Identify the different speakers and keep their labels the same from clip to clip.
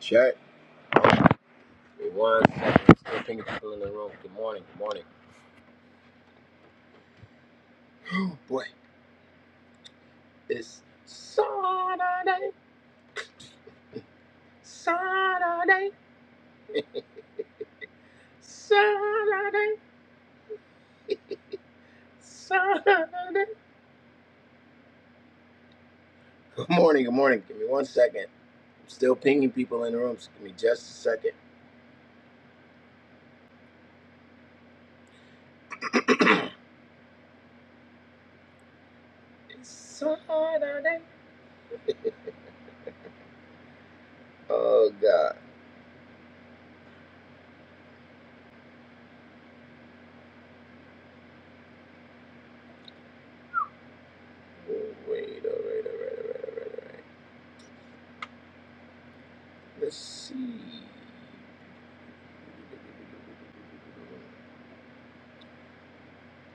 Speaker 1: Check. Wait one second. Still pinging people in the room. Good morning. Good morning. Boy, it's Saturday. Saturday. Saturday. Saturday. Good morning. Good morning. Give me one second. I'm still pinging people in the room. So give me just a second. It's Saturday. Oh God. Oh, Wait. oh, Wait. right. All Wait. All right. All right. Let's see.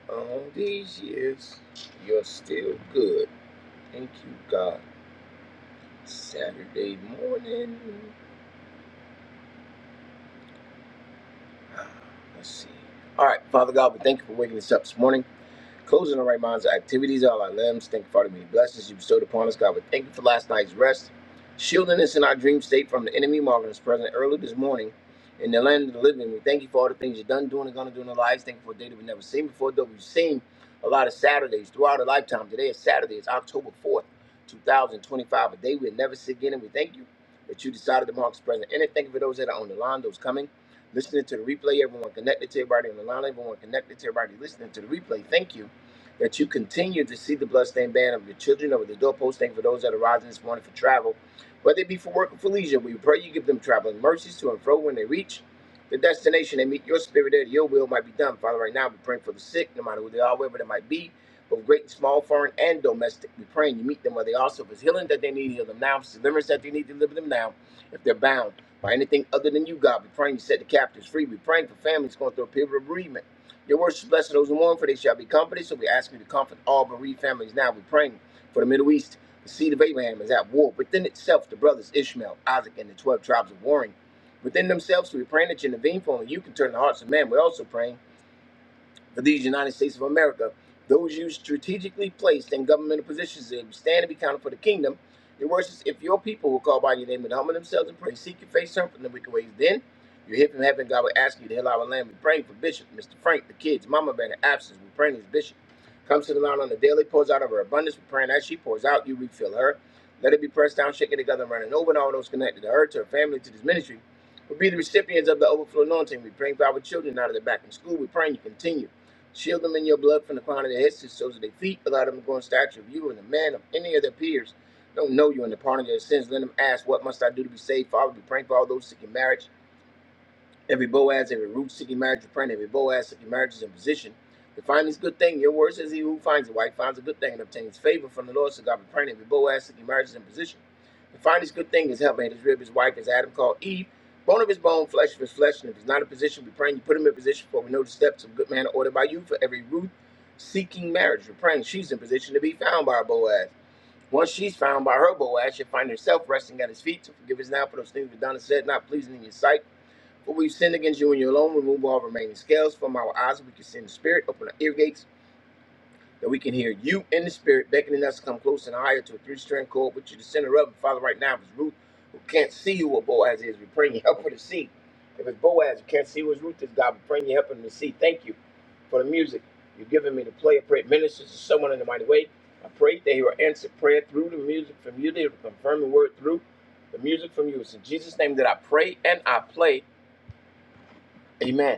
Speaker 1: All these years, you're still good. Thank you, God. Saturday morning. Let's see. All right, Father God, we thank you for waking us up this morning. Closing our right minds, our activities, all our limbs. Thank you for all the many blessings you bestowed upon us, God. We thank you for last night's rest, shielding us in our dream state from the enemy, marking us present early this morning in the land of the living. We thank you for all the things you've done, doing, and going to do in our lives. Thank you for a day that we've never seen before, though we've seen a lot of Saturdays throughout our lifetime. Today is Saturday, it's October 4th, 2025, a day we'll never see again. And we thank you that you decided to mark us present in it. Thank you for those that are on the line, those coming listening to the replay. Everyone connected to everybody on the line. Everyone connected to everybody listening to the replay. Thank you that you continue to see the bloodstained band of your children over the doorpost. Thank you for those that are rising this morning for travel, whether it be for work or for leisure. We pray you give them traveling mercies to and fro when they reach the destination. They meet your spirit there. Your will might be done. Father, right now we're praying for the sick, no matter who they are, wherever they might be both great and small, foreign and domestic. We are praying you meet them where they are. So if it's healing that they need, heal them now. If it's deliverance that they need, deliver them now. If they're bound, by anything other than you, God. We're praying you set the captives free. We're praying for families going through a period of bereavement. Your words is blessed to those who mourn, for they shall be comforted. So we ask you to comfort all bereaved families now. We're praying for the Middle East. The seed of Abraham is at war within itself. The brothers Ishmael, Isaac, and the 12 tribes are warring within themselves. So we're praying that you intervene for only you can turn the hearts of man. We're also praying for these United States of America, those you strategically placed in governmental positions and stand and be counted for the kingdom. Your words is if your people will call by your name and humble themselves and pray, seek your face, turn from the wicked ways, then you hear from heaven, God will ask you to heal our land. We're praying for Bishop, Mr. Frank, the kids, Mama Bear, the absence. We're praying as Bishop. Comes to the line on the daily, pours out of her abundance. We're praying as she pours out, you refill her. Let it be pressed down, shaken together, and running over, and all those connected to her, to her family, to this ministry. will be the recipients of the overflow anointing. We're praying for our children out of the back in school. We're praying you continue. Shield them in your blood from the crown of their heads to the soles of their feet. Allow them to go in stature of you and the man of any of their peers. Don't know you in the pardon of their sins. Let them ask, What must I do to be saved? Father, we pray for all those seeking marriage. Every Boaz, every root seeking marriage, you pray, every Boaz seeking marriage is in position to find this good thing. Your word says, He who finds a wife finds a good thing and obtains favor from the Lord. So God be praying, every Boaz seeking marriage is in position to find this good thing. His helpmate, his rib, his wife, as Adam called Eve, bone of his bone, flesh of his flesh. And if he's not in position, we praying, you put him in position, for we know the steps of a good man are ordered by you. For every root seeking marriage, we're praying, she's in position to be found by her Boaz. Once she's found by her Boaz, she'll find herself resting at his feet. So forgive us now for those things we've done and said, not pleasing in your sight for we've sinned against you and you alone. Remove all remaining scales from our eyes. so We can see in the spirit. Open our ear gates that we can hear you in the spirit beckoning us to come close and higher to a three-strand cord, which you are the center of. And Father, right now, if it's Ruth who can't see you what Boaz is, we pray you help her to see. If it's Boaz who can't see what Ruth is, God, we pray you help him to see. Thank you for the music you've given me to play. I pray it ministers to someone in the mighty way. I pray that he will answer prayer through the music from you. They will confirm the word through the music from you. It's in Jesus' name that I pray and I play. Amen.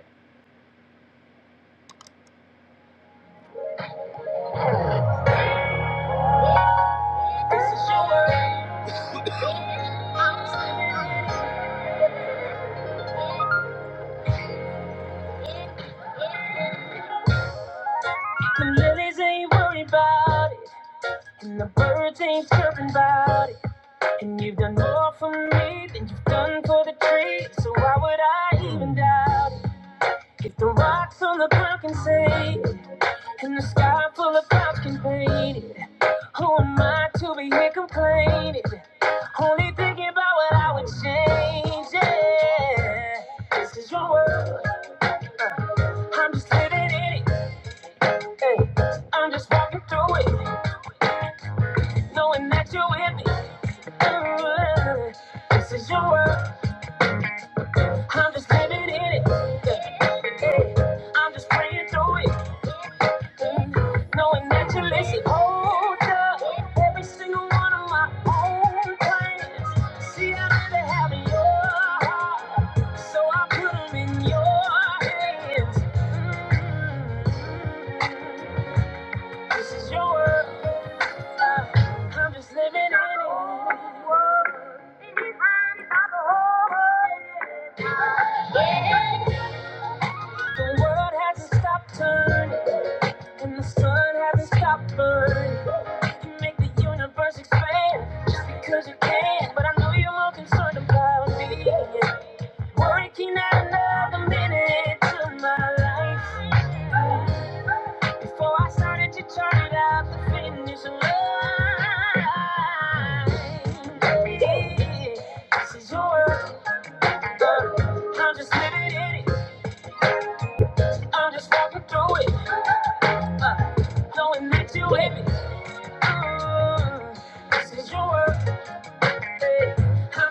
Speaker 1: The lilies ain't worried about it, and the birds ain't chirping about it. And you've done more for me than you've done for the tree, so why would I even doubt it? If the rocks on the ground can say it, and the sky full of clouds can paint it, who am I to be here complaining? Only thinking about what I would change. Yeah. This is your world. I'm just living in it. Hey, I'm just walking through it, knowing that you're with me. This is your world. I'm just living in it. Yeah, yeah. I'm just praying through it. Mm. Knowing that you listen. Hold up. Every single one of my own plans. See, I really have your heart. So I put them in your hands. Mm. This is your world. Uh, I'm just living in it. The world hasn't stopped turning, and the sun hasn't stopped burning. You make the universe expand just because you can, but I know you're more concerned about me. Working out another minute to my life. Before I started to turn it up, the finish line. Yeah, This is your world. uh, I'm just living in it. I'm just walking through it. Uh, knowing that you with me. Uh, this is your world. i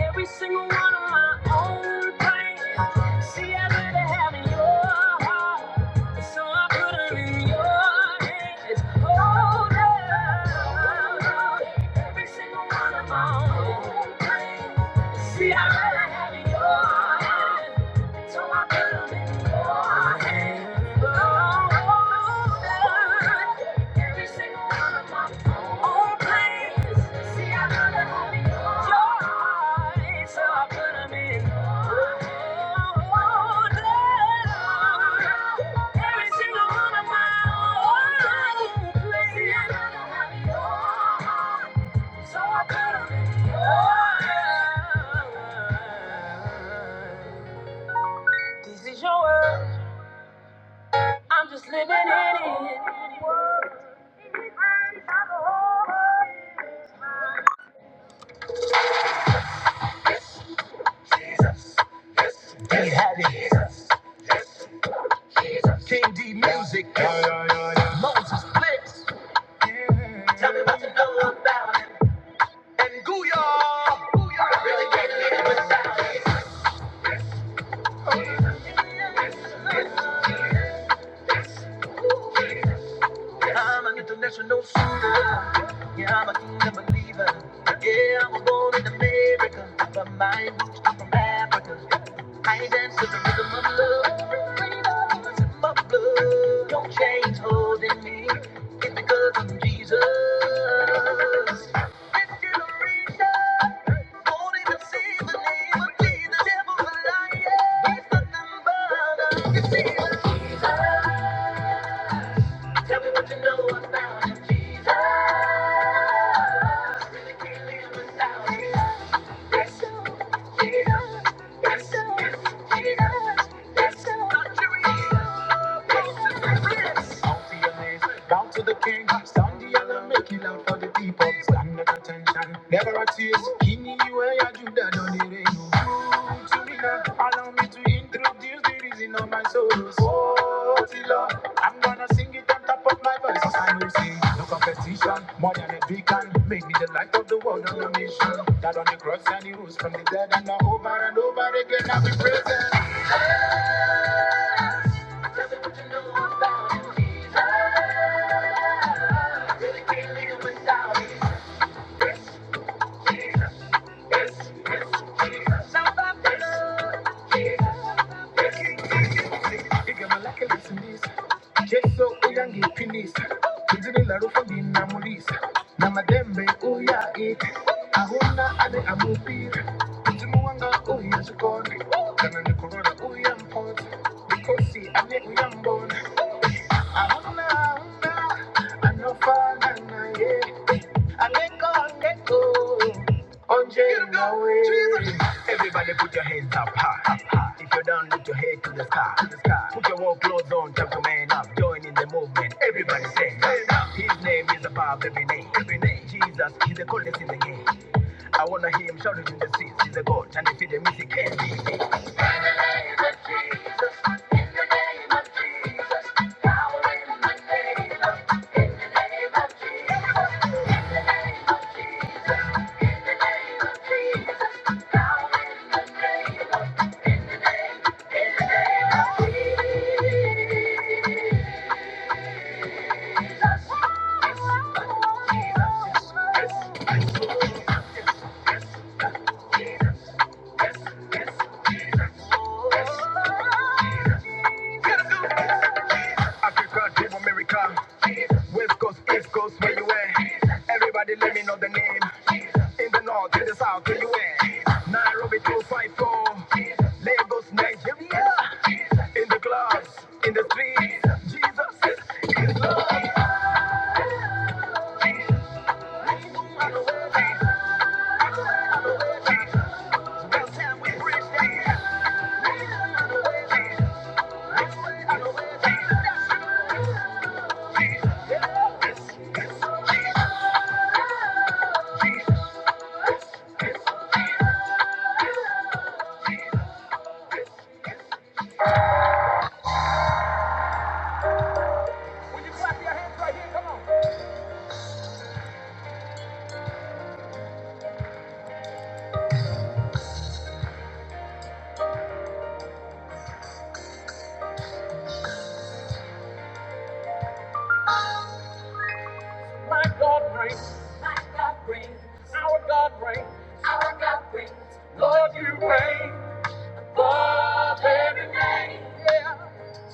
Speaker 1: every single one of my own pains. See, I'd rather have in your heart, so I put 'em in your hands. Hold up, every single one of my own pains. See, I'd have in your hands. So I could've been more every single one of my own plans. See, I could've Your eyes, so I could've been more every single one of my own plans. See, I could've had it So I could've been more. This is your world. I'm just living in it. Jesus. He had it. Jesus. King D music. Yeah, yeah. Moses Blitz. Tell me what you know about it. And Gooyah. Gooyah. I really can't live without it. I'm an international shooter. Yeah, I'm a kingdom believer. Yeah, I was born in America, but my roots are from Africa. I dance to the rhythm of love. Freedom is in my blood. No chains holding me. It's because of Jesus. This generation won't even see the name of Jesus. Devil's a liar. He's nothing but a deceiver. Let's go. let's go, let's go, go, out to your knees, down to the king. Stand the yellow, make it loud for the people. Stand the attention, never a ease. Kini iwe ya juda don the rain. Good to me now, allow me to introduce the reason of my sorrows. Oh, Tilo, I'm gonna sing it on top of my voice. I will sing, no competition, more than a beacon. Make me the light of the world on a mission. That on the cross and the rose from the dead and now over and over again I'll be present. Ngigamalakalisindisa, Jesu uyangiphilisa, ngidililarufambini namulisa, namadembe uyaita, ahuna ade amupira, mzimu wanga uyazikona, kana nikorora uyamphotsa, mikhosi ane uyambona, ahuna ahuna anofana naye, aleko aleko Get him, go. Jesus. Everybody put your hands up high. If you're down, lift your head to the sky. Put your warm clothes on, jump your man up. Join in the movement. Everybody sing. His name is above every name. Every name. Jesus, he's the coldest in the game. I wanna hear him shout it in the streets. He's a God, and if he the music can't be. Thank you. Africa, dream America. West Coast, East Coast, where you at? Everybody let me know the name. In the north, in the south, where you at? Nairobi 254. Lagos, Nigeria. In the clubs, in the streets. Jesus is my God reigns. My God reigns. Our God reigns. Our God reigns. Lord, you reign. Every day.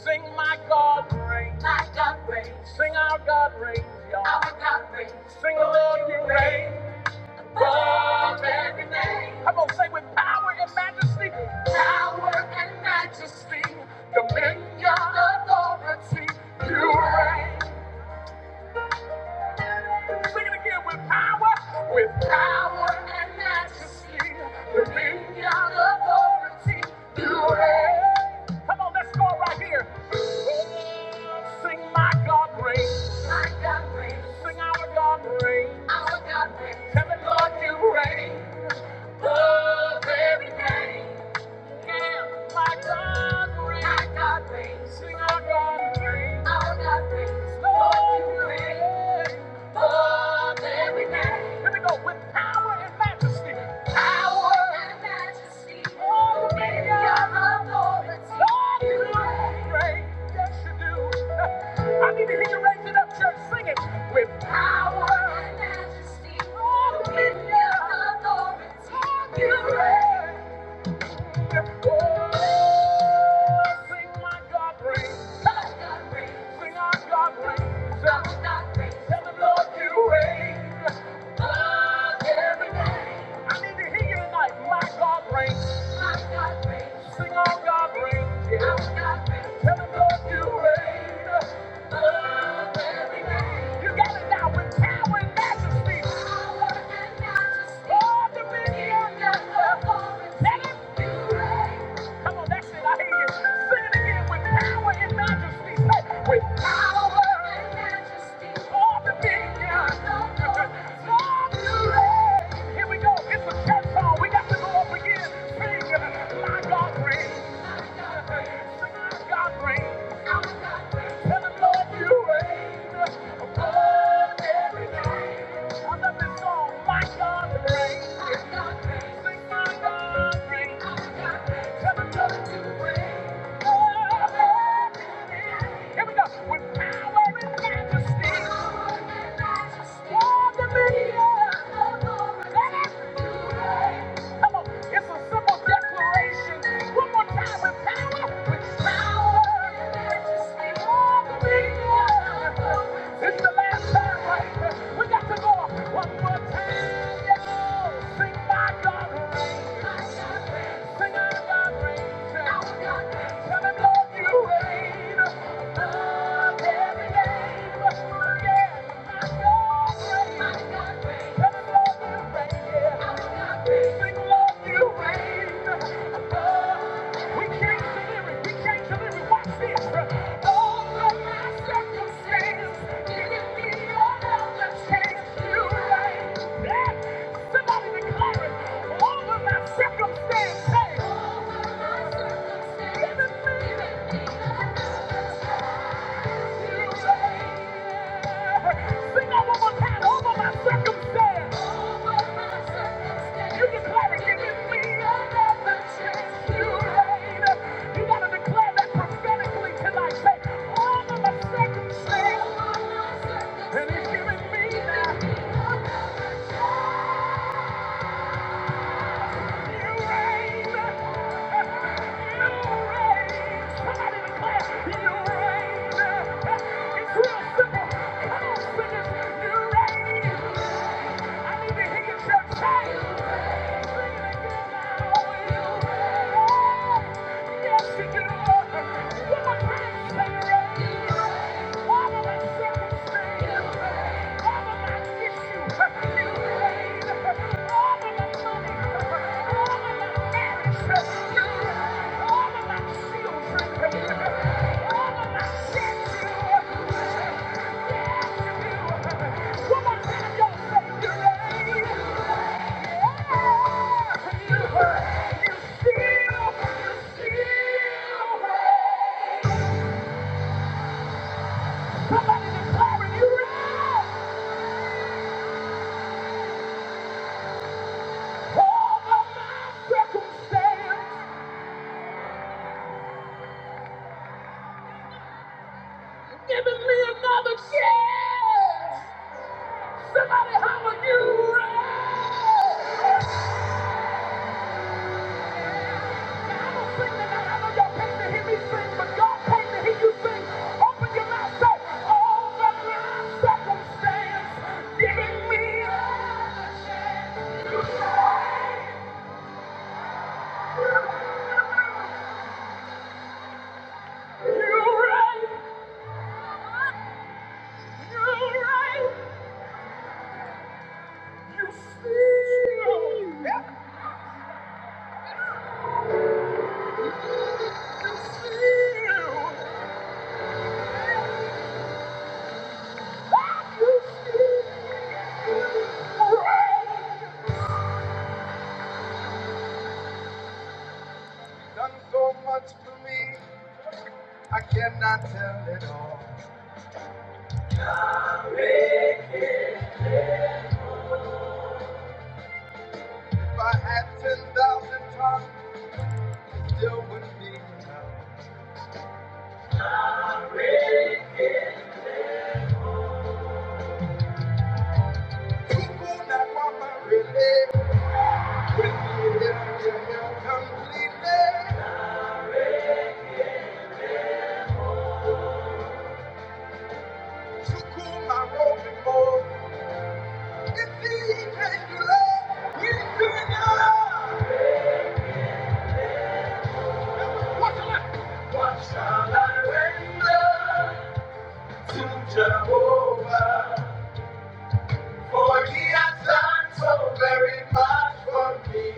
Speaker 1: Sing my God reigns. My God reigns. Sing our God reigns, y'all. Our God reigns. Sing the Lord you reign. Of every name. Come on, say with power and majesty. The power. Sing it again with power and majesty. Come on, let's go right here. Sing my God reigns. My God reigns. Sing our God reigns. Our God reigns. Tell the Lord you reign. Of every name. I need to hear you raise it up, church. Sing it with power and majesty, dominion, authority, you reign. I need to hear you tonight. My God reigns. Sing out God reigns, yeah. Tell him, Lord, you reign. Lord, every day. got it now with power and majesty. Power and majesty. All dominion. All dominion. Let Come on, that's it. I hear you. Sing it again with power and majesty. Say, with power and majesty. All dominion. Glory. Here we go. It's a church song. We got to go up again. Sing, my God reigns. Sing, my God reigns. Tell the Lord you reign. Above every name. I love this song. My God reigns. Sing, my God reigns. Majesty, majesty, dominion. Come on, it's a simple declaration. One more time, the power, with power. the last time, right? We got to go one more time. y'all. Sing my God reigns. Sing our God reigns. Tell him, Lord, you reign above every Yeah. Somebody declare it. Over my circumstance. Hey. Over my circumstance. And he's giving me now. You reign. It's real simple. Come on, singers, you reign. I need to hear you shout, "Change." Sing it again, "I will." Yes, you can, Lord. One man said, "All of my circumstance, all of my issues, you reign. All of my money, all of my Giving me another chance. Somebody holler, you I don't sing tonight. I know y'all paid to hear me sing, but God paid to hear you sing. Open your mouth, say, all the line giving me another chance. Right? You see? Yes, you see. Done so much to me, I cannot tell it all. If I had 10,000 tongues, it still wouldn't be enough. People not want my relief. Jehovah, for he has done so very much for me.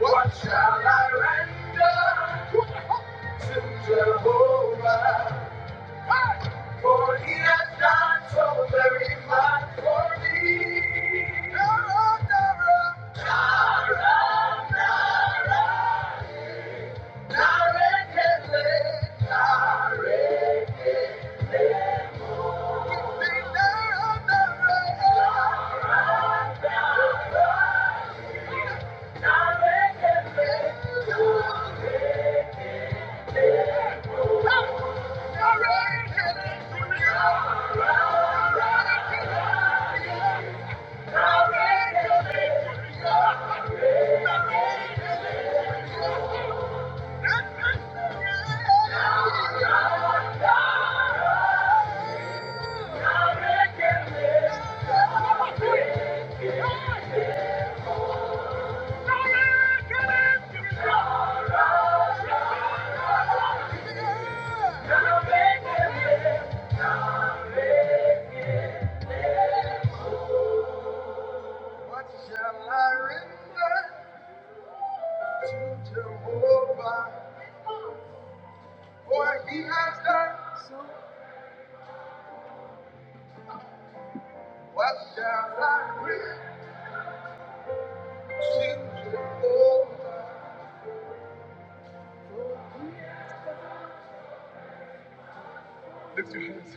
Speaker 1: What shall I render to Jehovah? For he has done so very much for me. Dara, Dara, Dara, Dara. what shall I render to Jehovah? For he has done, what shall I render to Jehovah? Lift your hands.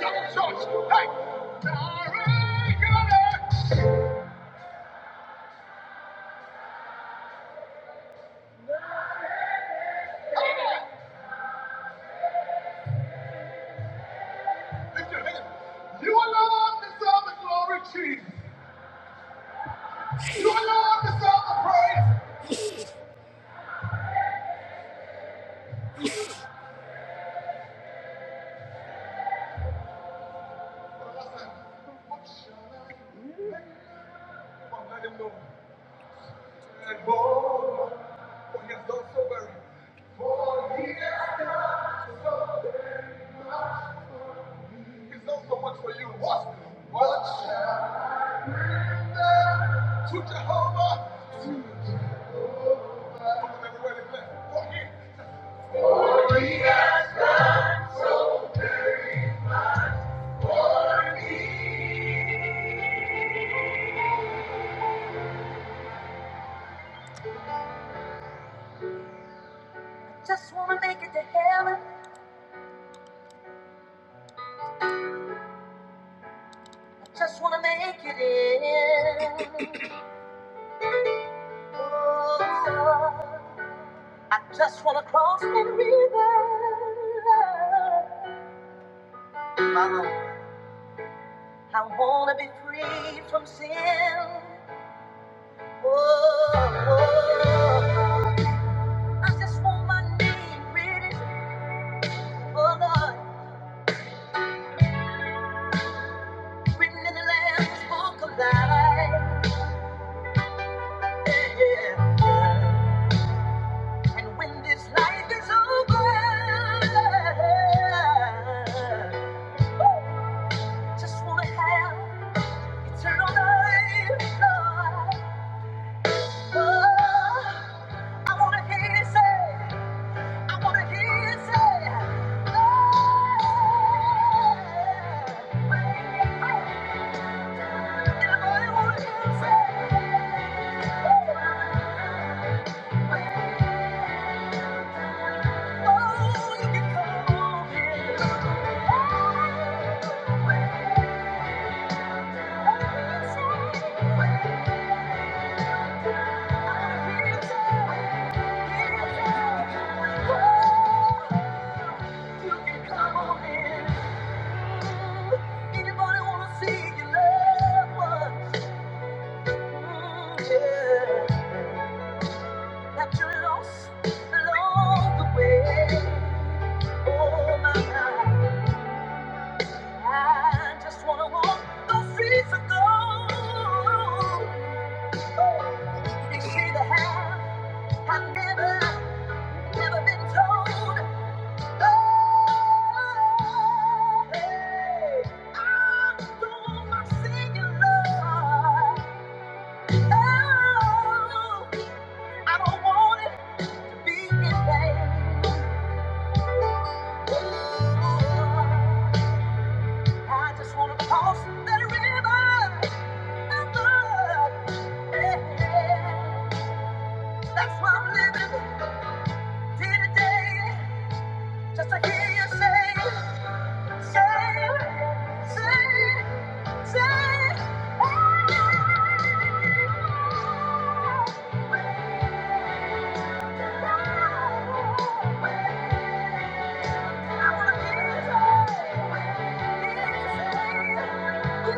Speaker 1: Shout, shout, hey! Dara, Dara, come Lift your hands. You alone deserve the glory, Jesus. You alone deserve the praise. so so so Just wanna make it to heaven. Just wanna make it in. Oh, I just wanna cross that river. Mama. I wanna be free from sin. Whoa, I just want my name written for life, written in the Lamb's Book of Life. Yeah, yeah. And when this life is over, just wanna have eternal life, Oh, I wanna hear you say, I wanna hear you say, oh. Anybody wanna see your loved ones? Mm, yeah. That you lost along the way. Oh my God, I just wanna walk those streets of gold. Oh, You see the hand I've never, never been told. Oh, hey, I'm doing my singing, Lord. Oh, I don't wanna be in vain. Oh, I just wanna cross that river. That's why I'm living day to day, just to hear you say, say, say, say, I wanna hear you say, ooh,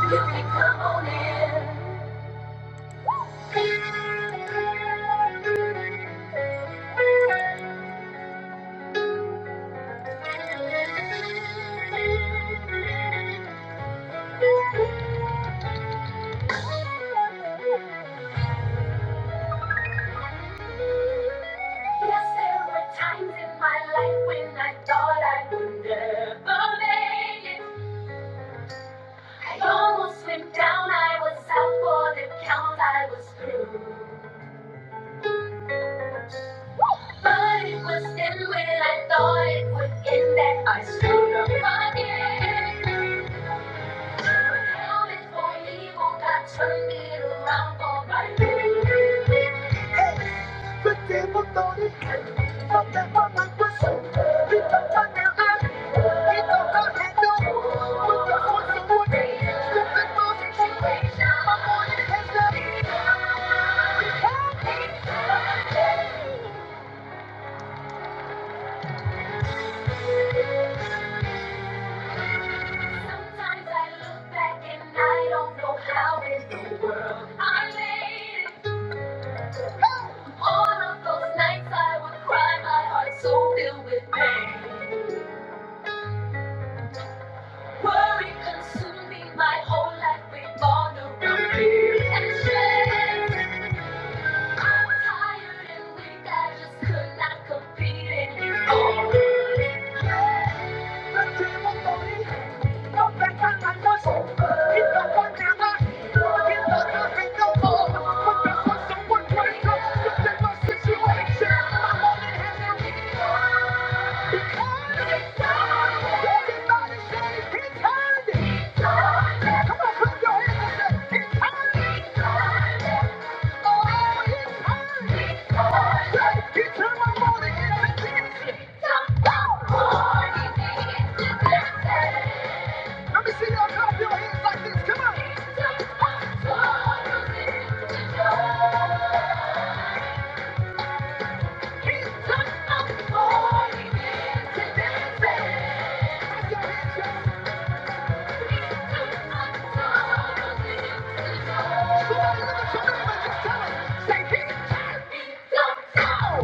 Speaker 1: ooh, ooh. Come on in. Yes, there were times in my life when I thought I would never make it. I almost went down, I was out for the count, I was through. But it was then when I thought it would end that I stood up again. How it for evil God turned it around for my good. What the force of good? What the force My morning, we can't Sometimes I look back and I don't know how in the world I made it. All of those nights I would cry, my heart so filled with pain. Worry consumed me, my whole life revolved around fear and shame. I'm tired and weak, I just could not compete anymore. Look back on my life, it doesn't matter, it doesn't matter no But there's someone greater, look my situation. Somebody look at somebody when you tell them, say, "He took it to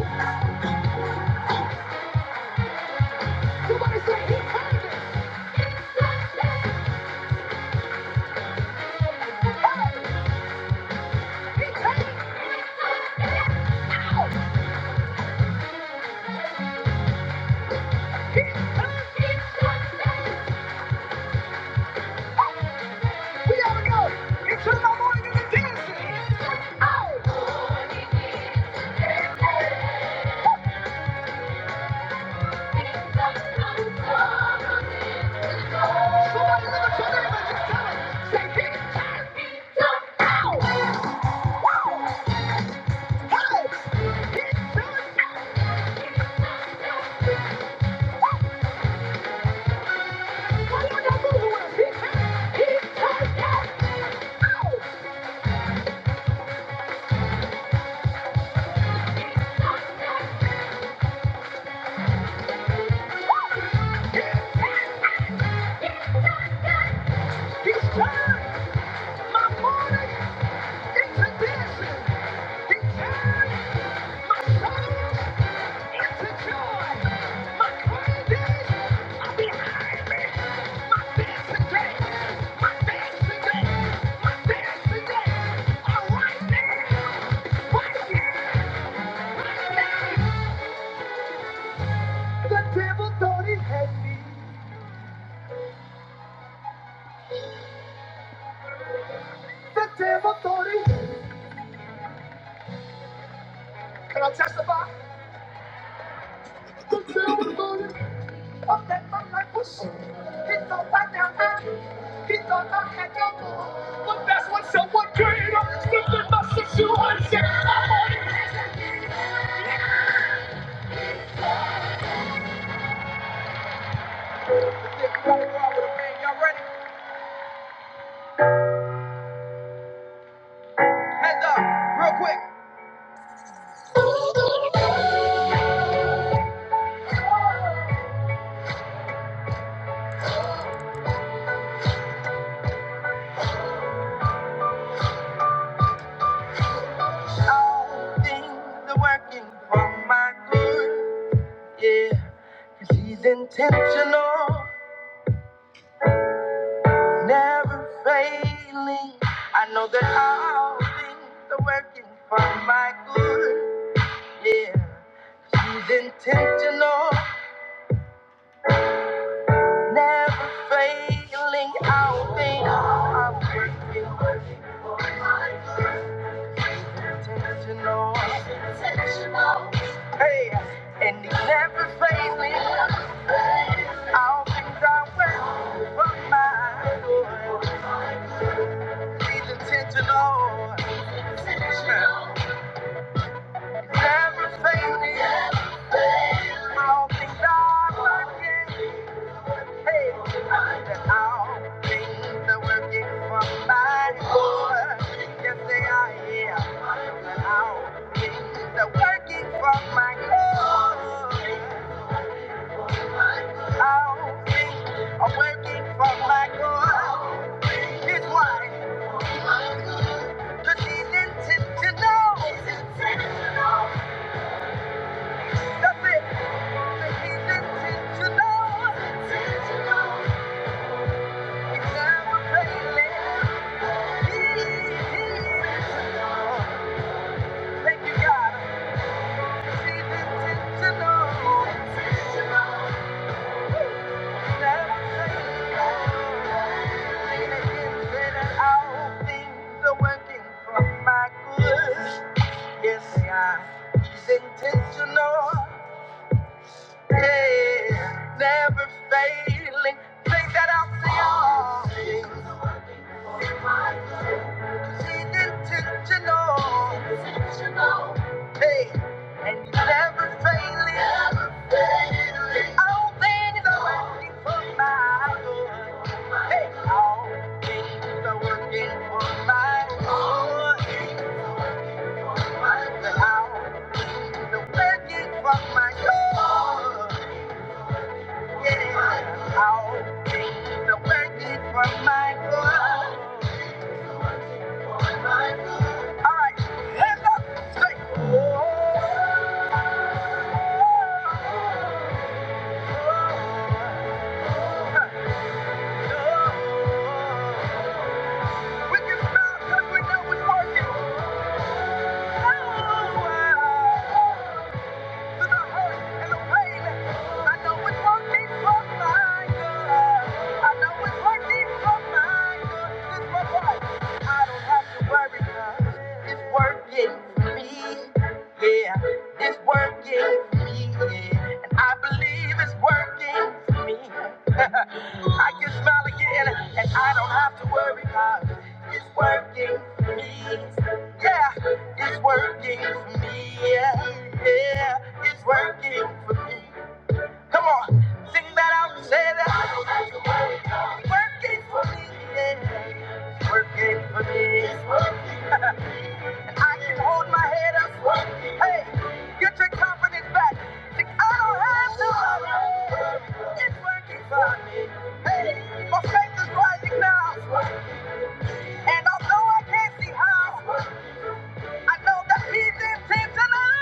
Speaker 1: go." so so- All things are working for my good. Yeah, cause he's intentional, never failing. I know that all things are working for my good. Yeah. She's intentional, Never failing out thing I'm working intentional. Hey, and it's never failing out things I work from my good. He's intentional. It's Never failing all things I work. That's it. The heathen to know. intentional. yeah, Never failing, think that I'll see all things. She's intentional. Hey, and you never failing. Never failing. All things are working for my good. Hey, all things are working for my good. All things are working for my good. Yeah, all things are working for my good. All right, hands up, say. Oh. We can smile 'cause we know it's working. Oh, wow. I can smile again and I don't have to worry about it. It's working for me. Yeah. It's working for me. Yeah, yeah, it's working for me. Come on, sing that out say that. It's working for me. Yeah, it's working for me. It's working. and I can hold my head up. It's working. Hey, get your confidence back. Think I don't have to. worry. It's working for me. Hey, my faith is rising now. It's working. And although I can't see how. I know that he's intentional.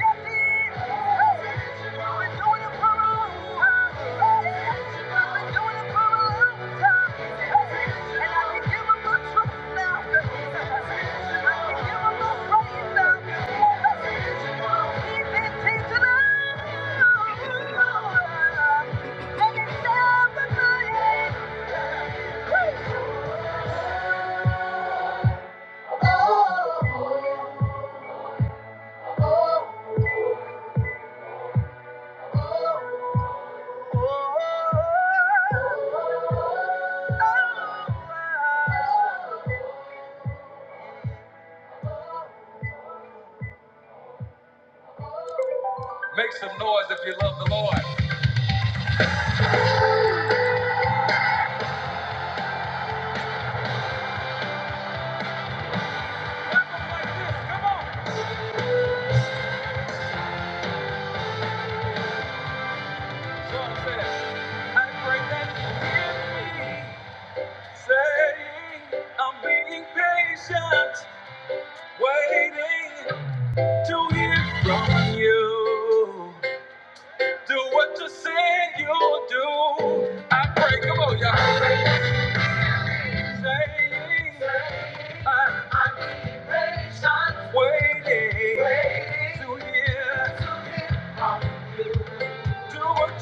Speaker 1: Yes, he is. Hey, been doing it for a long time. Hey, have been doing it for a long time. Hey, and I can give him my truth now. I can give him my praise now. He's intentional. And it never fails. Make some noise if you love the Lord. Come on. Do what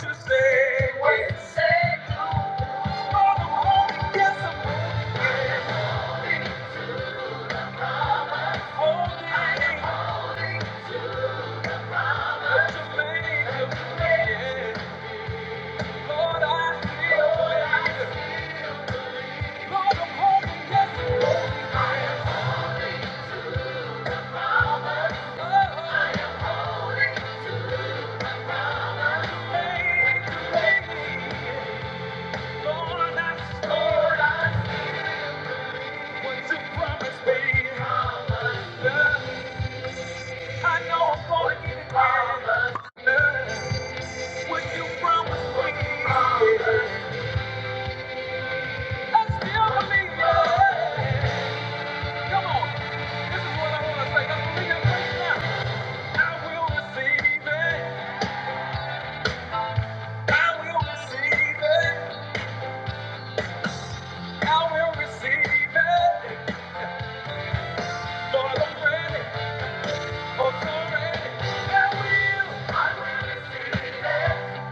Speaker 1: you say. What you say. Hold it. I will receive it. I will receive it. I will receive it for the credit for surrender. I will. I will receive it.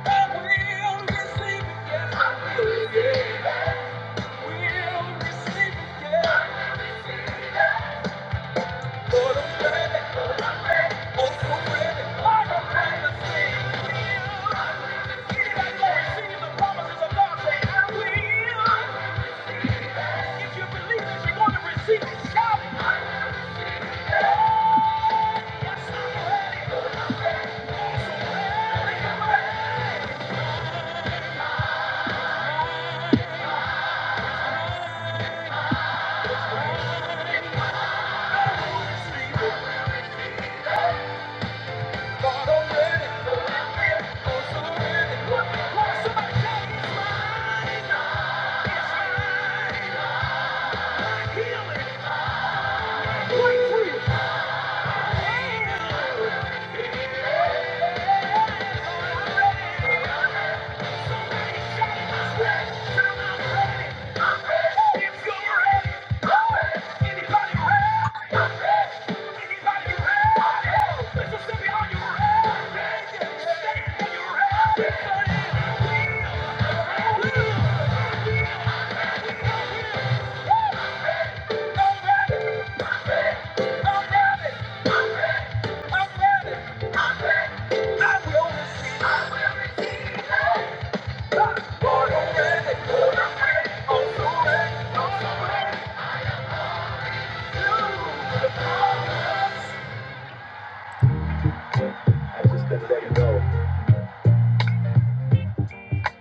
Speaker 1: I will receive it. Yes, I will. Yeah. I will receive it. yes. For the credit for surrender. I will promise you. Anybody gonna receive the promises of God? I just couldn't let it go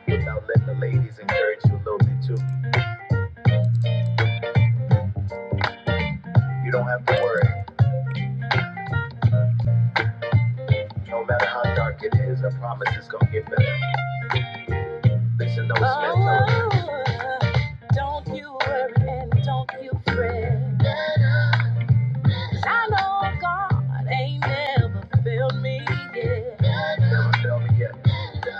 Speaker 1: without letting the ladies encourage you a little bit too. You don't have to worry. No matter how dark it is, I promise it's gonna get better. Listen, don't spend no Don't you worry and don't you fret. 'Cause I know God ain't never failed me yet.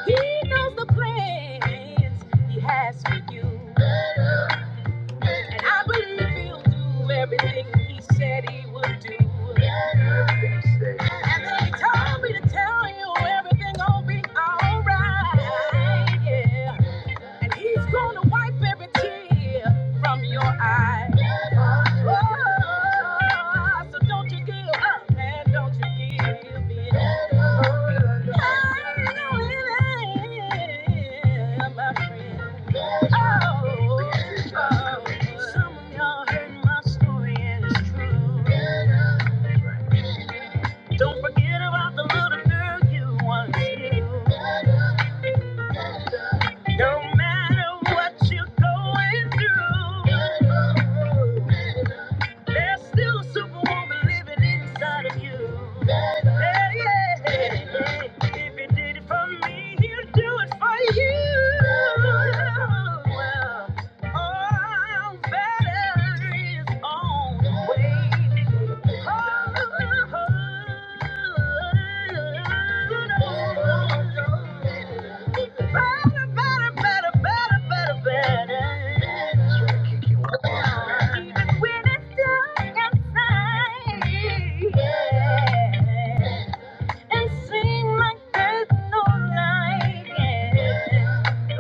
Speaker 1: He knows the plans He has for you. And I believe He'll do everything He said He would do. And then He told me to tell you everything gonna be alright. Yeah. And he's gonna wipe every tear from your eye. Oh, so don't you give up, man. Don't you give in. I know it ain't my friend. Oh, oh, some of y'all heard my story and it's true. Don't forget about the little girl you once knew. No matter what you're going through, there's still a superwoman living inside of you. Yeah, yeah. If you did it for me, he'll do it for you. Well, All better is always even when it's dark outside, yeah and sing like there's no light. Yeah.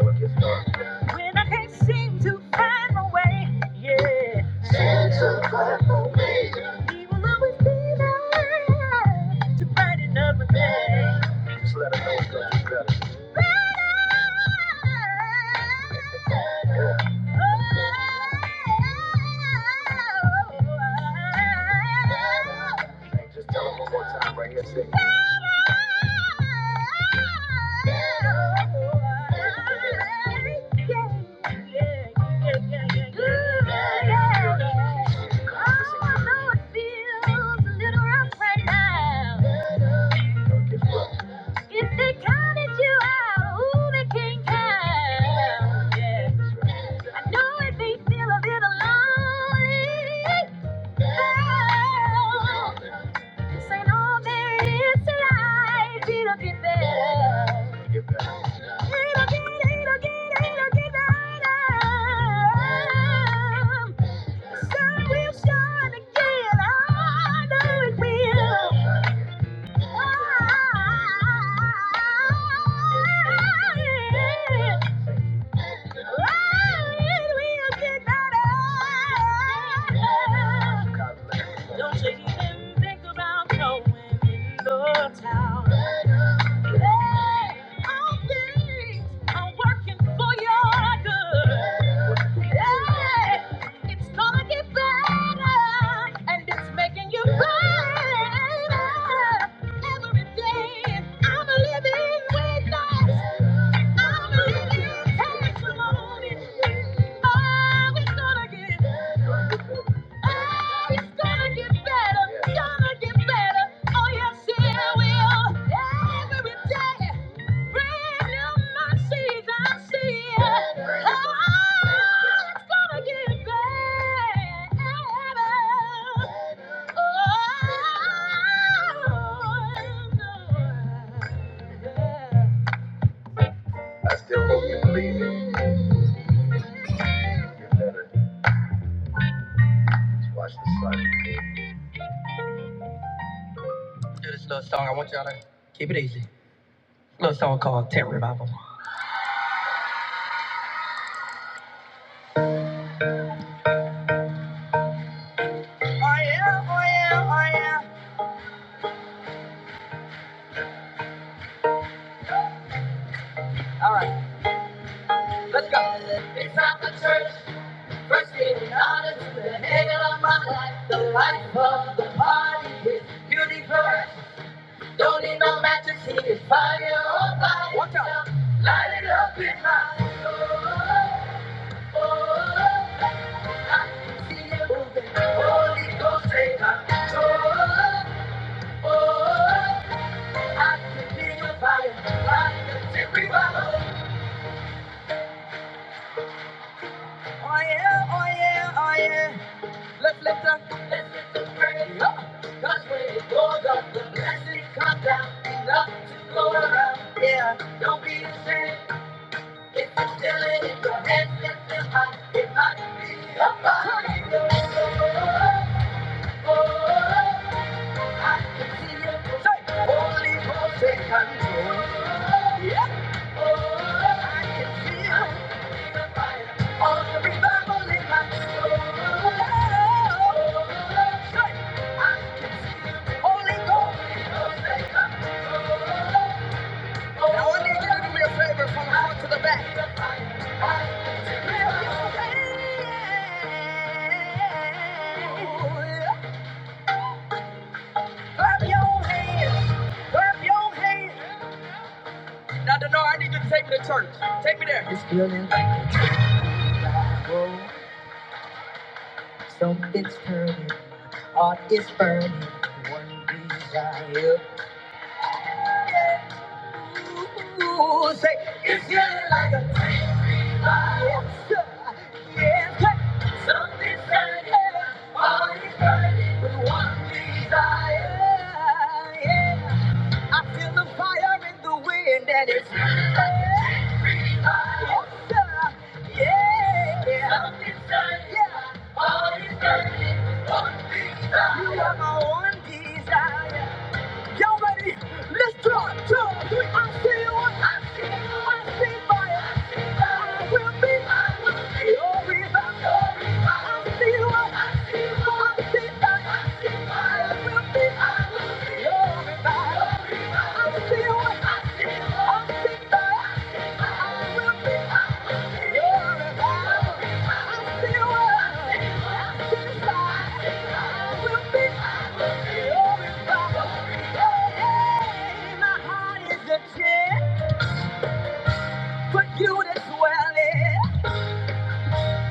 Speaker 1: When I can't seem to find my way, yeah. Seem to find my way. He will always be there to brighten up my day. Brighter. Oh, oh, oh. This ain't all there is to life. It'll get better. Get better. Don't you even think about going in the town. Hey, all things are working for your good. Hey, it's gonna get better, and it's making you better every day. I'm living witness. I'm a living testimony. Oh, it's gonna get better. Oh, it's gonna get better, gonna get better. Oh, yes, it will. Every day. Let's Do this little song. I want y'all to keep it easy. Little song called Tent Revival. Oh yeah, oh yeah, oh yeah. It's not the church. First thing honor to the head of my life, the life of beauty first. Oh, by Watch out. itself. Light it up. Moving. Holy Ghost, take control. Oh, I can feel your fire. Fire. Oh yeah, oh yeah. Left, left, and right, up. That's when it goes up. The blessings come down. Enough to go around. Yeah. Don't be ashamed. If you feel it in your head, lift them high. It might be a fire. Oh, oh, oh. oh. I can see it. Say, Holy Ghost, take control. Yeah. Oh, I can feel all the revival in my soul. Oh, oh, oh, Holy Ghost. Now I need you to do me a favor from the front to the back. Now, No, I need you to take me to church. Take me there. It's cool. Feel the fire in the wind and it's yeah, yeah, yeah. You are my one desire. already. Let's talk, talk. I see you, I see you, I see fire. I will be, I will be your rebound. I see you, I see you, I see fire. I will be, I will be your rebound. I see you, I see you, I see fire. I will be, I will be your rebound. I see you, I see you, I see fire. I will be. My My My heart heart heart is is is a a a for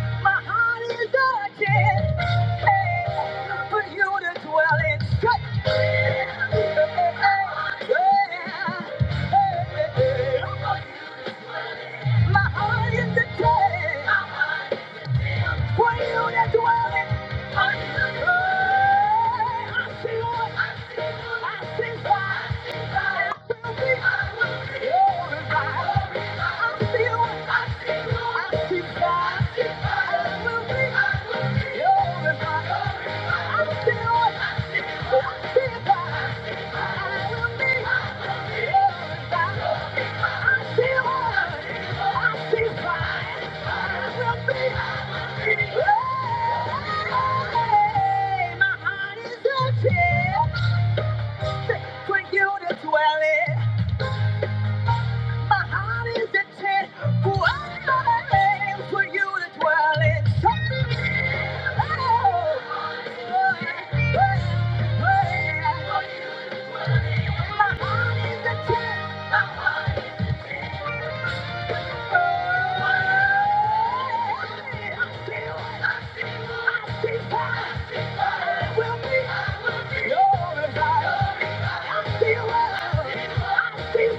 Speaker 1: for for you you you to to to dwell dwell dwell in. in. in. I see, I see, I see fire. Hey, my heart is open for you to dwell in. My heart is intent. Why for you to dwell in. My My heart heart is is a a tent. My heart is a tent. I I I I feel it. I feel it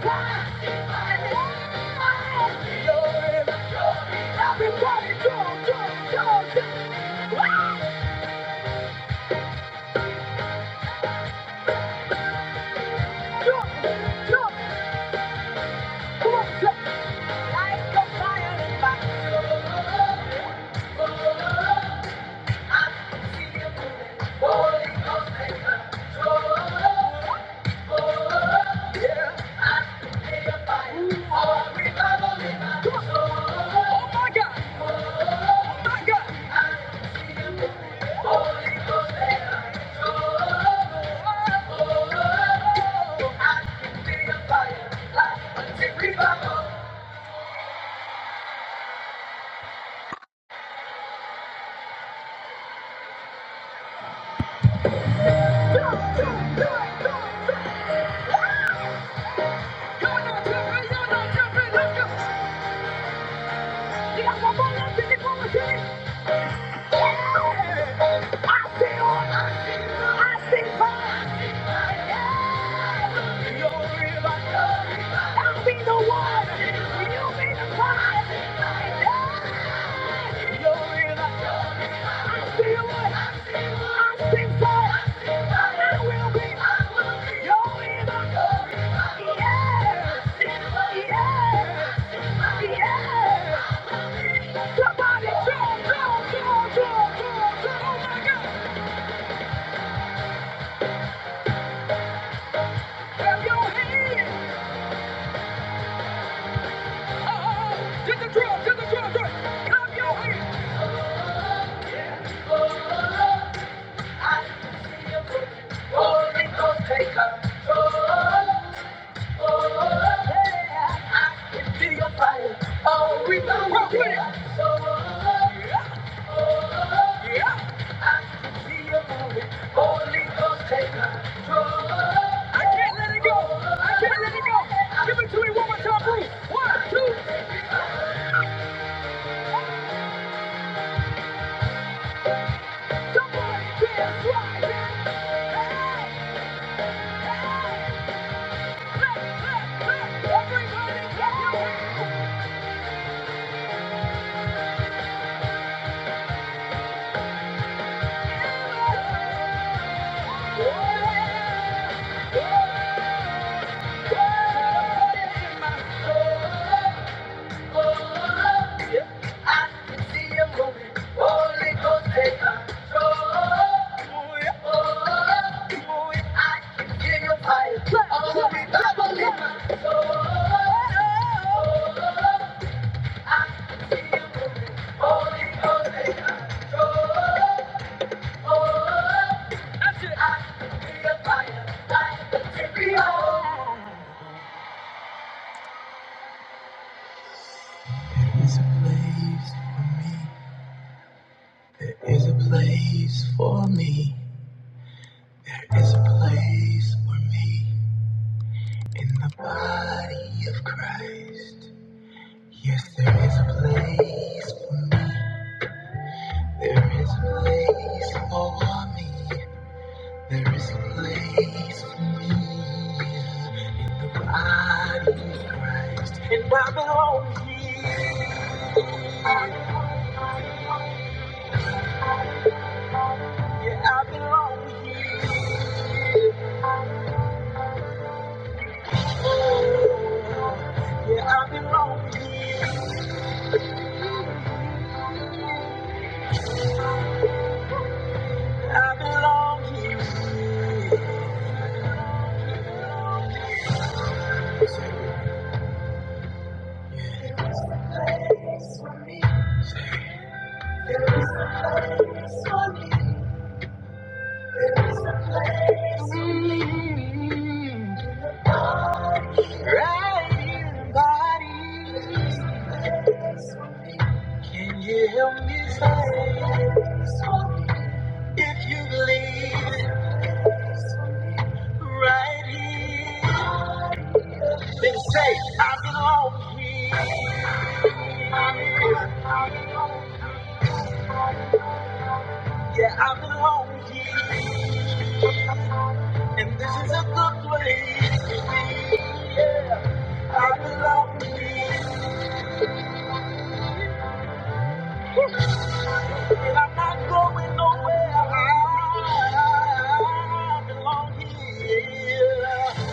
Speaker 1: will be inside. I'll be the Yeah. one. two, Somebody dance right, man. Hey, hey. Fire. All the people in my soul. There is a place for me. There is a place for me. There is a place for me in the body of Christ. Yes, there is a place for me. There is a place for me. There is a place for me. And I belong here. Yeah, I belong here. Yeah, I belong here. Can you help me say if you believe right here? Then say I belong here. Yeah, I belong here. And this is a good place. I belong here. I'm not going nowhere. I belong here.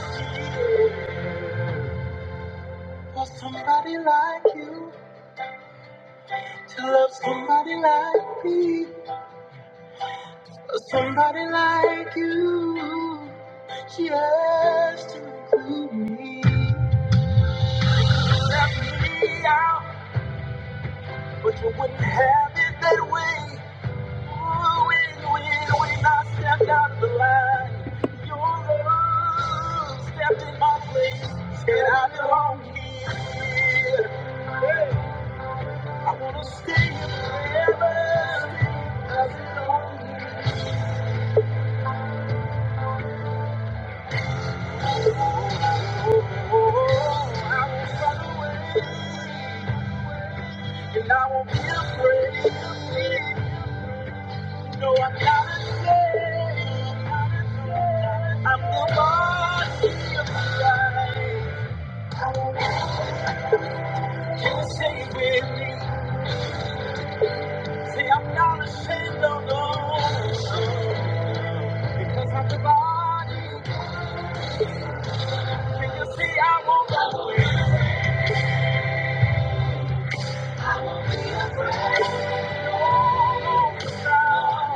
Speaker 1: For somebody like you to love somebody like me. For somebody like you just to include me. You Left me out, but you wouldn't have it that way. Ooh, when, when, when I stepped out of the line, your love stepped in my place. And I belong here. I wanna stay here forever. I belong here. Oh, I won't run away, and I won't be afraid. No, I'm not ashamed. I'm the body of Christ. Can you say it with me? Say I'm not ashamed, no, no, because I'm the body. Can you see I won't go inside?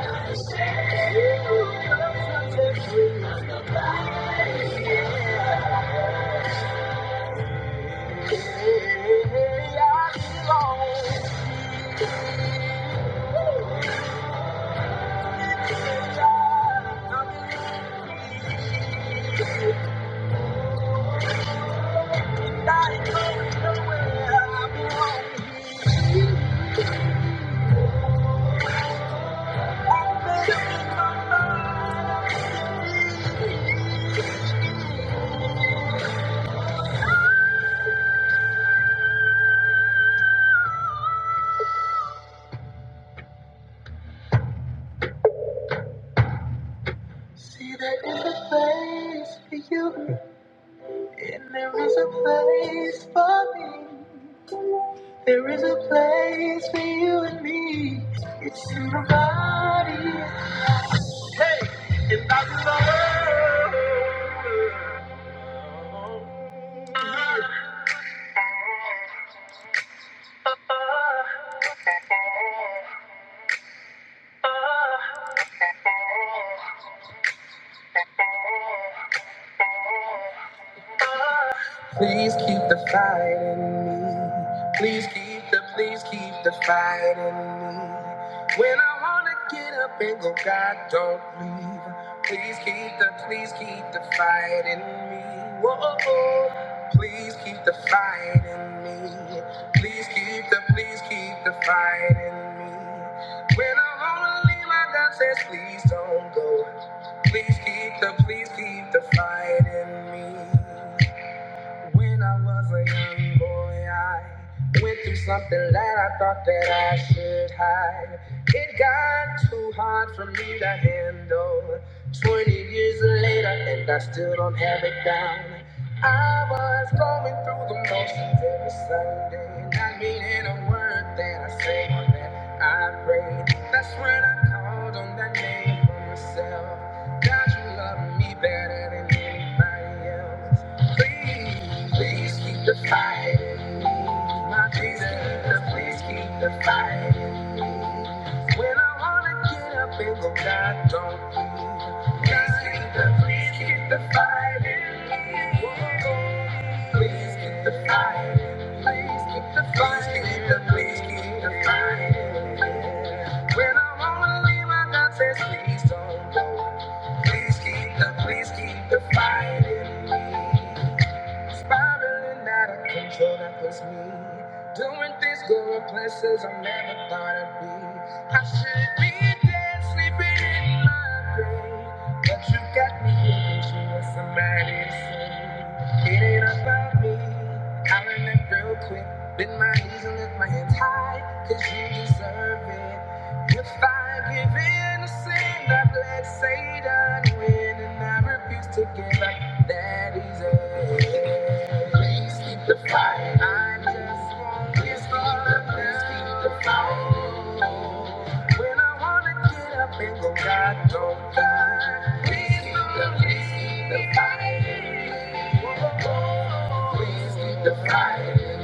Speaker 1: There is a place for you and me. Please keep the fight in me. Please keep the, please keep the fight in me. When I wanna get up and go, God, don't leave. Please keep the, please keep the fight in me. Whoa. Please keep the fight in me. Please keep the, please keep the fight in me. When I wanna leave, my God says, please don't go. Please keep the, please keep the fight in me. When I was a young boy, I went through something that I thought that I should hide. It got too hard for me to handle. 20 years later, and I still don't have it down. I was going through the motions every Sunday, not meaning a word that I say or that I pray. That's when I called on that name for myself. God, you love me better than anybody else. Please, please keep the fight. My Jesus, please keep the fight. When I wanna get up and go, God, don't please. Please keep the, please keep the fire in me. Please keep the fire. Please keep the fire. Please keep the, please keep the fire. in me. When I wanna leave, my God says, please don't go. Please keep the, please keep the fire in me. Spiraling out of control, that was me. Doing things, going places I never thought I'd be. I should be dead, sleeping in my grave. But you got me here, 'cause you were somebody to save. It ain't about me. I learned that real quick. Bend my knees and lift my hands high, cause you deserve it. If I give in to sin, I've let Satan win, and I refuse to give up that is it. Please keep the fight. I just want this love. Please keep the fight. When I wanna get up and go, God, don't die. Please keep the, please keep the fight. Please keep the fight.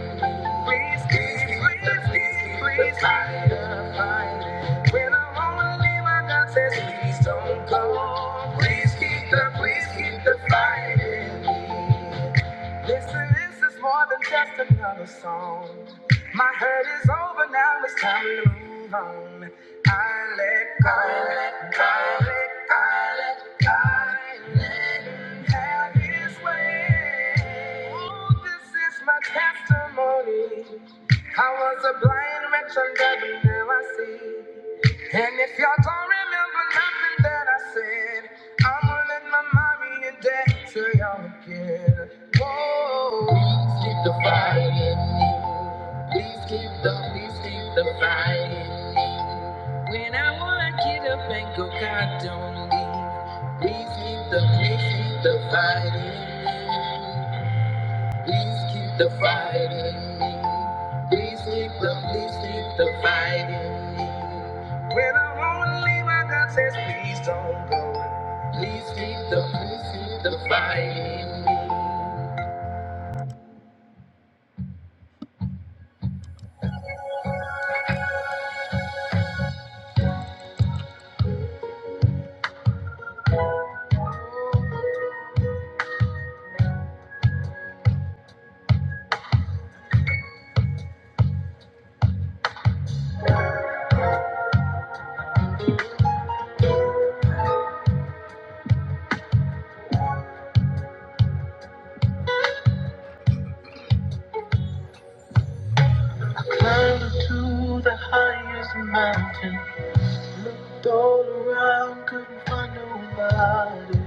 Speaker 1: Please keep, please keep, please hide the fire. When I wanna leave, my God says, please don't go. Please keep the, please keep the fire in me. Listen, this is more than just another song. My hurt is over now, it's time to move on. I let go, I let go, I let go, I let go, I let him have his way. Ooh, this is my testimony. I was a blind wretch under now I see. And if y'all don't remember nothing that I said, I am gonna let my mommy and daddy tell y'all again. Whoa. Please keep the fight in me. Please keep the, please keep the fight in me. When I wanna get up and go, God don't leave. Please keep the, please keep the fight in me. Please keep the fight in me. Please keep the, please keep the fight in me. When I wanna leave, my God says, please don't go. Climb to the highest mountain. Looked all around, couldn't find nobody.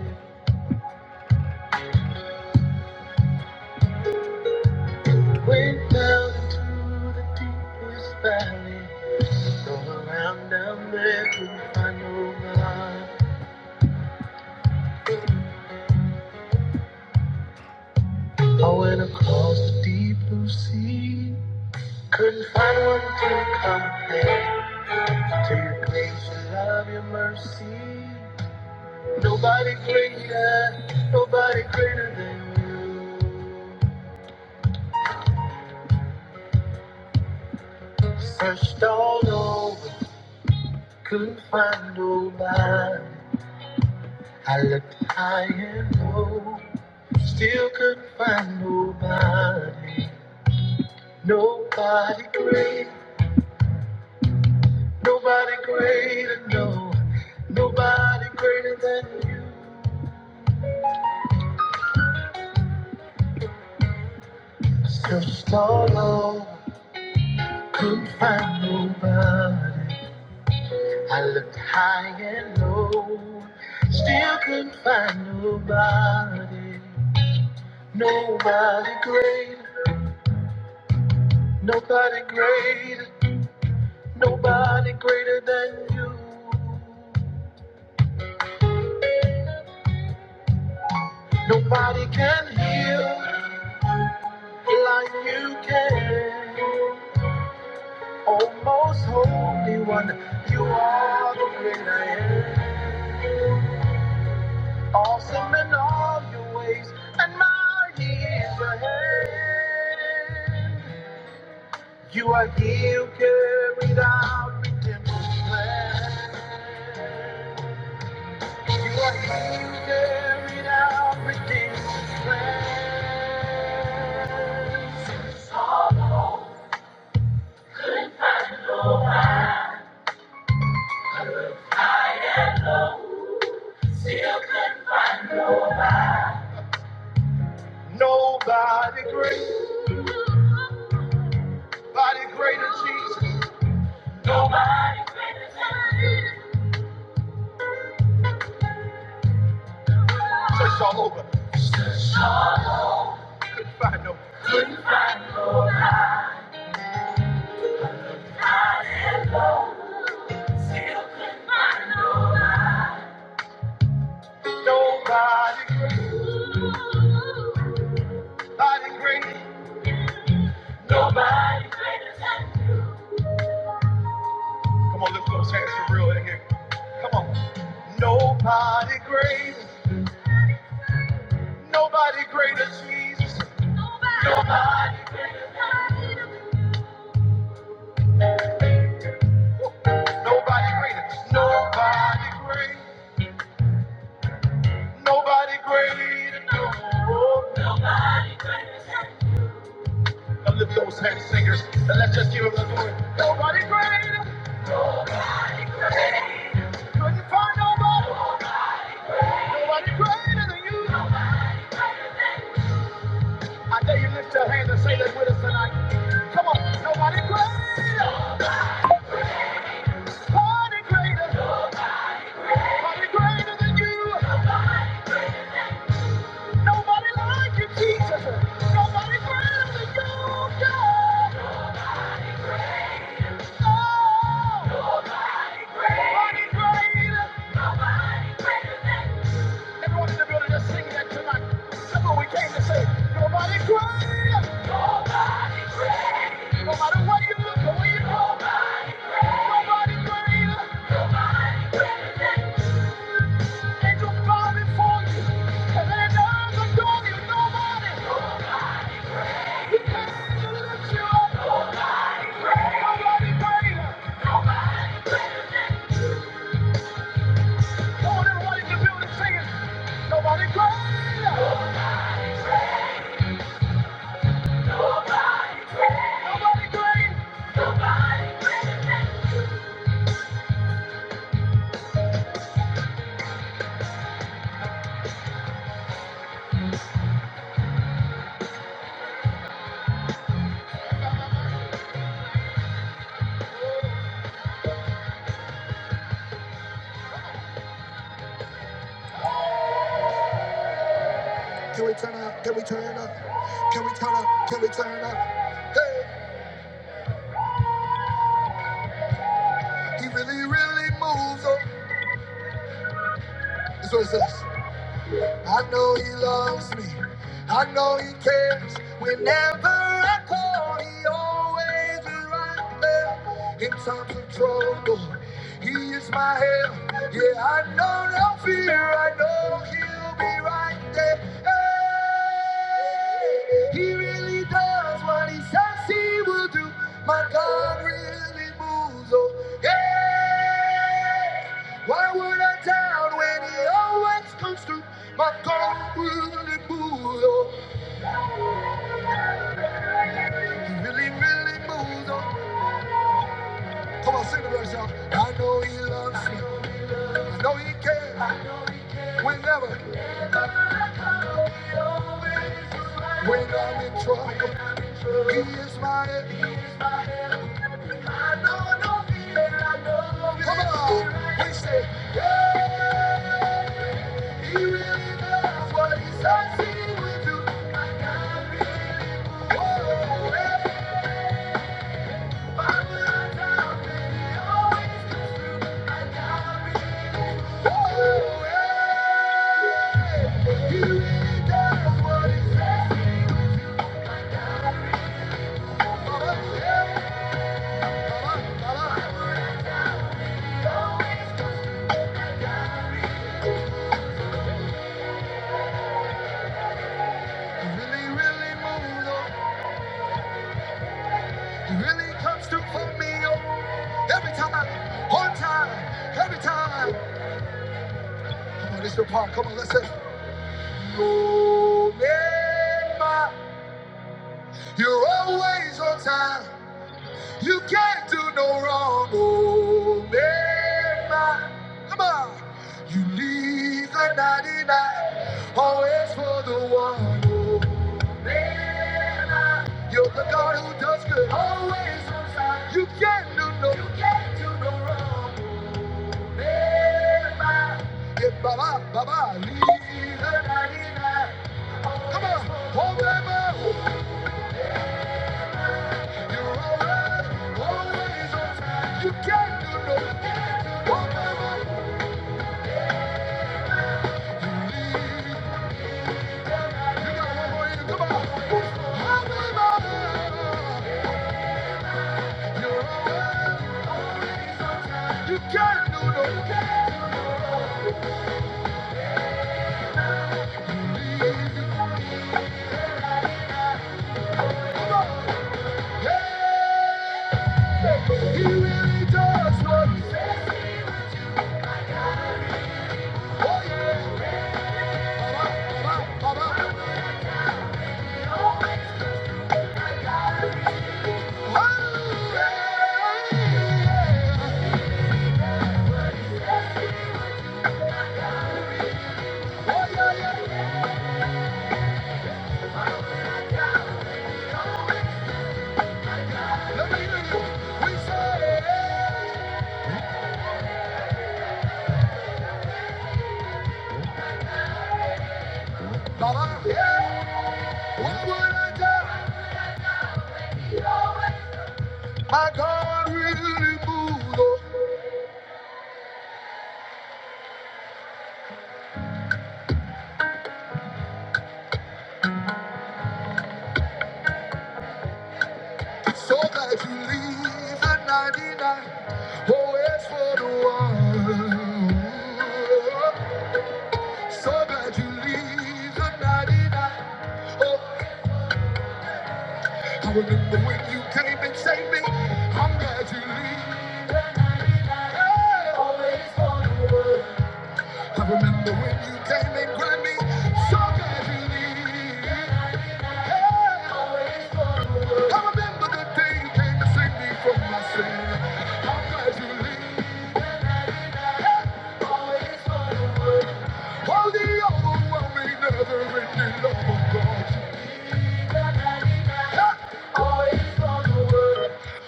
Speaker 1: Went down into the deepest valley. All around down there, couldn't find nobody. I went across the deep blue sea. Couldn't find one to compare to your grace and love, your mercy. Nobody greater, nobody greater than you. Searched all over, couldn't find nobody. I looked high and low, still couldn't find nobody. Nobody great, nobody greater, no. Nobody greater than you. Searched all over, couldn't find nobody. I looked high and low, still couldn't find nobody. Nobody great, nobody great, nobody greater than you. Nobody can heal like you can. Oh, most holy one, you are the great I am. Awesome in all your ways, and mighty is your hand. You are healed, carried out, redemption's plan. You are healed, carried out, redemption's plan. Nobody great, body greater Jesus. Search all over, couldn't find no. Nobody, body great, nobody. Come on, lift those hands for real in here. Come on. Nobody great, nobody greater Jesus. Nobody, nobody greater, nobody great. Nobody greater, no. Now lift those hands, singers, and let's just give them the glory. Nobody greater, couldn't find nobody. Nobody greater than you. I dare you lift your hands and say this with us tonight. Come on, nobody greater, nobody greater, nobody greater than you. Nobody like you, Jesus. Nobody greater than you, God. No. Nobody greater. Nobody greater. than You. Everyone in the building, just sing that tonight. That's what we came to say. Nobody greater. No matter what you look or where you go. Nobody greater. Nobody greater. Angels bow before you. And their doors adore you. Nobody. He came to lift you up. Nobody greater. Nobody greater. Nobody greater. Come on, everybody in the building, sing it. Nobody greater. Can we turn up? Can we turn up? Can we turn up? Can we turn up? He really, really moves on. That's what it says. I know he loves me. I know he cares. Whenever I call, he always is right there. In times of trouble, he is my help. Yeah, I know no fear. I know he'll be right there. Hey, he really does what he says he will do. My God really moves. Oh, yeah. Why would I doubt when he always comes through? My God really moves. Oh, he really, really moves. Oh, come on, sing the verse, y'all. I know he loves me. I know he cares. Whenever, when I'm in trouble. is my enemy. Come on. He said, He really knows what he says he will do. yeah. He really, really moves on. He really comes through for me oh. every time, on time, every time. Oh, This is the part. Come on, let's say, Oh, man, my, you're always on time. You can't do no wrong, oh man. Come on. You leave the 99, always for the one, oh man. You're the God who does good, always on time. You can't do no, you can't do no wrong. Yeah, baba, baba, leave the 99. Come on, forever. You're always, always on time. You can't do no, you can't do no wrong. You can't do no. you can't. Baba, yeah. What would I do? My God really moved on. So that you leave the 99 always for the one. So that you leave the 99. oh, I remember when you came and saved me. I'm glad you leave. I remember when you came and grabbed me so casually. Hey, I remember the day you came to save me from my sin. How casually. Oh, the overwhelming, never-ending love of God.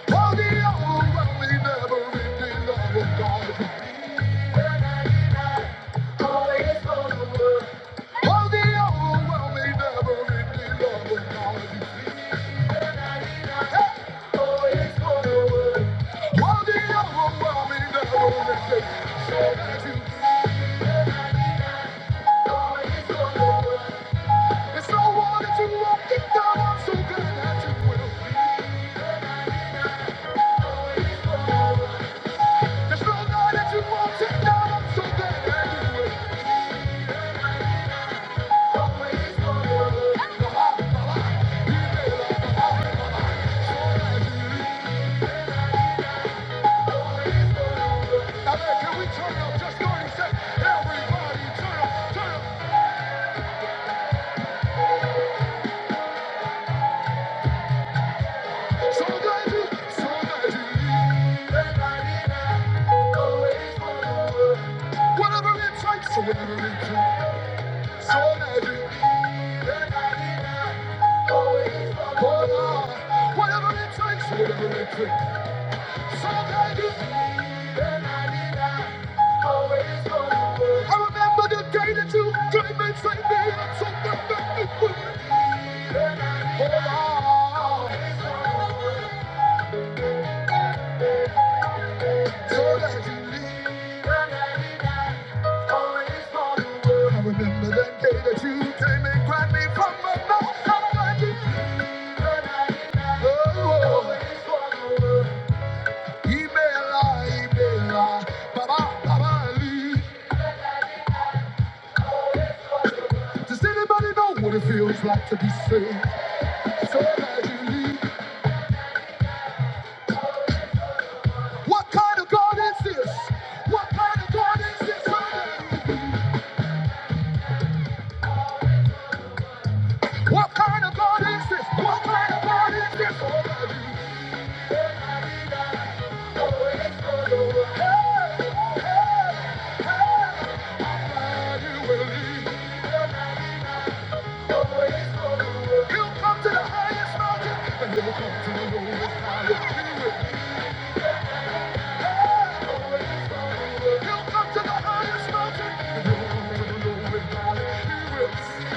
Speaker 1: Oh, the overwhelming, never-ending love of God. Oh, the overwhelming, never-ending. It's no one that you won't get down. I'm so good at you will. There's no God that you won't take down. I'm so good at you will. He made a casually. I mean, can we turn up just 30 seconds? Everybody turn up, turn up. So that you, so that you need. Everybody Whatever it takes, whatever it takes. So that you, oh Lord. Whatever it takes, whatever it takes. So that you, I remember the day that you came and saved me. I took my back Oh Lord, so that you leave. I remember that day that you came and grabbed me from the mouth of the Does anybody know what it feels like to be saved? So glad you leave. What kind of God is this? What kind of God is this? So glad you leave. What kind of God is this? What kind of God is this? So glad you leave. I know it's gonna work. Hey, hey, hey, glad you will leave. He'll come to the highest mountain, and he'll come to the lowest valley. He will. He'll come to the highest mountain, and he'll come to the lowest valley. He will.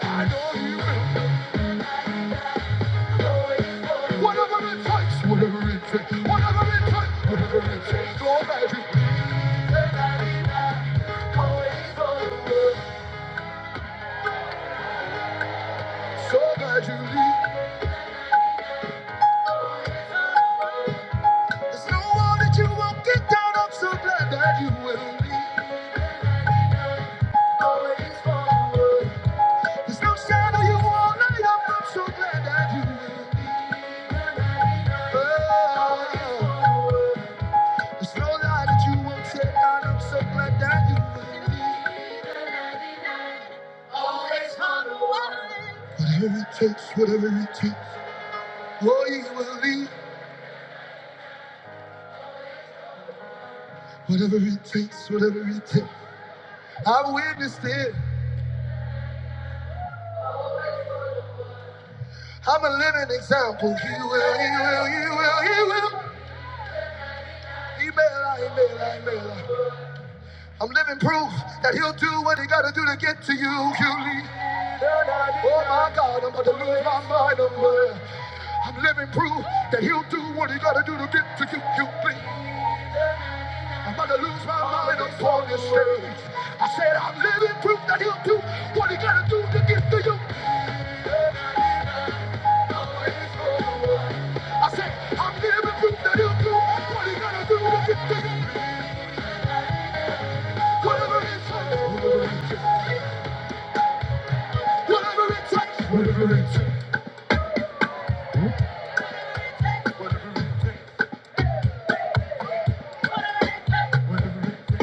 Speaker 1: I know he will. Whatever it takes, whatever it takes, whatever it takes, whatever it takes. So glad you leave. So glad you leave. There's no one that you won't get down. I'm so glad that you will leave. Always forward. There's no shadow you won't light up. I'm so glad that you will leave. There's no lie that you won't take out. I'm so glad that you will leave. Whatever it takes, whatever it takes, oh, you will leave. Whatever it takes, whatever it takes. I've witnessed it. I'm a living example. He will, he will, he will, he will. He may lie, he may lie, he may lie. I'm living proof that he'll do what he gotta do to get to you. You leave. Oh my God, I'm about to lose my mind. I'm, uh, I'm living proof that he'll do what he gotta do to get to you, you please. I'm about to lose my mind up on this stage. I said, I'm living proof that he'll do what he gotta do to get to you. I said, I'm living proof that he'll do what he gotta do to get to you. Whatever it takes, whatever it takes, whatever it takes, whatever it takes.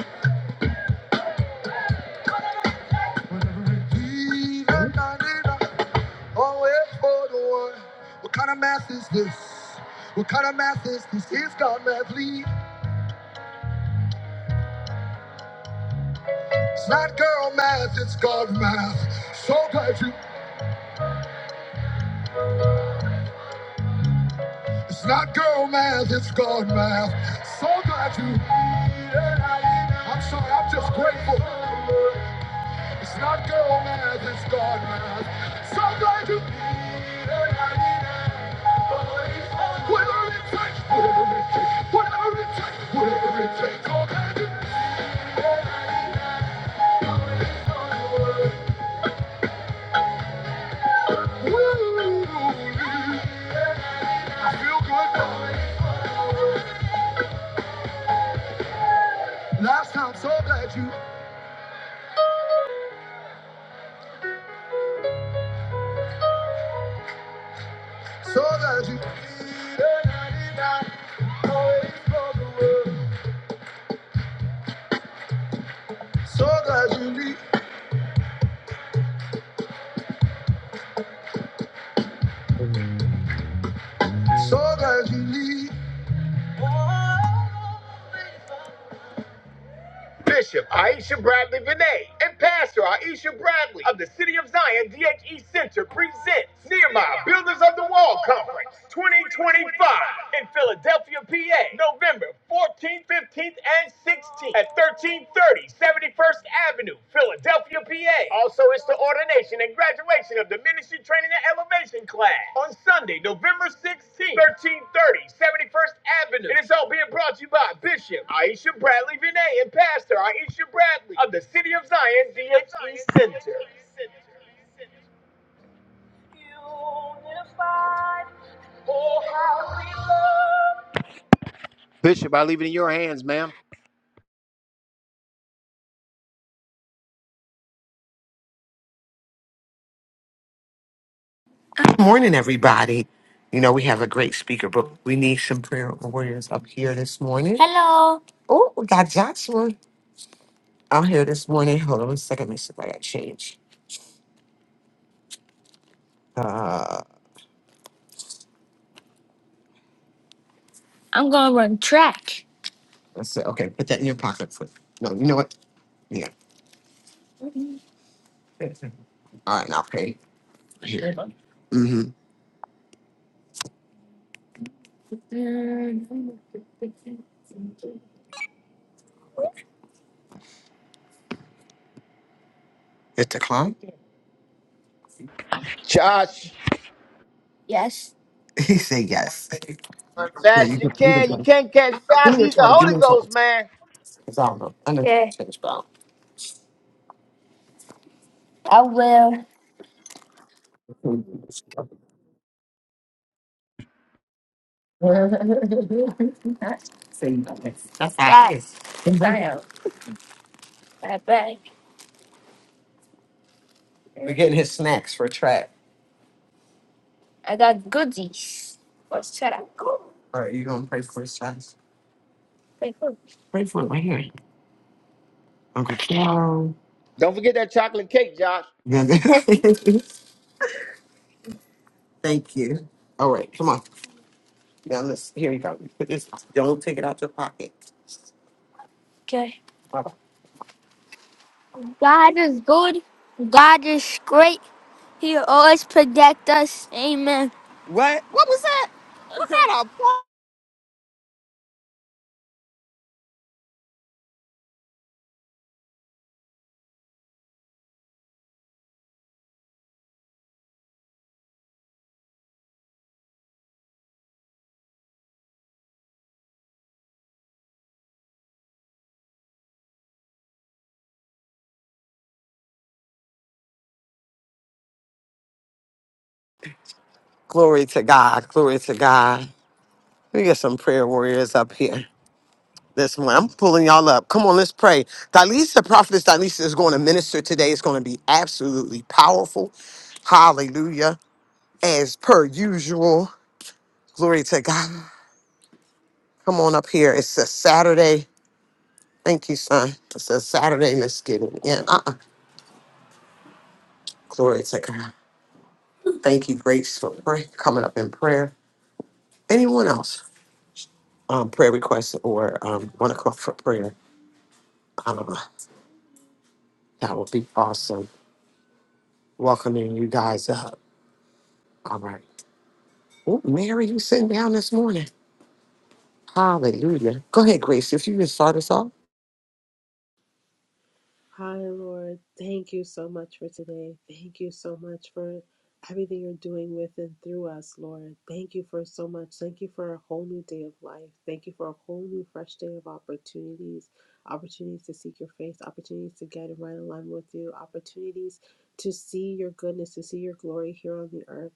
Speaker 1: Whatever it takes. Always for the one. What kind of math is this? What kind of math is this? It's God math, lead. It's not girl math, it's God math. So glad you. It's not girl math, it's God math. So glad you. yeah. I'm sorry, I'm just grateful. It's not girl math, it's God math. So glad you. Whatever it takes, whatever it takes, whatever it takes, whatever it takes, God math. Woo! lead. I feel good. Last time, so glad you, so glad you. So glad you leave, so glad you leave. Bishop Aisha Bradley Vinay and Pastor Aisha Bradley of the City of Zion DHE Center presents Nehemiah Builders of the Wall Conference 2025 in Philadelphia, PA, November 14th, 15th, and 16th at 1330 71st Avenue Philadelphia, PA. Also, it's the ordination and graduation of the Ministry Training and Elevation class on Sunday, November 16th, thirty, seventy first Avenue. And it's all being brought to you by Bishop Aisha Bradley Vinay and Pastor Aisha Bradley of the City of Zion DHE Center.
Speaker 2: Good morning, everybody. You know, we have a great speaker, but we need some prayer warriors up here this morning. Hello. Oh, we got Joshua out here this morning. Hold on a second. Let me see if I got change. I'm going to run track. I said, Okay, put that in your pocket. For, no, you know what? Yeah. All right, I'll pay. Mm-hmm. It's a clown?
Speaker 1: Josh,
Speaker 2: Yes. he said yes. Here,
Speaker 1: fast as
Speaker 2: you
Speaker 1: you
Speaker 2: can, you can
Speaker 1: can. You
Speaker 2: play.
Speaker 1: can't catch
Speaker 2: Give
Speaker 1: Josh.
Speaker 2: me your
Speaker 1: He's the
Speaker 2: 20. Give
Speaker 1: Holy
Speaker 2: me your
Speaker 1: Ghost,
Speaker 2: 20.
Speaker 1: man.
Speaker 2: Because I don't know. I know. Okay. Change, but I don't- I will. See, that's guys. I I bet. We're getting his snacks for track. I got goodies. What's that? I go? All right, you gonna pray for his sons? Say food. Pray for him right here, Uncle Charles.
Speaker 1: Don't forget that chocolate cake, Josh.
Speaker 2: Thank you. All right, come on. Now let's. Here you go. Put this. Don't take it out your pocket. Okay. Bye-bye. God is good. God is great. He will always protect us. Amen. What? What was that? Was that a pl- Glory to God. Glory to God. We got some prayer warriors up here. This morning. I'm pulling y'all up. Come on, let's pray. Dalisa, prophetess Dalisa is going to minister today. It's going to be absolutely powerful. Hallelujah. As per usual. Glory to God. Come on up here. It's a Saturday. Thank you, son. It's a Saturday. Let's get it in. Uh-uh. Glory to God. Thank you, Grace, for pray- coming up in prayer. Anyone else? Um, prayer requests or um, want to call for prayer? Um, that would be awesome. Welcoming you guys up. All right. Oh, Mary, you sitting down this morning? Hallelujah. Go ahead, Grace. If you can start us off.
Speaker 3: Hi, Lord. Thank you so much for today. Thank you so much for everything you're doing with and through us, Lord. Thank you for so much. Thank you for a whole new day of life. Thank you for a whole new, fresh day of opportunities opportunities to seek your face, opportunities to get in right alignment with you, opportunities to see your goodness, to see your glory here on the earth.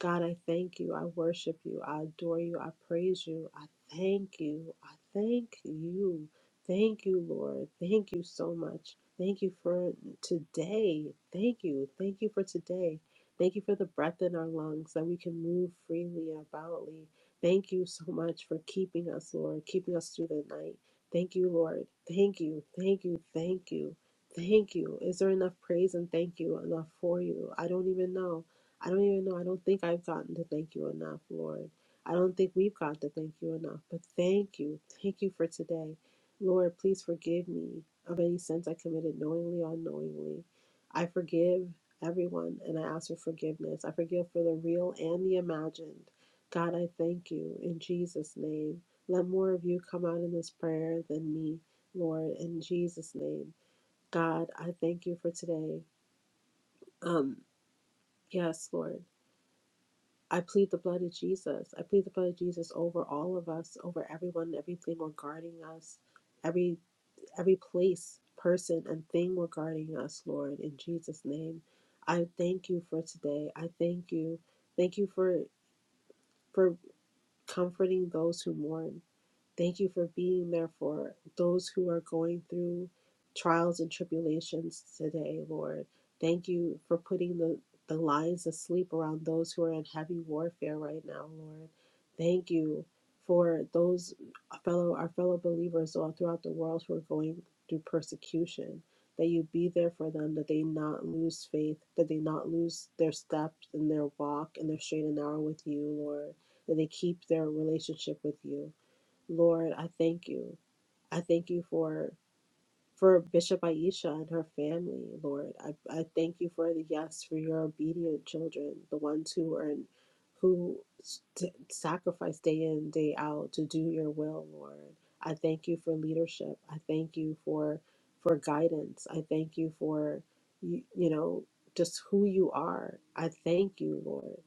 Speaker 3: God, I thank you. I worship you. I adore you. I praise you. I thank you. I thank you. Thank you, Lord. Thank you so much. Thank you for today. Thank you. Thank you for today. Thank you for the breath in our lungs that we can move freely and aboutly. Thank you so much for keeping us, Lord, keeping us through the night. Thank you, Lord. Thank you. Thank you. Thank you. Thank you. Is there enough praise and thank you enough for you? I don't even know. I don't even know. I don't think I've gotten to thank you enough, Lord. I don't think we've got to thank you enough, but thank you. Thank you for today. Lord, please forgive me of any sins I committed knowingly or unknowingly. I forgive everyone and I ask for forgiveness. I forgive for the real and the imagined. God, I thank you in Jesus' name. Let more of you come out in this prayer than me, Lord, in Jesus' name. God, I thank you for today. Um, yes, Lord. I plead the blood of Jesus. I plead the blood of Jesus over all of us, over everyone, everything regarding us, every. every place, person, and thing regarding us, Lord, in Jesus' name. I thank you for today. I thank you. Thank you for for comforting those who mourn. Thank you for being there for those who are going through trials and tribulations today, Lord. Thank you for putting the, the lions asleep around those who are in heavy warfare right now, Lord. Thank you for those fellow our fellow believers all throughout the world who are going through persecution. That you be there for them, that they not lose faith, that they not lose their steps and their walk and their straight and narrow with you, Lord. That they keep their relationship with you. Lord, I thank you. I thank you for for Bishop Aisha and her family, Lord. I, I thank you for the yes, for your obedient children, the ones who are in, who st- sacrifice day in, day out to do your will, Lord. I thank you for leadership. I thank you for for guidance. I thank you for you, you know just who you are. I thank you, Lord.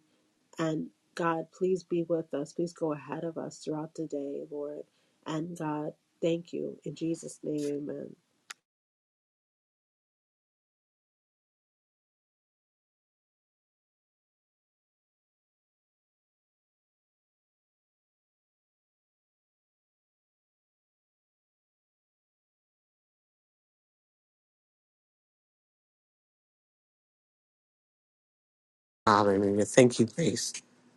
Speaker 3: And God, please be with us. Please go ahead of us throughout the day, Lord. And God, thank you. In Jesus' name, amen.
Speaker 2: Hallelujah. Thank you, Grace,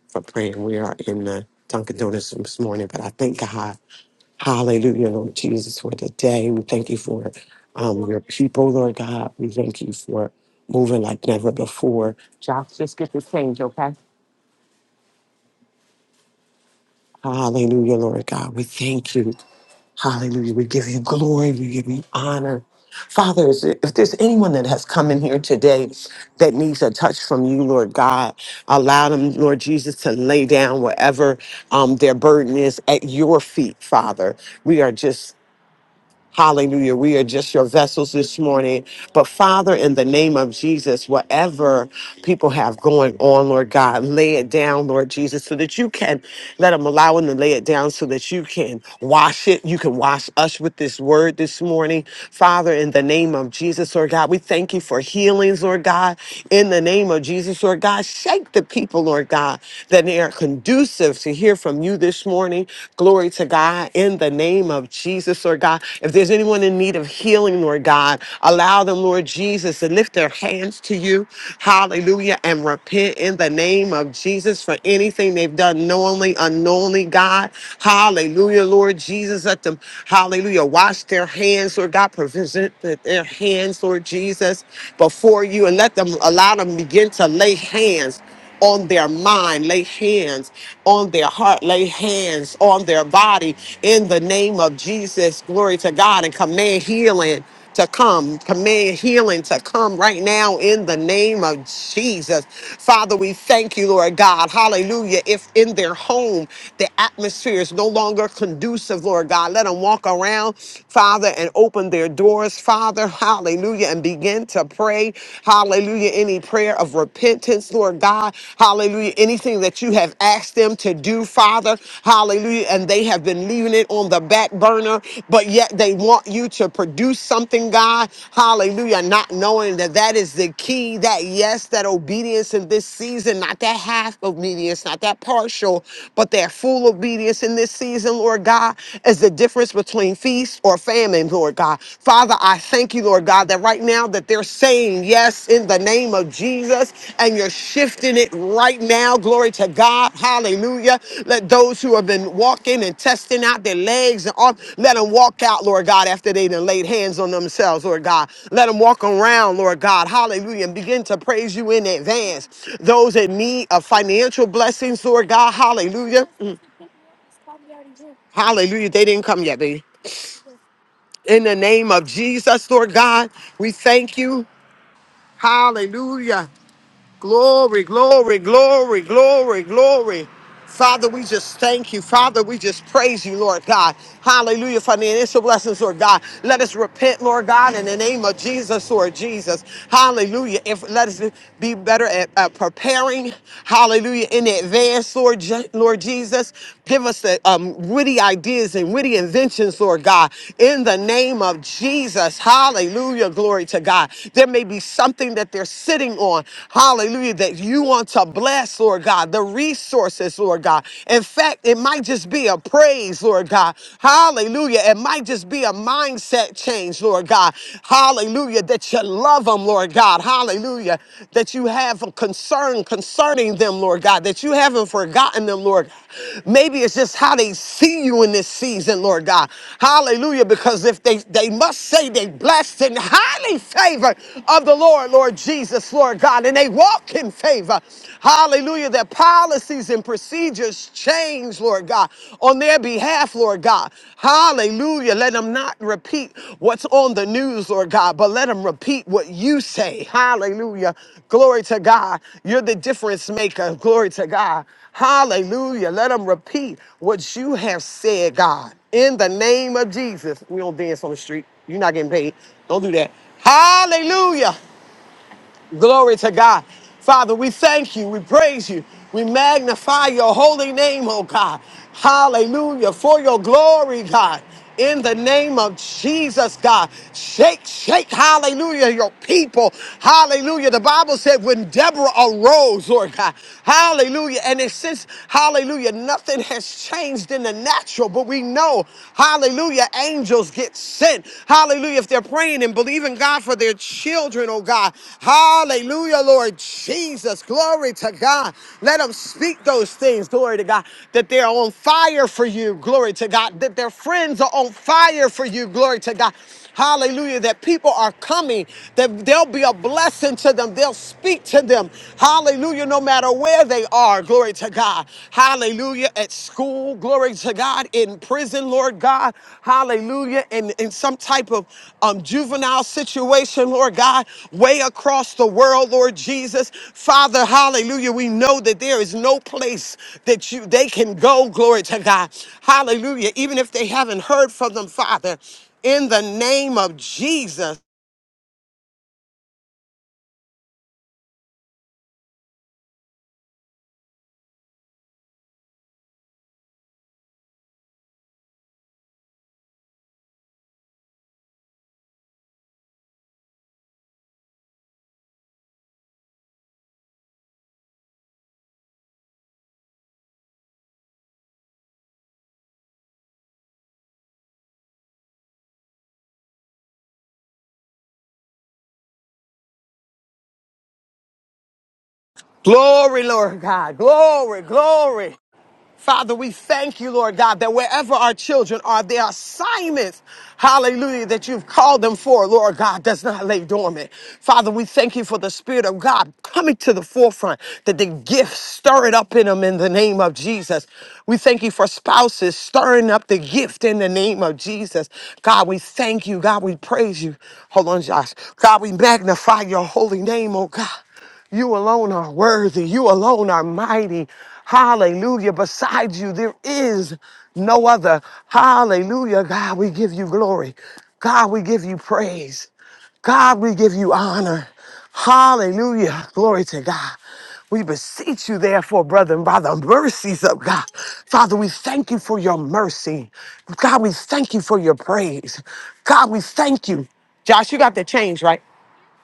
Speaker 2: for praying. We are in the Dunkin' Donuts this morning, but I thank God. Hallelujah, Lord Jesus, for the day. We thank you for um, your people, Lord God. We thank you for moving like never before. Josh, just get the change, okay? Hallelujah, Lord God. We thank you. Hallelujah. We give you glory. We give you honor. Father, is there- if there's anyone that has come in here today that needs a touch from you, Lord God, allow them, Lord Jesus, to lay down whatever um, their burden is at your feet, Father. We are just Hallelujah. We are just your vessels this morning. But Father, in the name of Jesus, whatever people have going on, Lord God, lay it down, Lord Jesus, so that you can let them allow them to lay it down so that you can wash it. You can wash us with this word this morning. Father, in the name of Jesus, Lord God, we thank you for healings, Lord God. In the name of Jesus, Lord God, shake the people, Lord God, that they are conducive to hear from you this morning morning. Glory to God in the name of Jesus, Lord God. If there's anyone in need of healing, Lord God, allow them, Lord Jesus, to lift their hands to you. Hallelujah. And repent in the name of Jesus for anything they've done knowingly, unknowingly, God. Hallelujah, Lord Jesus. Let them, hallelujah, wash their hands, Lord God. Present their hands, Lord Jesus, before you and let them allow them begin to lay hands on their mind, lay hands on their heart, lay hands on their body in the name of Jesus. Glory to God and command healing to come. Command healing to come right now in the name of Jesus. Father, we thank you, Lord God. Hallelujah. If in their home the atmosphere is no longer conducive, Lord God, let them walk around, Father, and open their doors, Father. Hallelujah. And begin time to pray. Hallelujah. Any prayer of repentance, Lord God. Hallelujah. Anything that you have asked them to do, Father. Hallelujah. And they have been leaving it on the back burner, but yet they want you to produce something, God. Hallelujah. Not knowing that that is the key, that yes, that obedience in this season, not that half obedience, not that partial, but that full obedience in this season, Lord God, is the difference between feast or famine, Lord God. Father, I thank you, Lord God, that right now that they're saying yes in the name of Jesus and you're shifting it right now. Glory to God. Hallelujah. Let those who have been walking and testing out their legs and arm, let them walk out, Lord God, after they done laid hands on themselves, Lord God. Let them walk around, Lord God. Hallelujah. And begin to praise you in advance. Those in need of financial blessings, Lord God. Hallelujah. Mm. Hallelujah. They didn't come yet, baby. In the name of Jesus, Lord God, we thank you. Hallelujah. Glory, glory, glory, glory, glory. Father, we just thank you. Father, we just praise you, Lord God. Hallelujah for the initial blessings, Lord God. Let us repent, Lord God, in the name of Jesus, Lord Jesus. Hallelujah. If let us be better at, at preparing. Hallelujah. In advance, Lord, Je- Lord Jesus, give us the um, witty ideas and witty inventions, Lord God. In the name of Jesus, Hallelujah. Glory to God. There may be something that they're sitting on on. Hallelujah. That you want to bless, Lord God, the resources, Lord God. In fact, it might just be a praise, Lord God. Hallelujah. It might just be a mindset change, Lord God. Hallelujah. That you love them, Lord God. Hallelujah. That you have a concern concerning them, Lord God. That you haven't forgotten them, Lord. Maybe it's just how they see you in this season, Lord God. Hallelujah. Because if they, they must say they blessed and highly favored of the Lord, Lord Jesus, Lord God, and they walk in favor. Hallelujah. Their policies and procedures change, Lord God, on their behalf, Lord God. Hallelujah. Let them not repeat what's on the news, Lord God, but let them repeat what you say. Hallelujah. Glory to God. You're the difference maker. Glory to God. Hallelujah. Let them repeat what you have said, God. In the name of Jesus. We don't dance on the street. You're not getting paid. Don't do that. Hallelujah. Glory to God. Father, we thank you. We praise you. We magnify your holy name, oh God. Hallelujah. For your glory, God. In the name of Jesus, God. Shake, shake, hallelujah, your people. Hallelujah. The Bible said when Deborah arose, Lord God. Hallelujah. And it says, hallelujah, nothing has changed in the natural, but we know, hallelujah. Hallelujah. Angels get sent. Hallelujah. If they're praying and believing God for their children, oh God. Hallelujah, Lord Jesus. Glory to God. Let them speak those things. Glory to God. That they're on fire for you. Glory to God. That their friends are on fire for you. Glory to God. Hallelujah. That people are coming, that there'll be a blessing to them. They'll speak to them. Hallelujah. No matter where they are. Glory to God. Hallelujah. At school. Glory to God. In prison, Lord God. Hallelujah. In, in some type of um, juvenile situation, Lord God. Way across the world, Lord Jesus. Father, hallelujah. We know that there is no place that you they can go. Glory to God. Hallelujah. Even if they haven't heard from them, Father in the name of Jesus. Glory, Lord God. Glory, glory. Father, we thank you, Lord God, that wherever our children are, their assignments, hallelujah, that you've called them for, Lord God, does not lay dormant. Father, we thank you for the Spirit of God coming to the forefront, that the gifts stir it up in them in the name of Jesus. We thank you for spouses stirring up the gift in the name of Jesus. God, we thank you. God, we praise you. Hold on, Josh. God, we magnify your holy name, oh God. You alone are worthy. You alone are mighty. Hallelujah. Besides you, there is no other. Hallelujah. God, we give you glory. God, we give you praise. God, we give you honor. Hallelujah. Glory to God. We beseech you, therefore, brethren, by the mercies of God. Father, we thank you for your mercy. God, we thank you for your praise. God, we thank you. Josh, you got the change, right?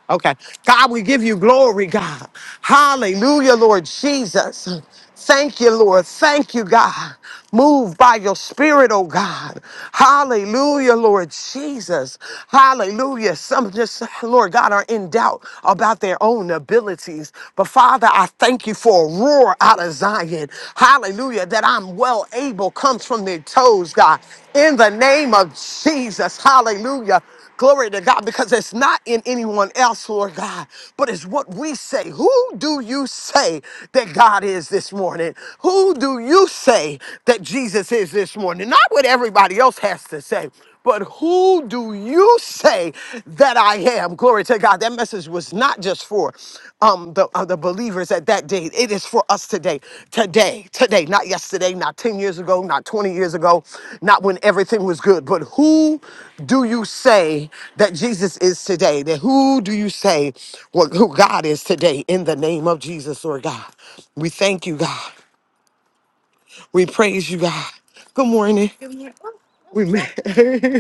Speaker 2: Okay. God, we give you glory, God. Hallelujah, Lord Jesus. Thank you, Lord. Thank you, God. Move by your spirit, oh God. Hallelujah, Lord Jesus. Hallelujah. Some just, Lord God, are in doubt about their own abilities. But Father, I thank you for a roar out of Zion. Hallelujah. That I'm well able comes from their toes, God. In the name of Jesus. Hallelujah. Glory to God, because it's not in anyone else, Lord God, but it's what we say. Who do you say that God is this morning? Who do you say that Jesus is this morning? Not what everybody else has to say, but who do you say that I am? Glory to God. That message was not just for for um, the, uh, the believers at that day. It is for us today. Today, today, not yesterday, not 10 years ago, not 20 years ago, not when everything was good. But who do you say that Jesus is today? That who do you say what, who God is today in the name of Jesus, Lord God? We thank you, God. We praise you, God. Good morning. We, ma-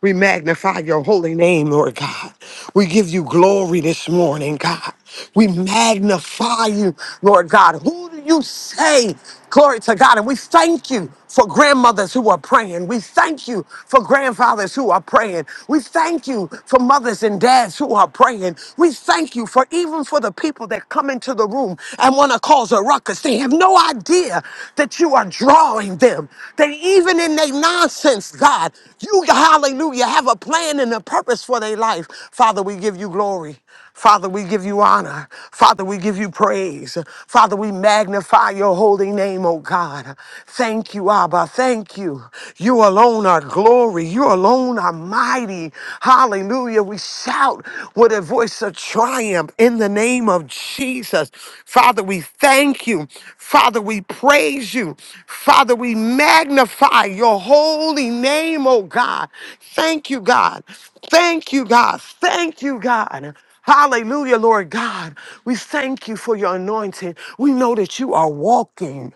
Speaker 2: we magnify your holy name, Lord God. We give you glory this morning, God. We magnify you, Lord God. Who do you say? Glory to God. And we thank you for grandmothers who are praying. We thank you for grandfathers who are praying. We thank you for mothers and dads who are praying. We thank you for even for the people that come into the room and want to cause a ruckus. They have no no idea that you are drawing them. That even in their nonsense, God, you, hallelujah, have a plan and a purpose for their life. Father, we give you glory. Father, we give you honor. Father, we give you praise. Father, we magnify your holy name, oh God. Thank you, Abba. Thank you. You alone are glory. You alone are mighty. Hallelujah. We shout with a voice of triumph in the name of Jesus. Father, we thank you. Father, we praise you. Father, we magnify your holy name, oh God. Thank you, God. Thank you, God. Thank you, God. Hallelujah, Lord God. We thank you for your anointing. We know that you are walking,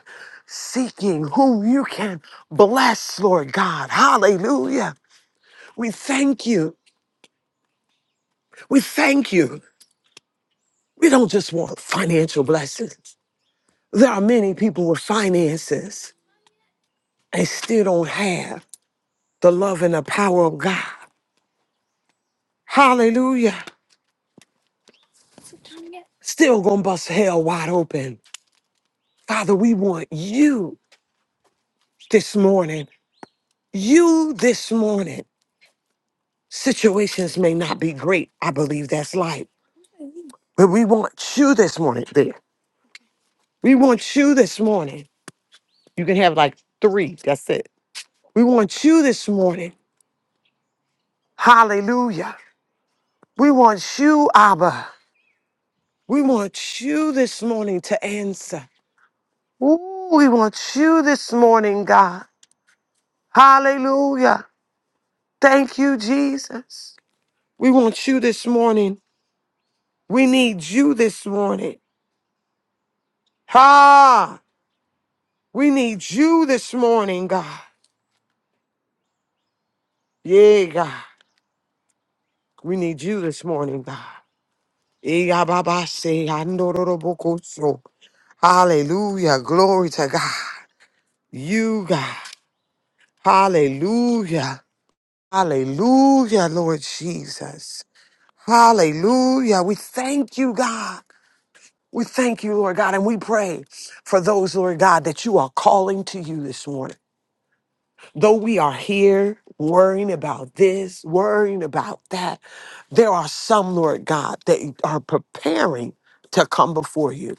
Speaker 2: seeking whom you can bless, Lord God. Hallelujah. We thank you. We thank you. We don't just want financial blessings. There are many people with finances and still don't have the love and the power of God. Hallelujah. Still gonna bust hell wide open. Father, we want you this morning. You this morning. Situations may not be great. I believe that's life. But we want you this morning there. We want you this morning. You can have like three. That's it. We want you this morning. Hallelujah. We want you, Abba. We want you this morning to answer. Ooh, we want you this morning, God. Hallelujah. Thank you, Jesus. We want you this morning. We need you this morning. Ha! We need you this morning, God. Yeah, God. We need you this morning, God. Yeah, Baba, say, "Andorobokotso." Hallelujah. Glory to God. You, God. Hallelujah. Hallelujah, Lord Jesus. Hallelujah. We thank you, God. We thank you, Lord God, and we pray for those, Lord God, that you are calling to you this morning. Though we are here worrying about this, worrying about that, there are some, Lord God, that are preparing to come before you.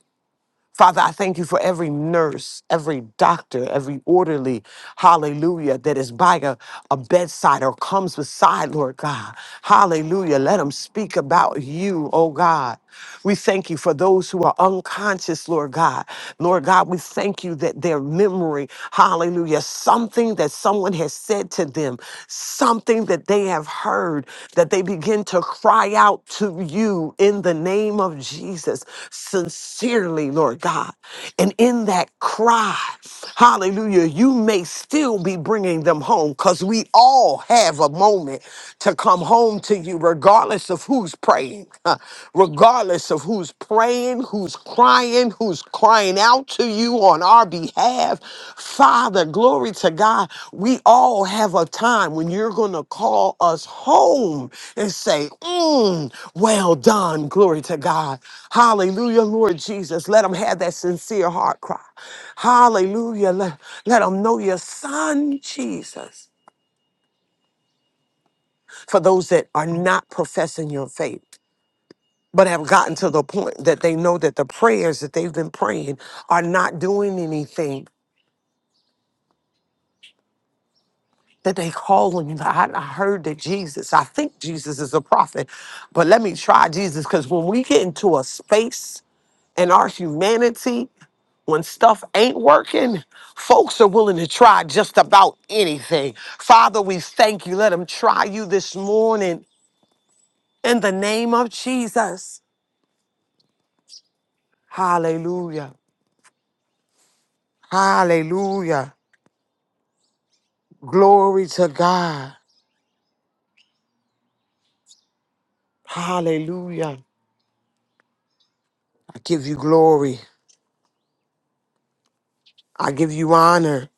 Speaker 2: Father, I thank you for every nurse, every doctor, every orderly, hallelujah, that is by a, a bedside or comes beside, Lord God. Hallelujah. Let them speak about you, oh God. We thank you for those who are unconscious, Lord God. Lord God, we thank you that their memory, hallelujah, something that someone has has said to them, something that they have heard, that they begin to cry out to you in the name of Jesus, sincerely, Lord God. And in that cry, hallelujah, you may still be bringing them home because we all have a moment to come home to you, regardless of who's praying regardless of who's praying, who's crying, who's crying out to you on our behalf. Father, glory to God. We all have a time when you're going to call us home and say, mm, Well done, glory to God. Hallelujah, Lord Jesus. Let them have that sincere heart cry. Hallelujah. Let, let them know your son, Jesus for those that are not professing your faith. but have gotten to the point that they know that the prayers that they've been praying are not doing anything that they calling I, I heard that jesus i think jesus is a prophet but let me try jesus because when we get into a space in our humanity when stuff ain't working folks are willing to try just about anything father we thank you let them try you this morning in the name of jesus hallelujah hallelujah Glory to God. Hallelujah. I give you glory. I give you honor.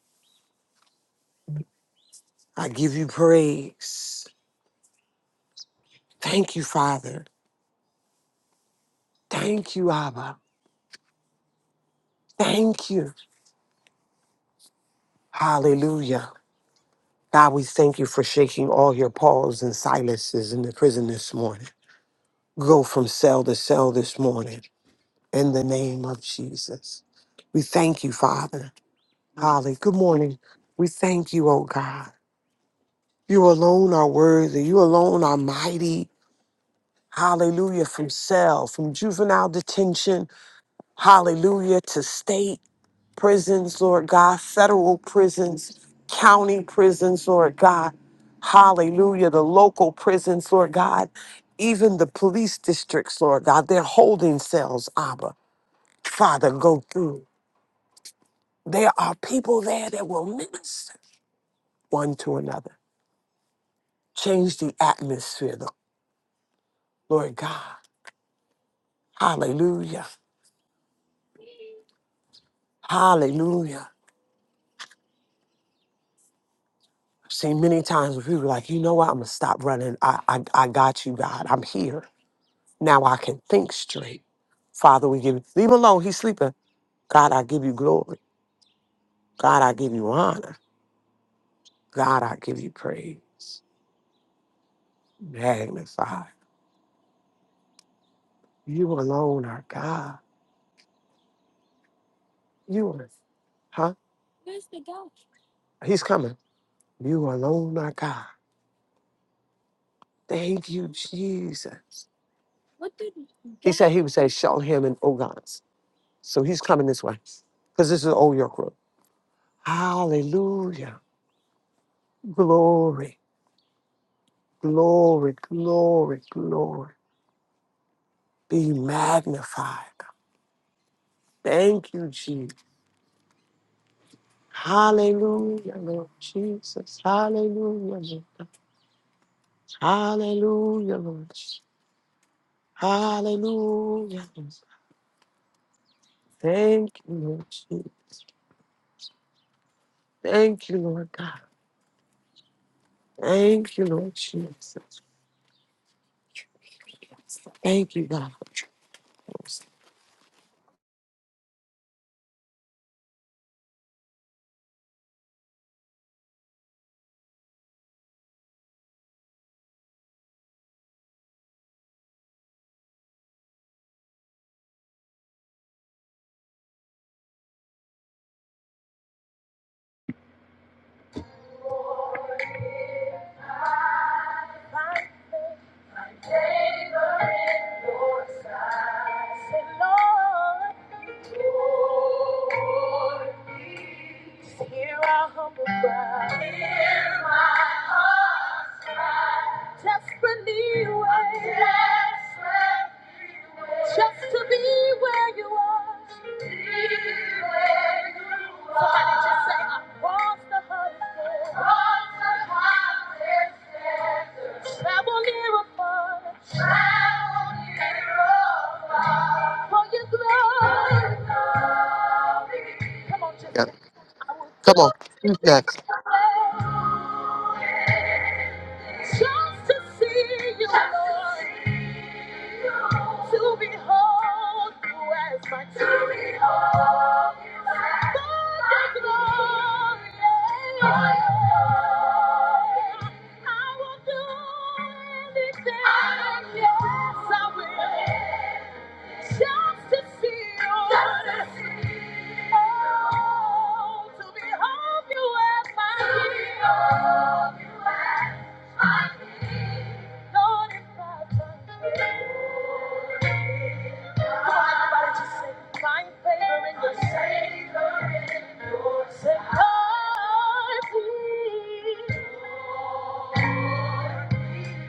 Speaker 2: I give you praise. Thank you, Father. Thank you, Abba. Thank you. Hallelujah. God, we thank you for shaking all your Pauls and Silases in the prison this morning. Go from cell to cell this morning in the name of Jesus. We thank you, Father. Holly, good morning. We thank you, oh God. You alone are worthy. You alone are mighty. Hallelujah. From cell, from juvenile detention. Hallelujah. To state prisons, Lord God, federal prisons, county prisons, Lord God. Hallelujah. The local prisons, Lord God. Even the police districts, Lord God, they're holding cells, Abba. Father, go through. There are people there that will minister one to another. Change the atmosphere, Lord God. Hallelujah. Hallelujah. seen many times where people were like, you know what? I'm gonna stop running. I, I I got you, God. I'm here. Now I can think straight. Father, we give you leave him alone. He's sleeping. God, I give you glory. God, I give you honor. God, I give you praise. Magnify. You alone are God. You are huh? He's coming. You alone are God. Thank you, Jesus. He said he would say, show him in Ogans. So he's coming this way because this is Old York Road. Hallelujah. Glory, glory, glory, glory. Be magnified. Thank you, Jesus. Hallelujah, Lord Jesus. Hallelujah, Lord. Hallelujah, Lord. Hallelujah. Lord. Thank you, Lord Jesus. Thank you, Lord God. Thank you, Lord Jesus. Thank you, God.
Speaker 1: Somebody just say, I'm lost the hustle. Lost the hustle. Travel near afar. Travel near afar. Come on, just
Speaker 2: Got
Speaker 1: say,
Speaker 2: it.
Speaker 1: I will do
Speaker 2: Come on. Who's next?
Speaker 1: anything just to see you, Lord, to behold you as my king. To For your glory, yeah. I will do anything, yes, I will, just to see you.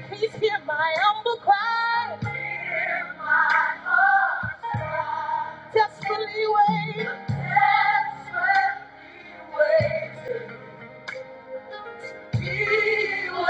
Speaker 1: Please hear my humble cry. My heart has left me Just to see the Lord,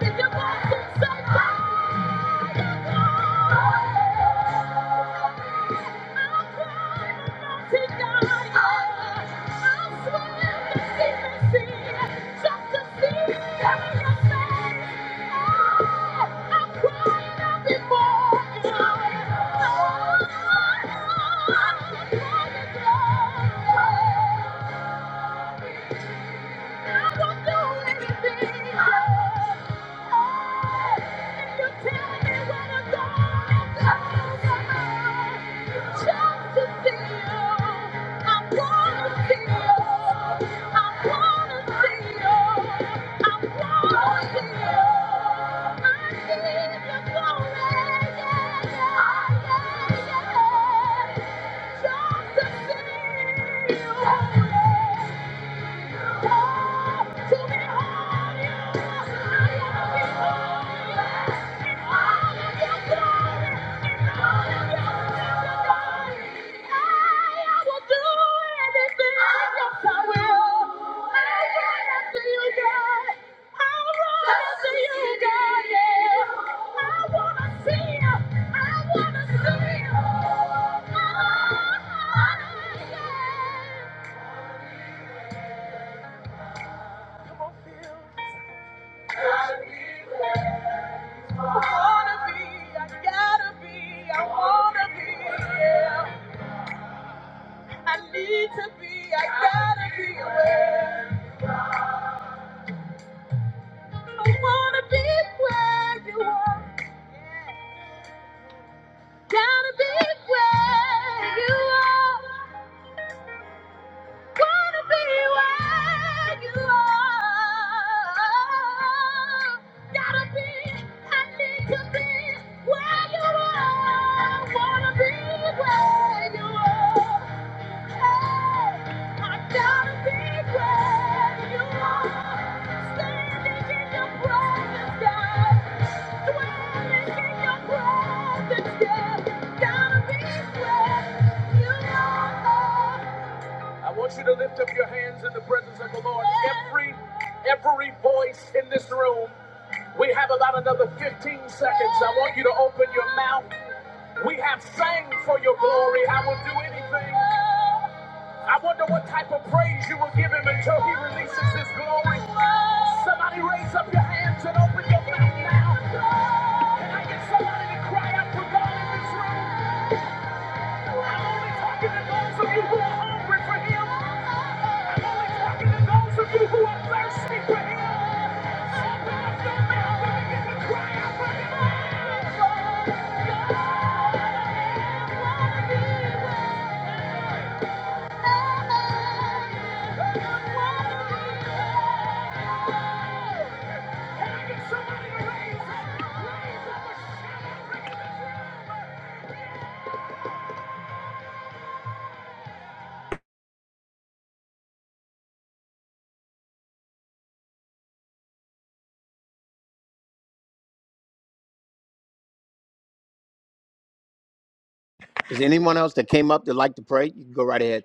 Speaker 1: to the all you are. Oh, yeah. Gotta be where you are. I want you to lift up your hands in the presence of the Lord. Every every voice in this room, we have about another 15 seconds. I want you to open your mouth. We have sang for your glory. I will do anything. I wonder what type of praise you will give him until he releases his glory. Somebody raise up your hands and open your mouth now. Can I get somebody to cry out for God? Can I get somebody to raise up? Is there anyone else that came up that like to pray? You can go right ahead.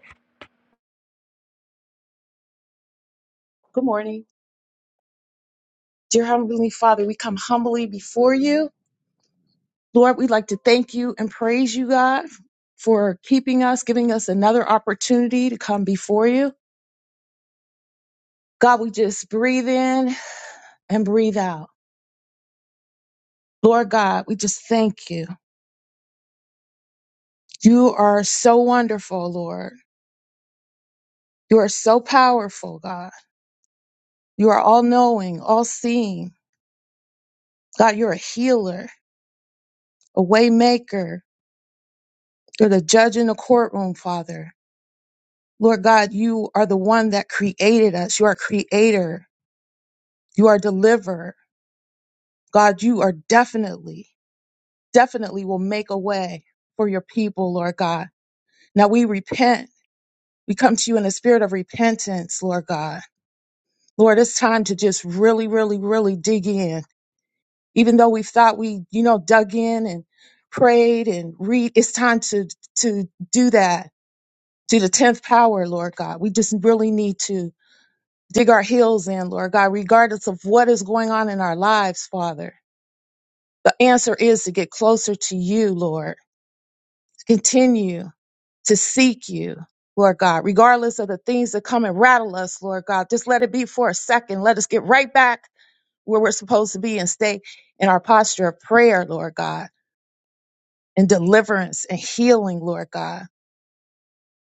Speaker 4: Good morning. Dear Heavenly Father, we come humbly before you. Lord, we'd like to thank you and praise you, God, for keeping us, giving us another opportunity to come before you. God, we just breathe in and breathe out. Lord God, we just thank you. You are so wonderful, Lord. You are so powerful, God. You are all knowing, all seeing. God, you're a healer, a way maker. You're the judge in the courtroom, Father. Lord God, you are the one that created us. You are creator. You are deliverer. God, you are definitely, definitely will make a way for your people, Lord God. Now we repent. We come to you in a spirit of repentance, Lord God. Lord, it's time to just really, really, really dig in. Even though we thought we, you know, dug in and prayed and read, it's time to, to do that to the 10th power, Lord God. We just really need to. dig our heels in, Lord God, regardless of what is going on in our lives, Father. The answer is to get closer to you, Lord. To continue to seek you, Lord God, regardless of the things that come and rattle us, Lord God. Just let it be for a second. Let us get right back where we're supposed to be and stay in our posture of prayer, Lord God, and deliverance and healing, Lord God.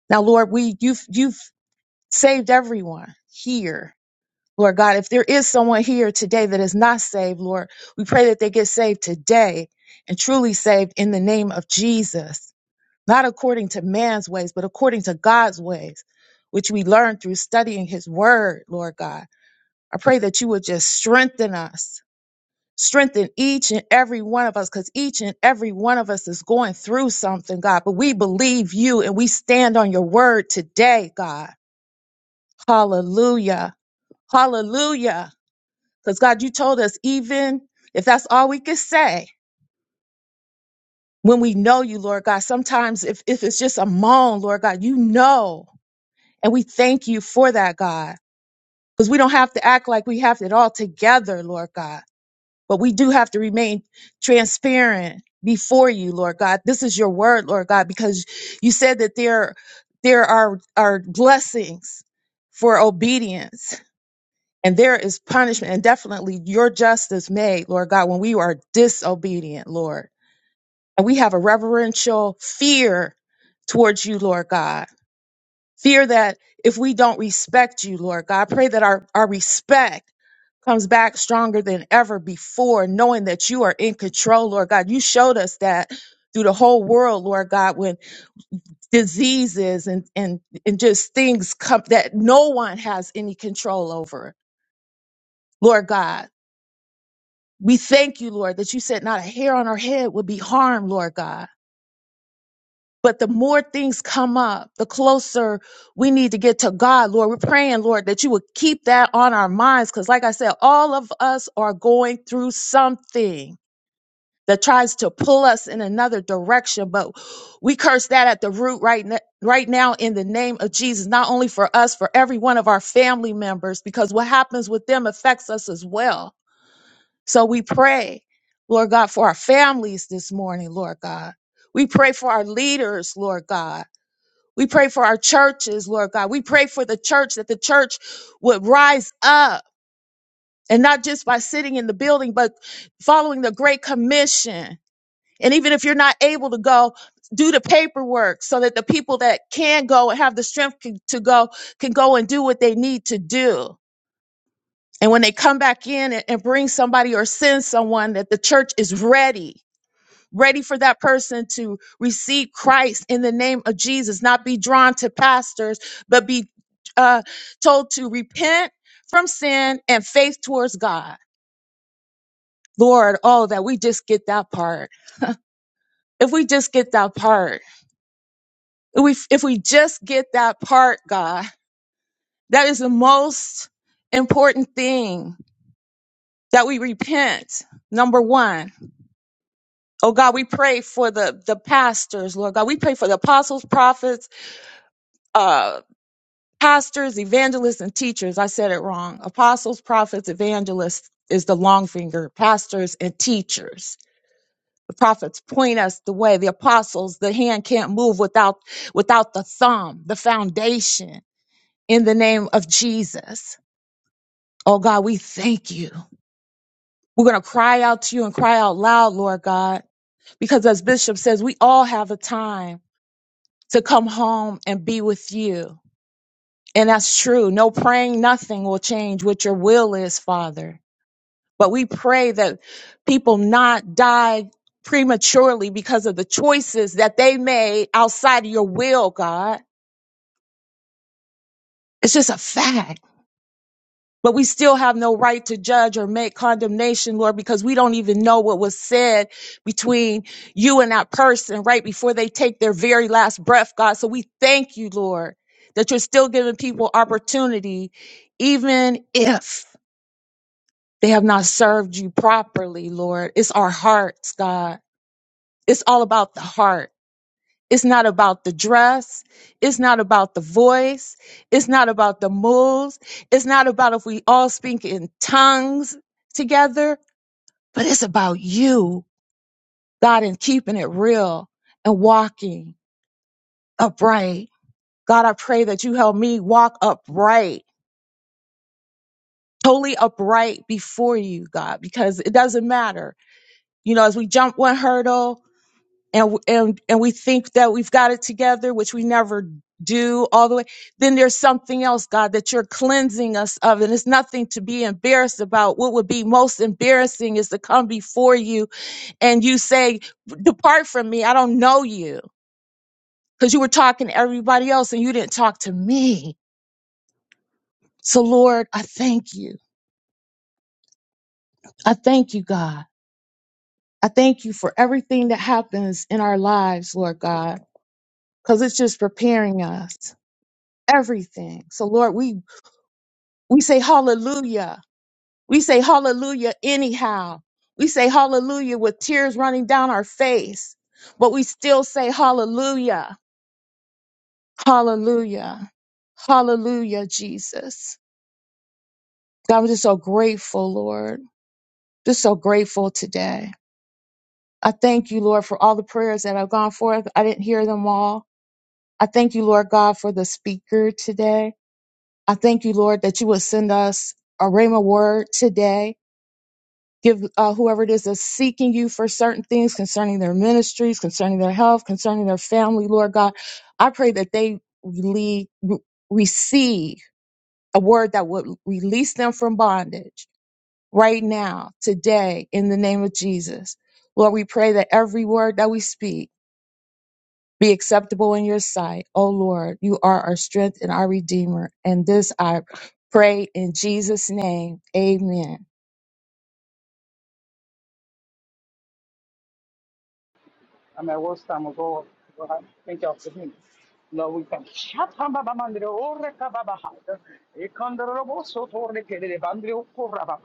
Speaker 4: Now, Lord, we you've you've saved everyone here Lord God, if there is someone here today that is not saved, Lord, we pray that they get saved today and truly saved in the name of Jesus, not according to man's ways, but according to God's ways, which we learn through studying his word, Lord God. I pray that you would just strengthen us, strengthen each and every one of us, because each and every one of us is going through something, God, but we believe you and we stand on your word today, God. Hallelujah. Hallelujah. Because God, you told us even if that's all we could say when we know you, Lord God, sometimes if, if it's just a moan, Lord God, you know. And we thank you for that, God. Because we don't have to act like we have it all together, Lord God. But we do have to remain transparent before you, Lord God. This is your word, Lord God, because you said that there there are are blessings for obedience. And there is punishment and definitely your justice made, Lord God, when we are disobedient, Lord. And we have a reverential fear towards you, Lord God. Fear that if we don't respect you, Lord God, I pray that our, our respect comes back stronger than ever before, knowing that you are in control, Lord God. You showed us that through the whole world, Lord God, when diseases and, and, and just things come that no one has any control over, Lord God. We thank you, Lord, that you said not a hair on our head would be harmed, Lord God. But the more things come up, the closer we need to get to God, Lord. We're praying, Lord, that you would keep that on our minds. Because, like I said, all of us are going through something that tries to pull us in another direction. But we curse that at the root right, n- right now in the name of Jesus, not only for us, for every one of our family members, because what happens with them affects us as well so we pray, Lord God, for our families this morning, Lord God. We pray for our leaders, Lord God. We pray for our churches, Lord God. We pray for the church that the church would rise up and not just by sitting in the building, but following the Great Commission. And even if you're not able to go, do the paperwork so that the people that can go and have the strength c- to go can go and do what they need to do. And when they come back in and and bring somebody or send someone, that the church is ready ready for that person to receive Christ in the name of Jesus, not be drawn to pastors, but be uh, told to repent from sin and faith towards God. Lord, oh, that we just get that part. If we just get that part, if we, if we just get that part, God, that is the most important thing that we repent. Number one, oh God, we pray for the, the pastors, Lord God. We pray for the apostles, prophets, uh. pastors, evangelists, and teachers. I said it wrong. Apostles, prophets, evangelists is the long finger, pastors, and teachers. The prophets point us the way. The apostles, the hand can't move without, without the thumb, the foundation in the name of Jesus. Oh God, we thank you. We're going to cry out to you and cry out loud, Lord God, because as Bishop says, we all have a time to come home and be with you. And that's true. No praying, nothing will change what your will is, Father. But we pray that people not die prematurely because of the choices that they made outside of your will, God. It's just a fact. But we still have no right to judge or make condemnation, Lord, because we don't even know what was said between you and that person right before they take their very last breath, God. So we thank you, Lord, that you're still giving people opportunity, even if they have not served you properly, Lord. It's our hearts, God It's all about the heart. It's not about the dress. It's not about the voice. It's not about the moves. It's not about if we all speak in tongues together, but it's about you, God, and keeping it real and walking upright. God, I pray that you help me walk upright, totally upright before you, God, because it doesn't matter. You know, as we jump one hurdle, and and and we think that we've got it together, which we never do all the way, then there's something else, God, that you're cleansing us of. And it's nothing to be embarrassed about. What would be most embarrassing is to come before you and you say, Depart from me. I don't know you. Because you were talking to everybody else and you didn't talk to me. So, Lord, I thank you. I thank you, God. I thank you for everything that happens in our lives, Lord God, because it's just preparing us everything. So, Lord, we We say hallelujah. We say hallelujah anyhow. We say hallelujah with tears running down our face, but we still say hallelujah. Hallelujah. Hallelujah, Jesus. God, I'm just so grateful, Lord. Just so grateful today. I thank you, Lord, for all the prayers that have gone forth. I didn't hear them all. I thank you, Lord God, for the speaker today. I thank you, Lord, that you would send us a rhema word today Give uh, whoever it is that's seeking you for certain things concerning their ministries, concerning their health, concerning their family, Lord God. I pray that they rele- re- receive a word that would release them from bondage right now, today, in the name of Jesus. Lord, we pray that every word that we speak be acceptable in your sight. Oh Lord, you are our strength and our redeemer. And this I pray in Jesus' name. Amen.
Speaker 5: I am mean, worst time ago? Well, I thank y'all for me. No, we thank you. Shatamba Bandre, Ore Kababaha, Ekandorobo Sotore Kede Bandrio Korabaha,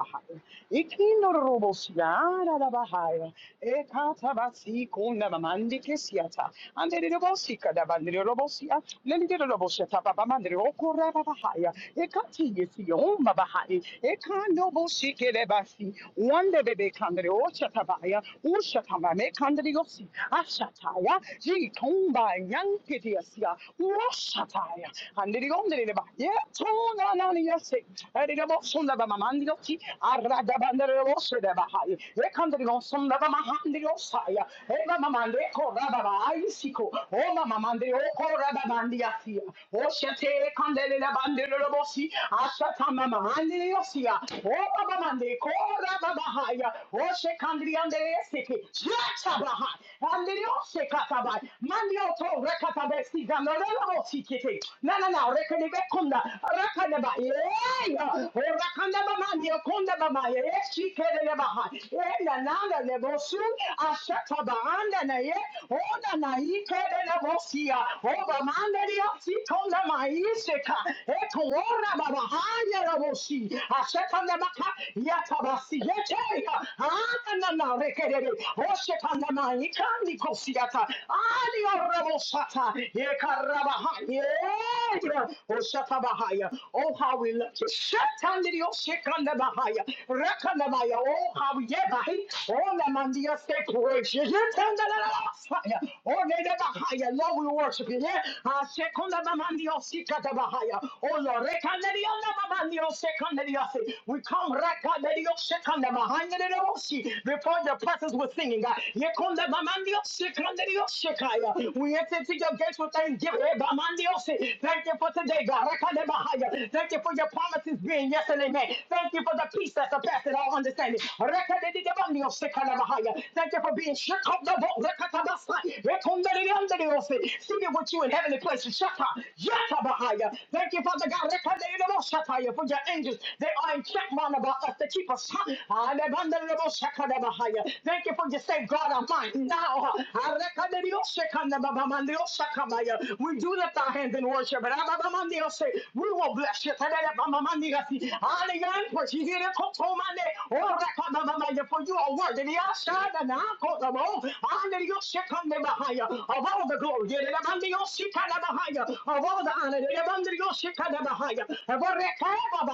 Speaker 5: Ekindorobo Siana Bahaya, Ekatabasi Kunamandi Kesiata, and the Robosika da Bandrio Robosia, Lenny de Roboseta Babamandre Okorabahaya, Ekati Yesion Babahai, Ekandobo Sike de Basi, one de Bebe Kandre Ochatabaya, Ushatama Kandriosi, Ashataya, Jitomba, Yankitiasia, Washataya, and the Gondeleba, Yetona Naniasi, Edibosunda Mamandioki, Aradabandere Rosedabahai, Rekandrigosunda Mahandiosaya, Eva Mamande Korababa, Isiko, Oma Mamande, O Korabandiasia, Oshate Candelina Banderosi, Ashatama Mahandiosia, Oma Mamande, Korababahaya, Oshe Candriandesiki, Jatabahai, Andrioshekatabai. Mandioto rekatabesi ganoreloosikete. Na na na rekenebekunda rakaneba. Yeah. Oh, rakaneba mandio kundeba ma. Yeah, shikereba ha. Yeah, na na na lebosu ashataba anda na ye. Oh na na ikerebosia. Oh, ba mandiositona ma iseka. Eto ora baba haya rabosi. Ashakanebaka yatabasi. Yete. Ah na na na rekerebe. Oh shekana Yandi Kosiata, Ali Rabosata, Yekarabahaya, Osatabahaya. Oh, how we love you. Shatandio Shekandabahaya, Rakanabaya, oh, how we yebahi, oh, Namandia Separation, Yetandanabahaya, oh, Nedabahaya, Lord, we worship you, yeah, Ah, Shekundabamandio Sikatabahaya, oh, Lord, Rekandadio Namamandio Sekandadio, we come Rakandadio Shekandabahandadio, before your presence was singing, God. We enter into your gates with thanksgiving. Ebamandiose. Thank you for today, God. Rekadebahaya. Thank you for your promises being yes and amen. Thank you for the peace that surpasses all understanding. Rekadedidebandiose kalabahaya. Thank you for being shook up the boat. Rekatabasai. Rekondedidiandediose. Seated with you in heavenly places. Shaka. Yatabahaya. Thank you, Father God. Rekadedidaboshataya. For your angels, they are in check round about us to keep us. Adebandedidabosakadabahaya. Thank you for your safeguard of mine now. We do lift our hands in worship. and ababamanderiosh- We will bless you. Tadadababamanderiosi. Aleyankochihirekotomande. Orakababamaya. For you are worthy. Yashadanakotobo. Anderioshekandebahaya. Of all the glory. Yadadabanderioshikadabahaya. Of all the honor. Yadadabanderioshikadabahaya. Of all the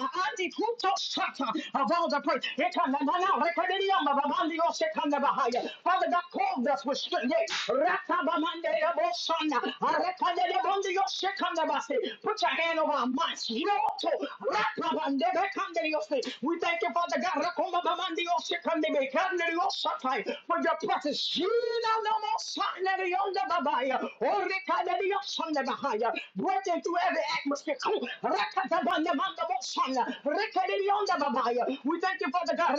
Speaker 5: Abandikutosata. Of all the praise. Ekananana. Rekadadiyamababandioshekandabahaya. Father God, call them that's restricted. Put your hand over our minds. Yoto. Rakabandeyabekandeyose. We thank you, Father God, for your precious. Breaking through every atmosphere. We thank you, Father God.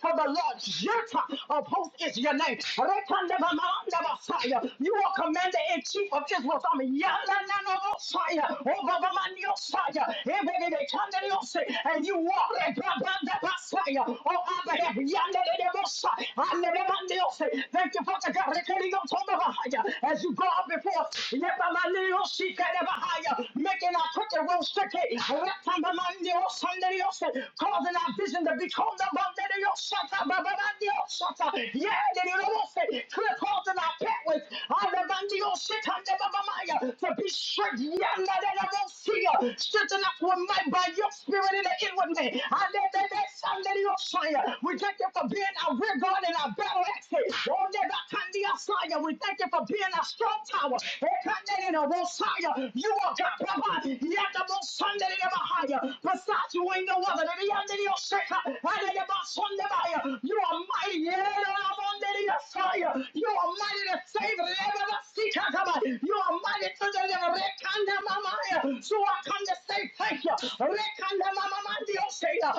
Speaker 5: For the Lord Lord, Jireh of hosts is your name. Rekandabamandabasaya. You are commander in chief of Israel's army. Yalananabosaya. Obabamaniosaya. Ebebebekandaniose. And you walk in Brabandabasaya. Oh, Abba, Yandanabosaya. Andanabandiose. Thank you, Father God. Rekandiotobabahaya. As you go up before us, Yebamanioshikanabahaya. making our crooked road straight. Rekandamaniosandaniose. causing our vision to become the Clip holes in our pathways. To be strict. Strengthen us with might by your spirit in the inward man. We thank you for being our rear guard and our battle axe. We thank you for being our strong tower. You are God. Besides you ain't no other. Sunday, yeah, yeah. You are mighty. You are mighty to save. You are mighty to deliver. Rekandamamaya. So I come to say thank you. Rekandamamamandioseya. I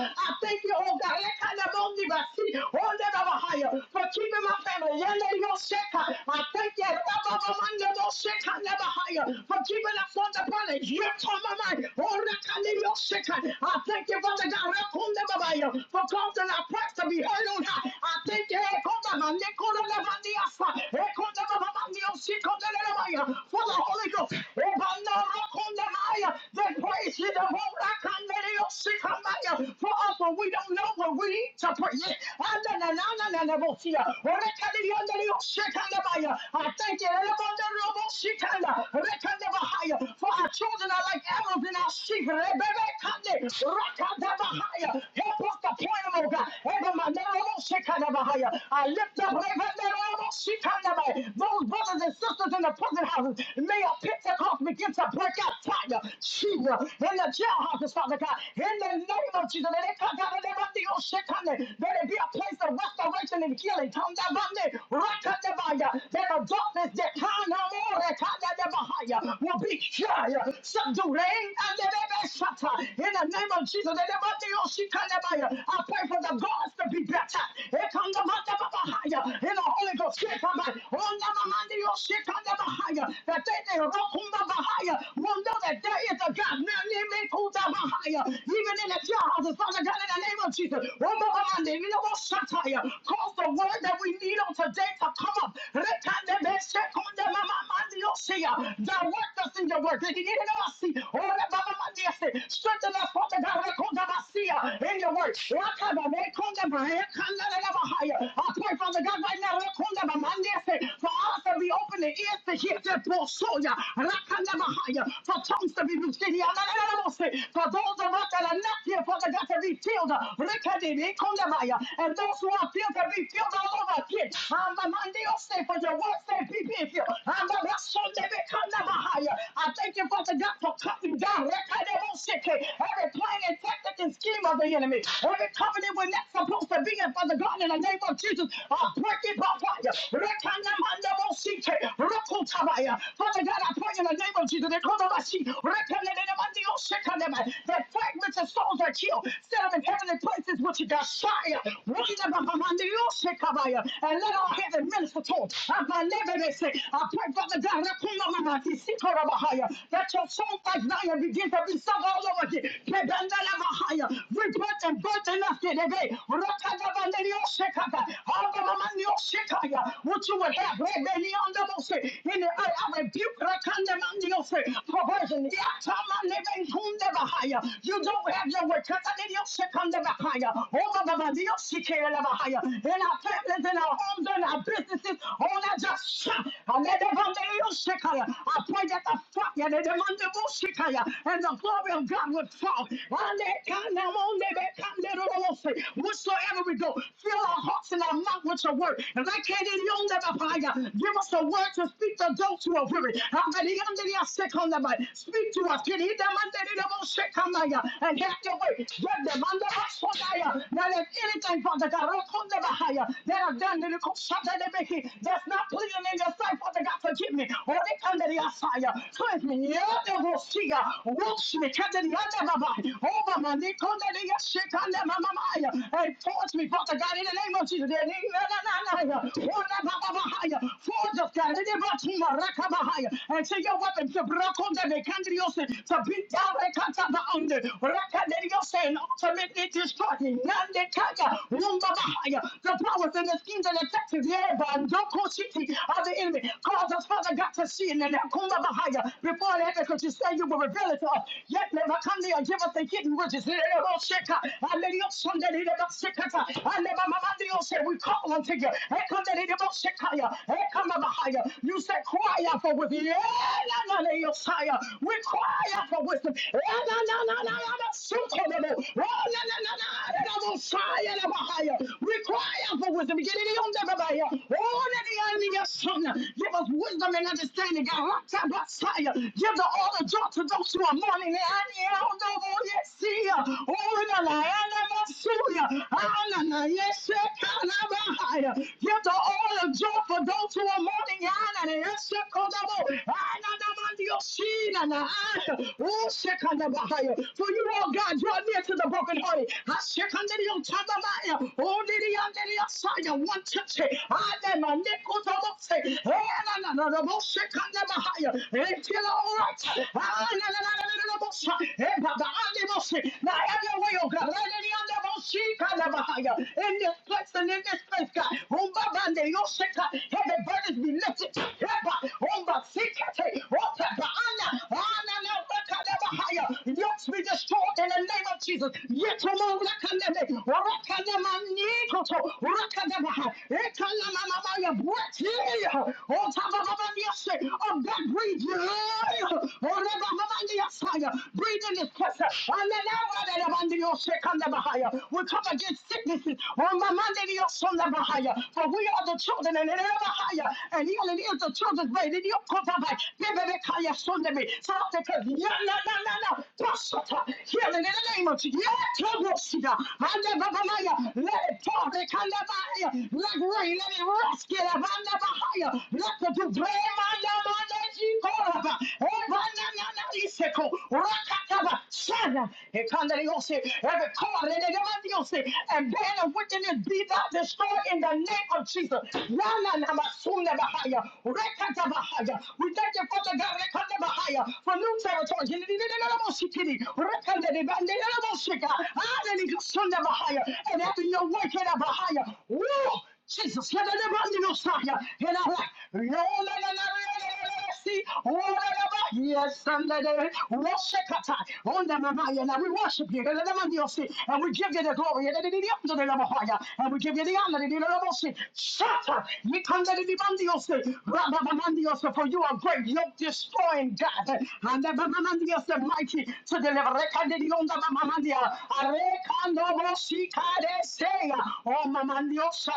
Speaker 5: thank you, oh God, Rekandamondibasi. Ondababahaya. for keeping my family. Yandelioseka. I thank you Rababamandodoseka, Nebahaya. for keeping us on the planet. Yotomamai. Orekandelioseka. I thank you, Father God, Rekundababaya, for causing our prayers to be heard. Hallelujah. I thank you. hey, come on, man, they call them the Manias, uh, hey, call them the Manios, she call them the Maya, For the Holy Ghost. Hey, man, now, rock on the Maya. They praise you. The whole rock on the Maya, she come Maya. For us, when we don't know what we need to praise. And then, and then, and then, and then, we'll see, uh, when they tell you, and then you shake on the Maya. I thank you. hey, man, the Robo, she can, uh, they can never hire. For our children are like arrows in our sheep. Hey, baby, come there. Rock on the Maya. Help us to point them, oh God. Hey, man, I lift up those brothers and sisters in the prison houses. May a Pentecost begin to break out fire, Jesus, in the jailhouses, Father God. In the name of Jesus, let it come down. and Let it be on shit, come there. Let it be a place of restoration and healing. Come down, come there. Rock up the fire. Let the darkness that kind of more, that kind of never higher, will be higher. Subdue, eh? And let it be shut In the name of Jesus, let it be on shit, come there. I pray for the gods to be breath. Here Come brata. Ekanda manda baba higher. In the Holy Ghost, shake on my onda mamandi your shake on the higher. That they they rokumba bahaya. Will know that there is a God. Now name me kuta bahaya. Even in the jar, the Father God, in the name of Jesus. Rumba mamandi, you know what satire. Cause the word that we need on today to come up. Rekande be shake on the mamandi yo shea. Direct us in your word. Did you need to know I see? Oh, the baba mandi I say. Strengthen us, Father God. Rekunda basia in your word. Rakanda I pray, Father God, right now, Rakundabamandese, for us to be open and ears to hear that Bosoya, Rakandabahaya, for tongues to be loosed in here, Nananamose, for those of us that are not here, Father God, to be filled, Rekadidikundabaya, and those who are filled to be filled all over again. Amamandese, For your word say, be be filled. Amamrasondebekandabahaya. I thank you, Father God, for cutting down Rekadaboseke, every plan and tactic and scheme of the enemy, every covenant we're not supposed to those that be in Father God in the name of Jesus. I break it by fire. Rekanamandabosike, rokotabaya. Father God, I pray in the name of Jesus. Ekonomashi, That fragments and souls are killed. Set them in heavenly places with you, God. Fire. Wonderbabamaniosekabaya. And let all heaven minister to them. Abanebebese. I pray, Father God, rekonomamatisekorabahaya. that your soul like Zion begin to be sung all over again. Kedandalabahaya. Rebirth and birth and nothing. What you would have in the earth, I rebuke Rakandamandiose, perversion. Yatamaneventundabahaya. You don't have your word. Katadidiosekandabahaya. Obababadiosekelabahaya. In our families, in our homes, in our businesses, all that just shout. Amedevandiosekaya. I pray that the fire, the demandabosekaya, and the glory of God would fall. Ande- Whatsoever wherever we go. Fill our hearts and our mouth with your word. And like candy, you never find out. Give us a word to speak to those who are weary. How many of are sick on the mind? Speak to us. Can you them under the most sick on the mind? And have your way. grab them under us for the Now if anything, Father God, I come never higher. That I've done the little something that make it. That's not pleasing in your sight, Father God. Forgive me. Or they come to the outside. Cleanse me. Yeah, they will see ya. Wash me. Come to the under my Over my knee. Come to the shit under my mind. And and towards me, Father God, in the name of Jesus. Forge us, God, in the name of Jesus. and see your weapons to block on them, to beat down the under, and ultimately destroy him. Nandekaya, Rumbabahaya. The powers and the schemes and the tactics, yeah, but Doko City of the enemy. Cause us, Father God, to sin and Kumbabahaya before the because you say you will reveal it to us. Yet never come there and give us the hidden riches. Sheka, and let your son that he never we call unto you. You said, cry out for wisdom. We cry out for wisdom. We cry out for wisdom. Get it on them about here. Oh, let the enemy your son. Give us wisdom and understanding. God, rock that Messiah. Give the order joy to those who are mourning. And I know, oh, yes, see. Oh, in the land of Messiah. Anana, yes, Shekinah, Give the oil of joy for those who are mourning. Anana, yes, Shekinah, Anana, Mandio, Shinana, Anana, oh, Shekinah, For you, Lord God, draw near to the brokenhearted. Ah, Shekinah, your Tadamaya, oh, Lady, and Lady, Asaya, one touch, Anana, Nikotamose, Anana, oh, Shekinah, Bahaya, until all right. Anana, Now, every way, oh God, let it be under the most. In this place and in this place, God. Rumbabande, yosheka. Heavy burdens be lifted. Heba, rumba, sikete, rota, baana, baana, na, raka, leba, haya. Yokes be destroyed in the name of Jesus. Yetumu, raka, lebe, raka, lema, nikoto, raka, leba, ha. Eka, lama, mama, ya, breath, yeah. Rota, baba, baba, yoshe. Oh, God, breathe, yeah. Rota, baba, baba, Breathe in this place. Anana, rada, leba, ndio, sheka, leba, haya. We come up against sicknesses. Ramamandeliosondabahaya. For we are the children and Elabahaya, and healing is the children's bread. And you come by Bibekaya Sundami. Father, because no, no, no, no, no. Prosper. Healing in the name of Jesus. Yeah, Tobosida. Mandababamaya. Let it fall. They can never hire. Let rain, let it rescue. them. Mandabahaya. Let the debris. Mandamandajikoraba. Ebanananisekho. Rakataba. Shana. Ekandariose. Every car. And bear of witness, beat out, destroy in the name of Jesus. Yes, Sunday, worship at on the Mamaya, and we worship you, and we give you the glory, and we give you the honor, and the Shut up, you come to the Mandios, Rabamandios, for you are great, you're destroying God, and the Mamandios, the mighty, to deliver, Rekandion, the Mamandia, Rekandobosika, they say, Oh, Mamandios,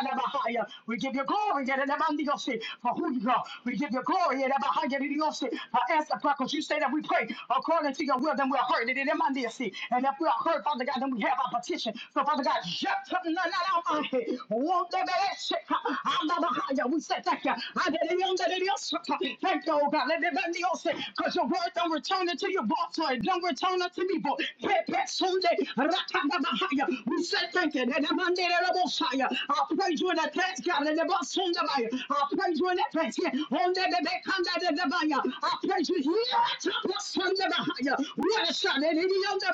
Speaker 5: we give you glory, Yerevandiose, for who you are. We give you glory, Yerevandiose, for answer prayer, because you say that we pray according to your will, then we're heard. Yerevandiose. And if we are heard, Father God, then we have our petition. So, Father God, Yerevandiose, Yerevandiose, we say thank you. Yerevandiose, Thank you, oh God. Yerevandiose, Because your word don't return it to your boss, so it don't return it to me, boy. Yerevandiose, we said thank you. Then the man did a little fire. I praise you in advance, God. And the boss on the fire. I praise you in advance. Yeah. On the back under the the fire. I praise you here the boss on the fire. What a shot. And in the under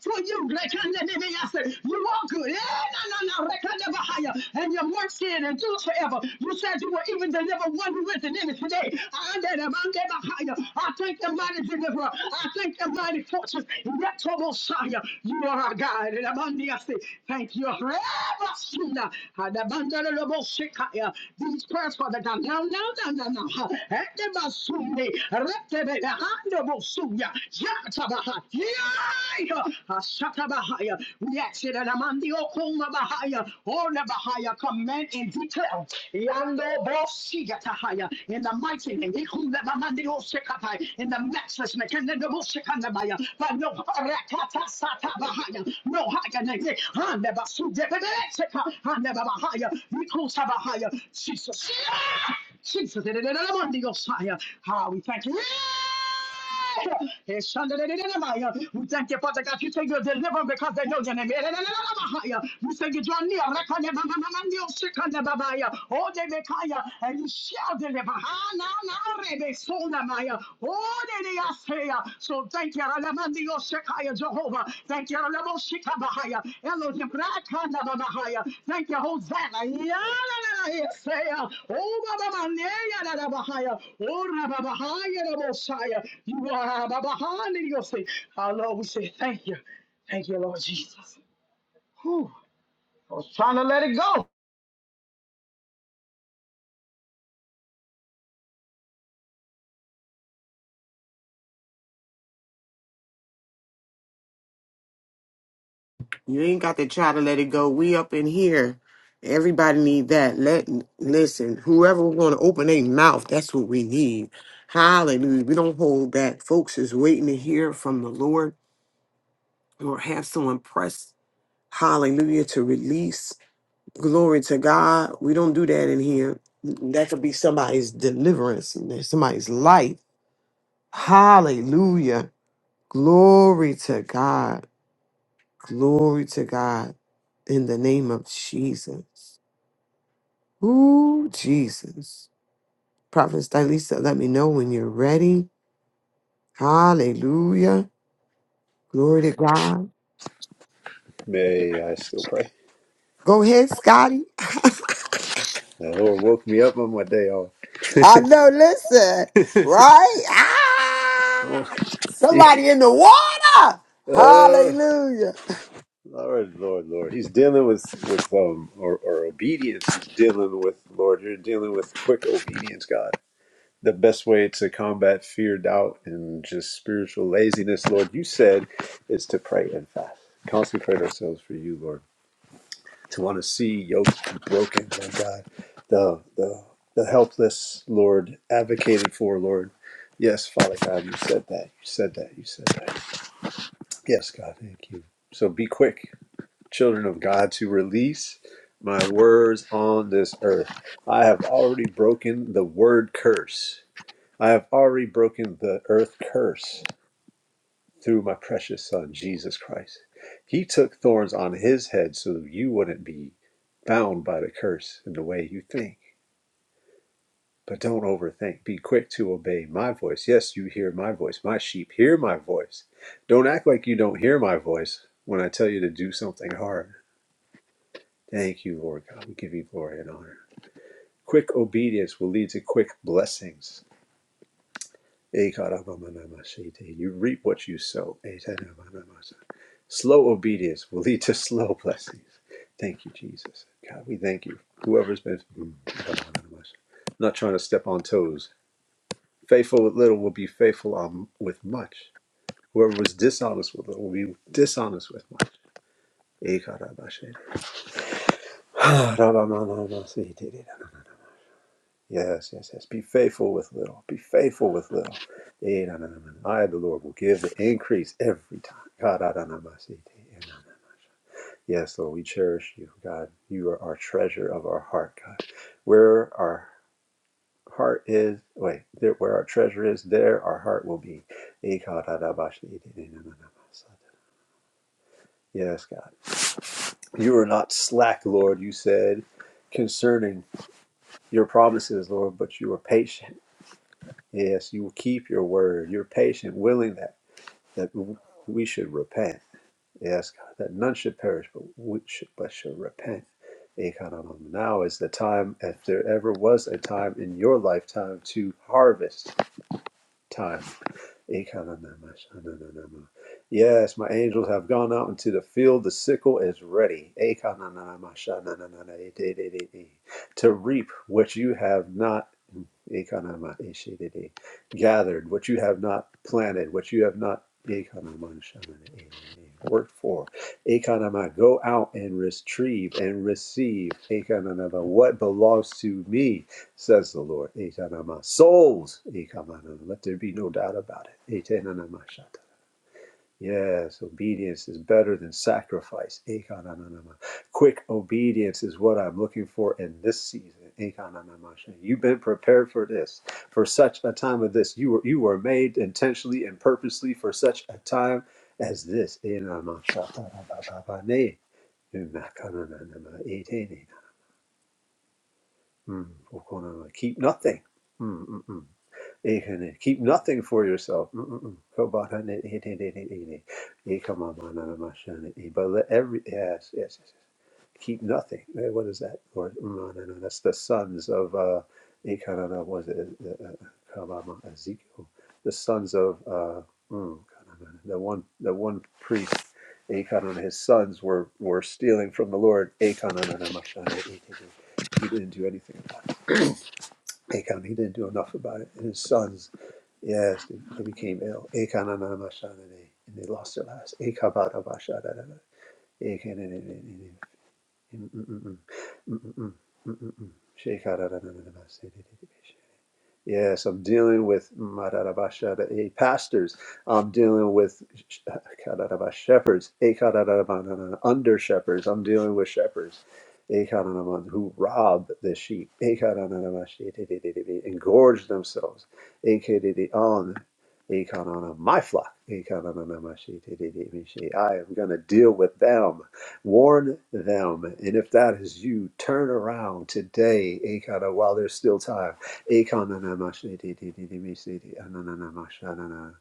Speaker 5: For you, like under the I said, you are good. Yeah, no, no, no. Like under the fire. And your mercy and endures forever. You said you will even deliver one who is an enemy today. I under the under the fire. I thank the mighty deliverer. I thank the and mighty fortress. Retrobosaya, You are our God. And Amandiasi, Thank you. Rebasuna, and Amandarabosika, These prayers, Father God. Now, now, now, now, now. Etebasuni, Retebehandabosuya, Yatabaha, Yaya, Ashatabahaya. We ask it, and Amandiokundabahaya, Ornabahaya, command and declare. Yandobosigatahaya, In the mighty singing. Ikubabamandiosekapai. In the matchless Mekandabosekandabaya. But no Rakatasatatabahaya. No Haganege. Handabasudebebeseka. Handababahaya. Mikusabahaya. Jesus. Jesus. How we thank you. Yes, We thank you, Father God. You say you're because they know your name. Yadadadadadamaya. You say you draw near. Rakanabamamamamamnio, Shikandababaya. Oh, they make higher, and you shall deliver. Hananarebe, Sonamaya. Oh, they they are say. So thank you. Jehovah. Thank you, Lebo Shikabahaya. Elohim Rakanabahaya. Thank you, Hosanna. Yalalalahaya. Oh, Baba Maneya Rabahaya. Oh, Rabahaya Rabosaya. You are Babahana Yosef. Our Lord, we say thank you. Thank you, Lord Jesus. Whew. I was trying to let it go.
Speaker 2: You ain't got to try to let it go. We up in here. Everybody need that. Let listen. Whoever we're gonna open their mouth, that's what we need. Hallelujah. We don't hold back. Folks is waiting to hear from the Lord or have someone press. Hallelujah to release. Glory to God. We don't do that in here. That could be somebody's deliverance, somebody's life. Hallelujah. Glory to God. Glory to God. In the name of Jesus. Ooh, Jesus. Prophet Stylisa, let me know when you're ready. Hallelujah. Glory to God.
Speaker 6: Yeah, yeah, yeah, I still pray.
Speaker 2: Go ahead, Scotty.
Speaker 6: The Lord woke me up on my day off.
Speaker 2: I know, listen, right?
Speaker 6: Oh,
Speaker 2: Ah,
Speaker 6: he,
Speaker 2: somebody in the water.
Speaker 6: uh,
Speaker 2: Hallelujah.
Speaker 6: Lord, Lord, Lord. He's dealing with with um or, or obedience. He's dealing with Lord. You're dealing with quick obedience, God. The best way to combat fear, doubt, and just spiritual laziness, Lord, you said, is to pray and fast. Consecrate ourselves for you, Lord. to want to see yokes be broken, Lord God. The the the helpless, Lord, advocated for, Lord. Yes, Father God, you said that. You said that. You said that. Yes, God, thank you. So be quick, children of God, to release my words on this earth. I have already broken the word curse. I have already broken the earth curse through my precious son, Jesus Christ. He took thorns on his head so that you wouldn't be bound by the curse in the way you think. But don't overthink. Be quick to obey my voice. Yes, you hear my voice. My sheep hear my voice. Don't act like you don't hear my voice when I tell you to do something hard. Thank you, Lord God. We give you glory and honor. Quick obedience will lead to quick blessings. You reap what you sow. Slow obedience will lead to slow blessings. Thank you, Jesus. God, we thank you. Whoever's been Mm, I'm not trying to step on toes. Faithful with little will be faithful on, with much. Whoever was dishonest with little will be dishonest with much. Ekarabashe. Ah, rabamamamasitirira. Yes, yes, yes. Be faithful with little. Be faithful with little. Eranamana. I, the Lord, will give the increase every time. Karanamasitirira. Yes, Lord, we cherish you, God. You are our treasure of our heart, God. Where our heart is, wait, there, where our treasure is, there our heart will be. Yes, God. You are not slack, Lord, you said concerning your promises, Lord, but you are patient. Yes, you will keep your word. You're patient, willing that, that we should repent. Yes, God, that none should perish, but we should, but should repent. Ekananam. Now is the time, if there ever was a time in your lifetime to harvest time. Ekananama, shanananama. Yes, my angels have gone out into the field. The sickle is ready. Ekananama, shanananana, de- de- de- To reap what you have not. Gathered what you have not planted, what you have not worked for. go out and retrieve and receive what belongs to me, says the Lord. souls. let there be no doubt about it. Yes, obedience is better than sacrifice. Ekananama. Quick obedience is what I'm looking for in this season. Ekananama. You've been prepared for this, for such a time as this. You were you were made intentionally and purposely for such a time as this. Enama. Shatarabababane. Umakananama. Etenena. Mm, okonama. Keep nothing. Hmm, hmm, hmm. Keep nothing for yourself. Mm-mm-mm. Kobahane, e- But let every yes, yes, yes. yes. Keep nothing. Eh, What is that? Or mm, no, no, no, that's the sons of uh, Ekanana. Was it uh, uh, Kabama Ezekiel? The sons of uh, mm, Kanana, the one, the one priest. Ekanana, his sons were were stealing from the Lord. Ekananamashane, ete, ete. He didn't do anything about it. Achan, he didn't do enough about it. And his sons Yes, they, they became ill. Ekananamashanane, and they lost their lives. Ekabarabashadadada, ekanenenenene, mm, mm, mm, mm, mm, mm, mm, mm, mm, mm. Shekararananamasidididibisha. Yes, I'm dealing with Madarabashada, eh, pastors. I'm dealing with sh- Kadaraba shepherds, eh, Kadaraba, no, no, no, under shepherds. I'm dealing with shepherds eh, Kadaraba, who rob the sheep eh, Kadaraba, shi- di- di- di- di- di, and themselves eh, ki- on eh, Kadaraba, my flock. eh, Kadaraba, shi- di- di- di- di, shi. I am going to deal with them, warn them. And if that is you, turn around today eh, Kadaraba, while there's still time. Ekananamashididididimisidi anananamashanana.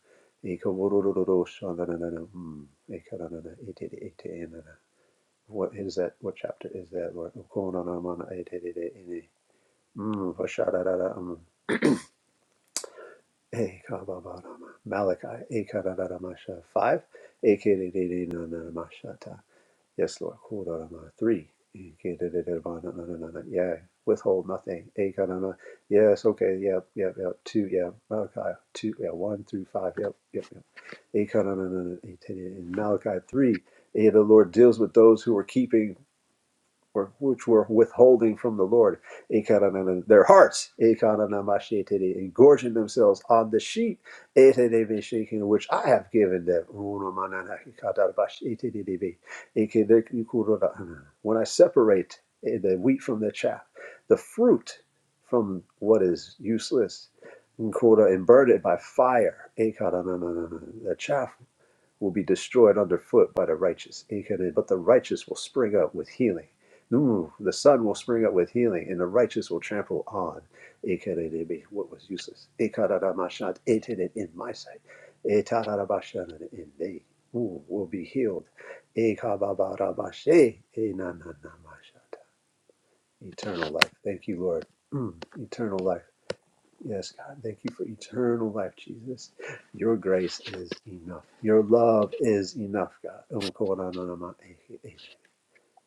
Speaker 6: Ekaworororoshanana. Hmm. Ekanana itidi iti enana. What is that? What chapter is that? Lord? Okonanamana itididi ini. Hmm. Vashararara. Hmm. Ekababarama. Malachi. Ekananamasha. Five. Ekidididinanamashata. Yes, Lord. Kurarama. Three. Yeah. Withhold nothing. Yes, okay. Yep, yep, yep. Two, yeah. Malachi. Two, yeah. One through five. Yep, yep, yep. In Malachi 3, eh, the Lord deals with those who are keeping were- which were withholding from the Lord, their hearts, engorging themselves on the sheep, which I have given them. When I separate eh, the wheat from the chaff, the fruit from what is useless, and burn it by fire, the chaff will be destroyed underfoot by the righteous. But the righteous will spring up with healing. Ooh, The sun will spring up with healing, and the righteous will trample on what was useless. In my sight. Etarabashan, In thee. Ooh, Will be healed. Eternal life. Thank you, Lord. Mm, Eternal life. Yes, God, thank you for eternal life, Jesus. Your grace is enough. Your love is enough, God.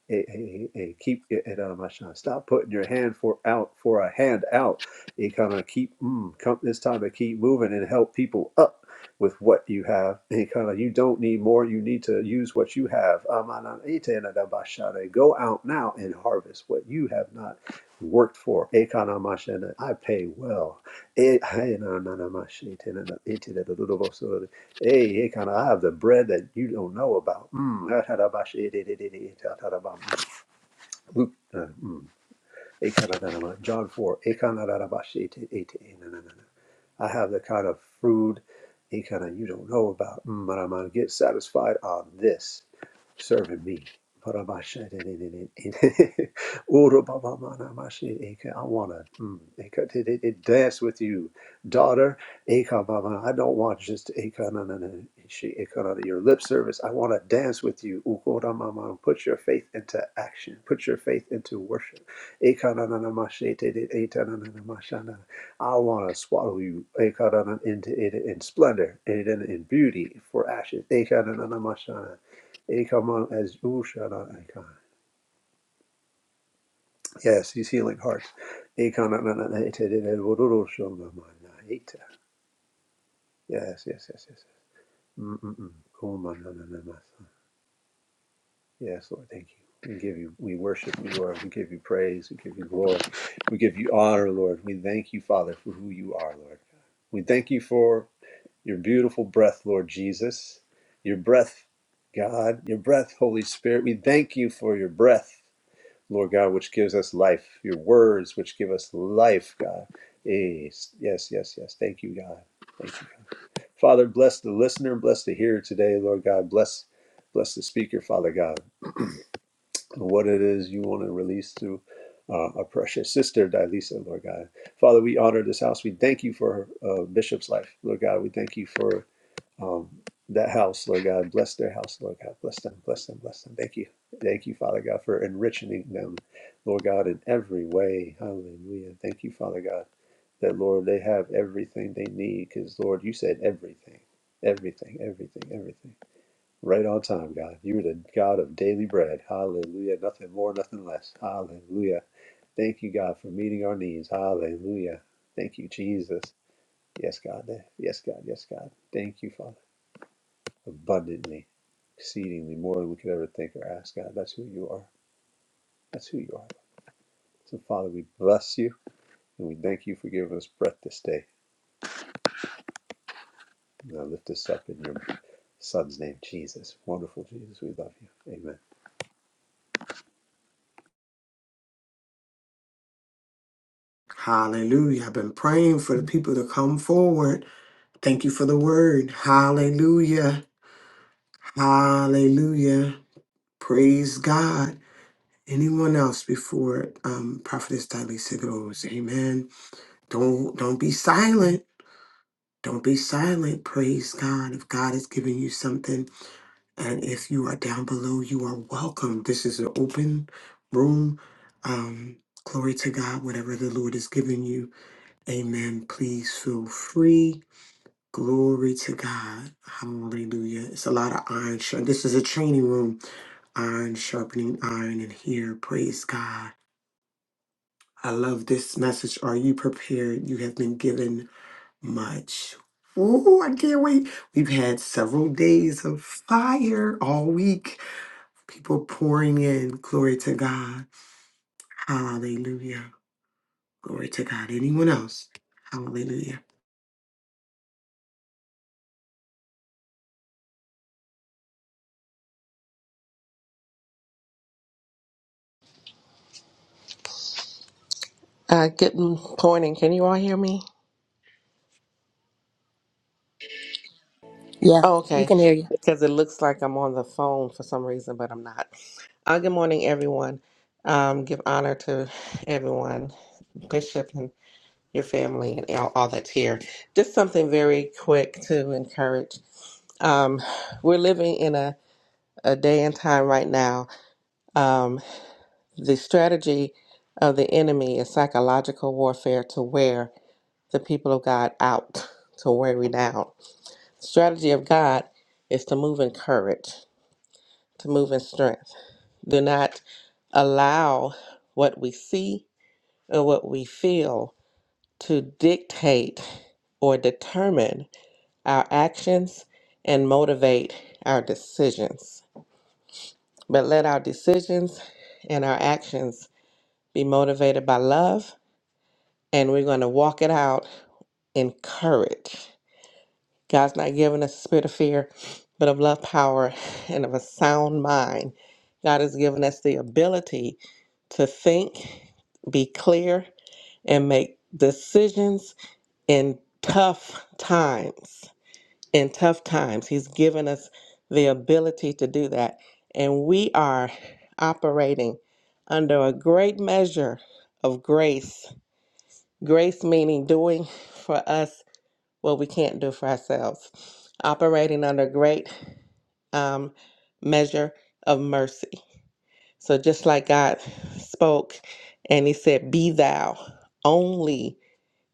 Speaker 6: Hey, hey, hey, hey, keep it it, um, I shall Stop putting your hand for out for a hand out. You kind of keep mm, come this time and keep moving and help people up with what you have. And kind of you don't need more. You need to use what you have. Amana ite na da ba sha Go out now and harvest what you have not worked for. Ekana ma sha na, I pay well. E- hai na na na ma shi te na na ite da da da da bo so. da. Hey, hey, kind of, I have the bread that you don't know about. Mm. ha, ta, da, ba, shi, di, di, di, di, ta, ta, da, ba, mm. Luke, uh, mm. Eh, kind of, da, da, ba, John 4. eh, kind of, da, da, ba, shi, ti, eh, ti, eh, na, na, na, na. I have the kind of food eh, kind of you don't know about. Mm, but I'm going to get satisfied on this serving me. Urababamanamashe. I want to mm, eka- t- t- dance with you, daughter. Eka baba. I don't want just eka na- na- na- she- eka na- your lip service. I want to dance with you. Ukoramama. Put your faith into action. Put your faith into worship. Eka na- na- na- mashe, t- t- eta na- na- na- mashana. I want to swallow you eka na- na- in, in, in splendor and in, beauty for ashes. Eka na- na- na- mashana. Ekamon as Ushana Ekan. Yes, you see like hearts. Ekanananaita. Yes, yes, yes, yes. Mm-mm-mm. Kumanananamasa. Yes, Lord, thank you. We give you, we worship you, Lord. We give you praise. We give you glory. We give you honor, Lord. We thank you, Father, for who you are, Lord. We thank you for your beautiful breath, Lord Jesus. Your breath, God. Your breath, Holy Spirit. We thank you for your breath. Lord God, which gives us life, your words, which give us life, God. Yes, yes, yes. yes. Thank you, God. Thank you. Father, bless the listener, bless the hearer today, Lord God. Bless, bless the speaker, Father God. What it is you want to release through uh, our precious sister, Dilisa, Lord God. Father, we honor this house. We thank you for uh, Bishop's life, Lord God. We thank you for um, that house, Lord God. Bless their house, Lord God. Bless them, bless them, bless them. Thank you. Thank you, Father God, for enriching them, Lord God, in every way. Hallelujah. Thank you, Father God, that, Lord, they have everything they need because, Lord, you said everything, everything, everything, everything. Right on time, God. You're the God of daily bread. Hallelujah. Nothing more, nothing less. Hallelujah. Thank you, God, for meeting our needs. Hallelujah. Thank you, Jesus. Yes, God. Yes, God. Yes, God. Thank you, Father abundantly, exceedingly, more than we could ever think or ask God. That's who you are. That's who you are. So, Father, we bless you and we thank you for giving us breath this day. Now lift us up in your Son's name, Jesus. Wonderful Jesus, we love you. Amen.
Speaker 2: Hallelujah. I've been praying for the people to come forward. Thank you for the word. Hallelujah. Hallelujah. Praise God. Anyone else before um, Prophetess Dilisa goes? Amen. Don't don't be silent. Don't be silent. Praise God. If God is giving you something, and if you are down below, you are welcome. This is an open room. Um, glory to God. Whatever the Lord is giving you, Amen. Please feel free. Glory to God. Hallelujah. It's a lot of iron. sharp- This is a training room. Iron sharpening iron in here. Praise God. I love this message. Are you prepared? You have been given much. Ooh, I can't wait. We've had several days of fire all week. People pouring in. Glory to God. Hallelujah. Glory to God. Anyone else? Hallelujah.
Speaker 7: Uh, good morning. Can you all hear me?
Speaker 8: Yeah,
Speaker 7: Oh,
Speaker 8: we
Speaker 7: okay.
Speaker 8: can hear you.
Speaker 7: Because it looks like I'm on the phone for some reason, but I'm not. Uh, good morning, everyone. Um, give honor to everyone, Bishop and your family and all, all that's here. Just something very quick to encourage. Um, we're living in a, a day and time right now. Um, the strategy of the enemy is psychological warfare to wear the people of God out, to wear we down. The strategy of God is to move in courage, to move in strength. Do not allow what we see or what we feel to dictate or determine our actions and motivate our decisions. But let our decisions and our actions be motivated by love, and we're going to walk it out in courage. God's not giving us a spirit of fear, but of love, power, and of a sound mind. God has given us the ability to think, be clear, and make decisions in tough times. In tough times, He's given us the ability to do that. And we are operating under a great measure of grace. Grace meaning doing for us what we can't do for ourselves, operating under great um, measure of mercy. So, just like God spoke and He said, Be thou only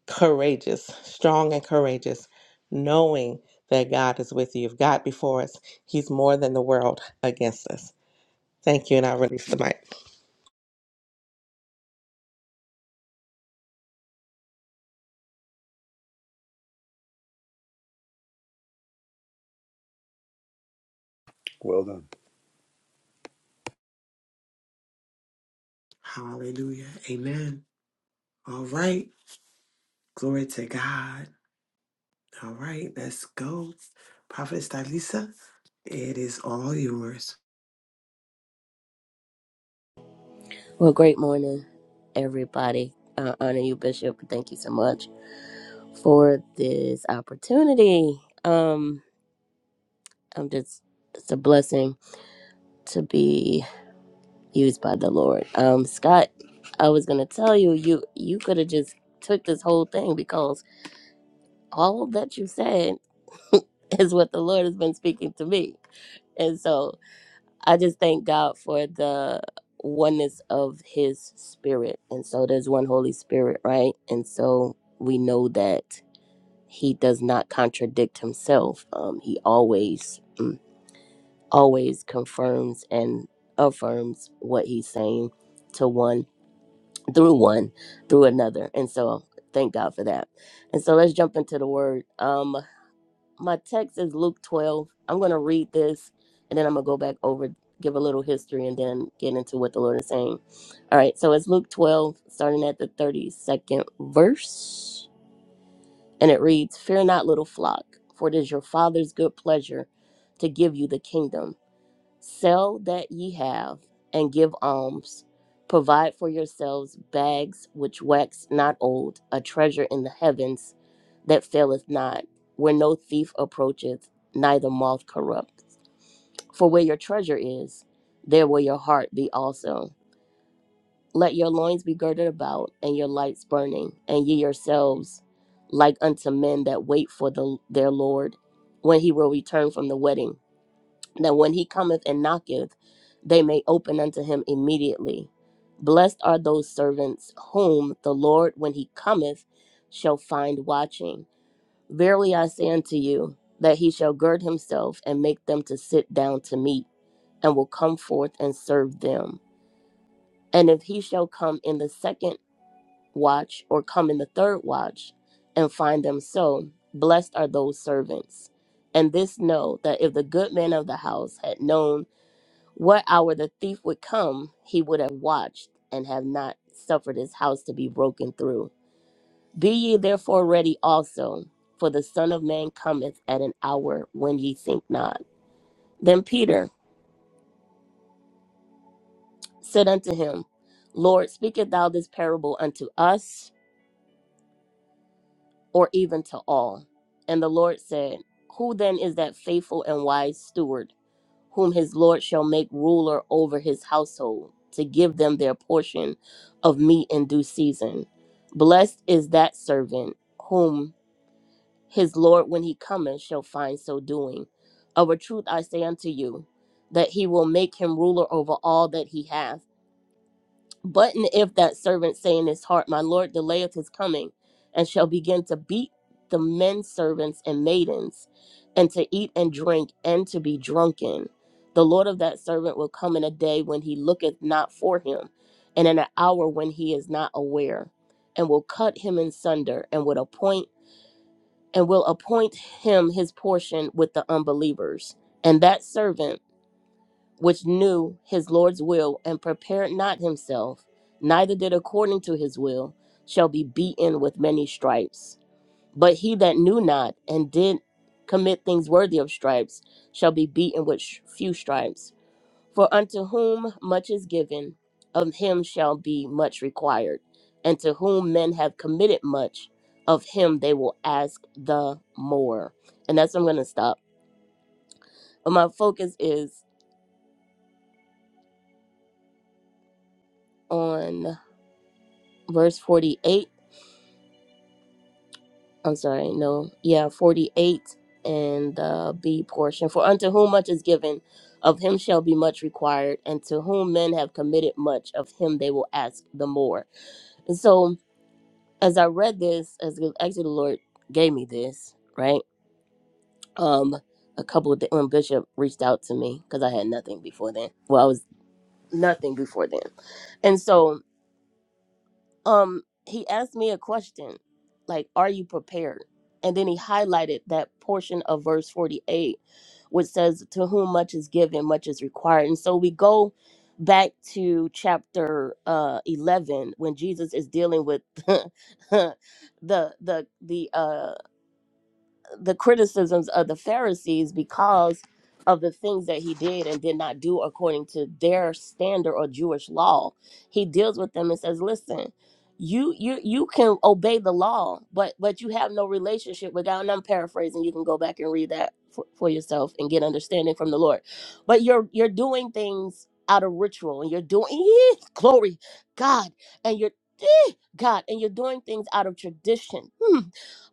Speaker 7: courageous, strong and courageous, knowing that God is with you. If God before us, He's more than the world against us. Thank you, and I release the mic.
Speaker 6: Well done.
Speaker 2: Hallelujah. Amen. All right. Glory to God. All right. Let's go. Prophetess Dalisa, it is all yours.
Speaker 8: Well, great morning, everybody. Uh, honor you, Bishop. Thank you so much for this opportunity. Um, I'm just, it's a blessing to be used by the Lord. Um, Scott, I was gonna tell you, you you could have just took this whole thing because all that you said is what the Lord has been speaking to me, and so I just thank God for the oneness of his spirit. And so there's one Holy Spirit, right? And so we know that he does not contradict himself. Um, he always, mm, always confirms and affirms what he's saying to one through one through another. And so thank God for that. And so let's jump into the word. Um, my text is Luke 12. I'm going to read this and then I'm going to go back over, give a little history, and then get into what the Lord is saying. All right, so it's Luke 12, starting at the 32nd verse. And it reads Fear not, little flock, for it is your Father's good pleasure to give you the kingdom. Sell that ye have and give alms. Provide for yourselves bags which wax not old, a treasure in the heavens that faileth not, where no thief approacheth, neither moth corrupts. For where your treasure is, there will your heart be also. Let your loins be girded about, and your lights burning, and ye yourselves like unto men that wait for the, their Lord, when he will return from the wedding that when he cometh and knocketh, they may open unto him immediately. Blessed are those servants whom the Lord, when he cometh, shall find watching. Verily I say unto you, that he shall gird himself and make them to sit down to meat, and will come forth and serve them. And if he shall come in the second watch, or come in the third watch, and find them so, blessed are those servants. And this know that if the good man of the house had known, what hour the thief would come, he would have watched and have not suffered his house to be broken through. Be ye therefore ready also, for the Son of Man cometh at an hour when ye think not. Then Peter said unto him, Lord, speakest thou this parable unto us, or even to all? And the Lord said, Who then is that faithful and wise steward? whom his Lord shall make ruler over his household, to give them their portion of meat in due season. Blessed is that servant whom his Lord, when he cometh, shall find so doing. Of a truth I say unto you, that he will make him ruler over all that he hath. But and if that servant say in his heart, My Lord delayeth his coming, and shall begin to beat the men servants and maidens, and to eat and drink, and to be drunken, the Lord of that servant will come in a day when he looketh not for him, and in an hour when he is not aware, and will cut him in sunder, and would appoint and will appoint him his portion with the unbelievers. And that servant which knew his Lord's will and prepared not himself, neither did according to his will, shall be beaten with many stripes. But he that knew not and did commit things worthy of stripes shall be beaten with sh- few stripes. For unto whom much is given, of him shall be much required. And to whom men have committed much, of him they will ask the more. And that's where I'm going to stop. But my focus is on verse 48 I'm sorry, no, yeah, 48 and the B portion. For unto whom much is given, of him shall be much required, and to whom men have committed much, of him they will ask the more. And so, as I read this, as actually the Lord gave me this, right? Um, a couple of the when Bishop reached out to me because I had nothing before then. Well, I was nothing before then, and so um he asked me a question like are you prepared and then he highlighted that portion of verse 48 which says to whom much is given much is required and so we go back to chapter uh 11 when jesus is dealing with the the the uh the criticisms of the Pharisees because of the things that he did and did not do according to their standard or Jewish law. He deals with them and says, "Listen, you you you can obey the law, but but you have no relationship with God." And I'm paraphrasing. You can go back and read that for, for yourself and get understanding from the Lord. But you're you're doing things out of ritual, and you're doing glory, God, and you're God, and you're doing things out of tradition. Hmm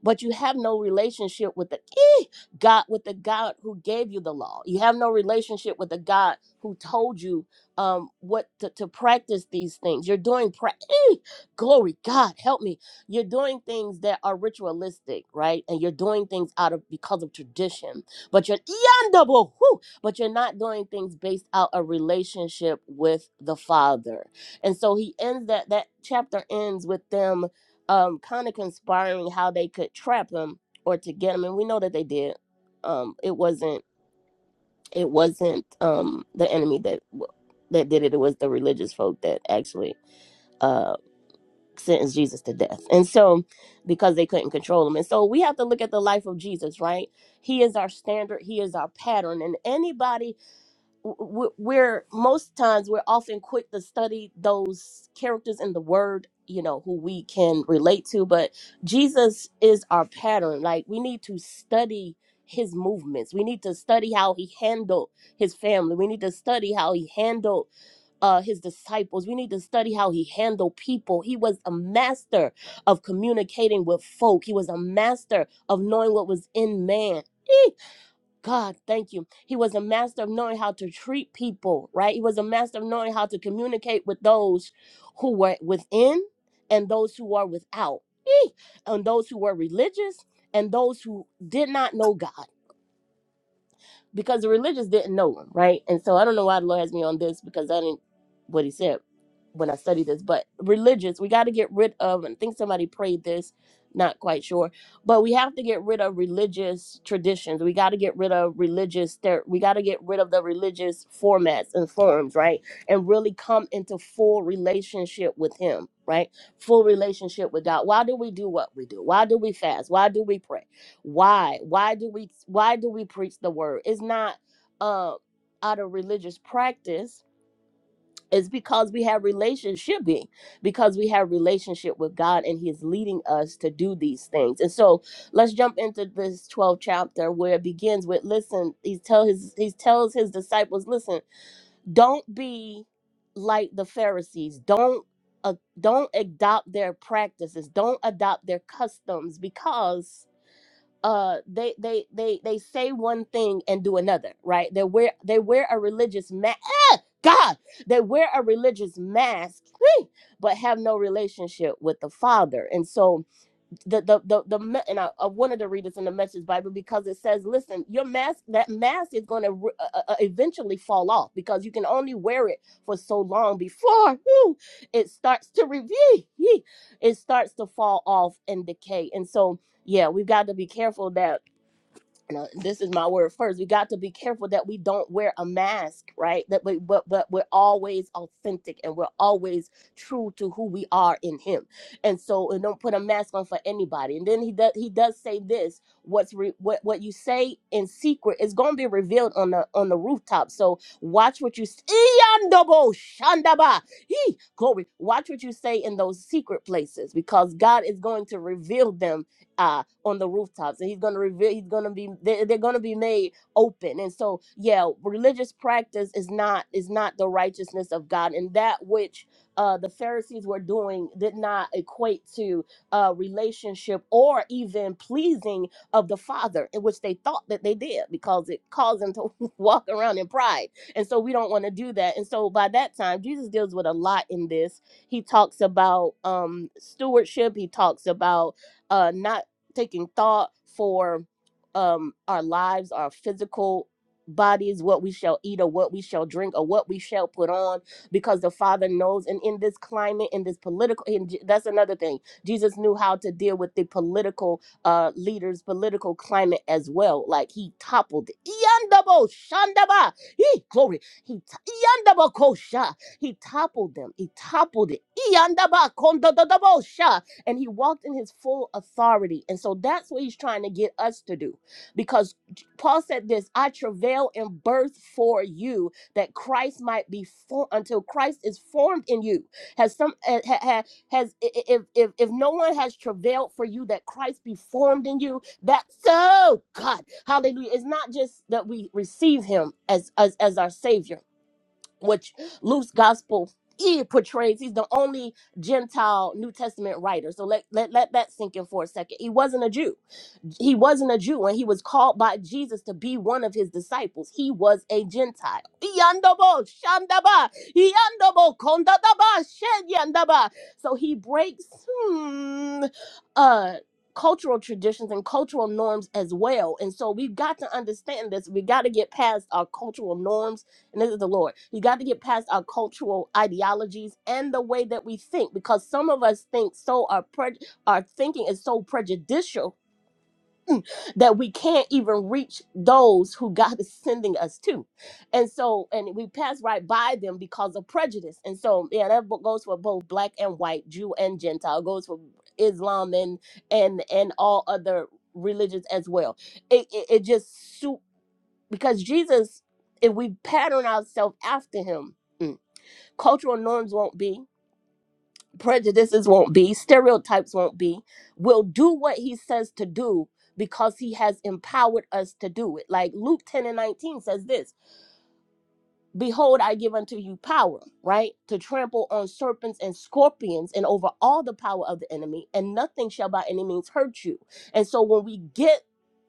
Speaker 8: but you have no relationship with the eh, God, with the God who gave you the law. You have no relationship with the God who told you um, what to, to practice these things. You're doing pra- eh, glory, God, help me. You're doing things that are ritualistic, right? And you're doing things out of because of tradition, but you're yandable, whew, but you're not doing things based out a relationship with the Father. And so he ends that that chapter ends with them um kind of conspiring how they could trap him or to get him and we know that they did um it wasn't it wasn't um the enemy that that did it it was the religious folk that actually uh sentenced jesus to death and so because they couldn't control him and so we have to look at the life of jesus right he is our standard he is our pattern and anybody w- we're most times we're often quick to study those characters in the word you know who we can relate to but jesus is our pattern like we need to study his movements we need to study how he handled his family we need to study how he handled uh, his disciples we need to study how he handled people he was a master of communicating with folk he was a master of knowing what was in man God, thank you. He was a master of knowing how to treat people, right? He was a master of knowing how to communicate with those who were within and those who are without, Eek! and those who were religious and those who did not know God because the religious didn't know him, right? And so I don't know why the Lord has me on this because I didn't what he said when I studied this, but religious, we got to get rid of, and I think somebody prayed this, not quite sure, but we have to get rid of religious traditions. We got to get rid of religious, ther- we got to get rid of the religious formats and forms, right? And really come into full relationship with Him, right? Full relationship with God. Why do we do what we do? Why do we fast? Why do we pray? why why do we why do we preach the word it's not uh out of religious practice it's because we have relationship being because we have relationship with god and he is leading us to do these things and so let's jump into this 12th chapter where it begins with listen he tell his he tells his disciples listen don't be like the pharisees don't uh, don't adopt their practices don't adopt their customs because uh they they they they say one thing and do another right they wear they wear a religious mask god they wear a religious mask but have no relationship with the father and so the the the, the and I, I wanted to read this in the Message Bible because it says, "Listen, your mask that mask is going to uh, uh, uh, eventually fall off because you can only wear it for so long before whew, it starts to review, it starts to fall off and decay." And so, yeah, we've got to be careful that no, this is my word first. We got to be careful that we don't wear a mask, right? That we, but but we're always authentic and we're always true to who we are in Him. And so, and don't put a mask on for anybody. And then he does he does say this: what's re, what what you say in secret is going to be revealed on the on the rooftop. So watch what you s- Iyandobo shandaba. He glory. Watch what you say in those secret places because God is going to reveal them. uh, on the rooftops and he's going to reveal he's going to be they're, they're going to be made open and so yeah religious practice is not is not the righteousness of god and that which uh the pharisees were doing did not equate to uh relationship or even pleasing of the father in which they thought that they did because it caused them to walk around in pride and so we don't want to do that and so by that time jesus deals with a lot in this he talks about um stewardship he talks about uh not taking thought for um our lives our physical bodies what we shall eat or what we shall drink or what we shall put on because the father knows and in this climate in this political and Je- that's another thing jesus knew how to deal with the political uh leaders political climate as well like he toppled it. Yandabo shandaba he glory he t- yandabo kosha he toppled them he toppled it yandaba kondododabo and he walked in his full authority. And so that's what he's trying to get us to do. Because Paul said this, I travail in birth for you that Christ might be for until Christ is formed in you. Has some uh, ha, ha, has i- i- if, if if no one has travailed for you that Christ be formed in you, that so God, hallelujah. It's not just that we receive him as as as our savior which Luke's gospel he portrays he's the only Gentile New Testament writer. So let, let let that sink in for a second. He wasn't a Jew he wasn't a Jew and he was called by Jesus to be one of his disciples. He was a Gentile. Yandobo, shandaba, yandobo, kondadaba, shenyandaba. So he breaks hmm, uh, cultural traditions and cultural norms as well. And so we've got to understand this. We got to get past our cultural norms. And this is the Lord. You got to get past our cultural ideologies and the way that we think because some of us think so, our, pre- our thinking is so prejudicial that we can't even reach those who God is sending us to. And so, and we pass right by them because of prejudice. And so, yeah, that bo- goes for both black and white, Jew and Gentile, goes for Islam and and and all other religions as well. It it, it just suit because Jesus, if we pattern ourselves after him, mm, cultural norms won't be prejudices won't be, stereotypes won't be. We'll do what he says to do because he has empowered us to do it. Like Luke 10 and 19 says this Behold, I give unto you power, right? To trample on serpents and scorpions and over all the power of the enemy, and nothing shall by any means hurt you. And so when we get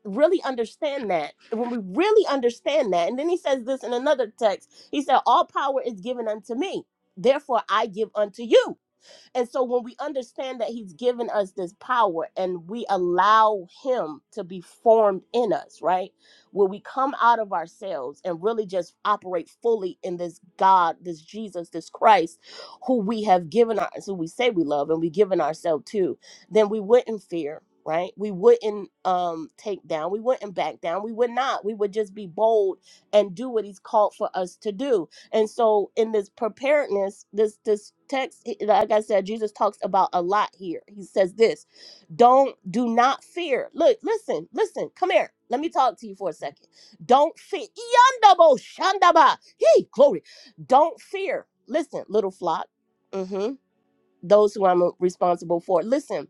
Speaker 8: really understand that when we really understand that and then he says this in another text he said all power is given unto me therefore i give unto you and so when we understand that he's given us this power and we allow him to be formed in us, right? When we come out of ourselves and really just operate fully in this God, this Jesus, this Christ, who we have given our who we say we love and we given ourselves to, then we wouldn't fear. Right, we wouldn't um take down, we wouldn't back down, we would not. We would just be bold and do what He's called for us to do and so in this preparedness, this this text, he- like I said, Jesus talks about a lot here. He says this, don't do not fear. Look, listen, listen, come here. Let me talk to you for a second. Don't fear. Yandabo shandaba. Hey, glory. Don't fear. Listen, little flock. hmm Those who I'm responsible for. Listen,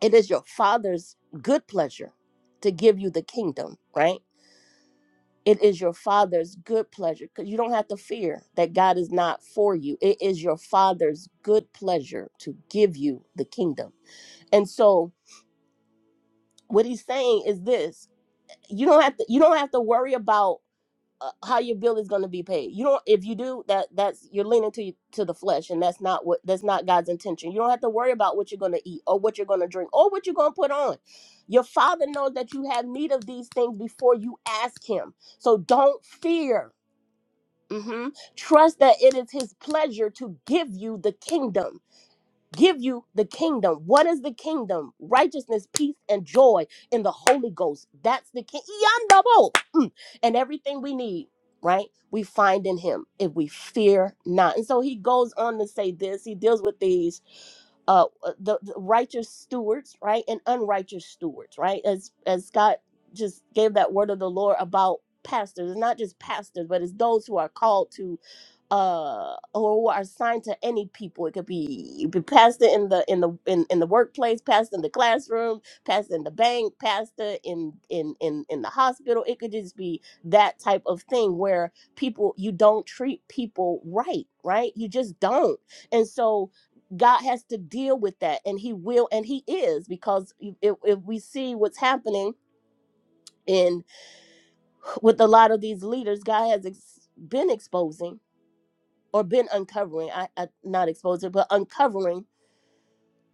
Speaker 8: it is your father's good pleasure to give you the kingdom, right? it is your father's good pleasure because you don't have to fear that God is not for you. It is your father's good pleasure to give you the kingdom. And so what he's saying is this, you don't have to you don't have to worry about uh, how your bill is going to be paid. You don't if you do that that's you're leaning to to the flesh and that's not what that's not God's intention. You don't have to worry about what you're going to eat or what you're going to drink or what you're going to put on. Your father knows that you have need of these things before you ask him. So don't fear Mhm. Trust that it is his pleasure to give you the kingdom. Give you the kingdom. What is the kingdom? Righteousness, peace, and joy in the Holy Ghost. That's the king. Yandabo. Mm. And everything we need, right? We find in him if we fear not. And so he goes on to say this. He deals with these uh uh, the, the righteous stewards, right? And unrighteous stewards, right? As as Scott just gave that word of the Lord about pastors. It's not just pastors, but it's those who are called to uh or who are assigned to any people it could be it be pastor in the in the in, in the workplace pastor in the classroom pastor in the bank pastor in in in in the hospital it could just be that type of thing where people you don't treat people right right you just don't and so god has to deal with that and he will and he is because if, if if we see what's happening in with a lot of these leaders god has ex- been exposing or been uncovering I, I not exposure but uncovering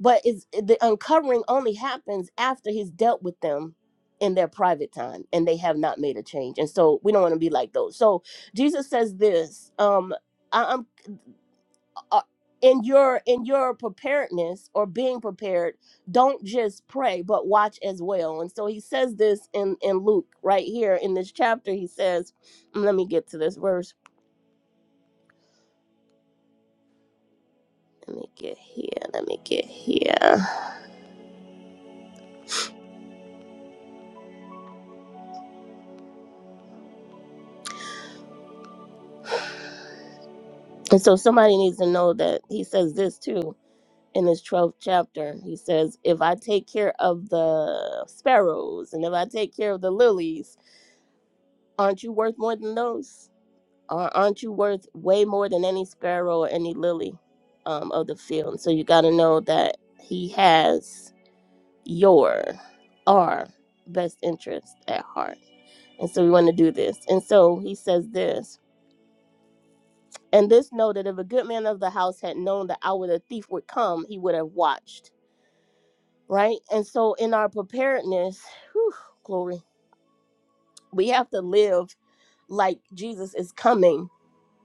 Speaker 8: but is the uncovering only happens after he's dealt with them in their private time and they have not made a change and so we don't want to be like those so jesus says this um I, i'm uh, in your in your preparedness or being prepared don't just pray but watch as well and so he says this in in luke right here in this chapter he says let me get to this verse let me get here let me get here And so somebody needs to know that he says this too in his 12th chapter. He says, If I take care of the sparrows and if I take care of the lilies, aren't you worth more than those? Or aren't you worth way more than any sparrow or any lily um, of the field? And so you got to know that he has your, our best interest at heart. And so we want to do this. And so he says this And this know that if a good man of the house had known the hour the thief would come, he would have watched. Right? And so in our preparedness, whew, glory, we have to live like Jesus is coming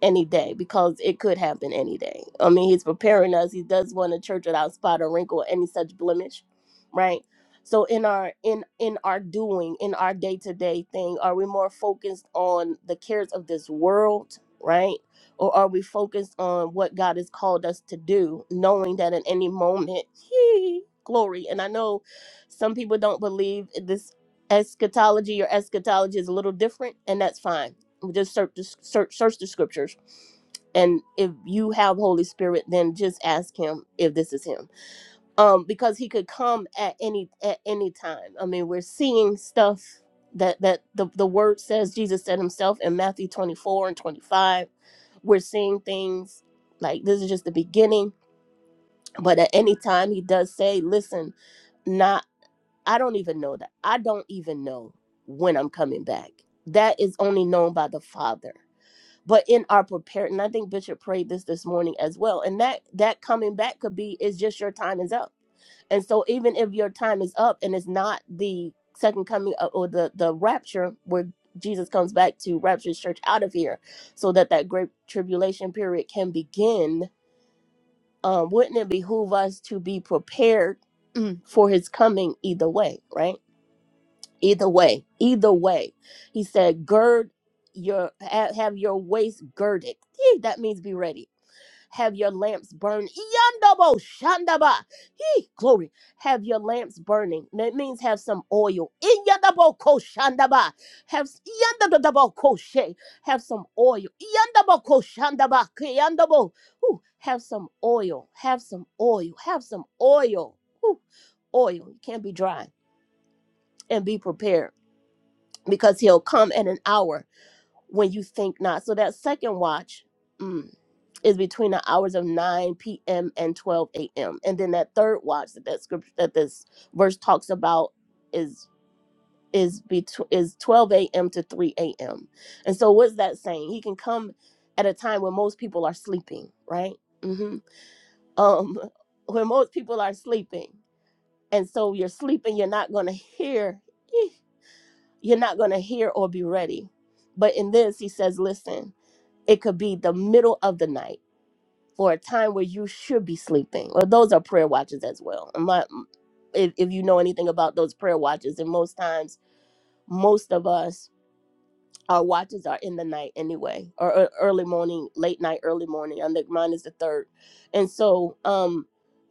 Speaker 8: any day because it could happen any day. I mean, he's preparing us. He does want a church without spot or wrinkle or any such blemish, right? So in our in in our doing, in our day-to-day thing, are we more focused on the cares of this world, right? Or are we focused on what God has called us to do, knowing that at any moment, glory. And I know some people don't believe this eschatology or eschatology is a little different, and that's fine just search the, search, search the scriptures and if you have holy spirit then just ask him if this is him um because he could come at any at any time i mean we're seeing stuff that that the, the word says jesus said himself in matthew 24 and 25 we're seeing things like this is just the beginning but at any time he does say listen not i don't even know that i don't even know when i'm coming back that is only known by the father but in our prepared and i think bishop prayed this this morning as well and that that coming back could be is just your time is up and so even if your time is up and it's not the second coming of- or the the rapture where jesus comes back to rapture his church out of here so that that great tribulation period can begin um wouldn't it behoove us to be prepared for his coming either way right either way either way he said gird your ha- have your waist girded Yee, that means be ready have your lamps burn yandabo shandaba Yee, glory have your lamps burning that means have some oil yandabo ko shandaba have yandabo ko she have some oil yandabo ko shandaba Ke yandabo Ooh, have some oil have some oil have some oil Ooh, oil you can't be dry and be prepared because he'll come at an hour when you think not. So that second watch mm, is between the hours of 9 p.m. and 12 a.m. And then that third watch that that scripture that this verse talks about is is between is 12 a.m. to 3 a.m. And so what's that saying? He can come at a time when most people are sleeping, right? hmm Um, when most people are sleeping, and so you're sleeping, you're not going to hear. you're not going to hear or be ready. But in this, he says, listen, it could be the middle of the night or a time where you should be sleeping. Well, those are prayer watches as well. And My, if, if you know anything about those prayer watches, and most times, most of us our watches are in the night anyway, or, or early morning, late night, early morning. I think mine is the third, and so um,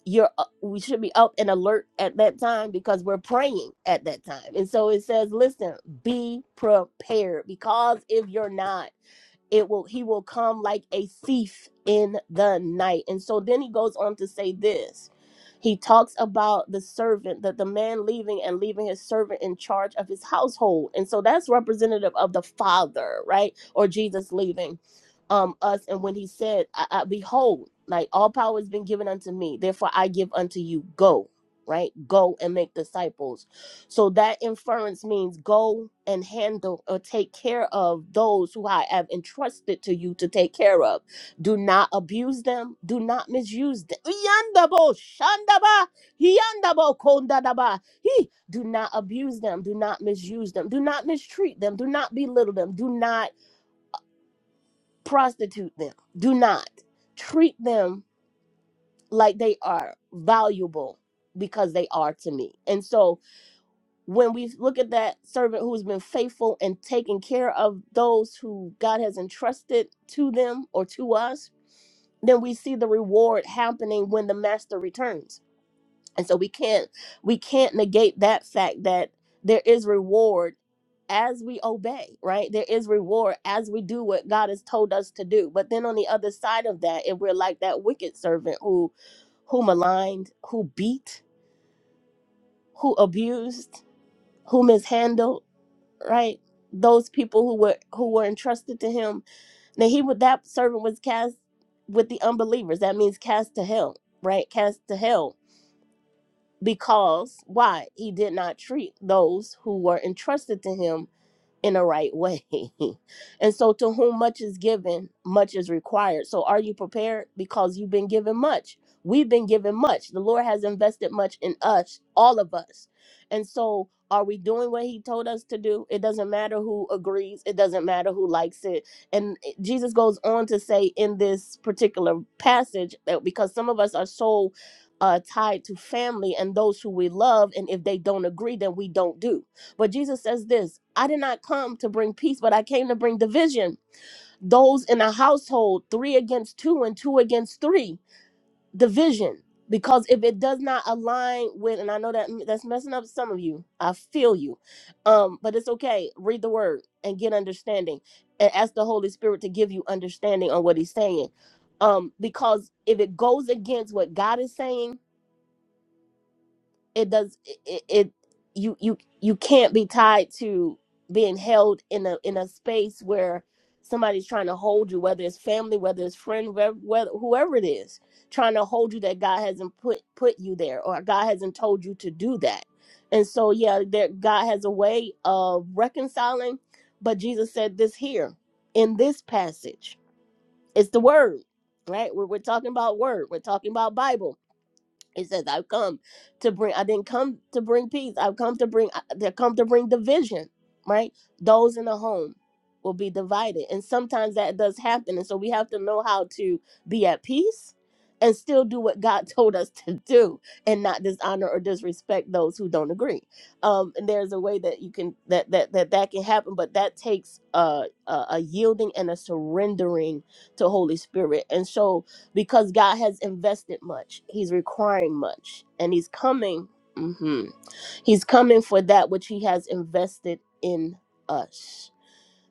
Speaker 8: you're uh, we should be up and alert at that time because we're praying at that time. And so it says, listen, be prepared because if you're not it will he will come like a thief in the night and so then he goes on to say this he talks about the servant that the man leaving and leaving his servant in charge of his household and so that's representative of the father right or jesus leaving um us and when he said I, I, behold like all power has been given unto me therefore i give unto you go right go and make disciples so that inference means go and handle or take care of those who I have entrusted to you to take care of. Do not abuse them. Do not misuse them. Yandabo, shandaba, yandabo, kondadaba. He- Do not abuse them. Do not misuse them. Do not mistreat them. Do not belittle them. Do not prostitute them. Do not treat them like they are valuable because they are to me. And so when we look at that servant who's been faithful and taking care of those who God has entrusted to them or to us, then we see the reward happening when the master returns. And so we can't we can't negate that fact that there is reward as we obey, right? There is reward as we do what God has told us to do. But then on the other side of that, if we're like that wicked servant who who maligned, who beat, who abused, who mishandled, right? Those people who were who were entrusted to him. Now he would that servant was cast with the unbelievers. That means cast to hell, right? Cast to hell because why he did not treat those who were entrusted to him in a right way. and so, to whom much is given, much is required. So, are you prepared? Because you've been given much. We've been given much. The Lord has invested much in us, all of us. And so, are we doing what He told us to do? It doesn't matter who agrees, it doesn't matter who likes it. And Jesus goes on to say in this particular passage that because some of us are so uh, tied to family and those who we love, and if they don't agree, then we don't do but Jesus says this I did not come to bring peace, but I came to bring division. Those in a household, three against two and two against three, division. Because if it does not align with, and I know that that's messing up some of you, I feel you, um, but it's okay. Read the word and get understanding, and ask the Holy Spirit to give you understanding on what He's saying, um, because if it goes against what God is saying it does it, it you you you can't be tied to being held in a in a space where somebody's trying to hold you whether it's family whether it's friend whether, whether whoever it is trying to hold you that god hasn't put put you there or god hasn't told you to do that and so yeah there god has a way of reconciling but jesus said this here in this passage it's the word right we're, we're talking about word we're talking about bible he says, I've come to bring, I didn't come to bring peace. I've come to bring, they come to bring division, right? Those in the home will be divided. And sometimes that does happen. And so we have to know how to be at peace and still do what God told us to do and not dishonor or disrespect those who don't agree. Um, and there's a way that you can, that, that, that, that can happen, but that takes uh, a, a yielding and a surrendering to Holy Spirit. And so, because God has invested much. He's requiring much, and He's coming. mhm, He's coming for that which He has invested in us,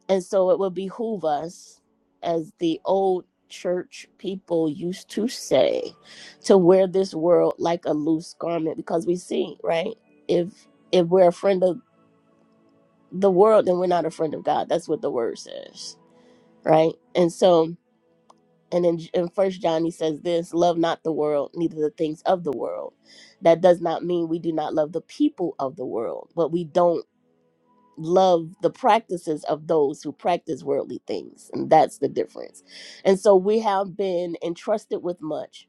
Speaker 8: and so it will behoove us, as the old church people used to say, to wear this world like a loose garment, because we see right if if we're a friend of the world, then we're not a friend of God. That's what the word says, right? And so And in, in First John, he says this: "Love not the world, neither the things of the world." That does not mean we do not love the people of the world, but we don't love the practices of those who practice worldly things, and that's the difference. And so we have been entrusted with much,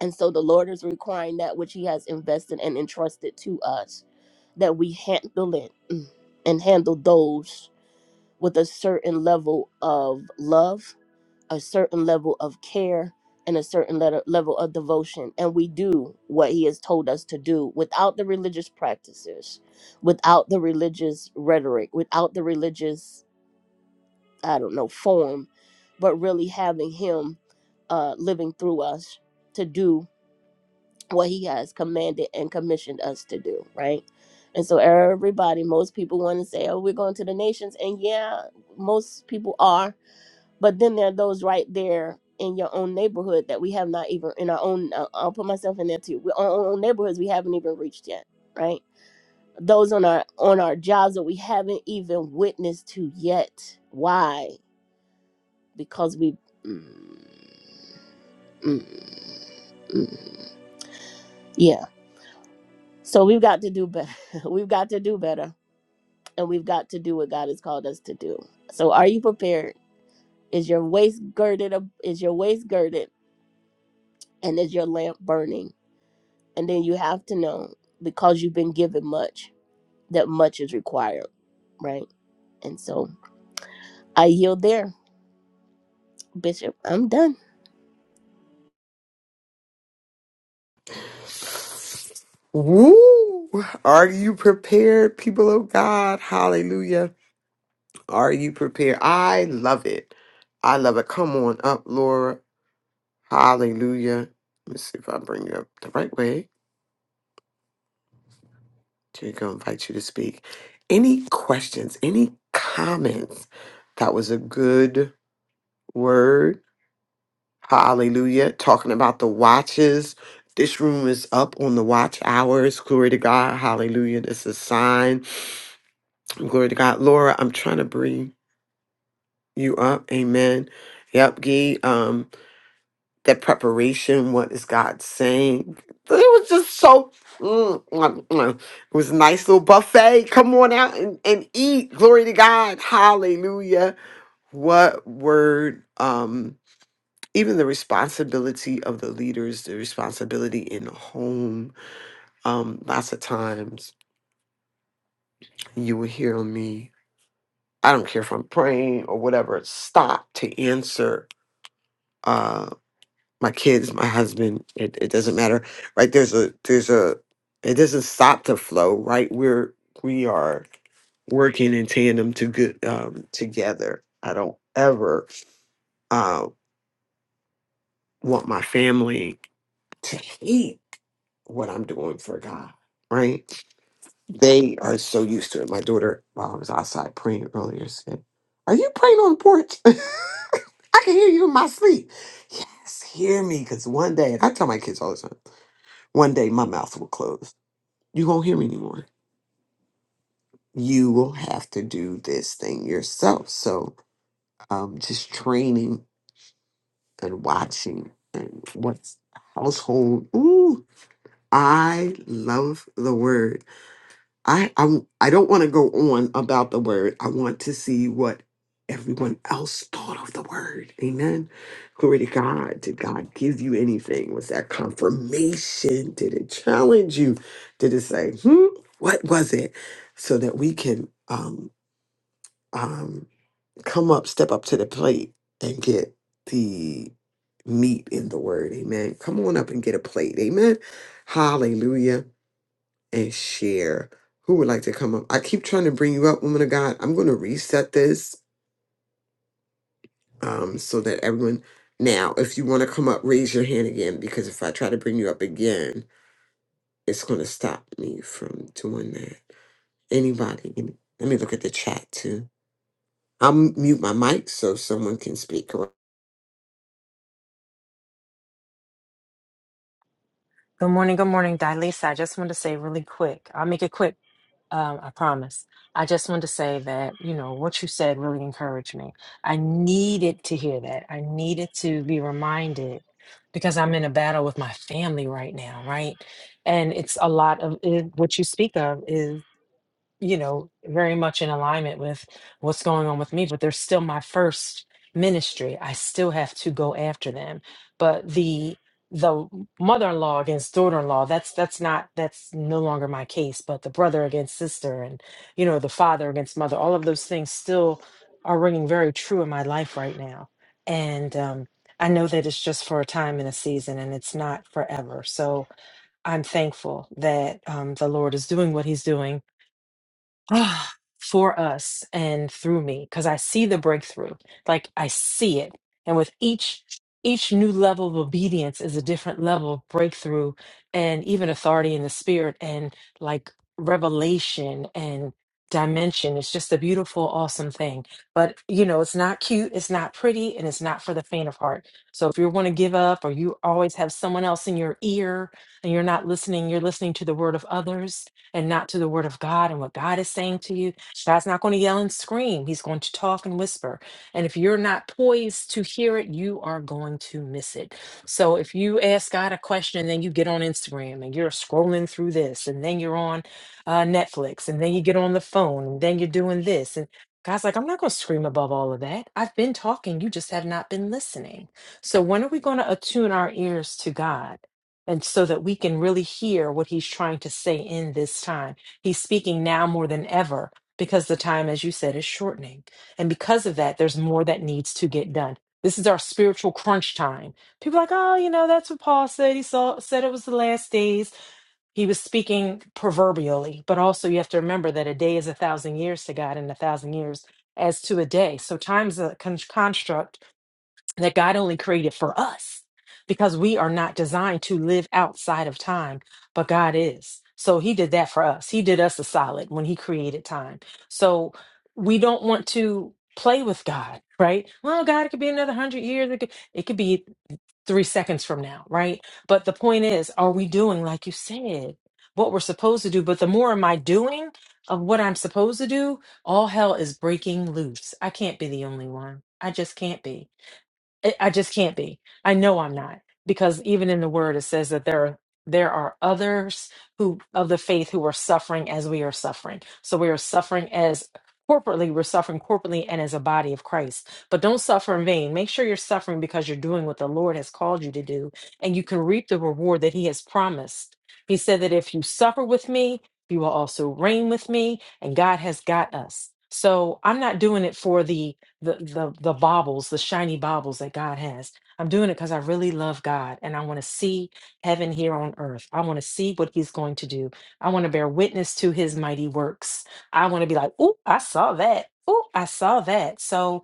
Speaker 8: and so the Lord is requiring that which He has invested and entrusted to us that we handle it mm, and handle those with a certain level of love a certain level of care and a certain letter, level of devotion and we do what he has told us to do without the religious practices without the religious rhetoric without the religious i don't know form but really having him uh living through us to do what he has commanded and commissioned us to do right and so everybody most people want to say oh we're going to the nations and yeah most people are but then there are those right there in your own neighborhood that we have not even in our own uh, i'll put myself in there too we, our own neighborhoods we haven't even reached yet right those on our on our jobs that we haven't even witnessed to yet why because we mm, mm, mm. yeah so we've got to do better we've got to do better and we've got to do what god has called us to do so are you prepared is your waist girded ab- is your waist girded and is your lamp burning And then you have to know because you've been given much that much is required, right? And so I yield there, Bishop. I'm done.
Speaker 2: Woo! Are you prepared, people of God? Hallelujah. Are you prepared? I love it. I love it. Come on up, Laura. Hallelujah. Let me see if I bring you up the right way. Here you go. Invite you to speak. Any questions? Any comments? That was a good word. Hallelujah. Talking about the watches. This room is up on the watch hours. Glory to God. Hallelujah. This is a sign. Glory to God. Laura, I'm trying to bring you up. Amen. Yep, Gee. Um, that preparation, what is God saying? It was just so mm, mm, mm. it was a nice little buffet. Come on out and, and eat. Glory to God. Hallelujah. What word? Um, even the responsibility of the leaders, the responsibility in the home. Um, lots of times you will hear me. I don't care if I'm praying or whatever, stop to answer uh my kids my husband it, it doesn't matter right there's a there's a it doesn't stop the flow right we're we are working in tandem to good um together i don't ever uh want my family to hate what i'm doing for god right they are so used to it my daughter while i was outside praying earlier said are you praying on the porch i can hear you in my sleep yes hear me because one day and i tell my kids all the time One day my mouth will close. You won't hear me anymore. You will have to do this thing yourself. So um just training and watching and what's household. Ooh, I love the word I I'm, I don't want to go on about the word. I want to see what everyone else thought of the word. Amen. Glory to God. Did God give you anything? Was that confirmation? Did it challenge you? Did it say, hmm, what was it? So that we can um um come up, step up to the plate and get the meat in the word. Amen. Come on up and get a plate. Amen. Hallelujah and share. Who would like to come up? I keep trying to bring you up, woman of God. I'm going to reset this um, so that everyone. Now, if you want to come up, raise your hand again because if I try to bring you up again, it's going to stop me from doing that. Anybody? Any, let me look at the chat too. I'll mute my mic so someone can speak. correct?
Speaker 9: Good morning, good morning, Dilisa. I just want to say really quick. I'll make it quick. Um, I promise. I just want to say that you know what you said really encouraged me. I needed to hear that. I needed to be reminded because I'm in a battle with my family right now, right? And it's a lot of it, what you speak of is you know, very much in alignment with what's going on with me, but they're still my first ministry. I still have to go after them. But the the mother-in-law against daughter-in-law, that's that's not that's no longer my case, but the brother against sister and you know, the father against mother, all of those things still are ringing very true in my life right now. And um I know that it's just for a time and a season and it's not forever. So I'm thankful that um, the Lord is doing what He's doing ah, for us and through me because I see the breakthrough. Like I see it. And with each each new level of obedience is a different level of breakthrough and even authority in the spirit and like revelation and dimension. It's just a beautiful, awesome thing. But you know, it's not cute, it's not pretty, and it's not for the faint of heart. So if you want to give up or you always have someone else in your ear and you're not listening, you're listening to the word of others and not to the word of God and what God is saying to you, God's not going to yell and scream. He's going to talk and whisper. And if you're not poised to hear it, you are going to miss it. So if you ask God a question and then you get on Instagram and you're scrolling through this and then you're on uh, Netflix and then you get on the phone and then you're doing this and God's like, I'm not going to scream above all of that. I've been talking. You just have not been listening. So, when are we going to attune our ears to God? and so that we can really hear what he's trying to say in this time. He's speaking now more than ever because the time, as you said, is shortening. And because of that, there's more that needs to get done. This is our spiritual crunch time. People are like, oh, you know, that's what Paul said. He saw, said it was the last days. He was speaking proverbially, but also you have to remember that a day is a thousand years to God and a thousand years as to a day. So time's a con- construct that God only created for us because we are not designed to live outside of time, but God is. So he did that for us. He did us a solid when he created time. So we don't want to play with God, right? Well, God, it could be another hundred years. It could, it could be three seconds from now, right? But the point is, are we doing, like you said, what we're supposed to do? But the more am I doing of what I'm supposed to do, all hell is breaking loose. I can't be the only one. I just can't be. I I just can't be. I know I'm not because even in the word it says that there are there are others who of the faith who are suffering as we are suffering. So we are suffering as corporately, we're suffering corporately and as a body of Christ. But don't suffer in vain. Make sure you're suffering because you're doing what the Lord has called you to do and you can reap the reward that he has promised. He said that if you suffer with me, you will also reign with me and God has got us. So I'm not doing it for the the the the baubles, the shiny baubles that God has. I'm doing it because I really love God and I want to see heaven here on earth. I want to see what He's going to do. I want to bear witness to His mighty works. I want to be like, oh, I saw that. Oh, I saw that. So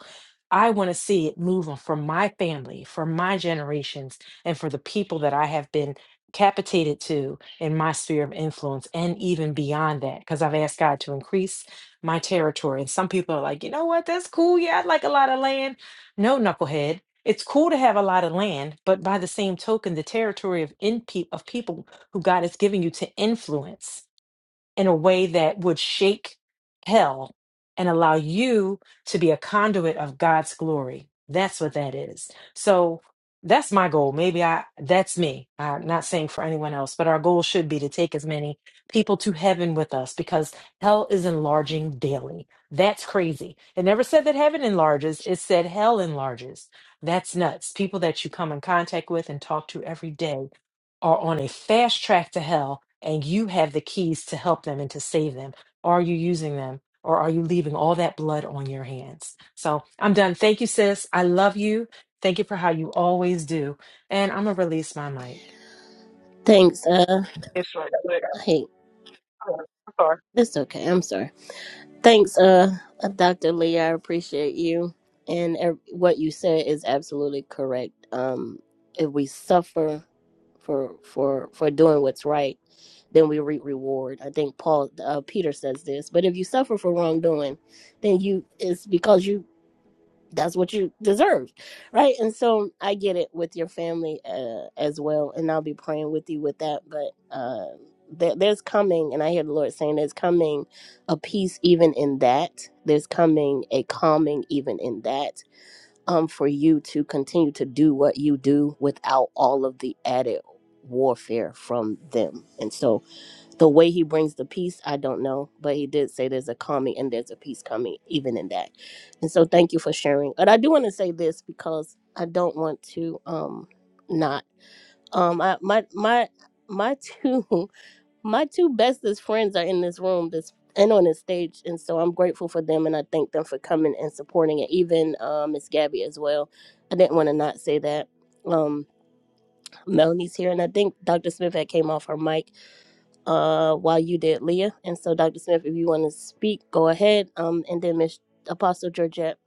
Speaker 9: I want to see it move on for my family, for my generations, and for the people that I have been capitated to in my sphere of influence and even beyond that because I've asked God to increase my territory. And some people are like, you know what? That's cool. Yeah, I'd like a lot of land. No, knucklehead. It's cool to have a lot of land, but by the same token, the territory of in peop of people who God is giving you to influence in a way that would shake hell and allow you to be a conduit of God's glory. That's what that is. So that's my goal. Maybe I, that's me. I'm not saying for anyone else, but our goal should be to take as many people to heaven with us because hell is enlarging daily. That's crazy. It never said that heaven enlarges, it said hell enlarges. That's nuts. People that you come in contact with and talk to every day are on a fast track to hell and you have the keys to help them and to save them. Are you using them or are you leaving all that blood on your hands? So I'm done. Thank you, sis. I love you. Thank you for how you always do. And I'm going to release my mic.
Speaker 8: Thanks. Uh,
Speaker 10: It's right quick.
Speaker 8: hey,
Speaker 10: I'm sorry.
Speaker 8: that's okay. I'm sorry. Thanks, uh, Dr. Lee. I appreciate you. And ev- what you said is absolutely correct. Um, if we suffer for for for doing what's right, then we reap reward. I think Paul uh, Peter says this. But if you suffer for wrongdoing, then you it's because you that's what you deserve right and so i get it with your family uh, as well and i'll be praying with you with that but uh, there, there's coming and i hear the lord saying there's coming a peace even in that there's coming a calming even in that um for you to continue to do what you do without all of the added warfare from them and so the way he brings the peace, I don't know, but he did say there's a calming and there's a peace coming, even in that. And so, thank you for sharing. And I do want to say this because I don't want to um not um I, my my my two my two bestest friends are in this room this and on this stage, and so I'm grateful for them and I thank them for coming and supporting it. Even uh, Miss Gabby as well. I didn't want to not say that. Um, Melanie's here, and I think Dr. Smith had came off her mic uh, while you did Leah. And so, Dr. Smith, if you want to speak, go ahead. Um, and then Miss Apostle Georgette,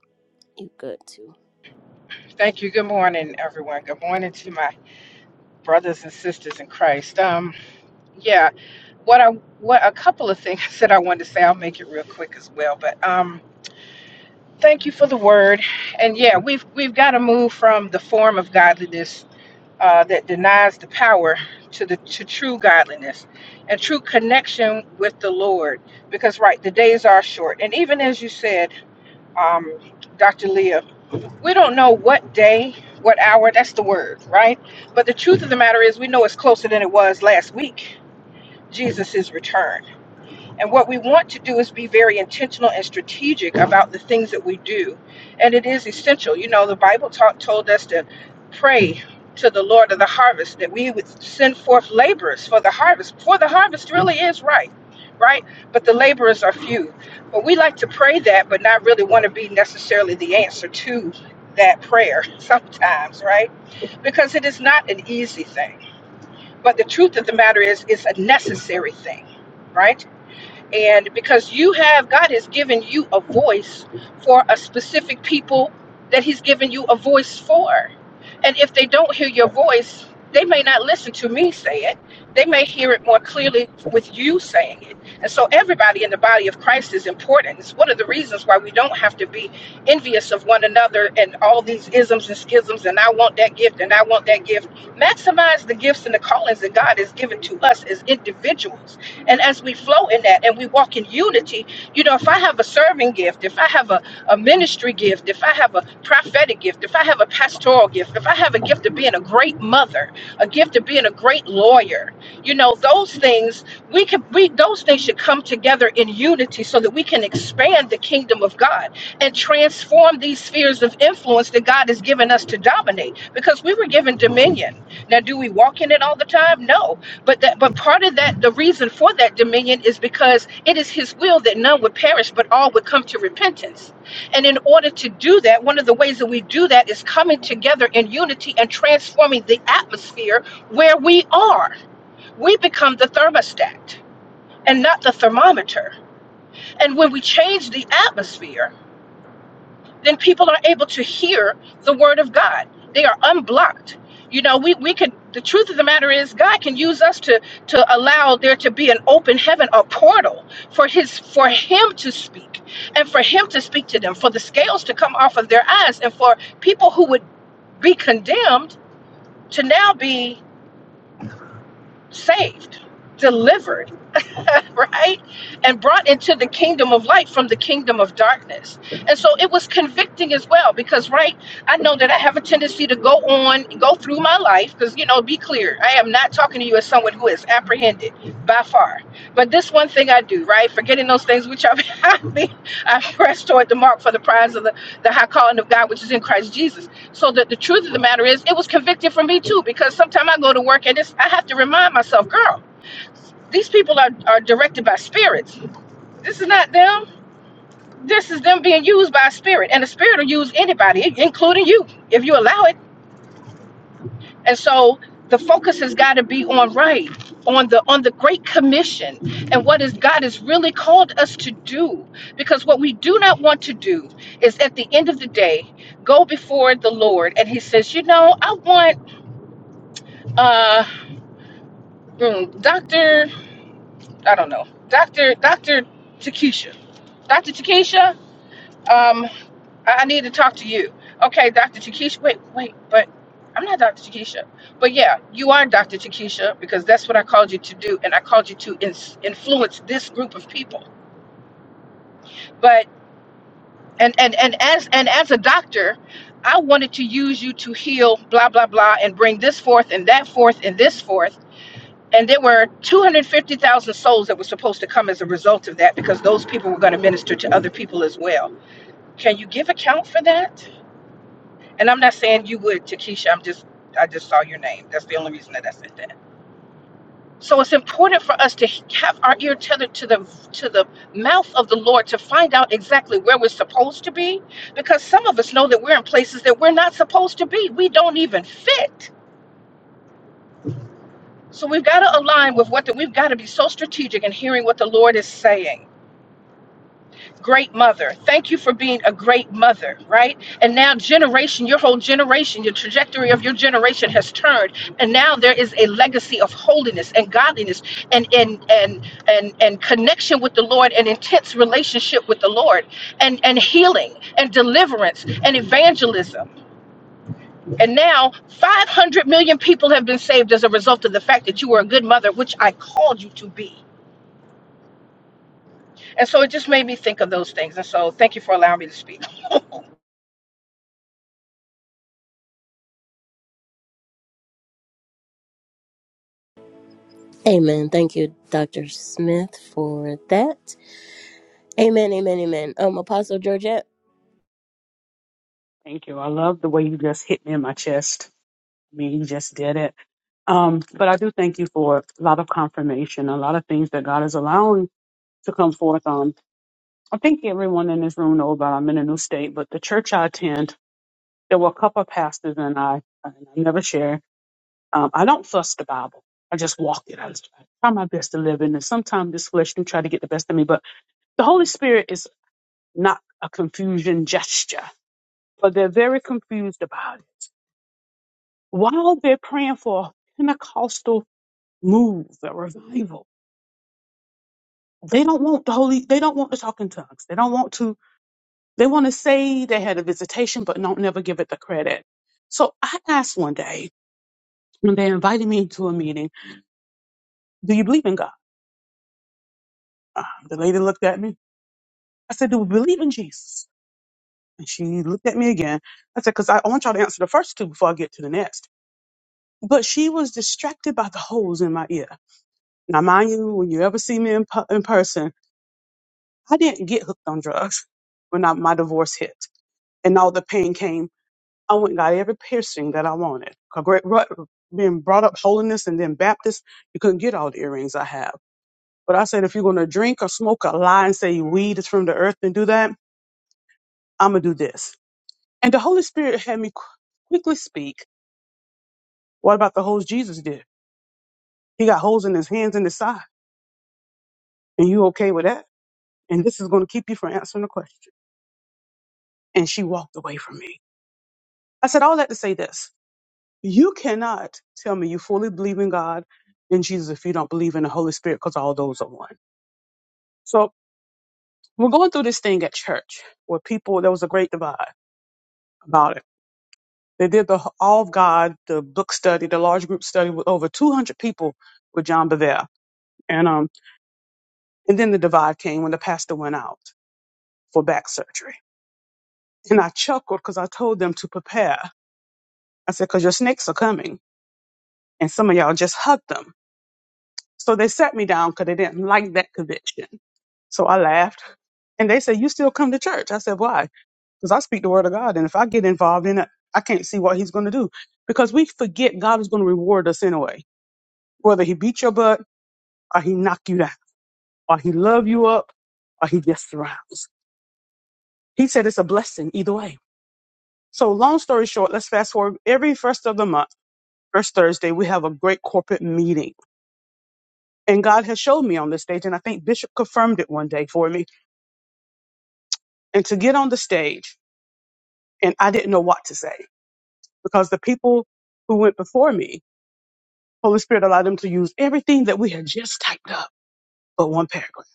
Speaker 8: you good too.
Speaker 11: Thank you. Good morning, everyone. Good morning to my brothers and sisters in Christ. Um, yeah, what I what a couple of things that I wanted to say. I'll make it real quick as well. But um, thank you for the word. And yeah, we've we've got to move from the form of godliness uh, that denies the power to the to true godliness and true connection with the Lord. Because right, the days are short, and even as you said, um, Dr. Leah. we don't know what day, what hour, that's the word, right? But the truth of the matter is, we know it's closer than it was last week, Jesus' return. And what we want to do is be very intentional and strategic about the things that we do. And it is essential. You know, the Bible taught, told us to pray to the Lord of the harvest that we would send forth laborers for the harvest. For the harvest really is right, right? But the laborers are few. But we like to pray that, but not really want to be necessarily the answer to that prayer sometimes, right? Because it is not an easy thing. But the truth of the matter is, it's a necessary thing, right? And because you have, God has given you a voice for a specific people that He's given you a voice for. And if they don't hear your voice, they may not listen to me say it. They may hear it more clearly with you saying it. And so everybody in the body of Christ is important. It's one of the reasons why we don't have to be envious of one another and all these isms and schisms and I want that gift and I want that gift. Maximize the gifts and the callings that God has given to us as individuals and as we flow in that and we walk in unity, you know, if I have a serving gift, if I have a, a ministry gift, if I have a prophetic gift, if I have a pastoral gift, if I have a gift of being a great mother, a gift of being a great lawyer, you know, those things we can we those things should come together in unity so that we can expand the kingdom of God and transform these spheres of influence that God has given us to dominate because we were given dominion. Now, do we walk in it all the time? No but that, but part of that, the reason for that dominion is because it is His will that none would perish, but all would come to repentance. And in order to do that, one of the ways that we do that is coming together in unity and transforming the atmosphere where we are. We become the thermostat and not the thermometer. And when we change the atmosphere then people are able to hear the word of God. They are unblocked. You know, we, we could, the truth of the matter is, God can use us to, to allow there to be an open heaven, a portal for his, for him to speak and for him to speak to them, for the scales to come off of their eyes and for people who would be condemned to now be saved, delivered right? And brought into the kingdom of light from the kingdom of darkness. And so it was convicting as well because, right, I know that I have a tendency to go on, go through my life because, you know, be clear, I am not talking to you as someone who is apprehended by far. But this one thing I do, right, forgetting those things which are behind me, I press toward the mark for the prize of the, the high calling of God, which is in Christ Jesus. So that the truth of the matter is, it was convicting for me too because sometimes I go to work and it's, I have to remind myself, girl. These people are, are directed by spirits. This is not them. This is them being used by a spirit. And the spirit will use anybody, including you, if you allow it. And so the focus has got to be on right, on the on the Great Commission and what is God has really called us to do. Because what we do not want to do is at the end of the day go before the Lord and He says, you know, I want uh mm, Dr. I don't know, Dr. Dr. Takesha. Dr. Takesha. um, I, I need to talk to you. Okay, Dr. Chakisha. Wait, wait, but I'm not Dr. Chakisha. But yeah, you are Dr. Chakisha because that's what I called you to do, and I called you to in, influence this group of people. But and and and as and as a doctor, I wanted to use you to heal blah blah blah and bring this forth and that forth and this forth. And there were 250,000 souls that were supposed to come as a result of that because those people were going to minister to other people as well. Can you give account for that? And I'm not saying you would, Takesha. I'm just, I just saw your name. That's the only reason that I said that. So it's important for us to have our ear tethered to the to the mouth of the Lord to find out exactly where we're supposed to be, because some of us know that we're in places that we're not supposed to be. We don't even fit. So we've got to align with what the, we've got to be so strategic in hearing what the Lord is saying. great mother. Thank you for being a great mother, right? And now, generation, your whole generation, your trajectory of your generation has turned, and now there is a legacy of holiness and godliness, and and and and and connection with the Lord, and intense relationship with the Lord, and and healing and deliverance and evangelism. And now, 500 million people have been saved as a result of the fact that you were a good mother, which I called you to be. And so it just made me think of those things. And so, thank you for allowing me to speak.
Speaker 8: Amen. Thank you, Dr. Smith, for that. Amen. Amen. Amen. Um, Apostle Georgette.
Speaker 10: Thank you. I love the way you just hit me in my chest. I mean, you just did it. Um, but I do thank you for a lot of confirmation, a lot of things that God is allowing to come forth on. I think everyone in this room knows that I'm in a new state, but the church I attend, there were a couple of pastors and I, and I never share. Um, I don't fuss the Bible. I just walk it. I just try my best to live in it. Sometimes this flesh do try to get the best of me, but the Holy Spirit is not a confusion gesture. but they're very confused about it. While they're praying for a Pentecostal move, a revival, they don't want the holy. They don't want to talk in tongues. They don't want to. They want to say they had a visitation, but don't never give it the credit. So I asked one day when they invited me to a meeting, "Do you believe in God?" Uh, the lady looked at me. I said, "Do we believe in Jesus?" And she looked at me again. I said, "Because I, I want y'all to answer the first two before I get to the next." But she was distracted by the holes in my ear. Now, mind you, when you ever see me in, pu- in person, I didn't get hooked on drugs when I, my divorce hit and all the pain came. I went and got every piercing that I wanted. 'Cause Great, ru- being brought up holiness and then Baptist, you couldn't get all the earrings I have. But I said, if you're going to drink or smoke or lie and say weed is from the earth and do that, I'm going to do this. And the Holy Spirit had me qu- quickly speak. What about the holes Jesus did? He got holes in his hands and his side. And you okay with that? And this is going to keep you from answering the question. And she walked away from me. I said all that to say this. You cannot tell me you fully believe in God and Jesus if you don't believe in the Holy Spirit because all those are one. So we're going through this thing at church where people, there was a great divide about it. They did the h- all of God, the book study, the large group study with over 200 people with John Bevere. And, um, and then the divide came when the pastor went out for back surgery. And I chuckled because I told them to prepare. I said, because your snakes are coming and some of y'all just hug them So they sat me down because they didn't like that conviction. So I laughed. And they said, You still come to church? I said, Why? Because I speak the word of God. And if I get involved in it, I can't see what he's going to do. Because we forget God is going to reward us anyway. Whether he beat your butt or he knock you down or he love you up or he just surrounds. He said it's a blessing either way. So long story short, let's fast forward. Every first of the month, first Thursday, we have a great corporate meeting. And God has showed me on this stage, and I think Bishop confirmed it one day for me and to get on the stage and I didn't know what to say because the people who went before me, Holy Spirit allowed them to use everything that we had just typed up but one paragraph.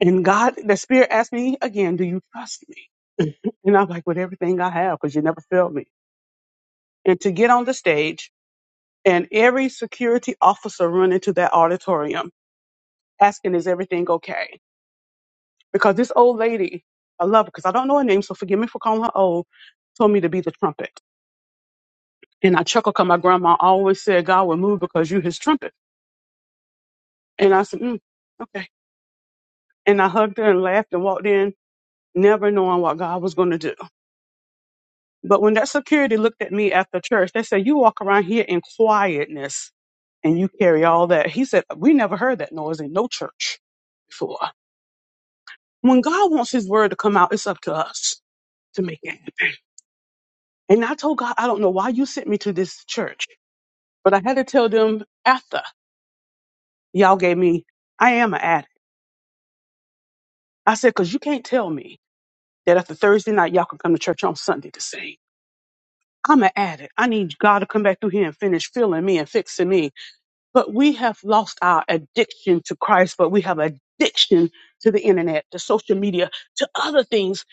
Speaker 10: And God, the Spirit asked me again, do you trust me? And I'm like, with everything I have, because you never failed me. And to get on the stage and every security officer run into that auditorium asking, is everything okay? Because this old lady, I love her because I don't know her name, so forgive me for calling her old, told me to be the trumpet. And I chuckled because my grandma always said God would move because you his trumpet. And I said, mm, okay. And I hugged her and laughed and walked in, never knowing what God was going to do. But when that security looked at me after church, they said, you walk around here in quietness and you carry all that. He said, we never heard that noise in no church before. When God wants his word to come out, it's up to us to make it happen. And I told God, I don't know why you sent me to this church, but I had to tell them after y'all gave me, I am an addict. I said, because you can't tell me that after Thursday night, y'all can come to church on Sunday to sing. I'm an addict. I need God to come back through here and finish filling me and fixing me. But we have lost our addiction to Christ, but we have addiction to the internet, to social media, to other things.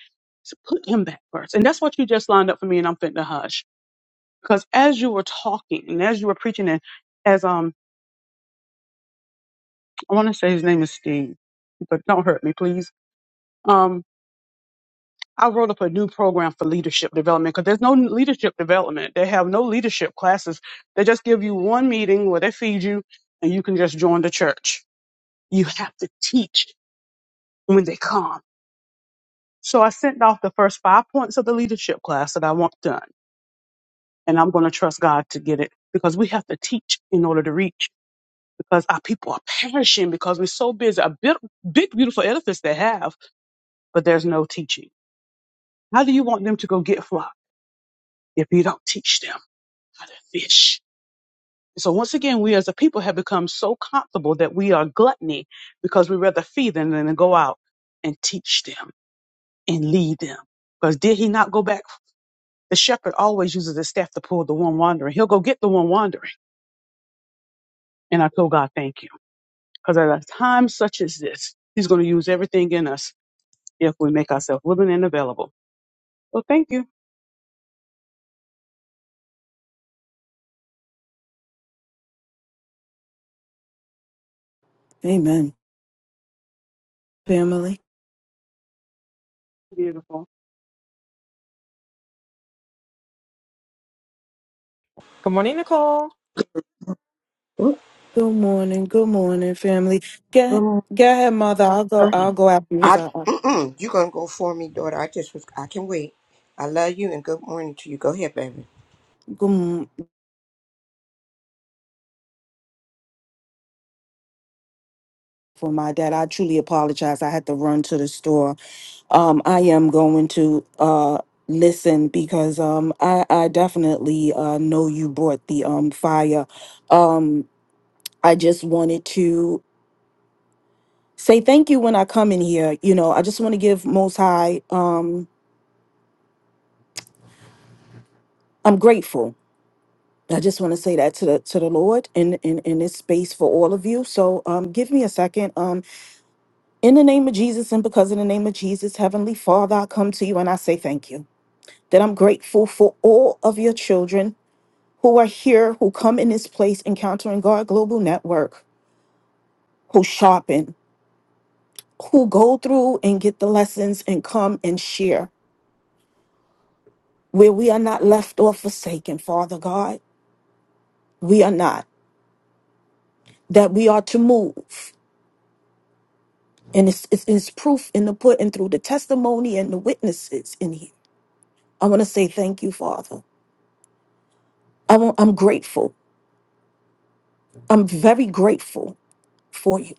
Speaker 10: So put him back first. And that's what you just lined up for me, and I'm fitting to hush. Because as you were talking and as you were preaching, and as um, I want to say his name is Steve, but don't hurt me, please. Um, I wrote up a new program for leadership development because there's no leadership development. They have no leadership classes. They just give you one meeting where they feed you and you can just join the church. You have to teach when they come. So I sent off the first five points of the leadership class that I want done. And I'm going to trust God to get it because we have to teach in order to reach because our people are perishing because we're so busy. A big, big beautiful edifice they have, but there's no teaching. How do you want them to go get flock if you don't teach them how to fish? So once again, we as a people have become so comfortable that we are gluttony because we rather feed them than to go out and teach them and lead them. Because did he not go back? The shepherd always uses his staff to pull the one wandering. He'll go get the one wandering. And I tell God, thank you. Because at a time such as this, he's going to use everything in us if we make ourselves willing and available. So thank you.
Speaker 12: Amen. Family.
Speaker 10: Beautiful.
Speaker 9: Good morning, Nicole.
Speaker 13: Mm,
Speaker 12: Good morning. Good morning, family. Go,
Speaker 13: mm,
Speaker 12: go ahead, mother. I'll
Speaker 13: Go
Speaker 12: go. I'll
Speaker 13: ahead.
Speaker 12: go after you because
Speaker 13: I
Speaker 12: I. I-
Speaker 13: mm-mm, you gonna go for me, daughter. I just was I can wait. I love you and good morning to you. Go ahead, baby.
Speaker 12: Good m- for my dad. I truly apologize. I had to run to the store. Um, I am going to uh listen because um I I definitely uh know you brought the um fire. Um, I just wanted to say thank you when I come in here. You know, I just want to give Most High. Um, I'm grateful I just want to say that to the to the Lord in in in this space for all of you. So um give me a second. Um in the name of Jesus and because in the name of Jesus, Heavenly Father, I come to you and I say thank you. That I'm grateful for all of your children who are here, who come in this place encountering God Global Network, who sharpen, who go through and get the lessons and come and share. Where we are not left or forsaken, Father God. We are not. That we are to move. And it's, it's, it's proof in the pudding through the testimony and the witnesses in here. I want to say thank you, Father. I want, I'm grateful. I'm very grateful for you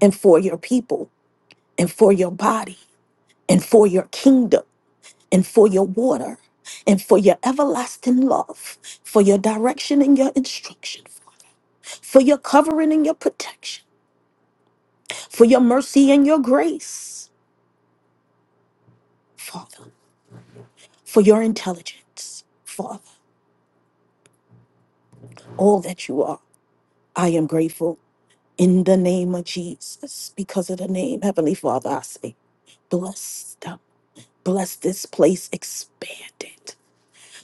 Speaker 12: and for your people and for your body and for your kingdom and for your water and for your everlasting love, for your direction and your instruction, for your covering and your protection, for your mercy and your grace, Father, for your intelligence, Father, all that you are. I am grateful. in the name of Jesus. Because of the name, Heavenly Father, I say, bless them. Bless this place, expand it.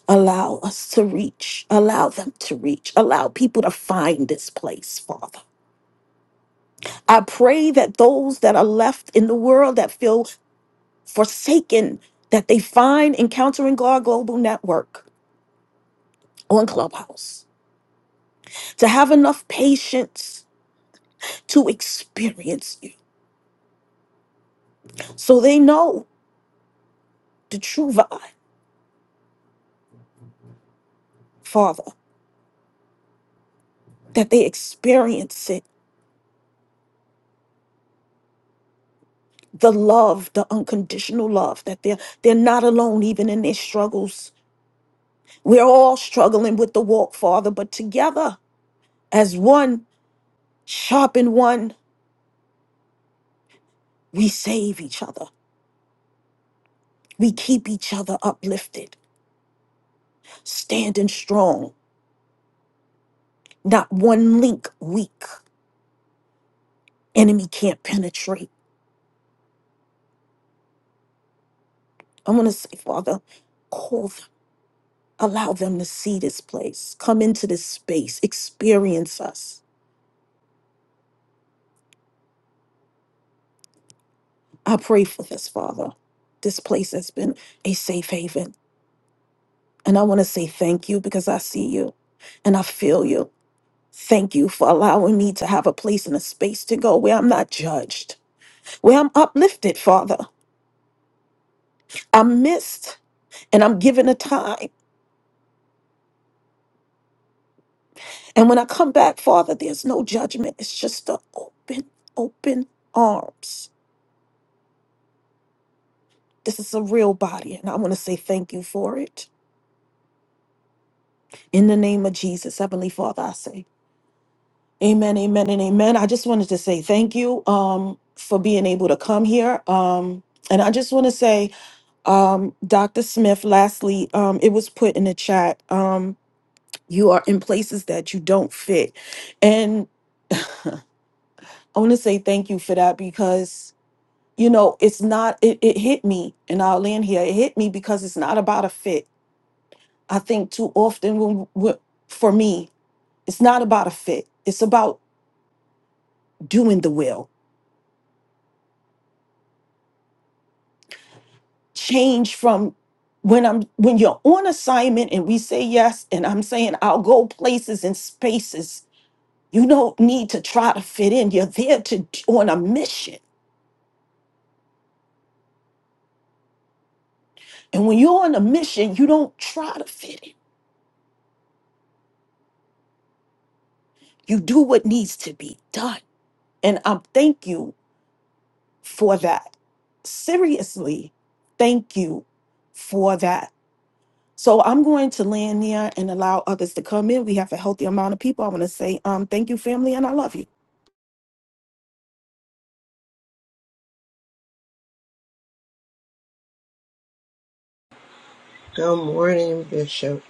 Speaker 12: Allow us to reach, allow them to reach, allow people to find this place, Father. I pray that those that are left in the world that feel forsaken, that they find Encountering God Global Network on Clubhouse, to have enough patience to experience you so they know the true vibe, Father. that they experience it the love the unconditional love that they're they're not alone even in their struggles we're all struggling with the walk father but together as one sharpen one we save each other we keep each other uplifted standing strong not one link weak enemy can't penetrate i'm going to say father call them allow them to see this place come into this space experience us I pray for this, Father. This place has been a safe haven. And I want to say thank you because I see you and I feel you. Thank you for allowing me to have a place and a space to go where I'm not judged, where I'm uplifted, Father. I'm missed and I'm given a time. And when I come back, Father, there's no judgment. It's just the open, open arms. This is a real body, and I want to say thank you for it. In the name of Jesus, Heavenly Father, I say. Amen, amen, and amen. I just wanted to say thank you um, for being able to come here. Um, and I just want to say, um, Dr. Smith, lastly, um, it was put in the chat um, you are in places that you don't fit. And I want to say thank you for that because, you know, it's not, it, it hit me, and I'll land here. It hit me because it's not about a fit. I think too often when, when, for me, it's not about a fit, it's about doing the will change from when I'm when you're on assignment and we say yes, and I'm saying I'll go places and spaces. You don't need to try to fit in. You're there to on a mission. And when you're on a mission, you don't try to fit in. You do what needs to be done. And I thank you for that. Seriously, thank you for that. So I'm going to land there and allow others to come in. We have a healthy amount of people. I want to say um, thank you, family, and I love you.
Speaker 13: Good morning, Bishop.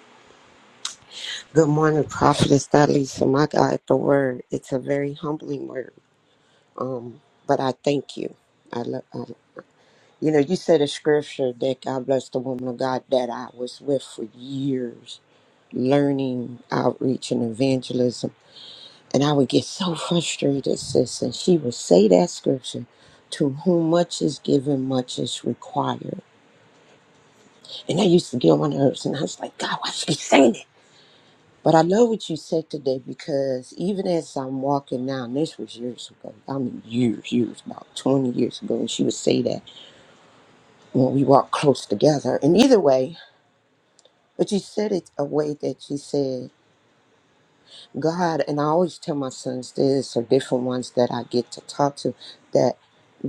Speaker 13: Good morning, Prophetess Natalie. So my God, the word, it's a very humbling word. Um, but I thank you. I love, um, you know, you said a scripture that God bless the woman of God that I was with for years, learning outreach and evangelism. And I would get so frustrated, sis. And she would say that scripture, to whom much is given, much is required. And I used to get on my nerves and I was like, God, why she keep saying it? But I love what you said today because even as I'm walking now, and this was years ago, I mean years, years, about 20 years ago, and she would say that when we walk close together. And either way, but you said it a way that you said, God, and I always tell my sons this or different ones that I get to talk to, that.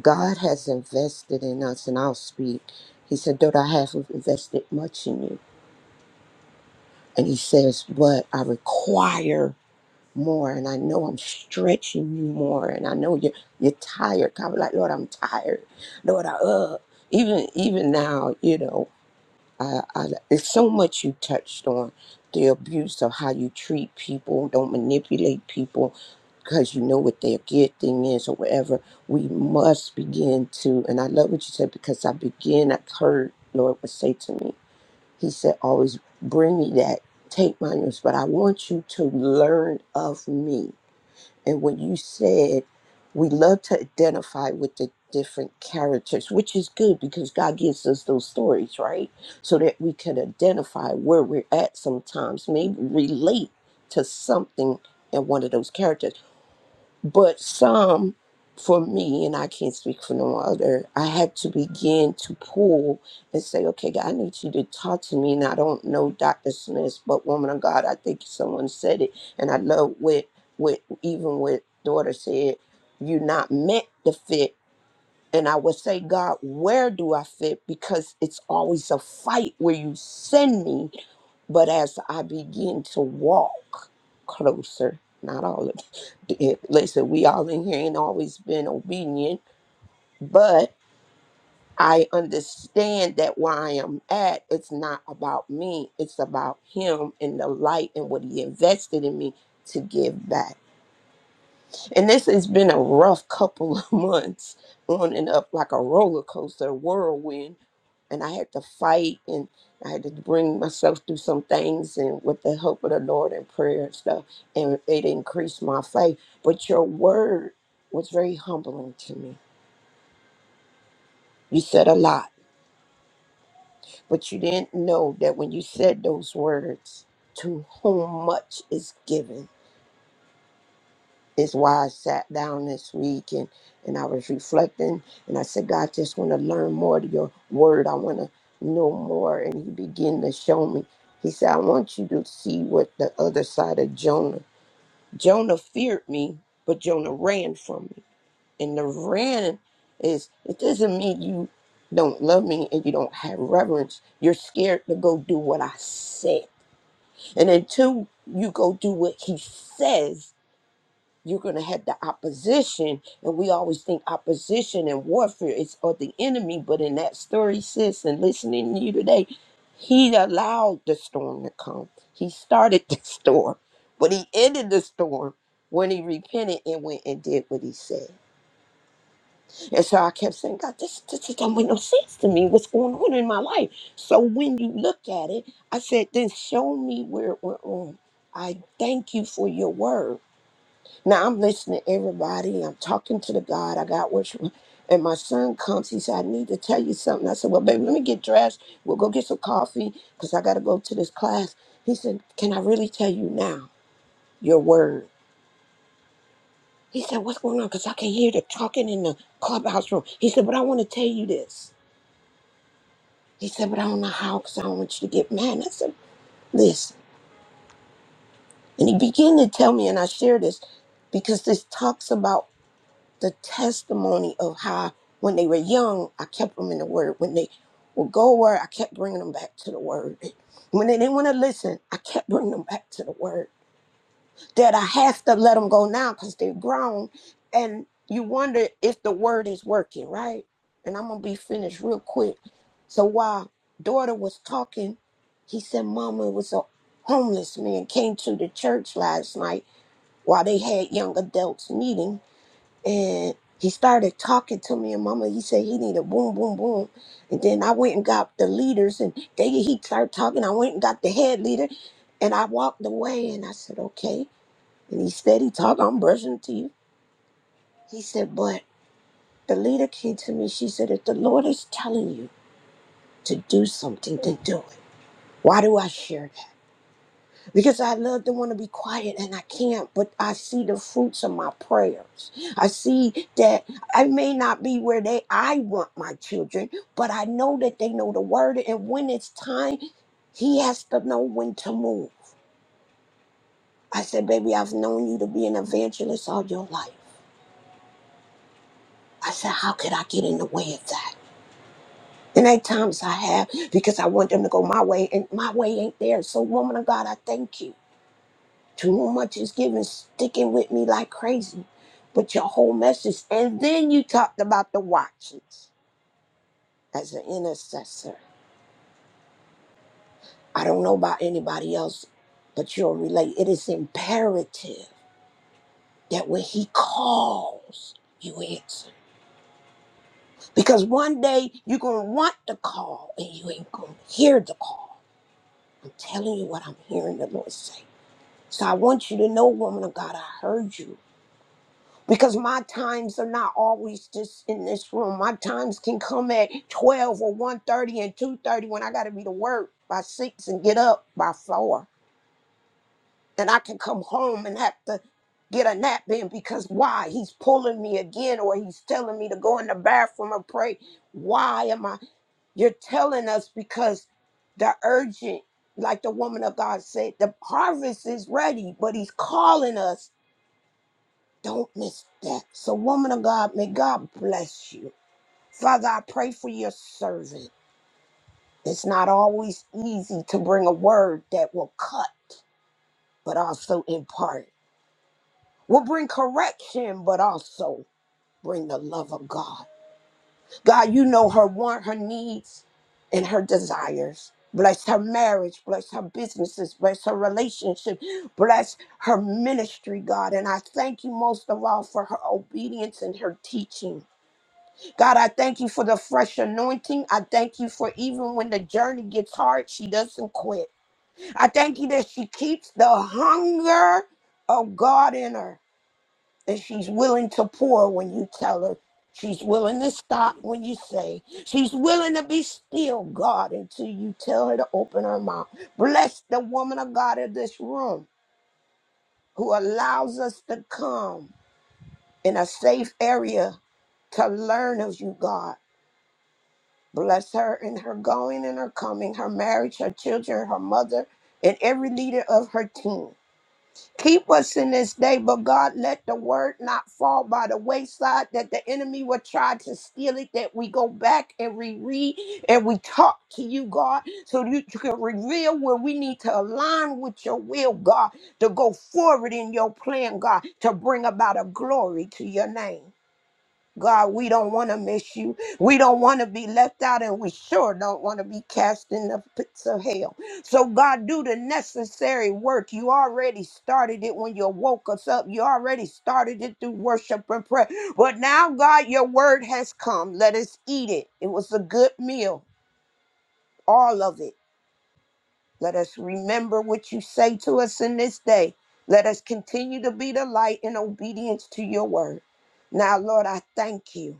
Speaker 13: God has invested in us, and I'll speak. He said, Though I have invested much in you. And he says, But I require more, and I know I'm stretching you more, and I know you're, you're tired. God was like, Lord, I'm tired. Lord, I, uh, even even now, you know. I, I, it's so much you touched on the abuse of how you treat people, don't manipulate people because you know what their good thing is or whatever. We must begin to, and I love what you said because I begin, I heard Lord would say to me, He said, always bring me that, take my news, but I want you to learn of me. And when you said we love to identify with the different characters, which is good because God gives us those stories, right? So that we can identify where we're at sometimes, maybe relate to something in one of those characters. But some, for me, and I can't speak for no other, I had to begin to pull and say, okay, God, I need you to talk to me. And I don't know Dr. Smith, but woman of God, I think someone said it. And I love what, what even what daughter said, you're not meant to fit. And I would say, God, where do I fit? Because it's always a fight where you send me but as I begin to walk closer, not all of it, listen, we all in here ain't always been obedient, but I understand that where I am at, it's not about me, it's about Him and the light and what He invested in me to give back. And this has been a rough couple of months on and up like a roller coaster whirlwind and I had to fight and I had to bring myself through some things and with the help of the Lord and prayer and stuff, and it increased my faith. But your word was very humbling to me. You said a lot, but you didn't know that when you said those words, to whom much is given is why I sat down this week and, and I was reflecting and I said, God, I just want to learn more of your word. I want to know more. And he began to show me. He said, I want you to see what the other side of Jonah. Jonah feared me, but Jonah ran from me. And the ran is it doesn't mean you don't love me and you don't have reverence. You're scared to go do what I said. And until you go do what he says, you're going to have the opposition and we always think opposition and warfare is of the enemy but in that story sis and listening to you today he allowed the storm to come he started the storm but he ended the storm when he repented and went and did what he said and so i kept saying god this, this, this don't make no sense to me what's going on in my life so when you look at it i said then show me where it went wrong i thank you for your word now I'm listening to everybody. I'm talking to the God. I got worship. And my son comes. He said, I need to tell you something. I said, Well, baby, let me get dressed. We'll go get some coffee because I got to go to this class. He said, Can I really tell you now your word? He said, What's going on? Because I can hear the talking in the clubhouse room. He said, But I want to tell you this. He said, But I don't know how because I don't want you to get mad. And I said, Listen. And he began to tell me, and I share this because this talks about the testimony of how when they were young, I kept them in the word. When they would go where I kept bringing them back to the word. When they didn't want to listen, I kept bringing them back to the word. That I have to let them go now because they're grown. And you wonder if the word is working, right? And I'm going to be finished real quick. So while daughter was talking, he said, Mama, it was a homeless man came to the church last night while they had young adults meeting and he started talking to me and mama he said he needed boom boom boom and then i went and got the leaders and they he started talking i went and got the head leader and i walked away and i said okay and he steady talk i'm brushing teeth he said but the leader came to me she said if the lord is telling you to do something then do it why do i share because I love to want to be quiet and I can't, but I see the fruits of my prayers. I see that I may not be where they I want my children, but I know that they know the word and when it's time, he has to know when to move. I said, baby, I've known you to be an evangelist all your life. I said, how could I get in the way of that? And at times I have because I want them to go my way, and my way ain't there. So, woman of God, I thank you. Too much is given, sticking with me like crazy. But your whole message, and then you talked about the watches as an intercessor. I don't know about anybody else, but you'll relate. It is imperative that when he calls, you answer. Because one day you're going to want the call and you ain't going to hear the call. I'm telling you what I'm hearing the Lord say. So I want you to know, woman of God, I heard you. because my times are not always just in this room. My times can come at 12 or one thirty and 2.30 when I got to be to work by 6 and get up by 4. And I can come home and have to get a nap in because why? He's pulling me again or he's telling me to go in the bathroom and pray. Why am I? You're telling us because the urgent, like the woman of God said, the harvest is ready, but he's calling us don't miss that. So, woman of God, may God bless you. Father, I pray for your servant. It's not always easy to bring a word that will cut, but also impart, will bring correction, but also bring the love of God. God, you know her want, her needs, and her desires. Bless her marriage, bless her businesses, bless her relationship, bless her ministry, God. And I thank you most of all for her obedience and her teaching. God, I thank you for the fresh anointing. I thank you for even when the journey gets hard, she doesn't quit. I thank you that she keeps the hunger of God in her, that she's willing to pour when you tell her. She's willing to stop when you say. She's willing to be still, God, until you tell her to open her mouth. Bless the woman of God in this room who allows us to come in a safe area to learn of you, God Bless her in her going and her coming, her marriage, her children, her mother, and every leader of her team. Keep us in this day, but God, let the word not fall by the wayside that the enemy will try to steal it. That we go back and we read and we talk to you, God, so that you can reveal where we need to align with your will, God, to go forward in your plan, God, to bring about a glory to your name. God, we don't want to miss you. We don't want to be left out, and we sure don't want to be cast in the pits of hell. So, God, do the necessary work. You already started it when you woke us up. You already started it through worship and prayer. But now, God, your word has come. Let us eat it. It was a good meal, all of it. Let us remember what you say to us in this day. Let us continue to be the light in obedience to your word. Now, Lord, I thank you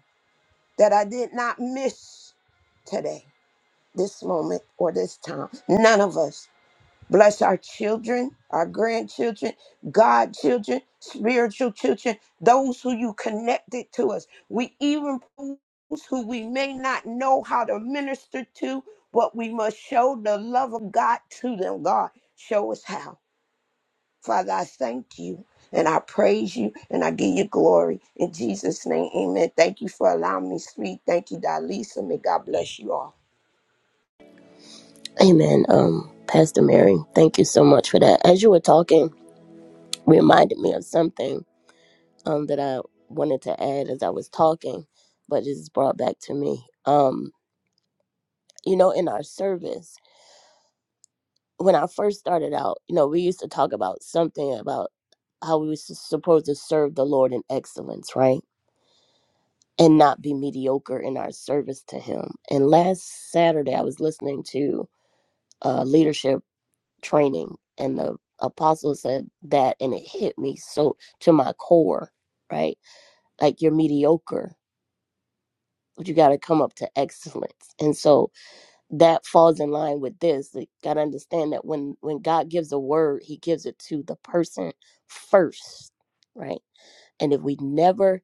Speaker 13: that I did not miss today, this moment, or this time. None of us. Bless our children, our grandchildren, godchildren, spiritual children, those who you connected to us. We even those who we may not know how to minister to, but we must show the love of God to them. God, show us how. Father, I thank you and I praise you and I give you glory. In Jesus' name, amen. Thank you for allowing me to speak. Thank you, Dalisa. May God bless you all.
Speaker 8: Amen. Um, Pastor Mary, thank you so much for that. As you were talking, reminded me of something um that I wanted to add as I was talking, but it's brought back to me. Um, you know, in our service. when I first started out, you know, we used to talk about something about how we were s- supposed to serve the Lord in excellence, right? And not be mediocre in our service to Him. And last Saturday, I was listening to uh, leadership training, and the apostle said that, and it hit me so to my core, right? Like you're mediocre, but you got to come up to excellence. And so, that falls in line with this. Like, gotta understand that when when God gives a word, He gives it to the person first, right? And if we never,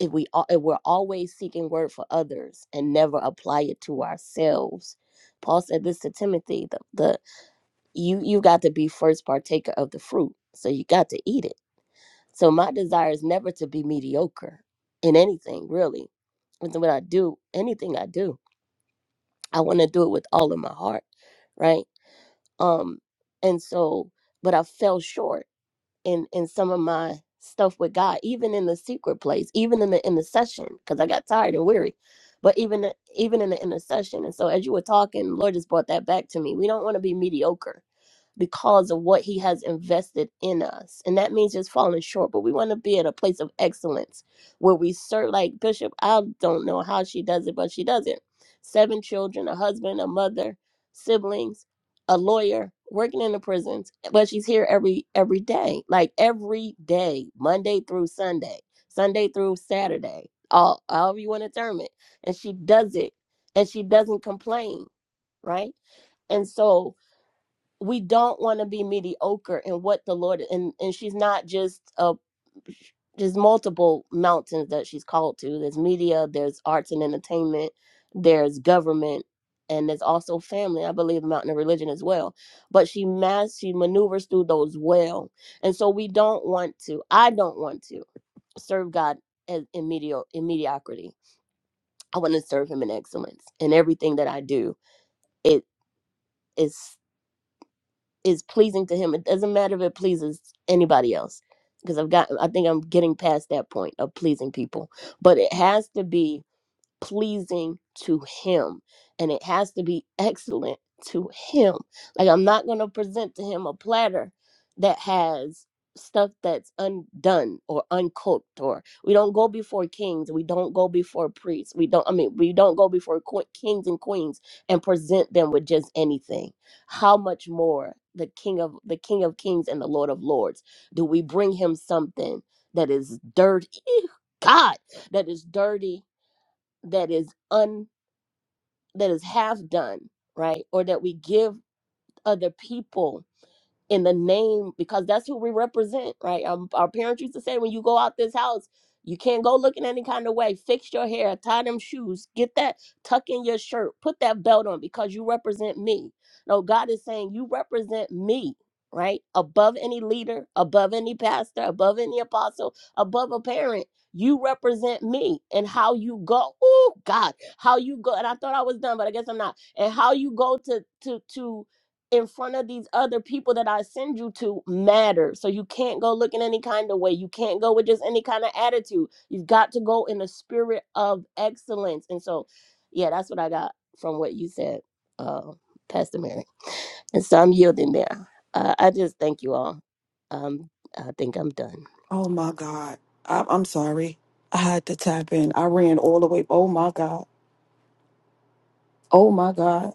Speaker 8: if we al- if we're always seeking word for others and never apply it to ourselves, Paul said this to Timothy: the, the you you got to be first partaker of the fruit, so you got to eat it. So my desire is never to be mediocre in anything, really. With what I do anything I do, I want to do it with all of my heart right? um and so but i fell short in in some of my stuff with god even in the secret place even in the intercession because i got tired and weary but even even in the intercession and so as you were talking lord just brought that back to me we don't want to be mediocre because of what he has invested in us. And that means just falling short, but we want to be at a place of excellence where we serve like Bishop. I don't know how she does it, but she does it. Seven children, a husband, a mother, siblings, a lawyer, working in the prisons, but she's here every every day, like every day, Monday through Sunday, Sunday through Saturday, all however you want to term it. And she does it and she doesn't complain, right? And so we don't want to be mediocre in what the Lord and and she's not just a there's multiple mountains that she's called to. There's media, there's arts and entertainment, there's government, and there's also family. I believe mountain of religion as well. But she mas she maneuvers through those well, and so we don't want to. I don't want to serve God as in, medio, in mediocrity. I want to serve Him in excellence in everything that I do. It is. is pleasing to him. It doesn't matter if it pleases anybody else because I've got I think I'm getting past that point of pleasing people. But it has to be pleasing to him and it has to be excellent to him like i'm not going to present to him a platter that has stuff that's undone or uncooked or we don't go before kings we don't go before priests we don't i mean we don't go before que- kings and queens and present them with just anything how much more the king of the king of kings and the lord of lords do we bring him something that is dirty Ew, god that is dirty that is un that is half done right or that we give other people in the name because that's who we represent, right? Um, our parents used to say, when you go out this house, you can't go looking any kind of way. Fix your hair, tie them shoes, get that tuck in your shirt, put that belt on because you represent me. No, God is saying you represent me, right? Above any leader, above any pastor, above any apostle, above a parent. You represent me and how you go. Oh God, how you go. And I thought I was done, but I guess I'm not. And how you go to to to in front of these other people that I send you to matter. So you can't go looking any kind of way. You can't go with just any kind of attitude. You've got to go in a spirit of excellence. And so, yeah, that's what I got from what you said, uh, Pastor Mary. And so I'm yielding there. Uh, I just thank you all. Um, I think I'm done.
Speaker 12: Oh my God. I, I'm sorry. I had to tap in. I ran all the way. Oh my God. Oh my God.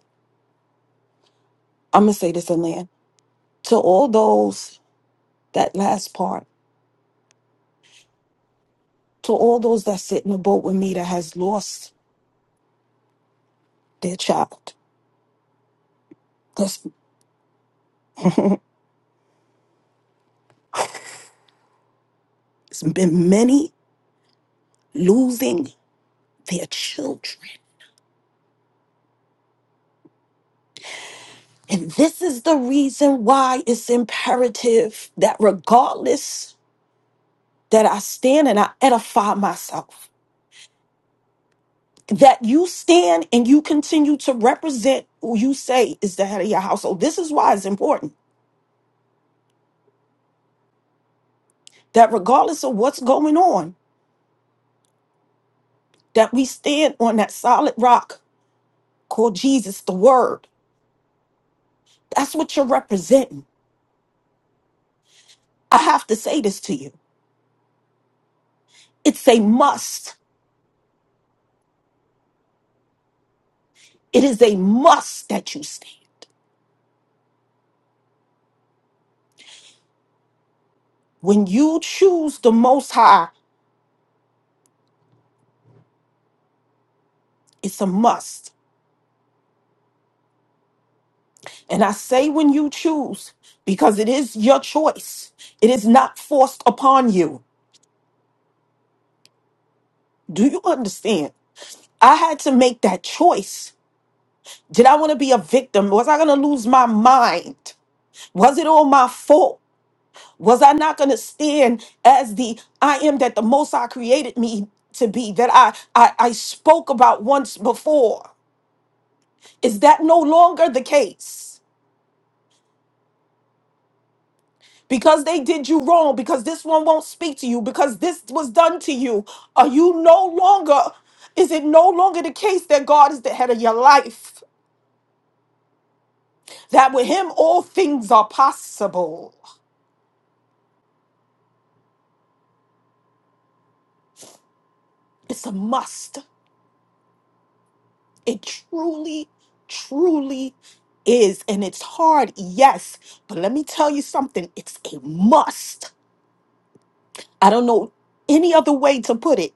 Speaker 12: I'm going to say this in land. To all those, that last part, to all those that sit in the boat with me that has lost their child, there's been many losing their children. And this is the reason why it's imperative that regardless that I stand and I edify myself. that you stand and you continue to represent who you say is the head of your household. This is why it's important that regardless of what's going on, that we stand on that solid rock called Jesus, the word. That's what you're representing. I have to say this to you. It's a must. It is a must that you stand. When you choose the most high, it's a must. And I say when you choose, because it is your choice. It is not forced upon you. Do you understand? I had to make that choice. Did I want to be a victim? Was I going to lose my mind? Was it all my fault? Was I not going to stand as the I am that the Most High created me to be, that I, I, I spoke about once before? Is that no longer the case? Because they did you wrong, because this one won't speak to you, because this was done to you. Are you no longer, is it no longer the case that God is the head of your life? that with him all things are possible. It's a must. It truly, truly is. And it's hard, yes. But let me tell you something it's a must. I don't know any other way to put it.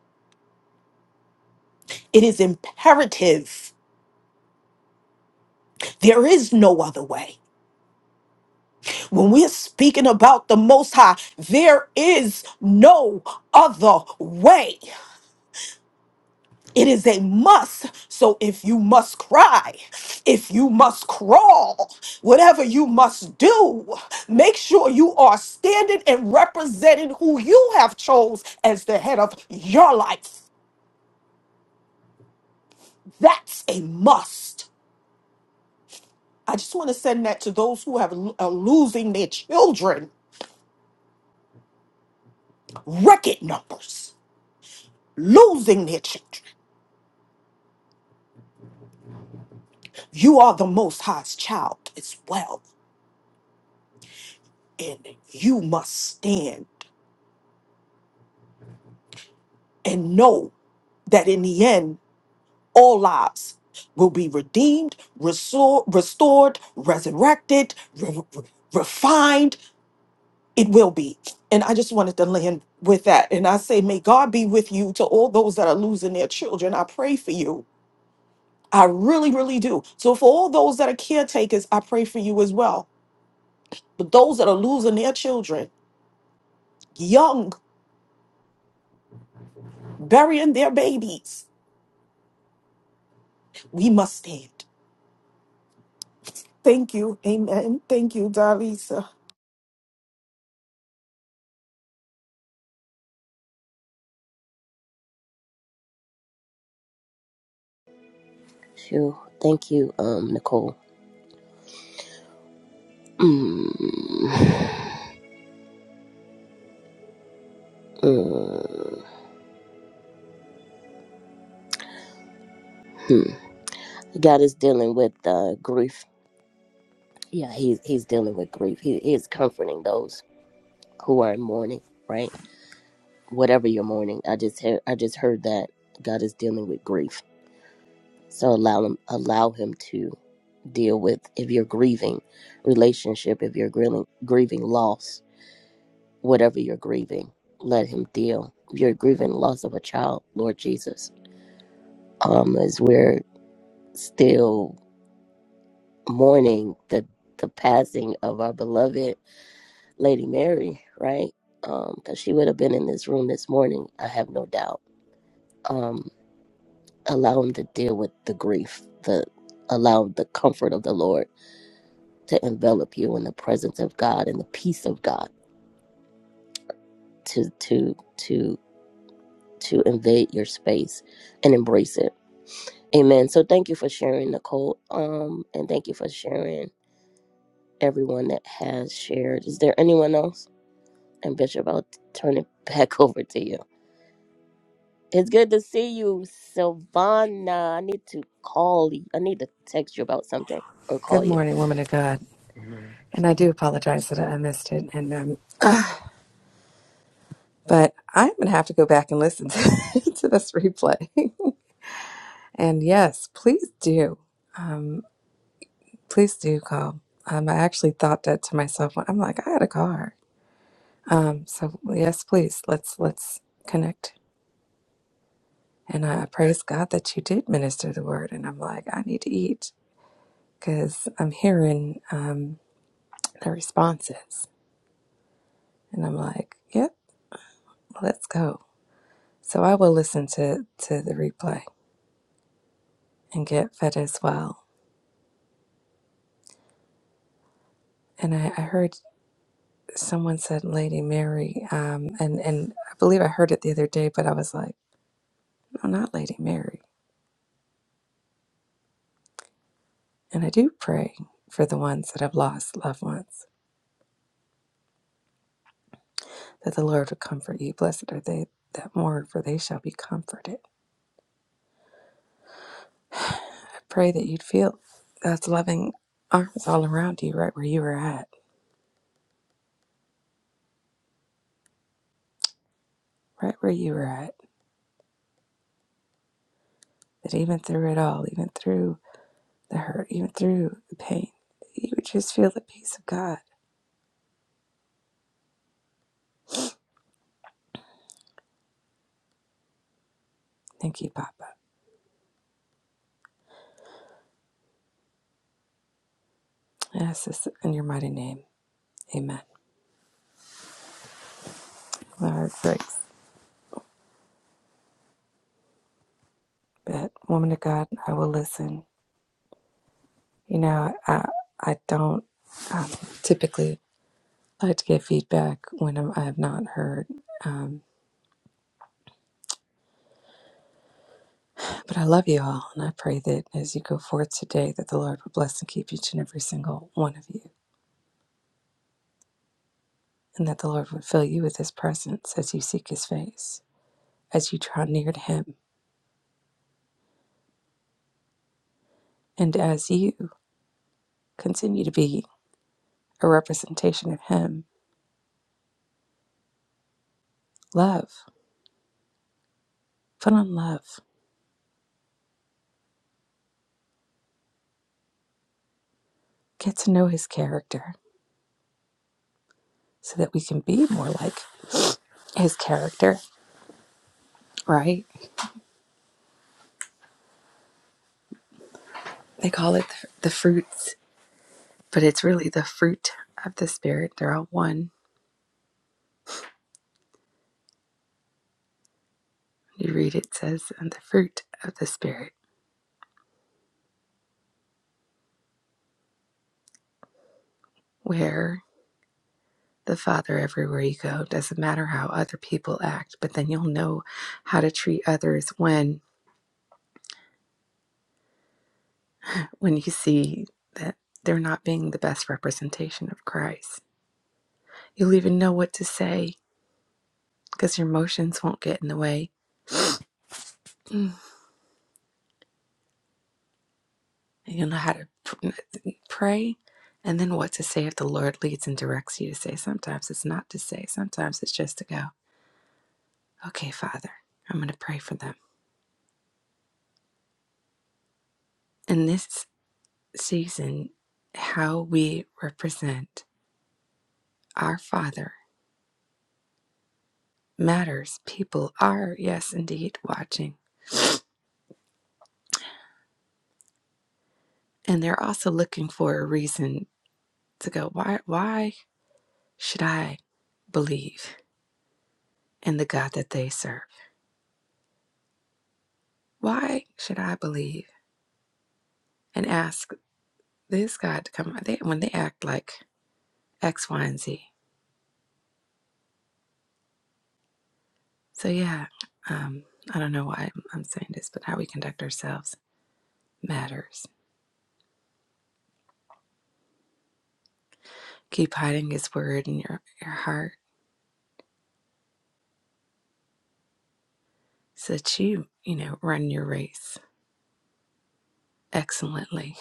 Speaker 12: It is imperative. There is no other way. When we're speaking about the Most High, there is no other way. It is a must. So if you must cry, if you must crawl, whatever you must do, make sure you are standing and representing who you have chose as the head of your life. That's a must. I just want to send that to those who have are losing their children. Record numbers losing their children. You are the Most High's child as well, and you must stand and know that in the end. all lives will be redeemed, resor- restored, resurrected, re- re- refined. It will be. And I just wanted to land with that. And I say, may God be with you to all those that are losing their children. I pray for you. I really, really do. So for all those that are caretakers, I pray for you as well. But those that are losing their children, young, burying their babies, we must stand. Thank you. Amen. Thank you, Darlisa.
Speaker 8: Phew. Thank you, um, Nicole. Mm. Mm-hmm. God is dealing with uh, grief. Yeah, he's he's dealing with grief. He, he is comforting those who are in mourning, right? Whatever you're mourning, I just heard, I just heard that God is dealing with grief. So allow him, allow him to deal with if you're grieving relationship, if you're grieving grieving loss, whatever you're grieving, let him deal. If you're grieving loss of a child, Lord Jesus, um, as we're still mourning the the passing of our beloved Lady Mary, right? Um, because she would have been in this room this morning, I have no doubt Um. allow him to deal with the grief the allow the comfort of the lord to envelop you in the presence of god and the peace of god to to to to invade your space and embrace it amen so thank you for sharing nicole um and thank you for sharing everyone that has shared is there anyone else and bishop i'll turn it back over to you It's good to see you, Silvana. I need to call you. I need to text you about something or call
Speaker 14: Good
Speaker 8: you.
Speaker 14: morning, woman of God.
Speaker 2: Amen.
Speaker 14: And I do apologize that I missed it. And um, but I'm gonna have to go back and listen to, to this replay. and yes, please do. Um, please do call. Um, I actually thought that to myself. I'm like, I had a car. Um, so well, yes, please let's let's connect. And I praise God that you did minister the word. And I'm like, I need to eat because I'm hearing um, the responses. And I'm like, yep, let's go. So I will listen to, to the replay and get fed as well. And I, I heard someone said Lady Mary, um, and, and I believe I heard it the other day, but I was like, no, not Lady Mary. And I do pray for the ones that have lost loved ones, that the Lord would comfort you. Blessed are they that mourn, for they shall be comforted. I pray that you'd feel God's loving arms all around you, right where you were at, right where you were at. That even through it all, even through the hurt, even through the pain. You would just feel the peace of God. Thank you, Papa. I ask this in your mighty name. Amen. My heart breaks. But, woman of God, I will listen. You know, I, I don't um, typically like to get feedback when I'm, I have not heard. Um, but I love you all, and I pray that as you go forth today, that the Lord would bless and keep each and every single one of you, and that the Lord would fill you with His presence as you seek His face, as you draw near to Him, and as you continue to be a representation of Him. Love, put on love, get to know His character so that we can be more like His character, right? They call it the fruits, but it's really the fruit of the Spirit. They're all one. You read it says, and the fruit of the Spirit, where the Father everywhere you go. Doesn't matter how other people act, but then you'll know how to treat others when when you see that they're not being the best representation of Christ You'll even know what to say because your emotions won't get in the way. Mm. And You'll know how to pray and then what to say if the Lord leads and directs you to say. Sometimes it's not to say, sometimes it's just to go, okay, Father, I'm going to pray for them. In this season, how we represent our Father matters. People are, yes, indeed, watching. And they're also looking for a reason to go, why, why should I believe in the God that they serve? Why should I believe and ask this God to come they, when they act like X, Y, and Z? So, yeah, um, I don't know why I'm, I'm saying this, but how we conduct ourselves matters. Keep hiding His word in your, your heart so that you, you know, run your race excellently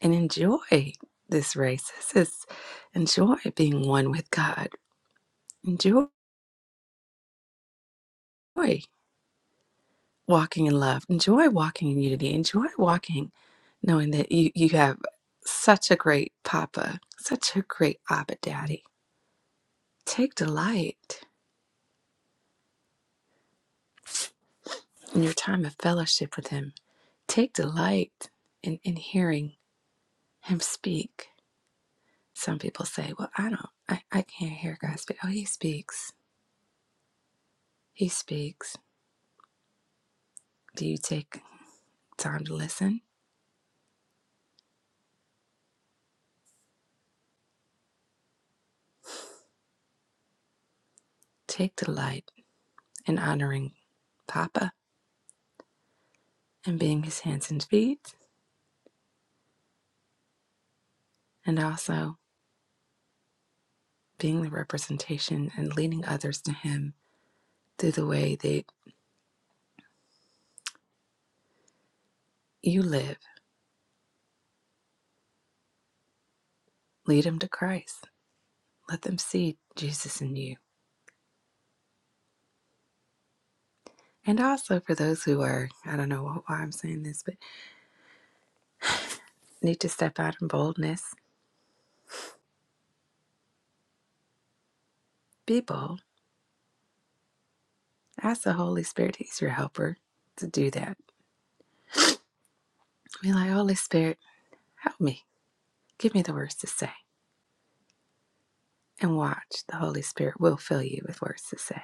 Speaker 14: and enjoy this race. This is enjoy being one with God. Enjoy. walking in love. Enjoy walking in unity. Enjoy walking knowing that you, you have such a great papa, such a great Abba Daddy. Take delight in your time of fellowship with him. Take delight in, in hearing him speak. Some people say, Well, I don't, I, I can't hear God speak. Oh, he speaks. He speaks. Do you take time to listen? Take delight in honoring Papa and being his hands and feet, and also being the representation and leading others to Him through the way that you live. Lead them to Christ. Let them see Jesus in you. And also for those who are, I don't know why I'm saying this, but need to step out in boldness, be bold. Ask the Holy Spirit, He's your helper, to do that. Be like, Holy Spirit, help me. Give me the words to say. And watch, the Holy Spirit will fill you with words to say.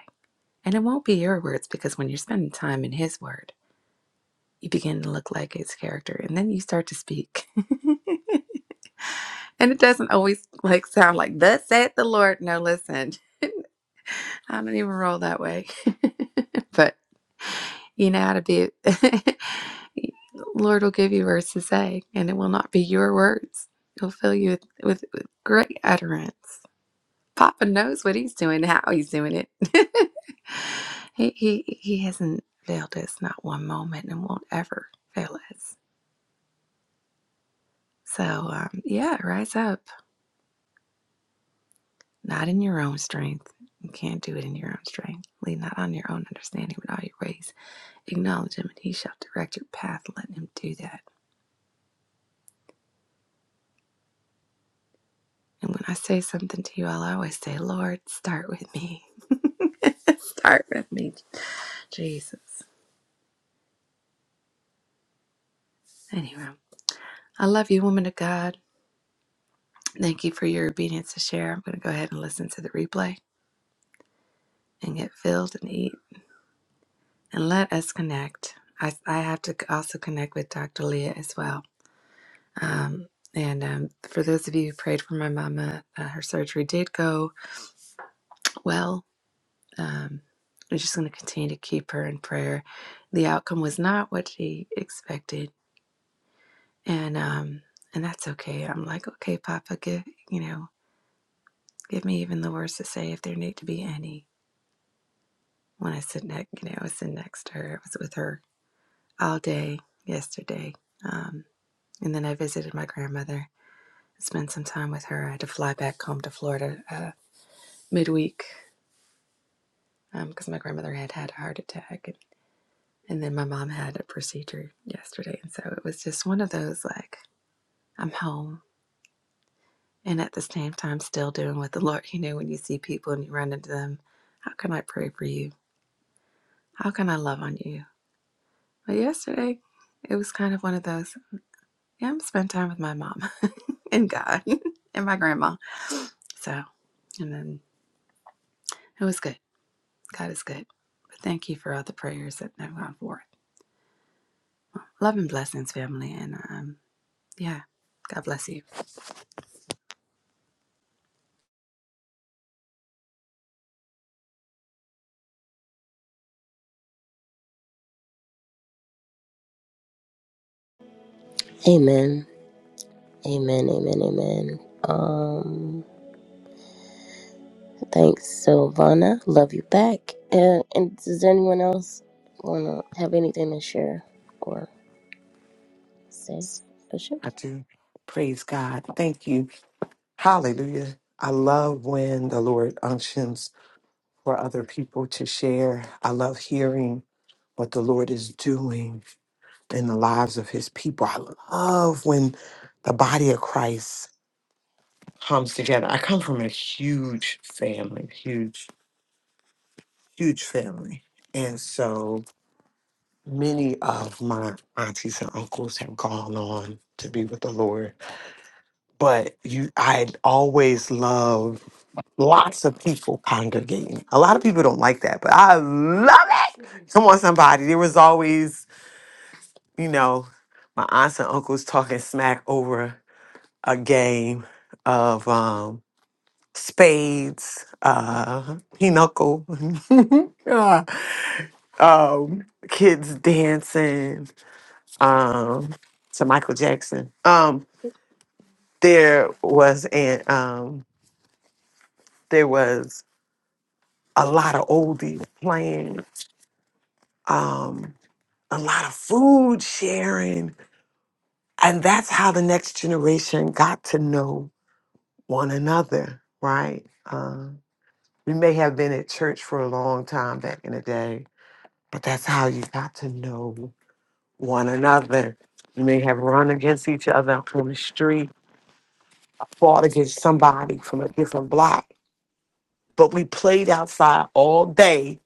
Speaker 14: And it won't be your words because when you're spending time in His Word, you begin to look like its character and then you start to speak and it doesn't always like sound like thus saith the lord no listen i don't even roll that way but you know how to be lord will give you words to say and it will not be your words he'll fill you with, with, with great utterance papa knows what he's doing how he's doing it he, he he hasn't failed us not one moment and won't ever fail us so um, yeah rise up not in your own strength. You can't do it in your own strength. Lean not on your own understanding, but all your ways. Acknowledge him, and he shall direct your path. Let him do that. And when I say something to you, I'll always say, Lord, start with me. Start with me, Jesus. Anyway, I love you, woman of God. Thank you for your obedience to share. I'm going to go ahead and listen to the replay and get filled and eat. And let us connect. I, I have to also connect with Dr. Leah as well Um, and um, for those of you who prayed for my mama, uh, her surgery did go well. Um, we're just going to continue to keep her in prayer. The outcome was not what she expected, and um, and that's okay. I'm like, okay, Papa, give you know, give me even the words to say if there need to be any. When I sit next, you know, I was sitting next to her. I was with her all day yesterday, um, and then I visited my grandmother. Spent some time with her. I had to fly back home to Florida uh, midweek because um, my grandmother had had a heart attack. And, and then my mom had a procedure yesterday. And so it was just one of those like, I'm home and at the same time still doing what the Lord, you know, when you see people and you run into them, how can I pray for you? How can I love on you? But yesterday, it was kind of one of those, yeah, I'm going spend time with my mom and God and my grandma. So, and then it was good. God is good. But thank you for all the prayers that have gone forth. Love and blessings, family. And um, yeah, God bless you.
Speaker 8: Amen. Amen. Amen. Amen. Um, thanks, Silvana. Love you back. And, and does anyone else wanna have anything to share or say? Or share?
Speaker 2: I do. Praise God. Thank you. Hallelujah. I love when the Lord unctions for other people to share. I love hearing. what the Lord is doing in the lives of his people. I love when the body of Christ comes together. I come from a huge family, huge, huge family. And so many of my aunties and uncles have gone on to be with the Lord. But you I always love lots of people congregating. A lot of people don't like that, but I love it. Come on, somebody. There was always you know, my aunts and uncles talking smack over a game of um spades, uh pinochle, uh, um, kids dancing, um, to Michael Jackson. Um, there was an um there was a lot of oldies playing, um, a lot of food sharing. And that's how the next generation got to know one another, right? Uh, we may have been at church for a long time back in the day, but that's how you got to know one another. You may have run against each other on the street, fought against somebody from a different block, but we played outside all day.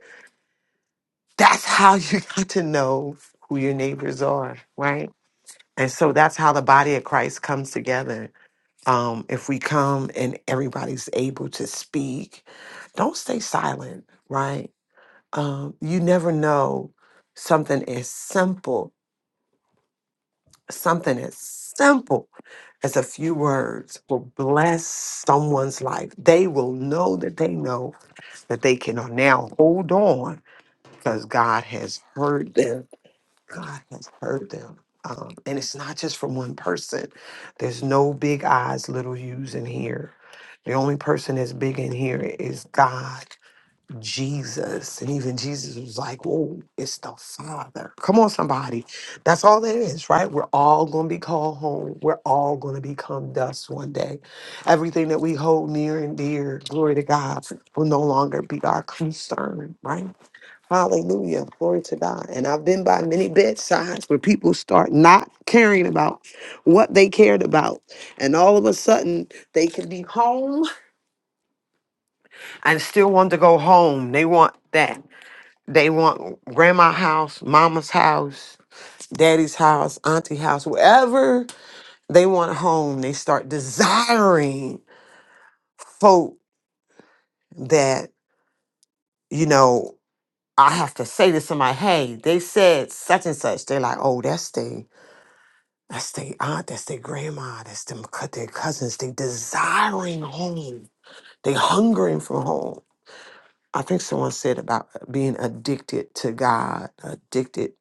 Speaker 2: That's how you got to know who your neighbors are, right? And so that's how the body of Christ comes together Um, if we come and everybody's able to speak, don't stay silent, right? Um, you never know something as simple, something as simple as a few words will bless someone's life. They will know that they know that they can now hold on because God has heard them God has heard them. Um, and it's not just from one person. There's no big eyes, little U's in here. The only person that's big in here is God, Jesus. And even Jesus was like, whoa, it's the Father. Come on, somebody. That's all there is, right? We're all going to be called home. We're all going to become dust one day. Everything that we hold near and dear, glory to God, will no longer be our concern, right? Hallelujah. Glory to God. And I've been by many bedsides where people start not caring about what they cared about. And all of a sudden, they can be home and still want to go home. They want that. They want grandma's house, mama's house, daddy's house, auntie house, wherever they want a home. They start desiring folk that, you know, I have to say to somebody, hey, they said such and such. They're like, oh, that's they. That's their aunt, that's their grandma, that's them Cut their cousins. They desiring home. They hungering for home. I think someone said about uh, being addicted to God, addicted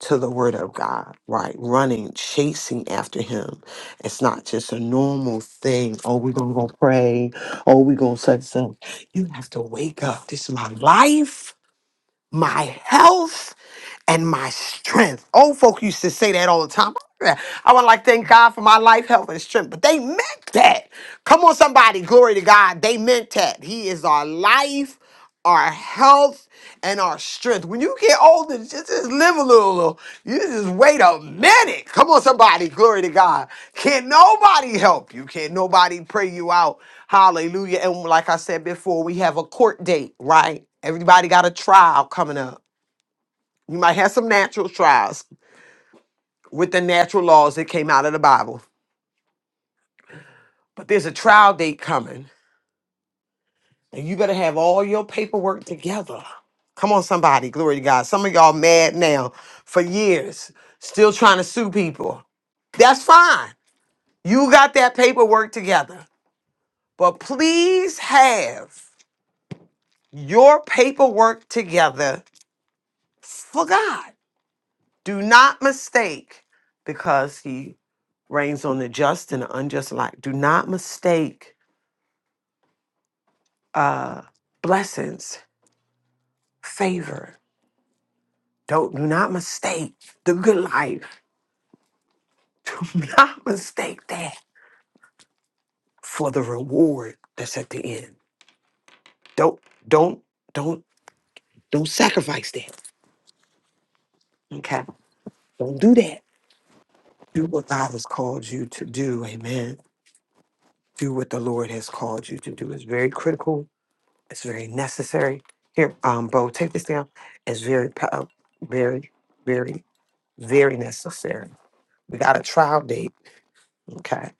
Speaker 2: to the word of God, right? Running, chasing after him. It's not just a normal thing. Oh, we're gonna go pray. Oh, we're gonna such stuff. You have to wake up. This is my life, my health and my strength. Old folk used to say that all the time. I would like to thank God for my life, health, and strength. But they meant that. Come on, somebody. Glory to God. They meant that. He is our life, our health, and our strength. When you get older, just, just live a little, little. You just wait a minute. Come on, somebody. Glory to God. Can't nobody help you. Can't nobody pray you out. Hallelujah. And like I said before, we have a court date, right? Everybody got a trial coming up. You might have some natural trials with the natural laws that came out of the Bible, but there's a trial date coming, and you better have all your paperwork together. Come on, somebody, glory to God. Some of y'all mad now for years, still trying to sue people. That's fine. You got that paperwork together, but please have your paperwork together for God. Do not mistake, because he reigns on the just and the unjust alike. Do not mistake uh, blessings, favor. Don't do not mistake the good life. Do not mistake that for the reward that's at the end. Don't don't don't don't sacrifice that. Okay. Don't do that. Do what God has called you to do. Amen. Do what the Lord has called you to do. It's very critical It's very necessary. Here, um, Bo, take this down. It's very, po- uh, very, very, very necessary. We got a trial date. Okay.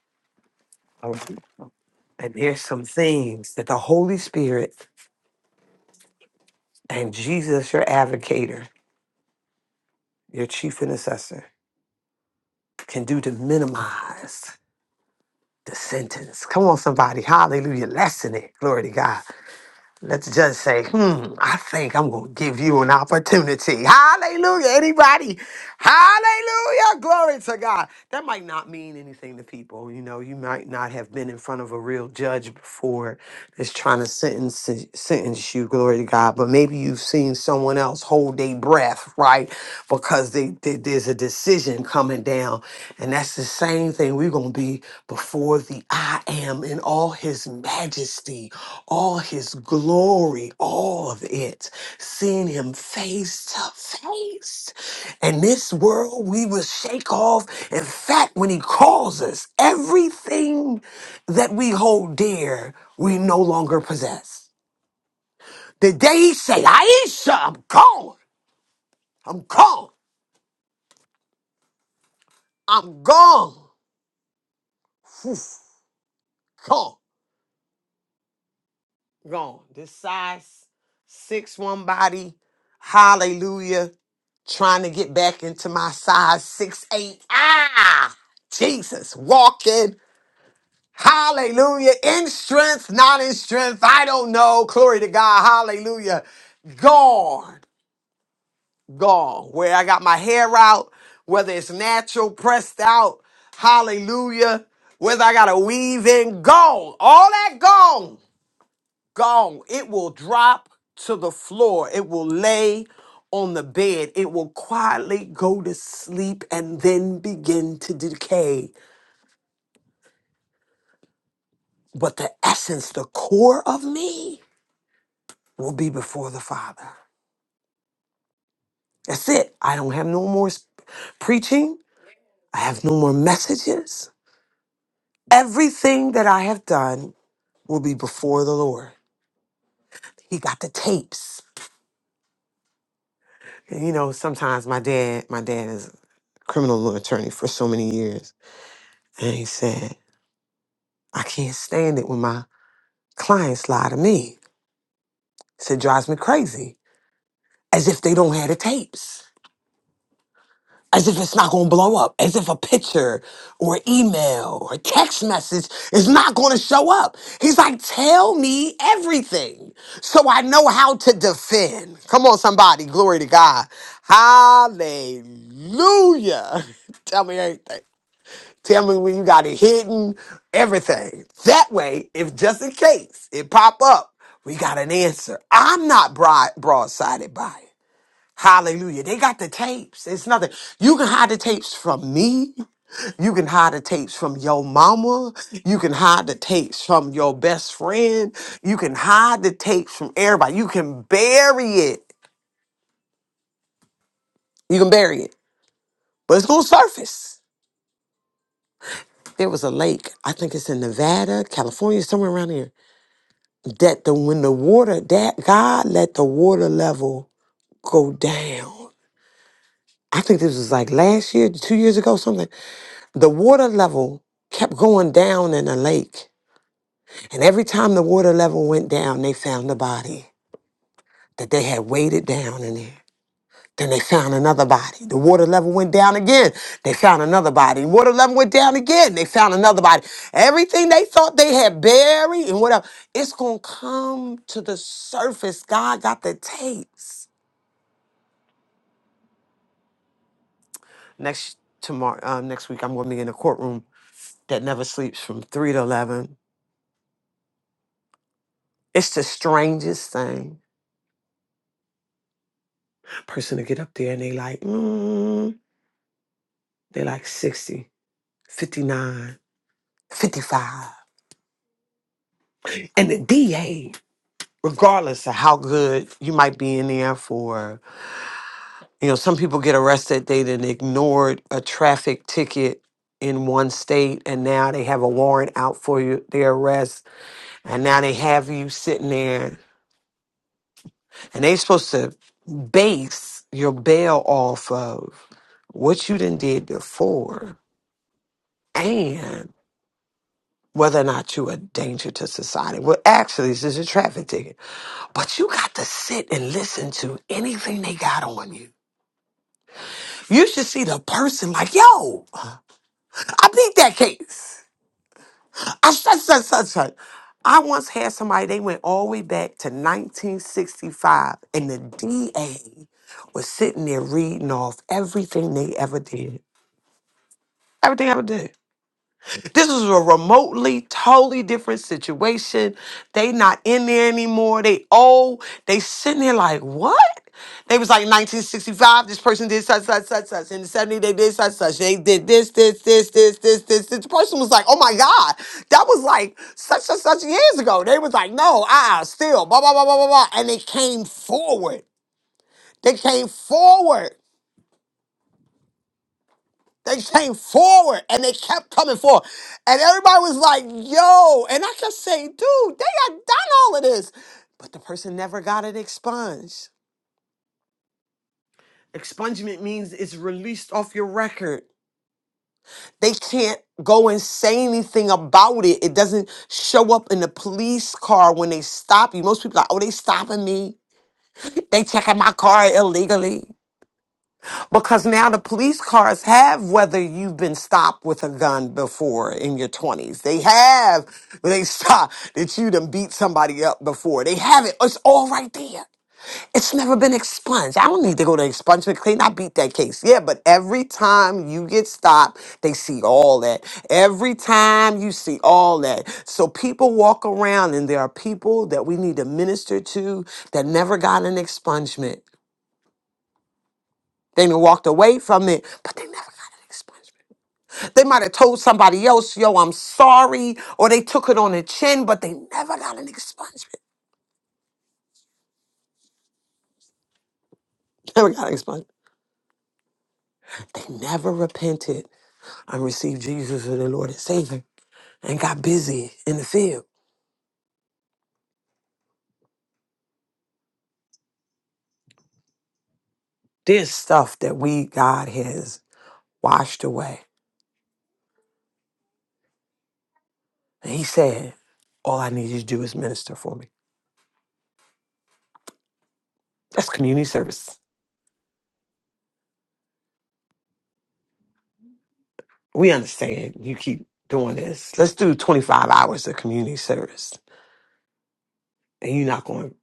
Speaker 2: All right. And there's some things that the Holy Spirit and Jesus, your advocator, your chief intercessor, can do to minimize the sentence. Come on, somebody. Hallelujah. Lessen it. Glory to God. Let's just say, hmm, I think I'm going to give you an opportunity. Hallelujah. Anybody? Hallelujah. Glory to God. That might not mean anything to people. You know, you might not have been in front of a real judge before that's trying to sentence sentence you, glory to God. But maybe you've seen someone else hold their breath, right? Because they, they- there's a decision coming down. And that's the same thing. We're gonna be before the I am in all his majesty, all his glory, all of it. Seeing him face to face. In this world, we will shake off. In fact, when He calls us, everything that we hold dear, we no longer possess. The day He said, Aisha, I'm gone. I'm gone. I'm gone. Whew. Gone. Gone. This size, six one body. Hallelujah. Trying to get back into my size six eight. Ah, Jesus. Walking. Hallelujah. In strength, not in strength. I don't know. Glory to God. Hallelujah. Gone. Gone. Where I got my hair out, whether it's natural, pressed out. Hallelujah. Whether I got to weave in, gone. All that gone. Gone. It will drop to the floor. It will lay on the bed. It will quietly go to sleep and then begin to decay. But the essence, the core of me, will be before the Father. That's it. I don't have no more sp- preaching. I have no more messages. Everything that I have done will be before the Lord. He got the tapes. And you know, sometimes my dad, my dad is a criminal law attorney for so many years. And he said, I can't stand it when my clients lie to me. He said, drives me crazy. As if they don't have the tapes. as if it's not going to blow up, as if a picture or email or text message is not going to show up. He's like, tell me everything so I know how to defend. Come on, somebody. Glory to God. Hallelujah. tell me everything. Tell me when you got it hidden, everything. That way, if just in case it pop up, we got an answer. I'm not broad- broadsided by it. Hallelujah. They got the tapes. It's nothing. You can hide the tapes from me. You can hide the tapes from your mama. You can hide the tapes from your best friend. You can hide the tapes from everybody. You can bury it. You can bury it. But it's going to surface. There was a lake, I think it's in Nevada, California, somewhere around here, that the when the water, that God let the water level go down. I think this was like last year, two years ago, something like the water level kept going down in the lake. And every time the water level went down, they found the body that they had weighted down in there. Then they found another body. The water level went down again. They found another body. Water level went down again. They found another body. Everything they thought they had buried and whatever, it's going to come to the surface. God got the tapes. Next tomorrow, uh, next week, I'm going to be in a courtroom that never sleeps from three to eleven. It's the strangest thing person to get up there and they like, mm, they like 60, 59, 55, And the DA, regardless of how good you might be in there for, you know, some people get arrested, they then ignored a traffic ticket in one state and now they have a warrant out for you, their arrest, and now they have you sitting there and they supposed to base your bail off of what you done did before. and. whether or not you're a danger to society. Well, actually, this is a traffic ticket. But you got to sit and listen to anything they got on you. You should see the person like, yo, I beat that case. I, such, such, such, such. I once had somebody, they went all the way back to 1965, and the DA was sitting there reading off everything they ever did. Everything ever did. This is a remotely totally different situation. They not in there anymore. They old. They sitting there like, what? They was like 1965, this person did such, such, such, such. In the 70s, they did such, such. They did this, this, this, this, this, this. this. The person was like, oh my God, that was like such, such, such years ago. They was like, no, uh-uh, still, blah, blah, blah, blah, blah, blah. And they came forward. They came forward. They came forward and they kept coming forward. And everybody was like, yo. And I kept saying, dude, they had done all of this. But the person never got it expunged. Expungement means it's released off your record. They can't go and say anything about it. It doesn't show up in the police car when they stop you. Most people are like, oh, they stopping me. They checking my car illegally. Because now the police cars have whether you've been stopped with a gun before in your 20s. They have, they stop that you done beat somebody up before. They have it. It's all right there. It's never been expunged. I don't need to go to expungement clean. I beat that case. Yeah, but every time you get stopped, they see all that. Every time you see all that. So people walk around and there are people that we need to minister to that never got an expungement. They done walked away from it, but they never got an expungement. They might have told somebody else, yo, I'm sorry, or they took it on the chin, but they never got an expungement. Never got an expungement. They never repented and received Jesus as their Lord and Savior and got busy in the field. There's stuff that we, God, has washed away. And He said, all I need you to do is minister for me. That's community service. We understand you keep doing this. Let's do 25 hours of community service and you're not going.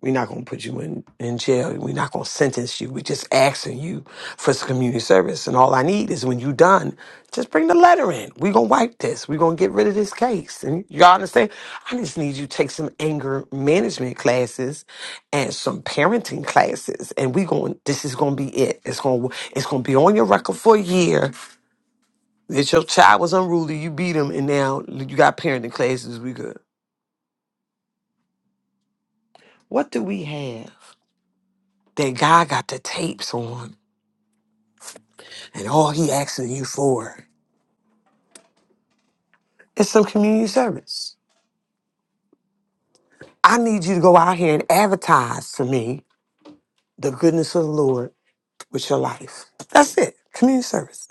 Speaker 2: We're not going to put you in, in jail. We're not going to sentence you. We're just asking you for some community service. And all I need is when you're done, just bring the letter in. We're going to wipe this. We're going to get rid of this case. And y'all understand? I just need you to take some anger management classes and some parenting classes. And we going, this is going to be it. It's going, to it's going to be on your record for a year that your child was unruly. You beat him and now you got parenting classes. We good. What do we have that God got the tapes on? And all he asking you for is some community service. I need you to go out here and advertise to me the goodness of the Lord with your life. That's it. Community service.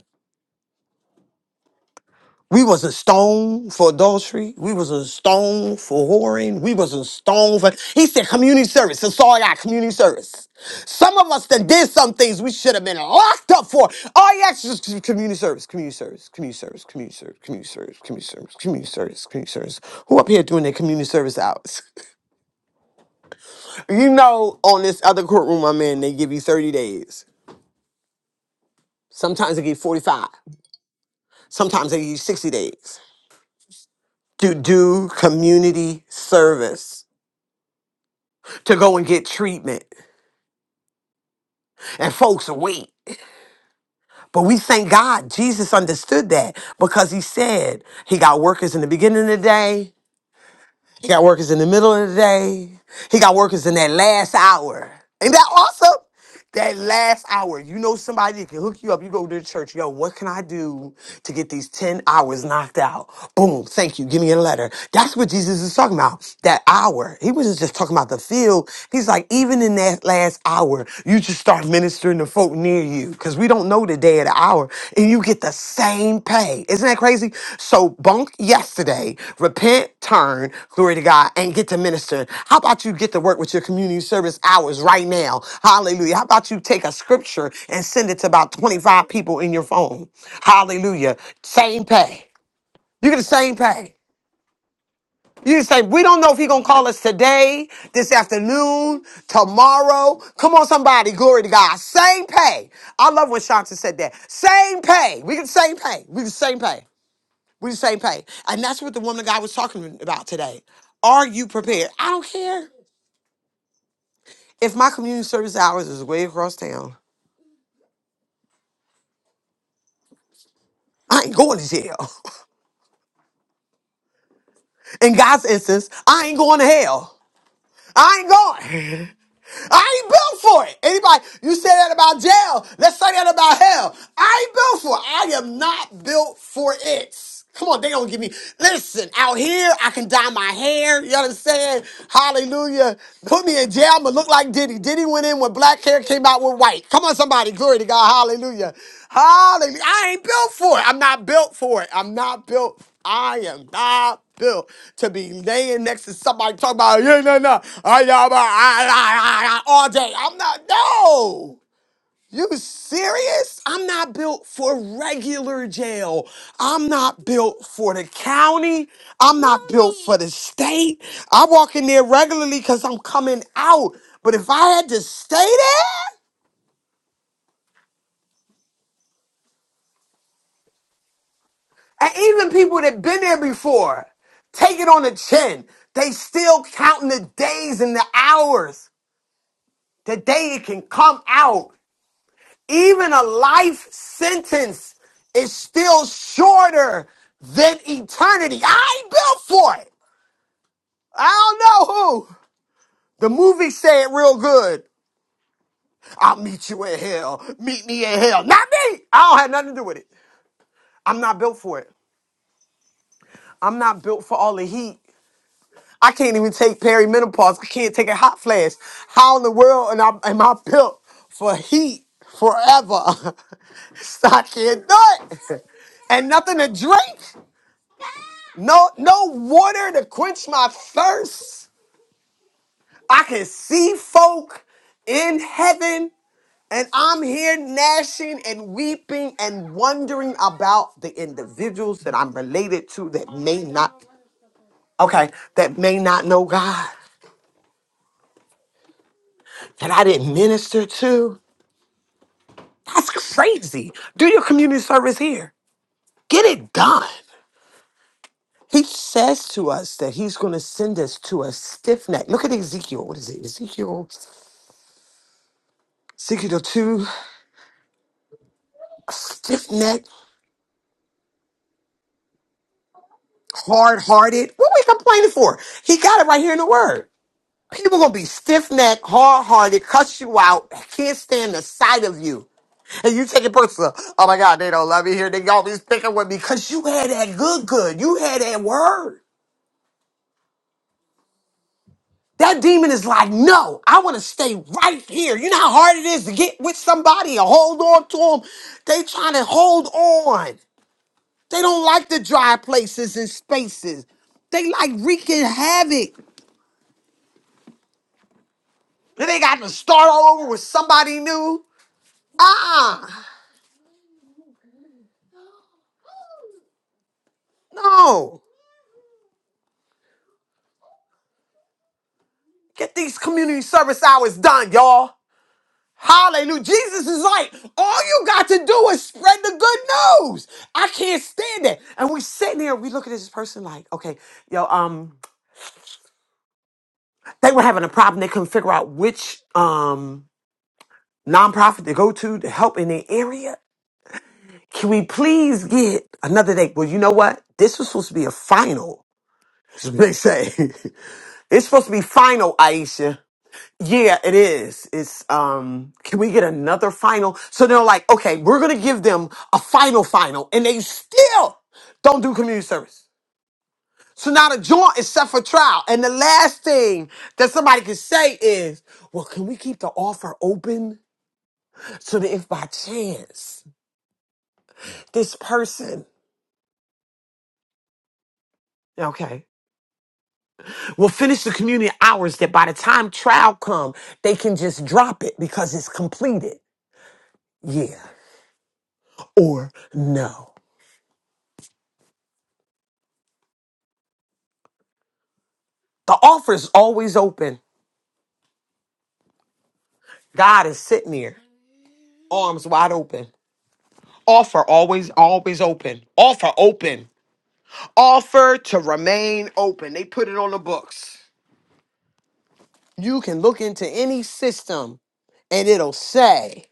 Speaker 2: We wasn't stoned for adultery. We wasn't stoned for whoring. We wasn't stoned for. He said community service. That's all I got. Community service. Some of us that did some things we should have been locked up for. All you asked is just community service. Community service. Community service. Community service. Community service. Community service. Community service. Community service. Who up here doing their community service hours? You know, on this other courtroom I'm in, they give you 30 days. Sometimes they give 45. Sometimes they give you 60 days to do community service. to go and get treatment. And folks wait. But we thank God Jesus understood that because he said he got workers in the beginning of the day He got workers in the middle of the day. He got workers in that last hour. Ain't that awesome? That last hour, you know somebody that can hook you up. You go to the church, yo, what can I do to get these 10 hours knocked out? Boom, thank you, give me a letter. That's what Jesus is talking about, that hour. He wasn't just talking about the field. He's like, even in that last hour, you just start ministering to folk near you because we don't know the day of the hour and you get the same pay. Isn't that crazy? So bunk yesterday, repent, turn, glory to God, and get to minister. How about you get to work with your community service hours right now? Hallelujah. How about you take a scripture and send it to about 25 people in your phone? Hallelujah. Same pay. You get the same pay. You say we don't know if he gonna call us today, this afternoon, tomorrow. Come on, somebody, glory to God. Same pay. I love when Shanta said that. Same pay. We get the same pay. We get the same pay. We get the same pay. And that's what the woman guy was talking about today. Are you prepared? I don't care if my community service hours is way across town. I ain't going to jail. In God's instance, I ain't going to hell. I ain't going. I ain't built for it. Anybody, you say that about jail. Let's say that about hell. I ain't built for it. I am not built for it. Come on, they don't give me. Listen, out here, I can dye my hair. You understand? Hallelujah. Put me in jail. I'm going to look like Diddy. Diddy went in with black hair, came out with white. Come on, somebody. Glory to God. Hallelujah. Hallelujah. I ain't built for it. I'm not built for it. I'm not built. I am not Built to be laying next to somebody talking about yeah no no I, I, I, I, I, all day. I'm not no. You serious? I'm not built for regular jail. I'm not built for the county. I'm not built for the state. I walk in there regularly because I'm coming out. But if I had to stay there, and even people that been there before, take it on the chin. They still counting the days and the hours. Today it can come out. Even a life sentence is still shorter than eternity. I ain't built for it. I don't know who. The movie said real good. I'll meet you in hell. Meet me in hell. Not me. I don't have nothing to do with it. I'm not built for it. I'm not built for all the heat. I can't even take perimenopause. I can't take a hot flash. How in the world am I, am I built for heat forever? So I can't do it. And nothing to drink. No, no water to quench my thirst. I can see folk in heaven, and I'm here gnashing and weeping and wondering about the individuals that I'm related to that may not, okay, that may not know God, that I didn't minister to. That's crazy. Do your community service here. Get it done. He says to us that he's going to send us to a stiff neck. Look at Ezekiel. What is it? Ezekiel, Ezekiel 2, stiff neck, hard hearted. What are we complaining for? He got it right here in the word. People going to be stiff neck, hard hearted, cuss you out, can't stand the sight of you. And you take it personal. Oh my God, they don't love me here. They always picking with me because you had that good, good. You had that word. That demon is like, no, I want to stay right here. You know how hard it is to get with somebody or hold on to them? They trying to hold on. They don't like the dry places and spaces. They like wreaking havoc. Then they got to start all over with somebody new. Ah, no. Get these community service hours done, y'all. Hallelujah. Jesus is like, all you got to do is spread the good news. I can't stand that. And we sitting there, we look at this person like, okay, yo, um, they were having a problem. They couldn't figure out which um nonprofit to go to to help in their area. Can we please get another date? Well, you know what? This was supposed to be a final. They say it's supposed to be final, Aisha. Yeah, it is. It's um can we get another final? So they're like, okay, we're gonna give them a final final, and they still don't do community service. So now the joint is set for trial. And the last thing that somebody can say is, well, can we keep the offer open so that if by chance this person Okay. will finish the community hours that by the time trial come, they can just drop it because it's completed. Yeah. Or no. The offer's always open. God is sitting there, arms wide open. Offer always, always open. Offer open. Offer to remain open. They put it on the books. You can look into any system and it'll say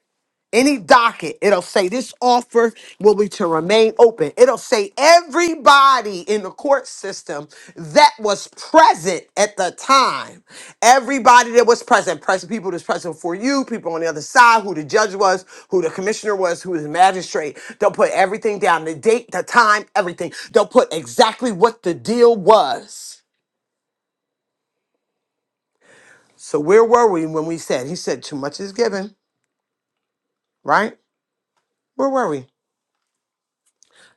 Speaker 2: any docket, it'll say this offer will be to remain open. It'll say everybody in the court system that was present at the time. Everybody that was present, present people that's present for you, people on the other side, who the judge was, who the commissioner was, who the magistrate. They'll put everything down, the date, the time, everything. They'll put exactly what the deal was. So where were we when we said, he said, too much is given, right? Where were we?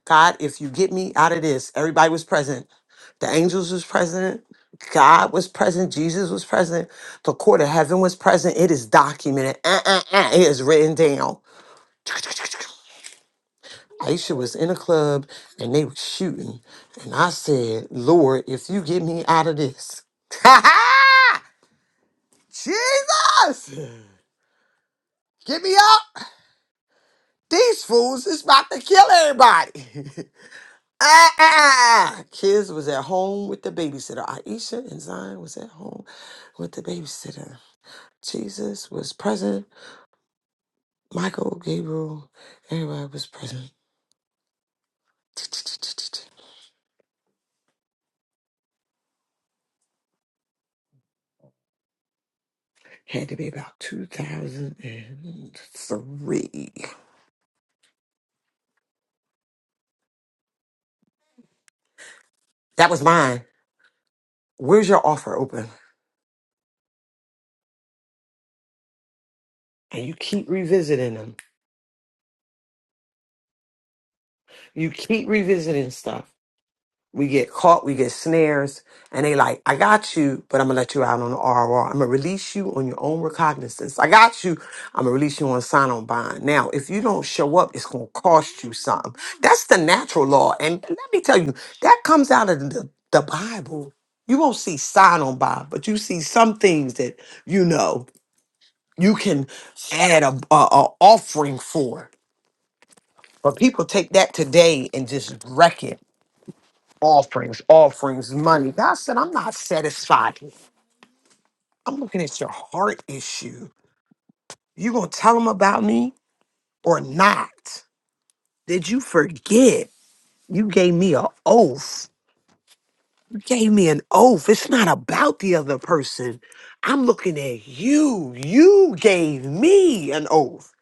Speaker 2: God, if you get me out of this, everybody was present. The angels was present. God was present. Jesus was present. The court of heaven was present. It is documented. Uh, uh, uh, it is written down. Aisha was in a club and they were shooting. And I said, Lord, if you get me out of this. Jesus! Get me out. These fools is about to kill everybody. Ah, ah, ah. Kids was at home with the babysitter. Aisha and Zion was at home with the babysitter. Jesus was present. Michael, Gabriel, everybody was present. Had to be about 2003. That was mine. Where's your offer open? And you keep revisiting them. You keep revisiting stuff. We get caught, we get snares, and they like, I got you, but I'm gonna let you out on the RR. I'm gonna release you on your own recognizance. I got you, I'm gonna release you on sign on bond. Now, if you don't show up, it's gonna cost you something. That's the natural law. And let me tell you, that comes out of the, the Bible. You won't see sign on bond, but you see some things that you know you can add a, a, a offering for. But people take that today and just wreck it offerings, offerings, money. God said, I'm not satisfied. I'm looking at your heart issue. You gonna tell them about me or not? Did you forget you gave me an oath gave me an oath. It's not about the other person. I'm looking at you. You gave me an oath.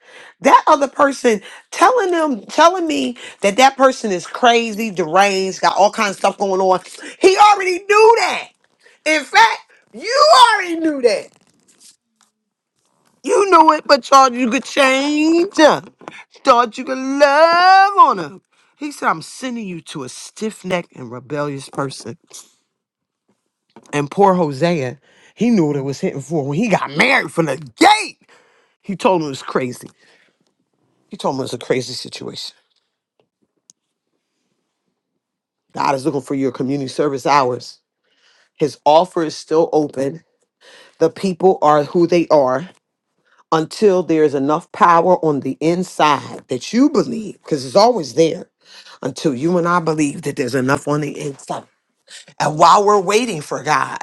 Speaker 2: That other person telling them, telling me that that person is crazy, deranged, got all kinds of stuff going on. He already knew that. In fact, you already knew that. You knew it, but thought you could change her. Thought you could love on her. He said, I'm sending you to a stiff necked and rebellious person. And poor Hosea, he knew what it was hitting for when he got married from the gate. He told him it was crazy. He told him it was a crazy situation. God is looking for your community service hours. His offer is still open. The people are who they are until there is enough power on the inside that you believe, because it's always there, until you and I believe that there's enough on the inside. And while we're waiting for God,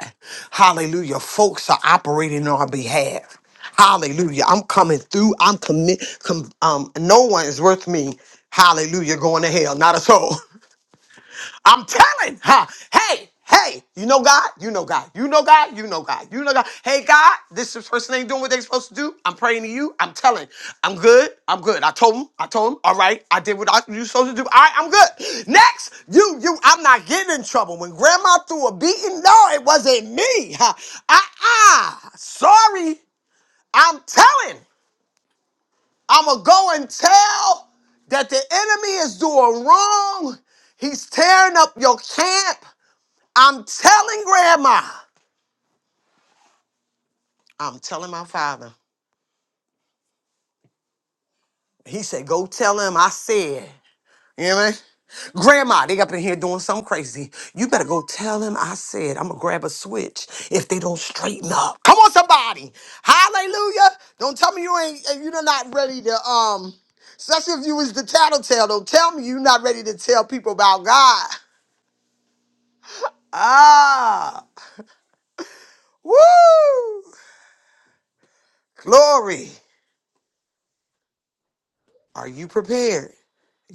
Speaker 2: hallelujah, folks are operating on our behalf. Hallelujah. I'm coming through. I'm commit. Com- um, no one is worth me. Hallelujah. Going to hell. Not a soul. I'm telling her, hey, hey, you know God, you know God, you know God, you know God, you know God. Hey, God, this is person ain't doing what they supposed to do. I'm praying to you. I'm telling, I'm good, I'm good. I told him, I told him, all right, I did what I, you supposed to do. All right, I'm good. Next, you, you, I'm not getting in trouble. When grandma threw a beating, no, it wasn't me. Ah, ah, sorry, I'm telling. I'm gonna go and tell that the enemy is doing wrong. He's tearing up your camp. I'm telling grandma. I'm telling my father. He said, go tell him I said. You know what I mean? Grandma, they up in here doing something crazy. You better go tell him." I said I'm gonna grab a switch if they don't straighten up. Come on, somebody. Hallelujah. Don't tell me you ain't you're not ready to um especially if you was the tattletale. Don't tell me you not ready to tell people about God. Ah. Woo! Glory. Are you prepared?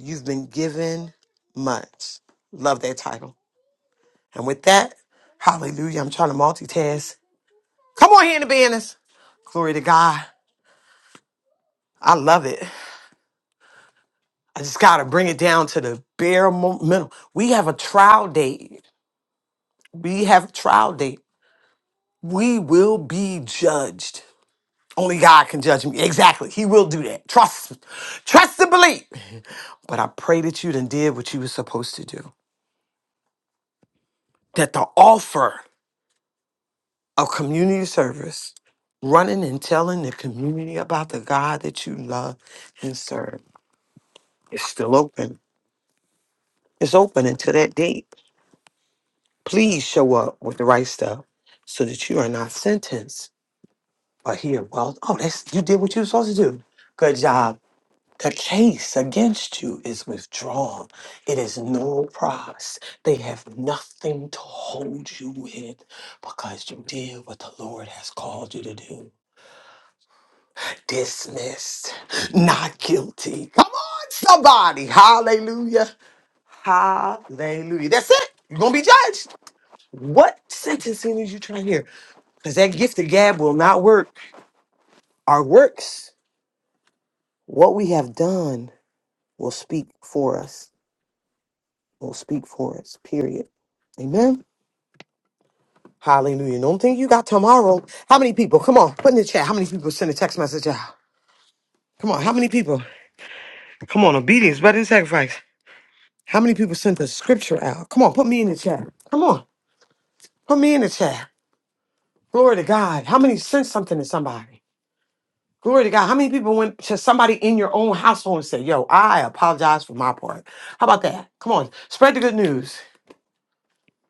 Speaker 2: You've been given much. Love that title. And with that, hallelujah. I'm trying to multitask. Come on here in the business. Glory to God. I love it. I just got to bring it down to the bare mo- minimum. We have a trial date. We have a trial date. We will be judged. Only God can judge me. Exactly. He will do that. Trust. Trust and believe. But I pray that you done did what you were supposed to do. That the offer a community service, running and telling the community about the God that you love and serve. It's still open. It's open until that date. Please show up with the right stuff so that you are not sentenced or here. Well, oh, that's you did what you were supposed to do. Good job. The case against you is withdrawn. It is no prize. They have nothing to hold you with because you did what the Lord has called you to do. dismissed, not guilty. Come on, somebody. Hallelujah. Hallelujah. That's it. You're going to be judged. What sentencing is you trying to hear? Because that gift of gab will not work. Our works, what we have done, will speak for us, will speak for us, period. Amen. Hallelujah. Don't think you got tomorrow. How many people? Come on, put in the chat. How many people send a text message out? Come on, how many people? Come on, obedience better than sacrifice. How many people sent the scripture out? Come on, put me in the chat. Come on, put me in the chat. Glory to God. How many sent something to somebody? Glory to God. How many people went to somebody in your own household and said, Yo, I apologize for my part? How about that? Come on, spread the good news.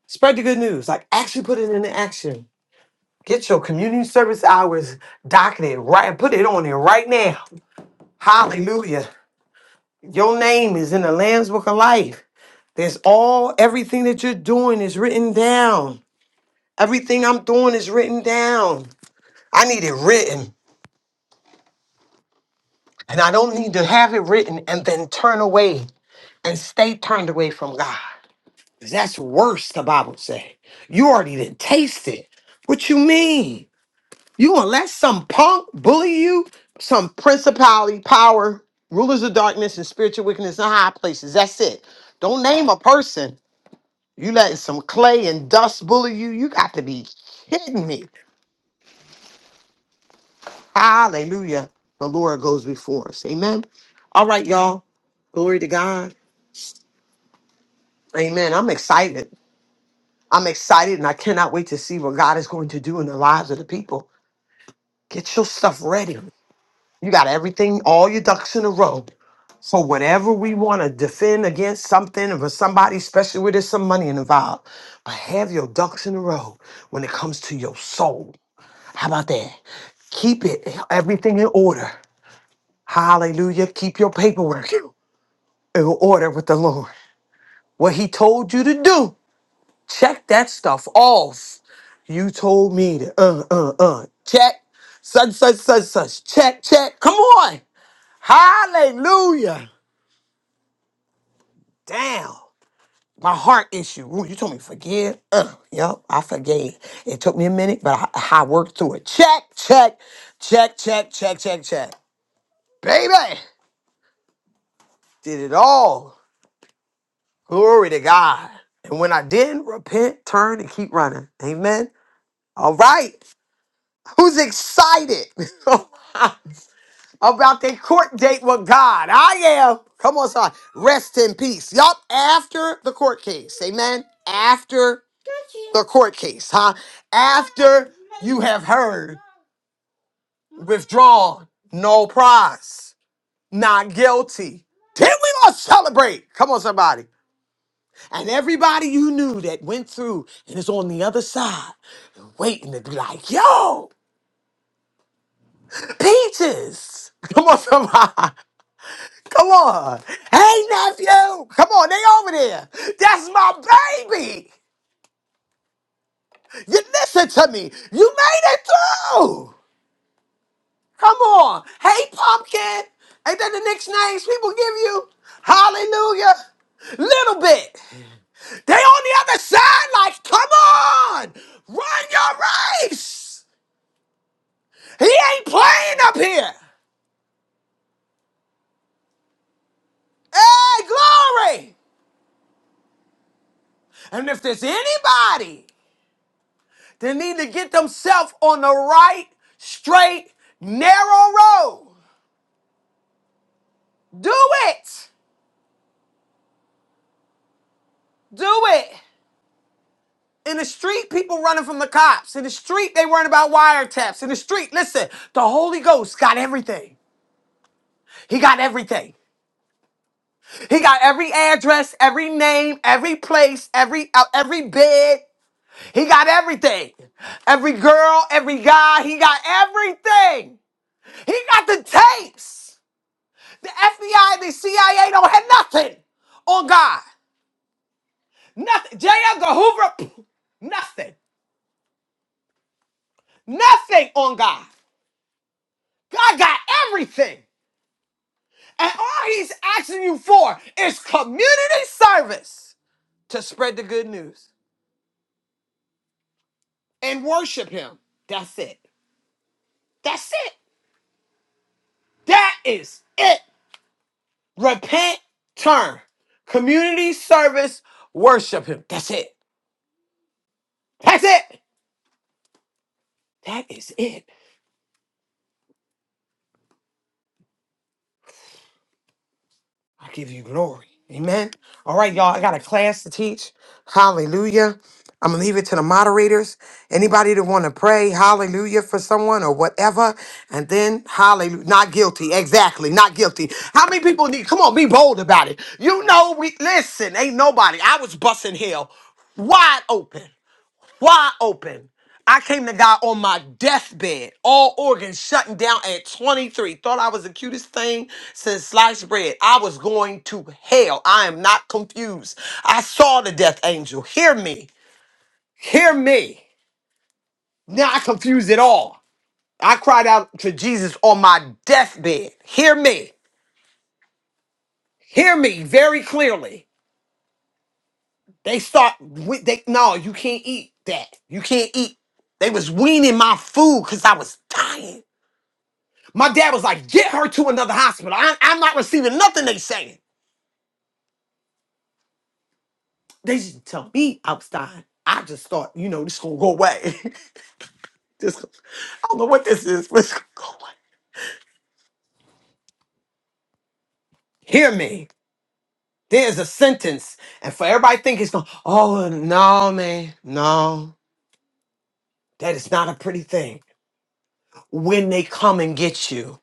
Speaker 2: Spread the good news. Like, actually put it into action. Get your community service hours docketed right. Put it on there right now. Hallelujah. Your name is in the Lamb's Book of Life. There's all, everything that you're doing is written down. Everything I'm doing is written down. I need it written. And I don't need to have it written and then turn away and stay turned away from God. 'Cause that's worse, the Bible say. You already didn't taste it. What you mean? You gonna let some punk bully you? Some principality, power, rulers of darkness, and spiritual wickedness in high places. That's it. Don't name a person. You letting some clay and dust bully you? You got to be kidding me. Hallelujah. The Lord goes before us. Amen. All right, y'all. Glory to God. Amen. I'm excited. I'm excited and I cannot wait to see what God is going to do in the lives of the people. Get your stuff ready. You got everything, all your ducks in a row. So whenever we want to defend against something or somebody, especially where there's some money involved, but have your ducks in a row when it comes to your soul. How about that? Keep it everything in order. Hallelujah. Keep your paperwork. in order with the Lord. What he told you to do, check that stuff off. You told me to uh uh uh check such such such such check check. Come on, hallelujah. Damn, my heart issue. Ooh, you told me to forgive. Uh, yep, I forgave. It took me a minute, but I, I worked through it. Check check check check check check check. Baby, did it all. Glory to God. And when I didn't repent, turn and keep running. Amen. All right. Who's excited about their court date with God? I am. Come on, son. Rest in peace. Yup. After the court case. Amen. After the court case, huh? After you have heard, withdrawn, no prize, not guilty. Then we gonna celebrate. Come on, somebody. And everybody you knew that went through and is on the other side waiting to be like, yo. Peaches! Come on, somebody. Come on. Hey, nephew. Come on, they over there. That's my baby. You listen to me. You made it through. Come on. Hey, pumpkin. Ain't that the nicknames people give you? Hallelujah. Little bit. They on the other side, like, come on. Run your race. He ain't playing up here. Hey, glory. And if there's anybody They need to get themselves on the right, straight, narrow road. Do it. Do it. In the street, people running from the cops. In the street, they worrying about wiretaps. In the street, listen, the Holy Ghost got everything. He got everything. He got every address, every name, every place, every uh, every bed. He got everything. Every girl, every guy, he got everything. He got the tapes. The FBI, the CIA don't have nothing on God. Nothing. J. Edgar Hoover, pff, nothing. Nothing on God. God got everything. And all he's asking you for is community service to spread the good news and worship him. That's it. That's it. That is it. Repent, turn. Community service, worship him. That's it. That's it. That is it. I give you glory. Amen. All right, y'all. I got a class to teach. Hallelujah. I'm gonna leave it to the moderators. Anybody that want to pray, hallelujah, for someone or whatever, and then hallelujah, not guilty, exactly, not guilty. How many people need? Come on, be bold about it. You know, we listen. Ain't nobody. I was busting hell wide open wide open. I came to God on my deathbed, all organs shutting down at 23. Thought I was the cutest thing since sliced bread. I was going to hell. I am not confused. I saw the death angel. Hear me. Hear me. Now I confuse it all. I cried out to Jesus on my deathbed. Hear me. Hear me very clearly. They start with they no, you can't eat that. You can't eat. They was weaning my food because I was dying. My dad was like, get her to another hospital. I, I'm not receiving nothing they saying. They just tell me I was dying. I just thought, you know, this gonna go away. this, I don't know what this is, but it's gonna go away. Hear me. There's a sentence, and for everybody think it's going, oh no, man, no. That is not a pretty thing. When they come and get you.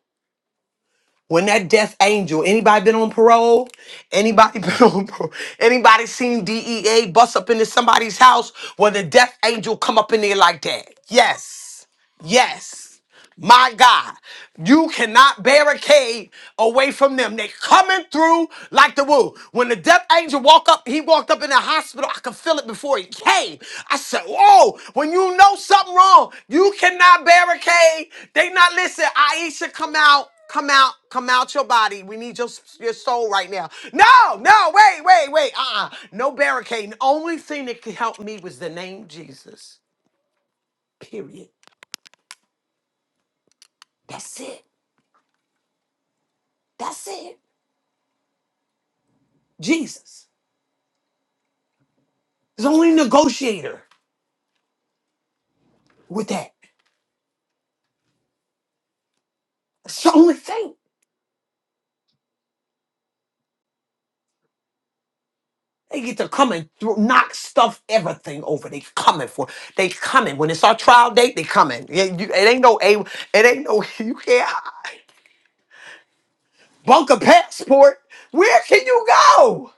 Speaker 2: When that death angel, anybody been on parole? Anybody been on parole? Anybody seen DEA bust up into somebody's house when the death angel come up in there like that? Yes. Yes. My God, you cannot barricade away from them. They coming through like the woo. When the death angel walked up, he walked up in the hospital. I could feel it before he came. I said, "Whoa!" When you know something wrong, you cannot barricade. They not listen. Aisha, come out, come out, come out your body. We need your your soul right now. No, no, wait, wait, wait. Uh, uh no barricading. The only thing that could help me was the name Jesus. Period. That's it. That's it. Jesus is the only negotiator with that. It's the only thing. They get to come and thro- knock stuff, everything over. They coming for. They coming when it's our trial date. They coming. Yeah, you- It ain't no a. It ain't no you can't hide. bunker passport. Where can you go?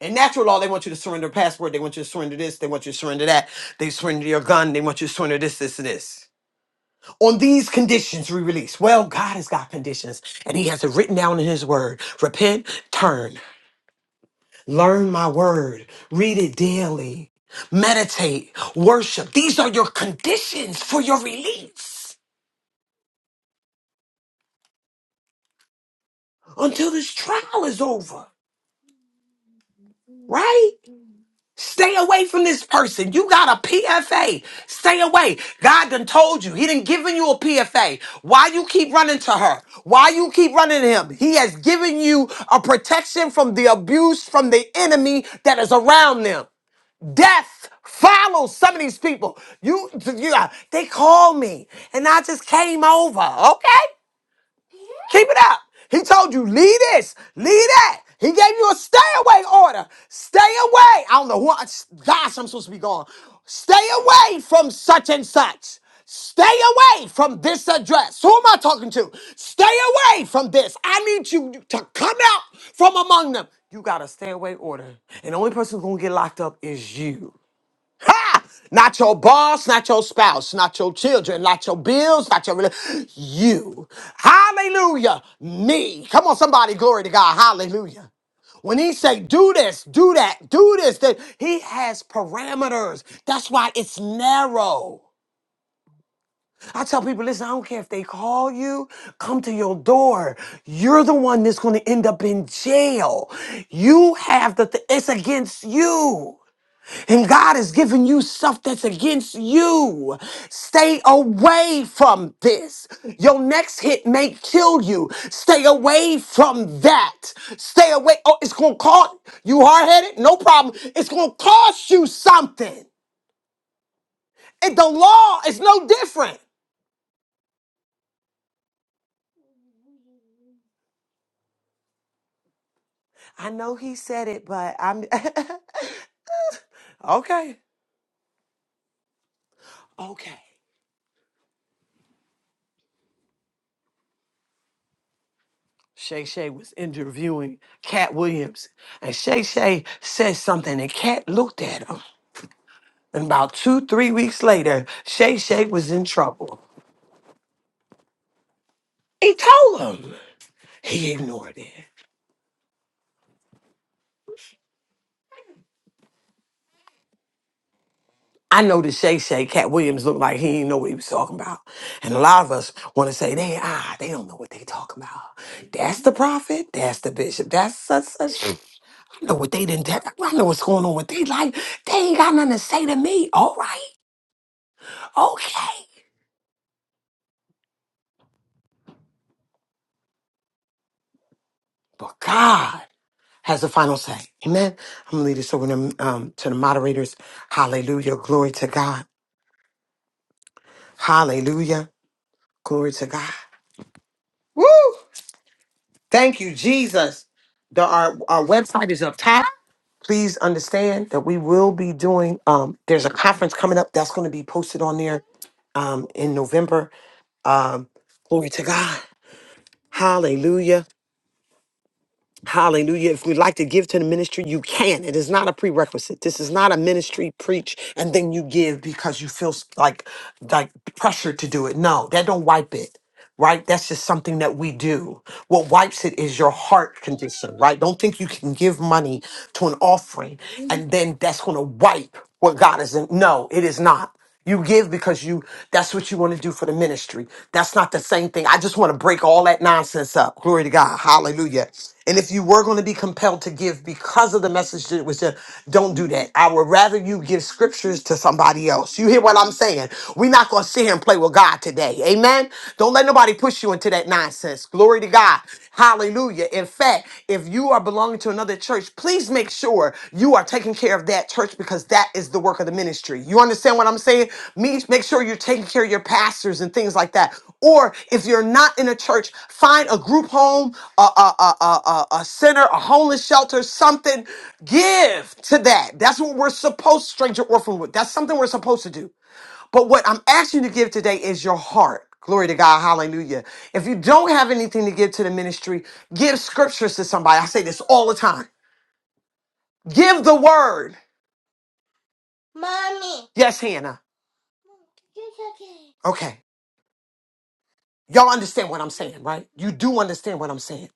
Speaker 2: In natural law, they want you to surrender a passport. They want you to surrender this. They want you to surrender that. They surrender your gun. They want you to surrender this, this, and this. On these conditions, we release. Well, God has got conditions, and He has it written down in His Word. Repent, turn. Learn my word, read it daily, meditate, worship. These are your conditions for your release until this trial is over, right? Stay away from this person. You got a PFA. Stay away. God done told you. He done given you a PFA. Why you keep running to her? Why you keep running to him? He has given you a protection from the abuse from the enemy that is around them. Death follows some of these people. You, you, uh, they called me, and I just came over. Okay, keep it up. He told you leave this, leave that. He gave you a stay away order. Stay away. I don't know who. I- Gosh, I'm supposed to be gone. Stay away from such and such. Stay away from this address. Who am I talking to? Stay away from this. I need you to come out from among them. You got a stay away order. And the only person who's gonna get locked up is you. Ha! Not your boss, not your spouse, not your children, not your bills, not your rela- you. Hallelujah. Me. Come on, somebody, glory to God. Hallelujah. When he say do this, do that, do this, that he has parameters. That's why it's narrow. I tell people, listen, I don't care if they call you, come to your door. You're the one that's going to end up in jail. You have the, th- it's against you. And God has given you stuff that's against you. Stay away from this. Your next hit may kill you. Stay away from that. Stay away. Oh, it's going to cost you hard headed? No problem. It's going to cost you something. And the law is no different. I know he said it, but I'm okay. Okay. Shay Shay was interviewing Cat Williams, and Shay Shay said something, and Cat looked at him. And about two, three weeks later, Shay Shay was in trouble. He told him. He ignored it. I know that Shay Shay, Cat Williams, looked like he didn't know what he was talking about. And a lot of us want to say, they ah, they don't know what they talking about. That's the prophet, that's the bishop, that's such such. I know what they didn't tell. I know what's going on with their life. They ain't got nothing to say to me. All right. Okay. But God has the final say. Amen. I'm gonna lead this over to, um, to the moderators. Hallelujah. Glory to God. Hallelujah. Glory to God. Woo! Thank you, Jesus. The, our, our website is up top. Please understand that we will be doing, um, there's a conference coming up that's going to be posted on there um, in November. Um, glory to God. Hallelujah. Hallelujah. If we'd like to give to the ministry, you can. It is not a prerequisite. This is not a ministry preach and then you give because you feel s- like like pressure to do it. No, that don't wipe it. right? That's just something that we do. What wipes it is your heart condition, right? Don't think you can give money to an offering and then that's going to wipe what God is in. No, it is not. You give because you that's what you want to do for the ministry. That's not the same thing. I just want to break all that nonsense up. Glory to God. Hallelujah. And if you were going to be compelled to give because of the message that was just, don't do that. I would rather you give scriptures to somebody else. You hear what I'm saying? We're not going to sit here and play. with with God today. Amen. Don't let nobody push you into that nonsense. Glory to God. Hallelujah. In fact, if you are belonging to another church, please make sure you are taking care of that church because that is the work of the ministry. You understand what I'm saying? Me, make sure you're taking care of your pastors and things like that. Or if you're not in a church, find a group home, a, a, a, a, a a center, a homeless shelter, something. Give to that. That's what we're supposed, stranger orphan, that's something we're supposed to do. But what I'm asking you to give today is your heart. Glory to God. Hallelujah. If you don't have anything to give to the ministry, give scriptures to somebody. I say this all the time. Give the word. Mommy. Yes, Hannah. It's okay. Okay. Y'all understand what I'm saying, right? You do understand what I'm saying.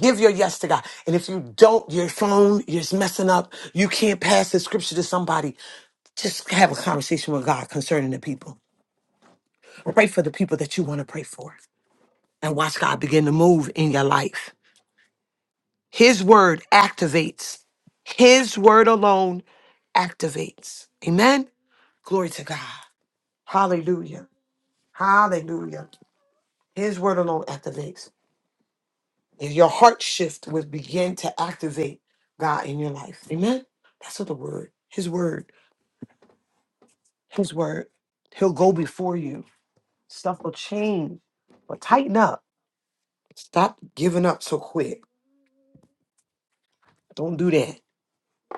Speaker 2: Give your yes to God. And if you don't, your phone is messing up. You can't pass the scripture to somebody. Just have a conversation with God concerning the people. Pray for the people that you want to pray for. And watch God begin to move in your life. His word activates. His word alone activates. Amen. Glory to God. Hallelujah. Hallelujah. His word alone activates. And your heart shift will begin to activate God in your life. Amen. That's what the word. His word. His word. He'll go before you. Stuff will change. But tighten up. Stop giving up so quick. Don't do that.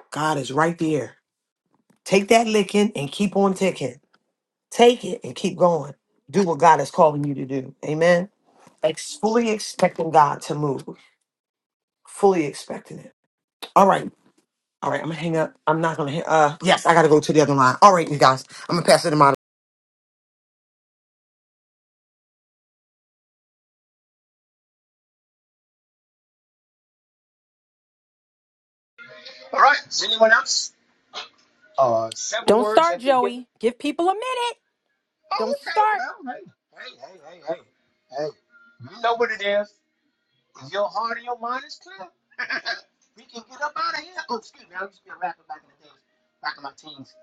Speaker 2: God is right there. Take that licking and keep on ticking. Take it and keep going. Do what God is calling you to do. Amen. Ex- fully expecting God to move. Fully expecting it. All right. All right. I'm gonna hang up. I'm not gonna. hang- Uh, yes, I gotta go to the other line. All right, you guys. I'm gonna pass it to my.
Speaker 15: All right. Is anyone else? Uh, several
Speaker 9: Don't
Speaker 15: words
Speaker 9: start,
Speaker 15: have been given.
Speaker 9: Joey. Give people a minute. Don't
Speaker 15: Oh, okay.
Speaker 9: start.
Speaker 15: Well, hey, hey, hey, hey, hey, hey. You know what it is. If your heart and your mind is clear, we can get up out of here. Oh, excuse me. I used to be a rapper back in the days, back in my teens.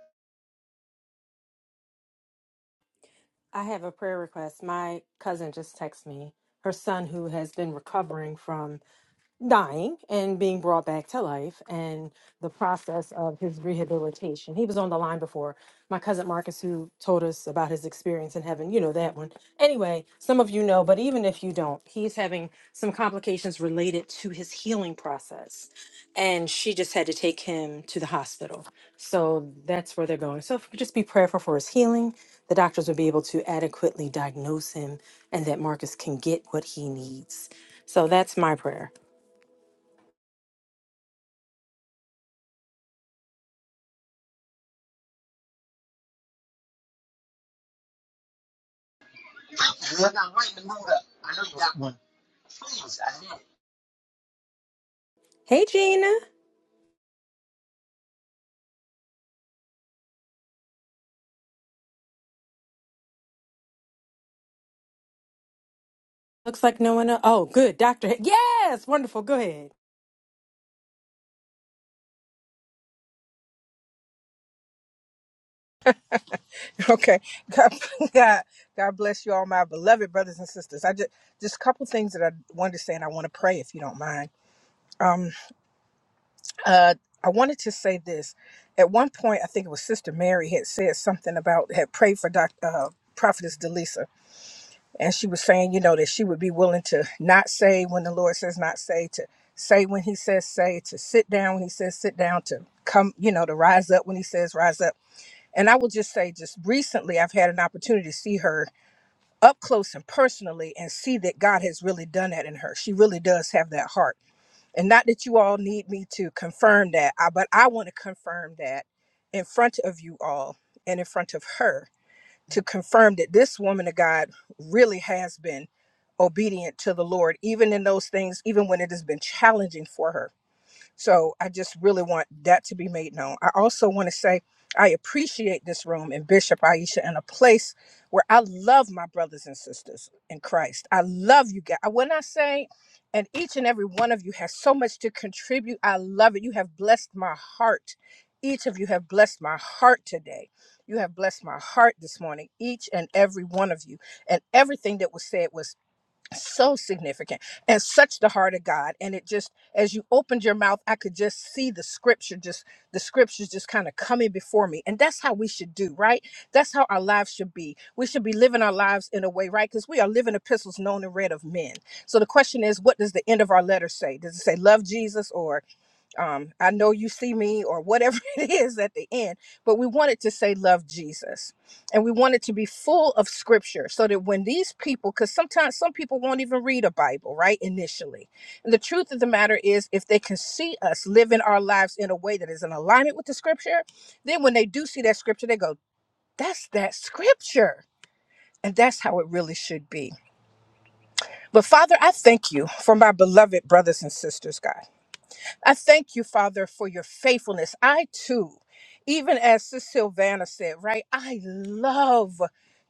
Speaker 9: I have a prayer request. My cousin just texted me, her son who has been recovering from dying and being brought back to life and the process of his rehabilitation. He was on the line before. My cousin Marcus, who told us about his experience in heaven, you know that one. Anyway, some of you know, but even if you don't, he's having some complications related to his healing process. And she just had to take him to the hospital. So that's where they're going. So if we could just be prayerful for his healing, the doctors will be able to adequately diagnose him and that Marcus can get what he needs. So that's my prayer.
Speaker 15: Thank you. I got right in the mood up. I know you got one. Please, I need it.
Speaker 9: Hey, Gina. Looks like no one. el Oh, good. Dr. Yes, wonderful. Go ahead.
Speaker 11: Okay. God, God, God bless you all, my beloved brothers and sisters. I just just a couple things that I wanted to say, and I want to pray if you don't mind. Uh, I wanted to say this. At one point, I think it was Sister Mary had said something about had prayed for Doctor uh, Prophetess Delisa, and she was saying, you know, that she would be willing to not say when the Lord says not say, to say when He says say, to sit down when He says sit down, to come, you know, to rise up when He says rise up. And I will just say, just recently, I've had an opportunity to see her up close and personally and see that God has really done that in her. She really does have that heart. And not that you all need me to confirm that, I- but I want to confirm that in front of you all and in front of her to confirm that this woman of God really has been obedient to the Lord, even in those things, even when it has been challenging for her so I just really want that to be made known. I also want to say I appreciate this room and Bishop Aisha and a place where I love my brothers and sisters in Christ. I love you guys. When I say, and each and every one of you has so much to contribute, I love it. You have blessed my heart. Each of you have blessed my heart today. You have blessed my heart this morning, each and every one of you. And everything that was said was so significant and such the heart of God. And it just, as you opened your mouth, I could just see the scripture, just the scriptures just kind of coming before me. And that's how we should do, right? That's how our lives should be. We should be living our lives in a way, right? Because we are living epistles known and read of men. So the question is, what does the end of our letter say? Does it say love Jesus or um, I know you see me or whatever it is at the end, but we wanted to say love Jesus. And we wanted to be full of scripture so that when these people, because sometimes some people won't even read a Bible, right? Initially. And the truth of the matter is, if they can see us living our lives in a way that is in alignment with the scripture, then when they do see that scripture, they go, that's that scripture. And that's how it really should be. But Father, I thank you for my beloved brothers and sisters, God. I thank you, Father, for your faithfulness. I too, even as Sis Silvana said, right? I love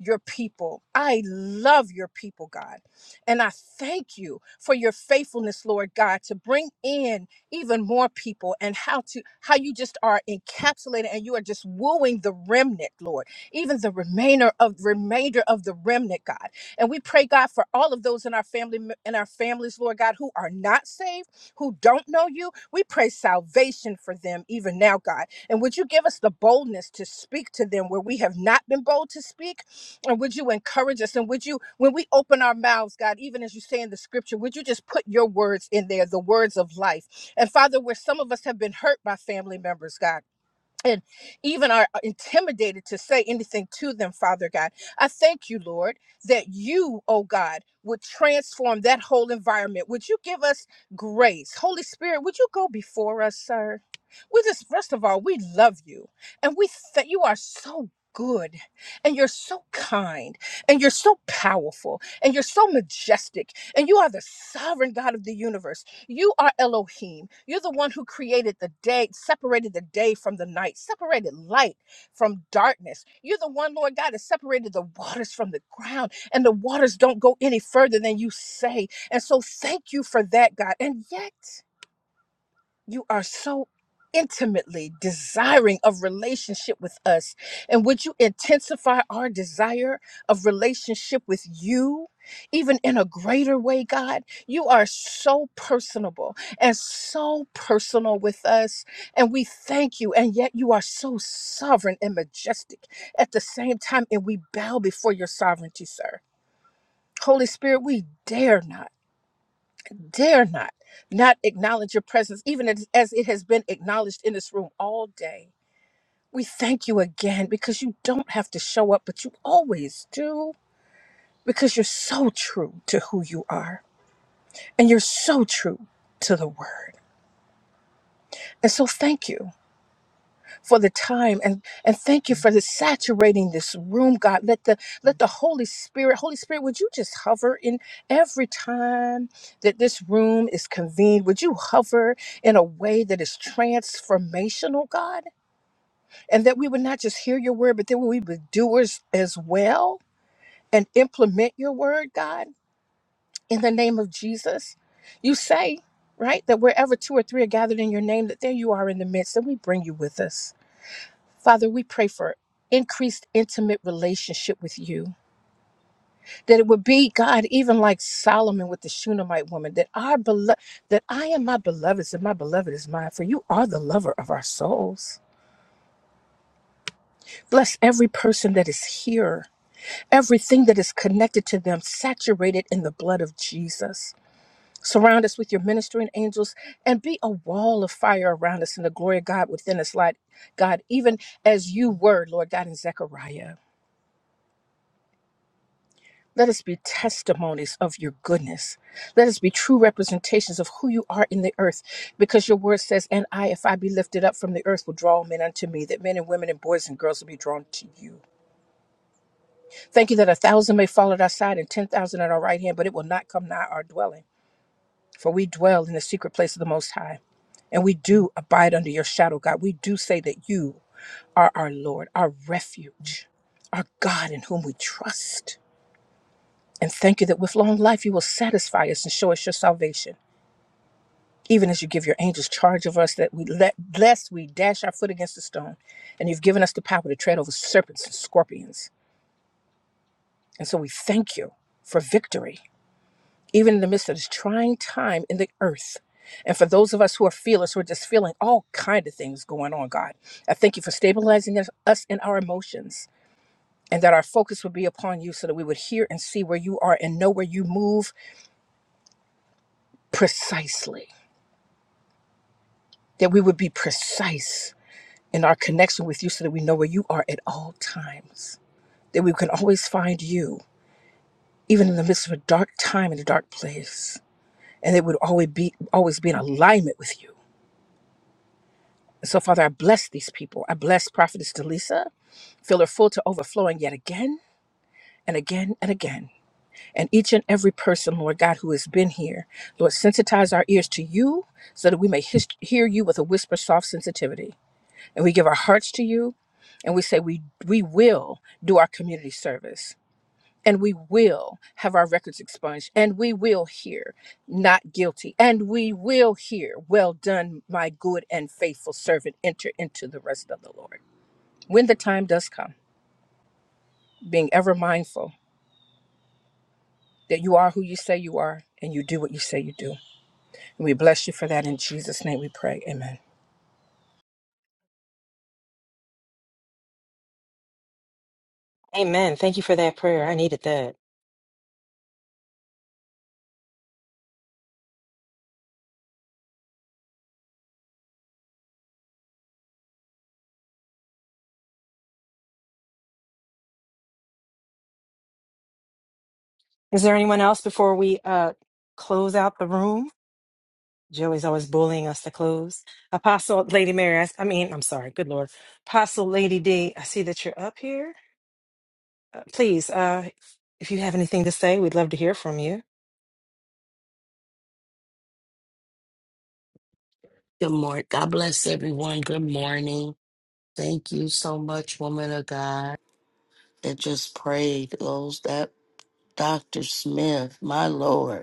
Speaker 11: your people. I love your people, God. And I thank you for your faithfulness, Lord God, to bring in even more people and how to how you just are encapsulating and you are just wooing the remnant, Lord. Even the remainder of remainder of the remnant, God. And we pray, God, for all of those in our family in our families, Lord God, who are not saved who don't know you. We pray salvation for them even now, God. And would you give us the boldness to speak to them where we have not been bold to speak? And would you encourage us? And would you, when we open our mouths, God, even as you say in the scripture, would you just put your words in there, the words of life? And Father, where some of us have been hurt by family members, God and even are uh, intimidated to say anything to them, Father God. I thank you, Lord, that you, oh God, would transform that whole environment. Would you give us grace? Holy Spirit, would you go before us, sir? We just, first of all, we love you and we that you are so good and you're so kind and you're so powerful and you're so majestic and you are the sovereign God of the universe. You are Elohim. You're the one who created the day, separated the day from the night, separated light from darkness. You're the one, Lord God, that separated the waters from the ground, and the waters don't go any further than you say. And so, thank you for that, God. And yet, you are so intimately desiring of relationship with us and would you intensify our desire of relationship with you even in a greater way god you are so personable and so personal with us and we thank you and yet you are so sovereign and majestic at the same time and we bow before your sovereignty sir holy spirit we dare not dare not not acknowledge your presence even as as it has been acknowledged in this room all day we thank you again because you don't have to show up but you always do because you're so true to who you are and you're so true to the word and so thank you for the time and and thank you for the saturating this room god let the let the holy spirit holy spirit would you just hover in every time that this room is convened would you hover in a way that is transformational god and that we would not just hear your word but that we would be doers as well and implement your word god in the name of jesus you say right that wherever two or three are gathered in your name that there you are in the midst and we bring you with us Father, we pray for increased intimate relationship with you. That it would be, God, even like Solomon with the Shunammite woman, that our belo- that I am my beloved's and my beloved is mine, for you are the lover of our souls. Bless every person that is here, everything that is connected to them, saturated in the blood of Jesus. Surround us with your ministering angels and be a wall of fire around us and the glory of God within us, like God, even as you were, Lord God, in Zechariah. Let us be testimonies of your goodness. Let us be true representations of who you are in the earth, because your word says, And I, if I be lifted up from the earth, will draw men unto me, that men and women and boys and girls will be drawn to you. Thank you that a thousand may fall at our side and ten thousand at our right hand, but it will not come nigh our dwelling. For we dwell in the secret place of the Most High, and we do abide under your shadow, God. We do say that you are our Lord, our refuge, our God in whom we trust. And thank you that with long life you will satisfy us and show us your salvation. Even as you give your angels charge of us, that we let lest we dash our foot against a stone. And you've given us the power to tread over serpents and scorpions. And so we thank you for victory, even in the midst of this trying time in the earth. And for those of us who are feelers, who are just feeling all kind of things going on, God, I thank you for stabilizing us us in our emotions and that our focus would be upon you so that we would hear and see where you are and know where you move precisely. that we would be precise in our connection with you so that we know where you are at all times, that we can always find you, even in the midst of a dark time in a dark place, and that would always be always be in alignment with you. And so, Father, I bless these people. I bless Prophetess Delisa. Fill her full to overflowing yet again and again and again. And each and every person, Lord God, who has been here, Lord, sensitize our ears to you so that we may his- hear you with a whisper soft sensitivity. and we give our hearts to you and we say we we will do our community service and we will have our records expunged and we will hear not guilty and we will hear well done my good and faithful servant enter into the rest of the lord when the time does come being ever mindful that you are who you say you are and you do what you say you do and we bless you for that in jesus name we pray amen
Speaker 9: Amen. Thank you for that prayer. I needed that. Is there anyone else before we uh close out the room? Joey's always bullying us to close. Apostle Lady Mary, I, s- I mean, I'm sorry. Good Lord. Apostle Lady D, I see that you're up here. Uh, please, uh, if you have anything to say, we'd love to hear from you.
Speaker 16: Good morning. God bless everyone. Good morning. Thank you so much, woman of God, that just prayed. Those that Dr. Smith, my Lord.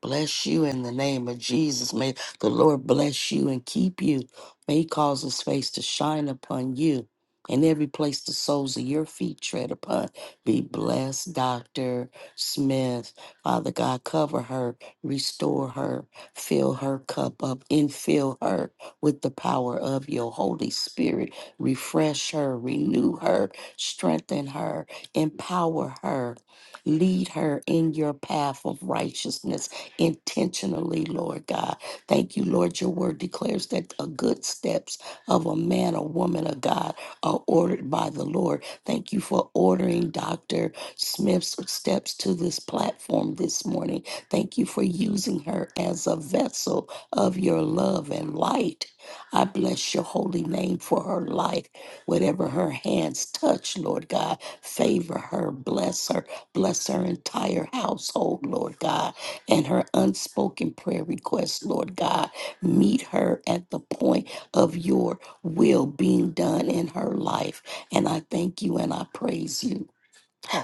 Speaker 16: Bless you in the name of Jesus. May the Lord bless you and keep you. May He cause His face to shine upon you. And every place the soles of your feet tread upon, be blessed, Dr. Smith. Father God, cover her, restore her, fill her cup up, and fill her with the power of your Holy Spirit. Refresh her, renew her, strengthen her, empower her, lead her in your path of righteousness intentionally, Lord God. Thank you, Lord. Your word declares that the good steps of a man or woman of God are ordered by the Lord. Thank you for ordering Dr. Smith's steps to this platform this morning. Thank you for using her as a vessel of your love and light. I bless your holy name for her life. Whatever her hands touch, Lord God, favor her, bless her, bless her entire household, Lord God and her unspoken prayer requests, Lord God. Meet her at the point of your will being done in her life. And I thank you and I praise you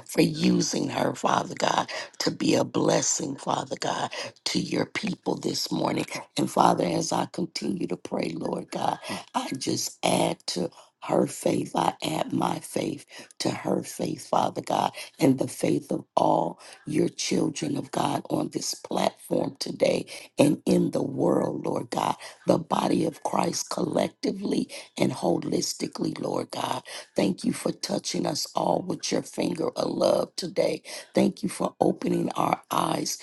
Speaker 16: for using her, Father God, to be a blessing, Father God, to your people this morning. And Father, as I continue to pray, Lord God, I just add to her faith, I add my faith to her faith, Father God, and the faith of all your children of God on this platform today and in the world, Lord God, the body of Christ collectively and holistically, Lord God. Thank you for touching us all with your finger of love today. Thank you for opening our eyes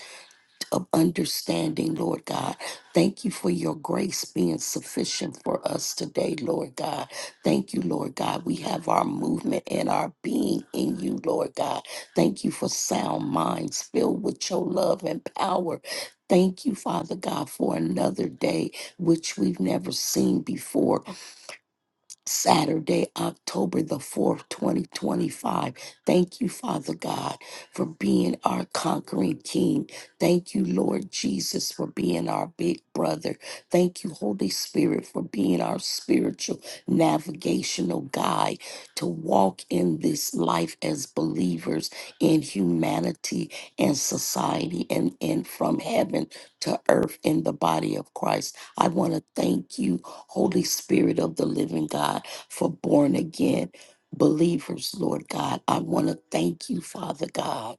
Speaker 16: of understanding, Lord God. Thank you for your grace being sufficient for us today, Lord God. Thank you, Lord God. We have our movement and our being in you, Lord God. Thank you for sound minds filled with your love and power. Thank you, Father God, for another day which we've never seen before, Saturday, October the 4th, 2025. Thank you, Father God, for being our conquering king. Thank you, Lord Jesus, for being our big brother. Thank you, Holy Spirit, for being our spiritual navigational guide to walk in this life as believers in humanity and society and, and from heaven to earth in the body of Christ. I want to thank you, Holy Spirit of the living God, for born again believers, Lord God. I want to thank you, Father God.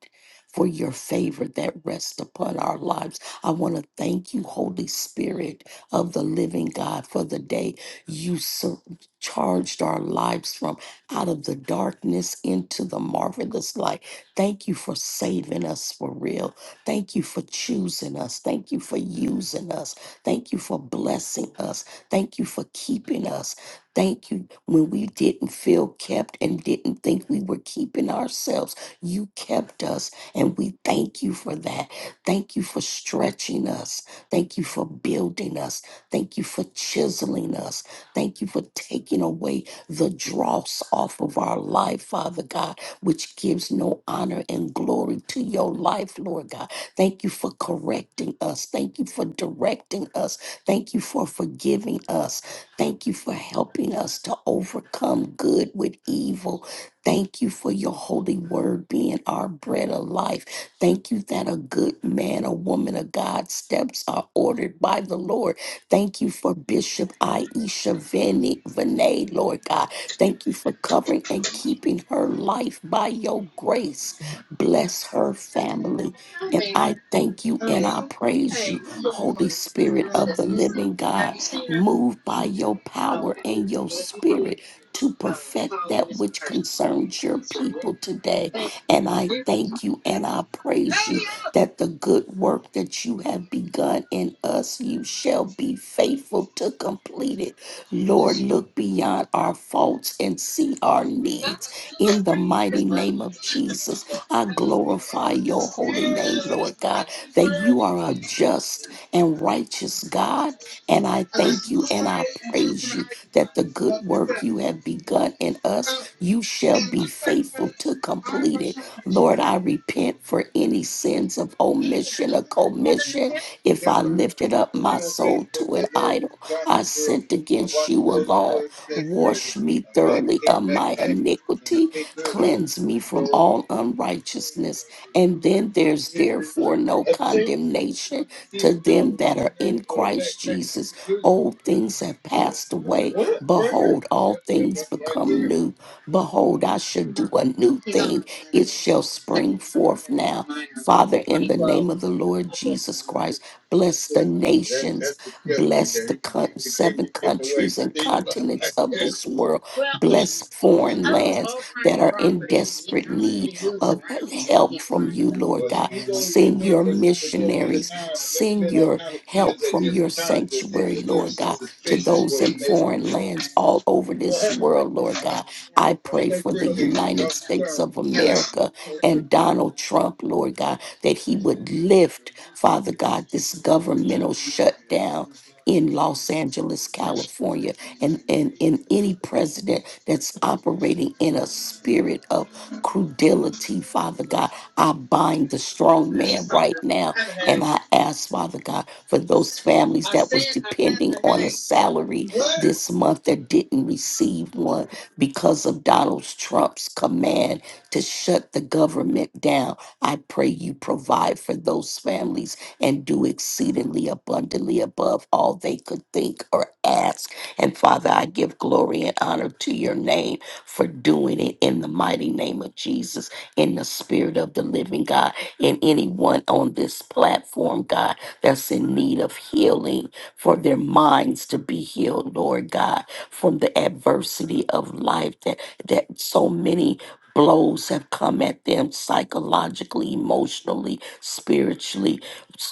Speaker 16: For your favor that rests upon our lives. I want to thank you, Holy Spirit of the living God, for the day you sur- charged our lives from out of the darkness into the marvelous light. Thank you for saving us for real. Thank you for choosing us. Thank you for using us. Thank you for blessing us. Thank you for keeping us. Thank you when we didn't feel kept and didn't think we were keeping ourselves. You kept us, and we thank you for that. Thank you for stretching us. Thank you for building us. Thank you for chiseling us. Thank you for taking away the dross off of our life, Father God, which gives no honor and glory to your life, Lord God. Thank you for correcting us. Thank you for directing us. Thank you for forgiving us. Thank you for helping us to overcome good with evil. Thank you for your holy word being our bread of life. Thank you that a good man, a woman of God steps are ordered by the Lord. Thank you for Bishop Aisha Vinay, Vinay, Lord God. Thank you for covering and keeping her life by your grace. Bless her family.
Speaker 15: Hi,
Speaker 16: And
Speaker 15: ma'am.
Speaker 16: I thank you
Speaker 15: Uh,
Speaker 16: and I praise
Speaker 15: hey,
Speaker 16: you,
Speaker 15: we're looking for
Speaker 16: Holy
Speaker 15: this little
Speaker 16: Spirit
Speaker 15: girl
Speaker 16: of the
Speaker 15: that's missing.
Speaker 16: living
Speaker 15: Have
Speaker 16: God.
Speaker 15: you seen her?
Speaker 16: Move by your power
Speaker 15: Okay.
Speaker 16: and your
Speaker 15: Well, if you did,
Speaker 16: spirit to
Speaker 15: uh,
Speaker 16: perfect
Speaker 15: follow the
Speaker 16: that
Speaker 15: missing
Speaker 16: which
Speaker 15: person.
Speaker 16: concerns your
Speaker 15: Sure.
Speaker 16: people today.
Speaker 15: Thank
Speaker 16: And I
Speaker 15: you.
Speaker 16: thank you and I praise you
Speaker 15: Hey,
Speaker 16: that the good work that you have begun in us, you shall be faithful to complete it. Lord, look beyond our faults and see our needs in the mighty name of Jesus. I glorify your holy name, Lord God, that you are a just and righteous God. And I
Speaker 15: And I
Speaker 16: thank
Speaker 15: can
Speaker 16: you
Speaker 15: pour
Speaker 16: and I
Speaker 15: it and juice in
Speaker 16: praise
Speaker 15: the
Speaker 16: you
Speaker 15: ice
Speaker 16: that
Speaker 15: box.
Speaker 16: the good
Speaker 15: Fuck this
Speaker 16: work you have begun in us,
Speaker 15: Oh,
Speaker 16: you shall
Speaker 15: and
Speaker 16: be
Speaker 15: just like
Speaker 16: faithful to
Speaker 15: I'm not
Speaker 16: complete
Speaker 15: trying
Speaker 16: it.
Speaker 15: to issue
Speaker 16: Lord,
Speaker 15: today.
Speaker 16: I repent for any sins of
Speaker 15: Hey, are
Speaker 16: omission
Speaker 15: you
Speaker 16: or
Speaker 15: the one who called in the
Speaker 16: commission.
Speaker 15: tip?
Speaker 16: If I
Speaker 15: Yes, I am.
Speaker 16: lifted
Speaker 15: And
Speaker 16: up
Speaker 15: I
Speaker 16: my
Speaker 15: seen on
Speaker 16: soul
Speaker 15: Facebook
Speaker 16: to an
Speaker 15: that little
Speaker 16: idol, I
Speaker 15: gossip girl.
Speaker 16: sinned
Speaker 15: I
Speaker 16: against
Speaker 15: watch
Speaker 16: you
Speaker 15: her go to school
Speaker 16: alone.
Speaker 15: every day. She wears a,
Speaker 16: Wash me
Speaker 15: a back,
Speaker 16: thoroughly
Speaker 15: pink
Speaker 16: of my
Speaker 15: backpack
Speaker 16: iniquity
Speaker 15: and a pink hoodie.
Speaker 16: Cleanse me
Speaker 15: go
Speaker 16: from
Speaker 15: up
Speaker 16: all
Speaker 15: there.
Speaker 16: unrighteousness. And then there's therefore no
Speaker 15: Have you seen?
Speaker 16: condemnation
Speaker 15: I, I seen
Speaker 16: to
Speaker 15: a girl
Speaker 16: them that
Speaker 15: going in
Speaker 16: are
Speaker 15: there
Speaker 16: in
Speaker 15: with, with a
Speaker 16: Christ
Speaker 15: backpack like
Speaker 16: Jesus.
Speaker 15: a hoodie.
Speaker 16: Old things have passed away.
Speaker 15: What? Right here?
Speaker 16: Behold, all
Speaker 15: Yep, yep,
Speaker 16: things
Speaker 15: right, right
Speaker 16: become
Speaker 15: there.
Speaker 16: new. Behold, I shall do a new
Speaker 15: He's on our
Speaker 16: thing.
Speaker 15: wanted
Speaker 16: It
Speaker 15: list.
Speaker 16: shall spring
Speaker 15: Sexual
Speaker 16: forth
Speaker 15: misconduct with a
Speaker 16: now.
Speaker 15: minor,
Speaker 16: Father, in the
Speaker 15: 2012.
Speaker 16: name of the Lord
Speaker 15: I'll pull up the
Speaker 16: Jesus
Speaker 15: warrant.
Speaker 16: Christ, bless
Speaker 15: So,
Speaker 16: the
Speaker 15: uh, that's,
Speaker 16: nations,
Speaker 15: that's disgusting
Speaker 16: bless
Speaker 15: that
Speaker 16: the
Speaker 15: he can
Speaker 16: coun-
Speaker 15: keep
Speaker 16: seven
Speaker 15: continue getting away
Speaker 16: countries
Speaker 15: with
Speaker 16: and
Speaker 15: things
Speaker 16: continents
Speaker 15: like
Speaker 16: of
Speaker 15: that.
Speaker 16: this world,
Speaker 15: Well, he
Speaker 16: bless foreign
Speaker 15: owns
Speaker 16: lands
Speaker 15: all kinds
Speaker 16: that
Speaker 15: of
Speaker 16: are in
Speaker 15: properties and he
Speaker 16: desperate need
Speaker 15: constantly moves
Speaker 16: of
Speaker 15: around, so we
Speaker 16: help
Speaker 15: can't
Speaker 16: from
Speaker 15: find
Speaker 16: you,
Speaker 15: him.
Speaker 16: Lord
Speaker 15: Well, he,
Speaker 16: God.
Speaker 15: he's only been
Speaker 16: Send
Speaker 15: there
Speaker 16: your
Speaker 15: for just a little bit of
Speaker 16: missionaries,
Speaker 15: time. There's
Speaker 16: send
Speaker 15: been all
Speaker 16: your
Speaker 15: kind of
Speaker 16: help
Speaker 15: kids at
Speaker 16: from your
Speaker 15: different times that seem
Speaker 16: sanctuary,
Speaker 15: to live
Speaker 16: Lord God,
Speaker 15: since
Speaker 16: to
Speaker 15: suspicious for
Speaker 16: those
Speaker 15: his
Speaker 16: in
Speaker 15: neighborhood.
Speaker 16: foreign lands all over
Speaker 15: We'll
Speaker 16: this
Speaker 15: have one on the
Speaker 16: world,
Speaker 15: floor,
Speaker 16: Lord
Speaker 15: all right?
Speaker 16: God. I pray
Speaker 15: Thank
Speaker 16: for
Speaker 15: you
Speaker 16: the
Speaker 15: so much. Mr.
Speaker 16: United States
Speaker 15: Stern.
Speaker 16: of
Speaker 15: Thank
Speaker 16: America
Speaker 15: you.
Speaker 16: and Donald Trump, Lord God,
Speaker 15: So
Speaker 16: that he would lift,
Speaker 15: just want
Speaker 16: Father
Speaker 15: you to
Speaker 16: God,
Speaker 15: listen to
Speaker 16: this
Speaker 15: us every
Speaker 16: governmental
Speaker 15: Saturday morning at
Speaker 16: shutdown.
Speaker 15: eleven o'clock a
Speaker 16: In
Speaker 15: m
Speaker 16: Los
Speaker 15: on
Speaker 16: Angeles,
Speaker 15: Joel
Speaker 16: California,
Speaker 15: thirteen
Speaker 16: and,
Speaker 15: ninety a
Speaker 16: and,
Speaker 15: m
Speaker 16: and any
Speaker 15: God bless you.
Speaker 16: president that's operating in a spirit of credulity, Father God. I bind the strong
Speaker 15: I need
Speaker 16: man right
Speaker 15: something. I
Speaker 16: now
Speaker 15: have a
Speaker 16: and
Speaker 15: headache.
Speaker 16: I ask, Father God, for those families
Speaker 15: I
Speaker 16: that was
Speaker 15: said I
Speaker 16: depending
Speaker 15: have
Speaker 16: on a salary this month that didn't receive one because of Donald Trump's command to shut the government down. I pray you provide for those families and do exceedingly abundantly above all they could think or ask. And Father, I give glory and honor to your name for doing it in the mighty name of Jesus, in the spirit of the living God, and anyone on this platform, God, that's in need of healing, for their minds to be healed, Lord God, from the adversity of life that, that so many blows have come at them psychologically, emotionally, spiritually,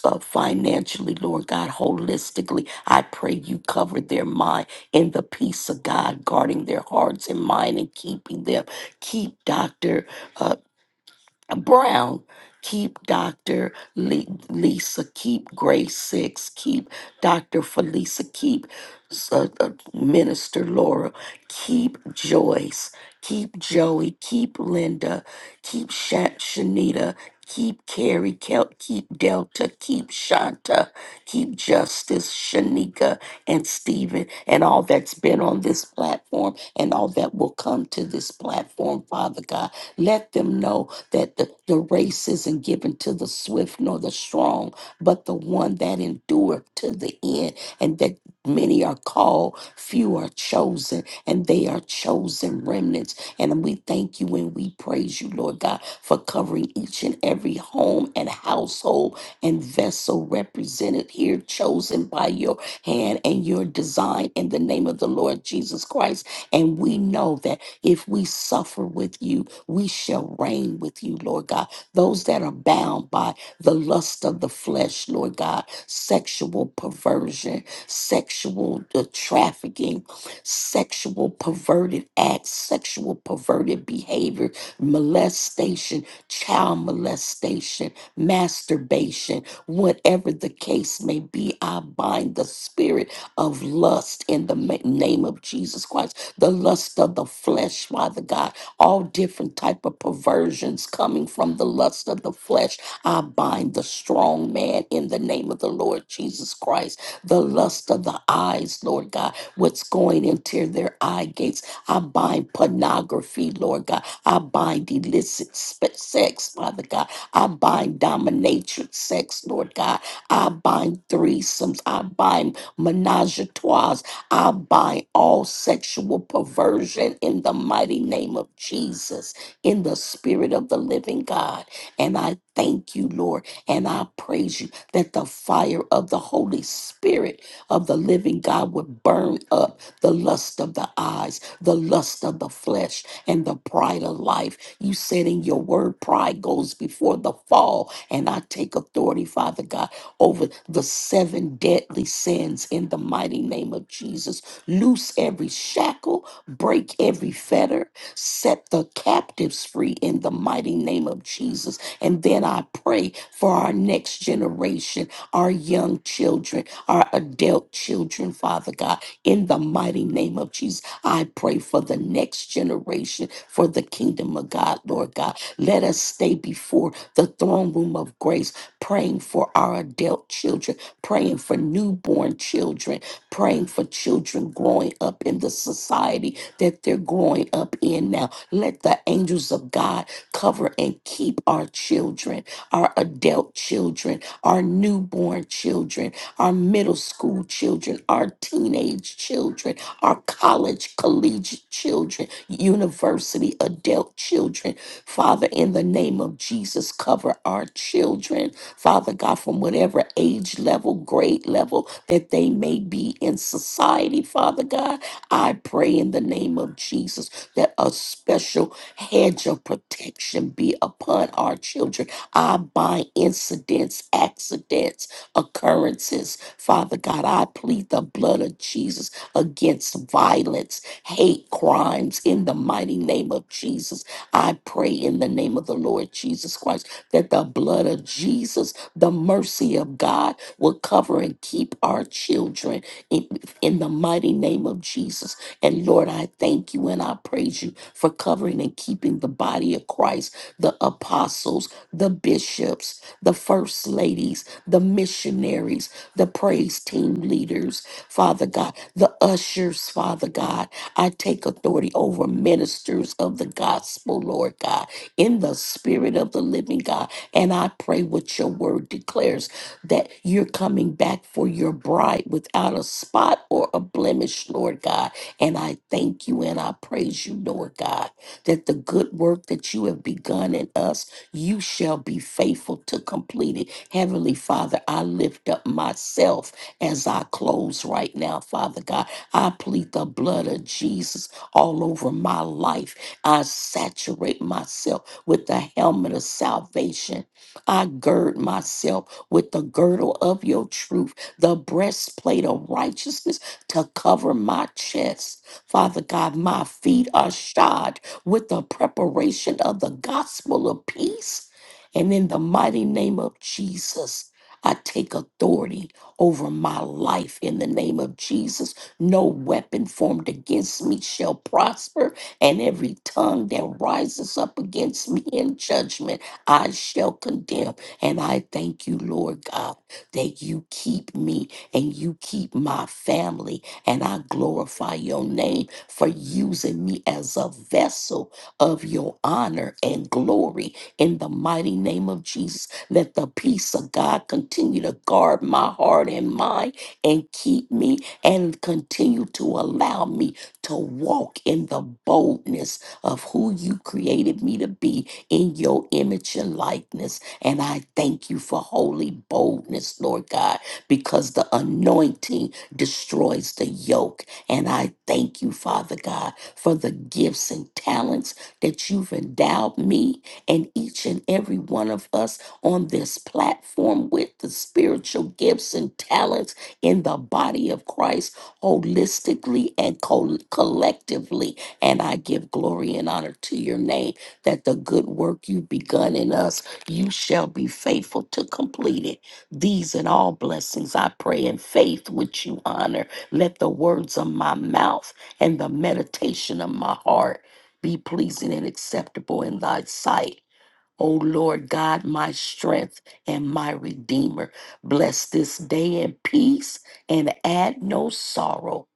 Speaker 16: uh, financially, Lord God, holistically. I pray you cover their minds in the peace of God, guarding their hearts and mind and keeping them. Keep Dr. Brown, keep Dr. Le- Lisa, keep Grace Six, keep Dr. Felisa, keep S- uh, uh, Minister Laura, keep Joyce, keep Joey, keep Linda, keep Sha- Shanita, keep Carrie, Kel- keep Delta, keep Shanta, keep Justice, Shanika, and Stephen, and all that's been on this platform and all that will come to this platform, Father God. Let them know that the, the race isn't given to the swift nor the strong, but the one that endureth to the end, and that many are called, few are chosen, and they are chosen remnants. And we thank you and we praise you, Lord God, for covering each and every home and household and vessel represented here, chosen by your hand and your design in the name of the Lord Jesus Christ. And we know that if we suffer with you, we shall reign with you, Lord God. Those that are bound by the lust of the flesh, Lord God, sexual perversion, sexual uh, trafficking, sexual perverted acts, sexual perverted behavior, molestation, child molestation, masturbation, whatever the case may be, I bind the spirit of lust in the ma- name of Jesus Christ the lust of the flesh, Father God, all different type of perversions coming from the lust of the flesh. I bind the strong man in the name of the Lord Jesus Christ. The lust of the eyes, Lord God, what's going into their eye gates. I bind pornography, Lord God. I bind illicit spe- sex, Father God. I bind dominatrix sex, Lord God. I bind threesomes. I bind menage I bind all sexual perversion in the mighty name of Jesus, in the spirit of the living God. And I thank you, Lord, and I praise you that the fire of the Holy Spirit of the living God would burn up the lust of the eyes, the lust of the flesh, and the pride of life. You said in your word, pride goes before the fall. And I take authority, Father God over the seven deadly sins in the mighty name of Jesus. Loose every shackle, break every fetter, set the captives free in the mighty name of Jesus. And then I pray for our next generation, our young children, our adult children, Father God, in the mighty name of Jesus. I pray for the next generation, for the kingdom of God, Lord God. Let us stay before the throne room of grace praying for our adult children, praying for newborn children, praying for children growing up in the society that they're growing up in now. Let the angels of God cover and keep our children, our adult children, our newborn children, our middle school children, our teenage children, our college, collegiate children, university adult children. Father, in the name of Jesus, cover our children Father God, from whatever age level, grade level that they may be in society, Father God. I pray in the name of Jesus that a special hedge of protection be upon our children. I bind incidents, accidents, occurrences. Father God, I plead the blood of Jesus against violence, hate crimes in the mighty name of Jesus. I pray in the name of the Lord Jesus Christ that the blood of Jesus, the mercy of God, will cover and keep our children in, in the mighty name of Jesus. And Lord, I thank you and I praise you for covering and keeping the body of Christ, the apostles, the bishops, the first ladies, the missionaries, the praise team leaders, Father God, the ushers, Father God. I take authority over ministers of the gospel, Lord God in the spirit of the living God. And I pray what your word declares that you're coming back for your bride without a spot or a blemish, Lord God. And I thank you and I praise you, Lord God, that the good work that you have begun in us, you shall be faithful to complete it. Heavenly Father, I lift up myself as I close right now, Father God. I plead the blood of Jesus all over my life. I saturate myself with the helmet of salvation. I gird myself with the girdle of your truth, the breastplate of righteousness to cover my chest. Father God, my feet are shod with the preparation of the gospel of peace. And in the mighty name of Jesus, I take authority over my life in the name of Jesus. No weapon formed against me shall prosper and every tongue that rises up against me in judgment, I shall condemn. And I thank you, Lord God, that you keep me and you keep my family. And I glorify your name for using me as a vessel of your honor and glory in the mighty name of Jesus. Let the peace of God continue to guard my heart and mind and keep me and continue to allow me to walk in the boldness of who you created me to be in your image and likeness. And I thank you for holy boldness, Lord God, because the anointing destroys the yoke. And I thank you, Father God, for the gifts and talents that you've endowed me and each and every one of us on this platform with the spiritual gifts and talents in the body of Christ holistically and co- collectively. And I give glory and honor to your name that the good work you've begun in us, you shall be faithful to complete it. These and all blessings I pray in faith, which you honor. Let the words of my mouth and the meditation of my heart be pleasing and acceptable in thy sight O Lord God, my strength and my redeemer. Bless this day in peace and add no sorrow.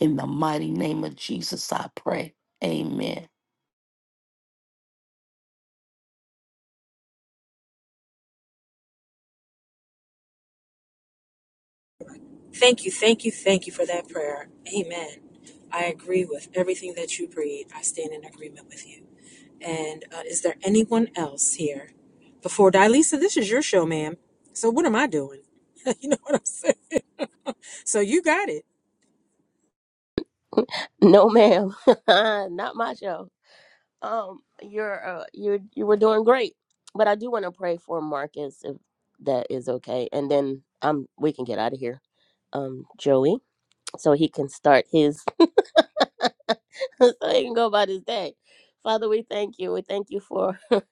Speaker 16: In the mighty name of Jesus, I pray. Amen.
Speaker 9: Thank you, thank you, thank you for that prayer. Amen. I agree with everything that you prayed. I stand in agreement with you. And uh, is there anyone else here? Before Dilisa, this is your show, ma'am. So what am I doing? you know what I'm saying? So you got it.
Speaker 8: No, ma'am. Not my show. Um, you're uh, you you were doing great, but I do want to pray for Marcus if that is okay, and then um we can get out of here. Um, Joey, so he can start his so he can go about his day. Father, we thank you. We thank you for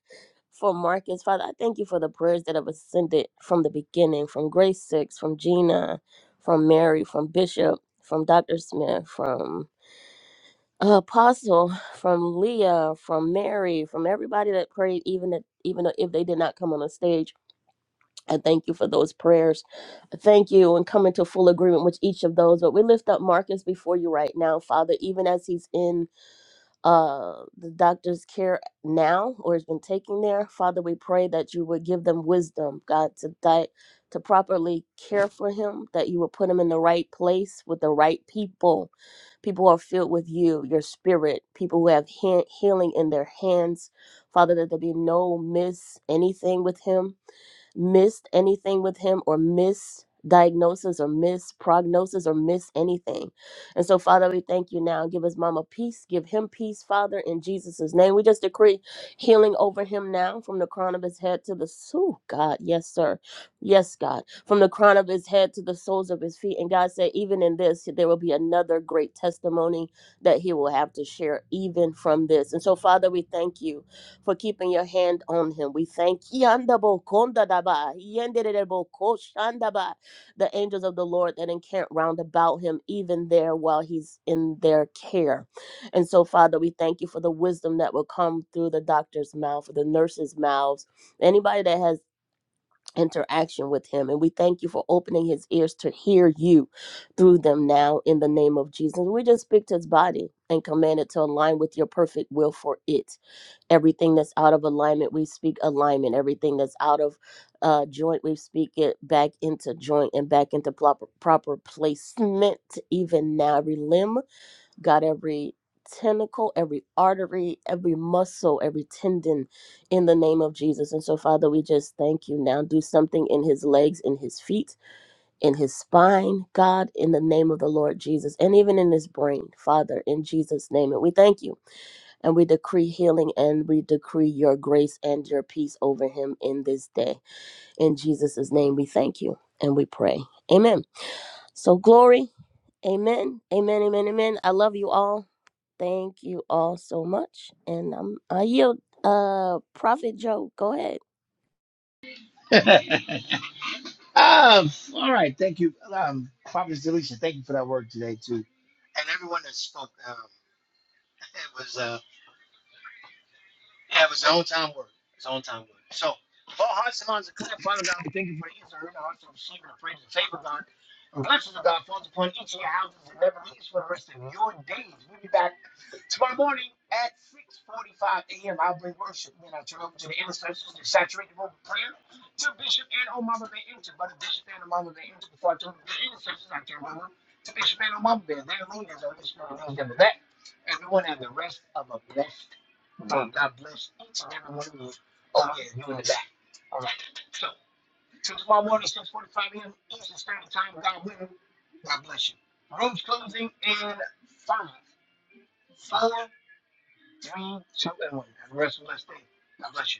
Speaker 8: for Marcus. Father, I thank you for the prayers that have ascended from the beginning, from Grace Six, from Gina, from Mary, from Bishop, from Doctor Smith, from uh, apostle from leah from mary from everybody that prayed even if, even if they did not come on the stage i thank you for those prayers I thank you and come into full agreement with each of those but we lift up marcus before you right now father even as he's in uh, the doctor's care now or has been taking there. Father, we pray that you would give them wisdom, God, to di- to properly care for him, that you would put him in the right place with the right people, people who are filled with you, your spirit, people who have he- healing in their hands. Father, that there be no miss anything with him missed anything with him or missed diagnosis or miss prognosis or miss anything. And so, Father, we thank you now. Give his mama peace. Give him peace, Father, in Jesus' name. We just decree healing over him now from the crown of his head to the soul. God, yes, sir. Yes, God. From the crown of his head to the soles of his feet. And God said, even in this, there will be another great testimony that he will have to share, even from this. And so, Father, we thank you for keeping your hand on him. We thank Yandabo Kondadaba, Yenderebo Koshandaba, the angels of the Lord that encamp round about him, even there while he's in their care. And so, Father, we thank you for the wisdom that will come through the doctor's mouth, the nurse's mouths, anybody that has interaction with him. And we thank you for opening his ears to hear you through them now in the name of Jesus. We just speak to his body and command it to align with your perfect will for it everything that's out of alignment we speak alignment everything that's out of uh joint we speak it back into joint and back into proper proper placement even now every limb got every tentacle every artery every muscle every tendon in the name of jesus and so father we just thank you now do something in his legs in his feet in his spine god in the name of the lord jesus and even in his brain father in jesus name and we thank you and we decree healing and we decree your grace and your peace over him in this day. In Jesus' name, we thank you and we pray. Amen. So, glory. Amen. Amen. Amen. Amen. I love you all. Thank you all so much. And um, I yield. Uh, Prophet Joe, go ahead.
Speaker 15: a headache. What? um, all right. Thank you. Um, Providence Deletion, thank you for that work today, too. And everyone that spoke, um, it was. uh, Yeah, it was his own time work. It's own time work. So, all hearts and minds are clear. Father God, we thank you for the ears and heard, hearts of sleep and the praise and favor, God. And blessings of God falls upon each of your houses and never leaves for the rest of your days. We'll be back tomorrow morning at 6.45 a.m. I'll bring worship. Then I turn over to the intercessors to saturate the room with prayer to Bishop and oh Mama Van Inter. But Bishop and oh Mama Van Inter, before I turn over to the intercessors, I turn over to Bishop and oh Mama Van. They're leaders of this world. Remember that. Everyone have the rest of a blessed Boom. God bless each and every one of you. Oh, yeah, you in the back. All right. So, till tomorrow morning, 6.45 a.m. Eastern Standard Time, God willing. God bless you. Room's closing in five, four, three, two, and one. Have a rest of the blessed day. God bless you.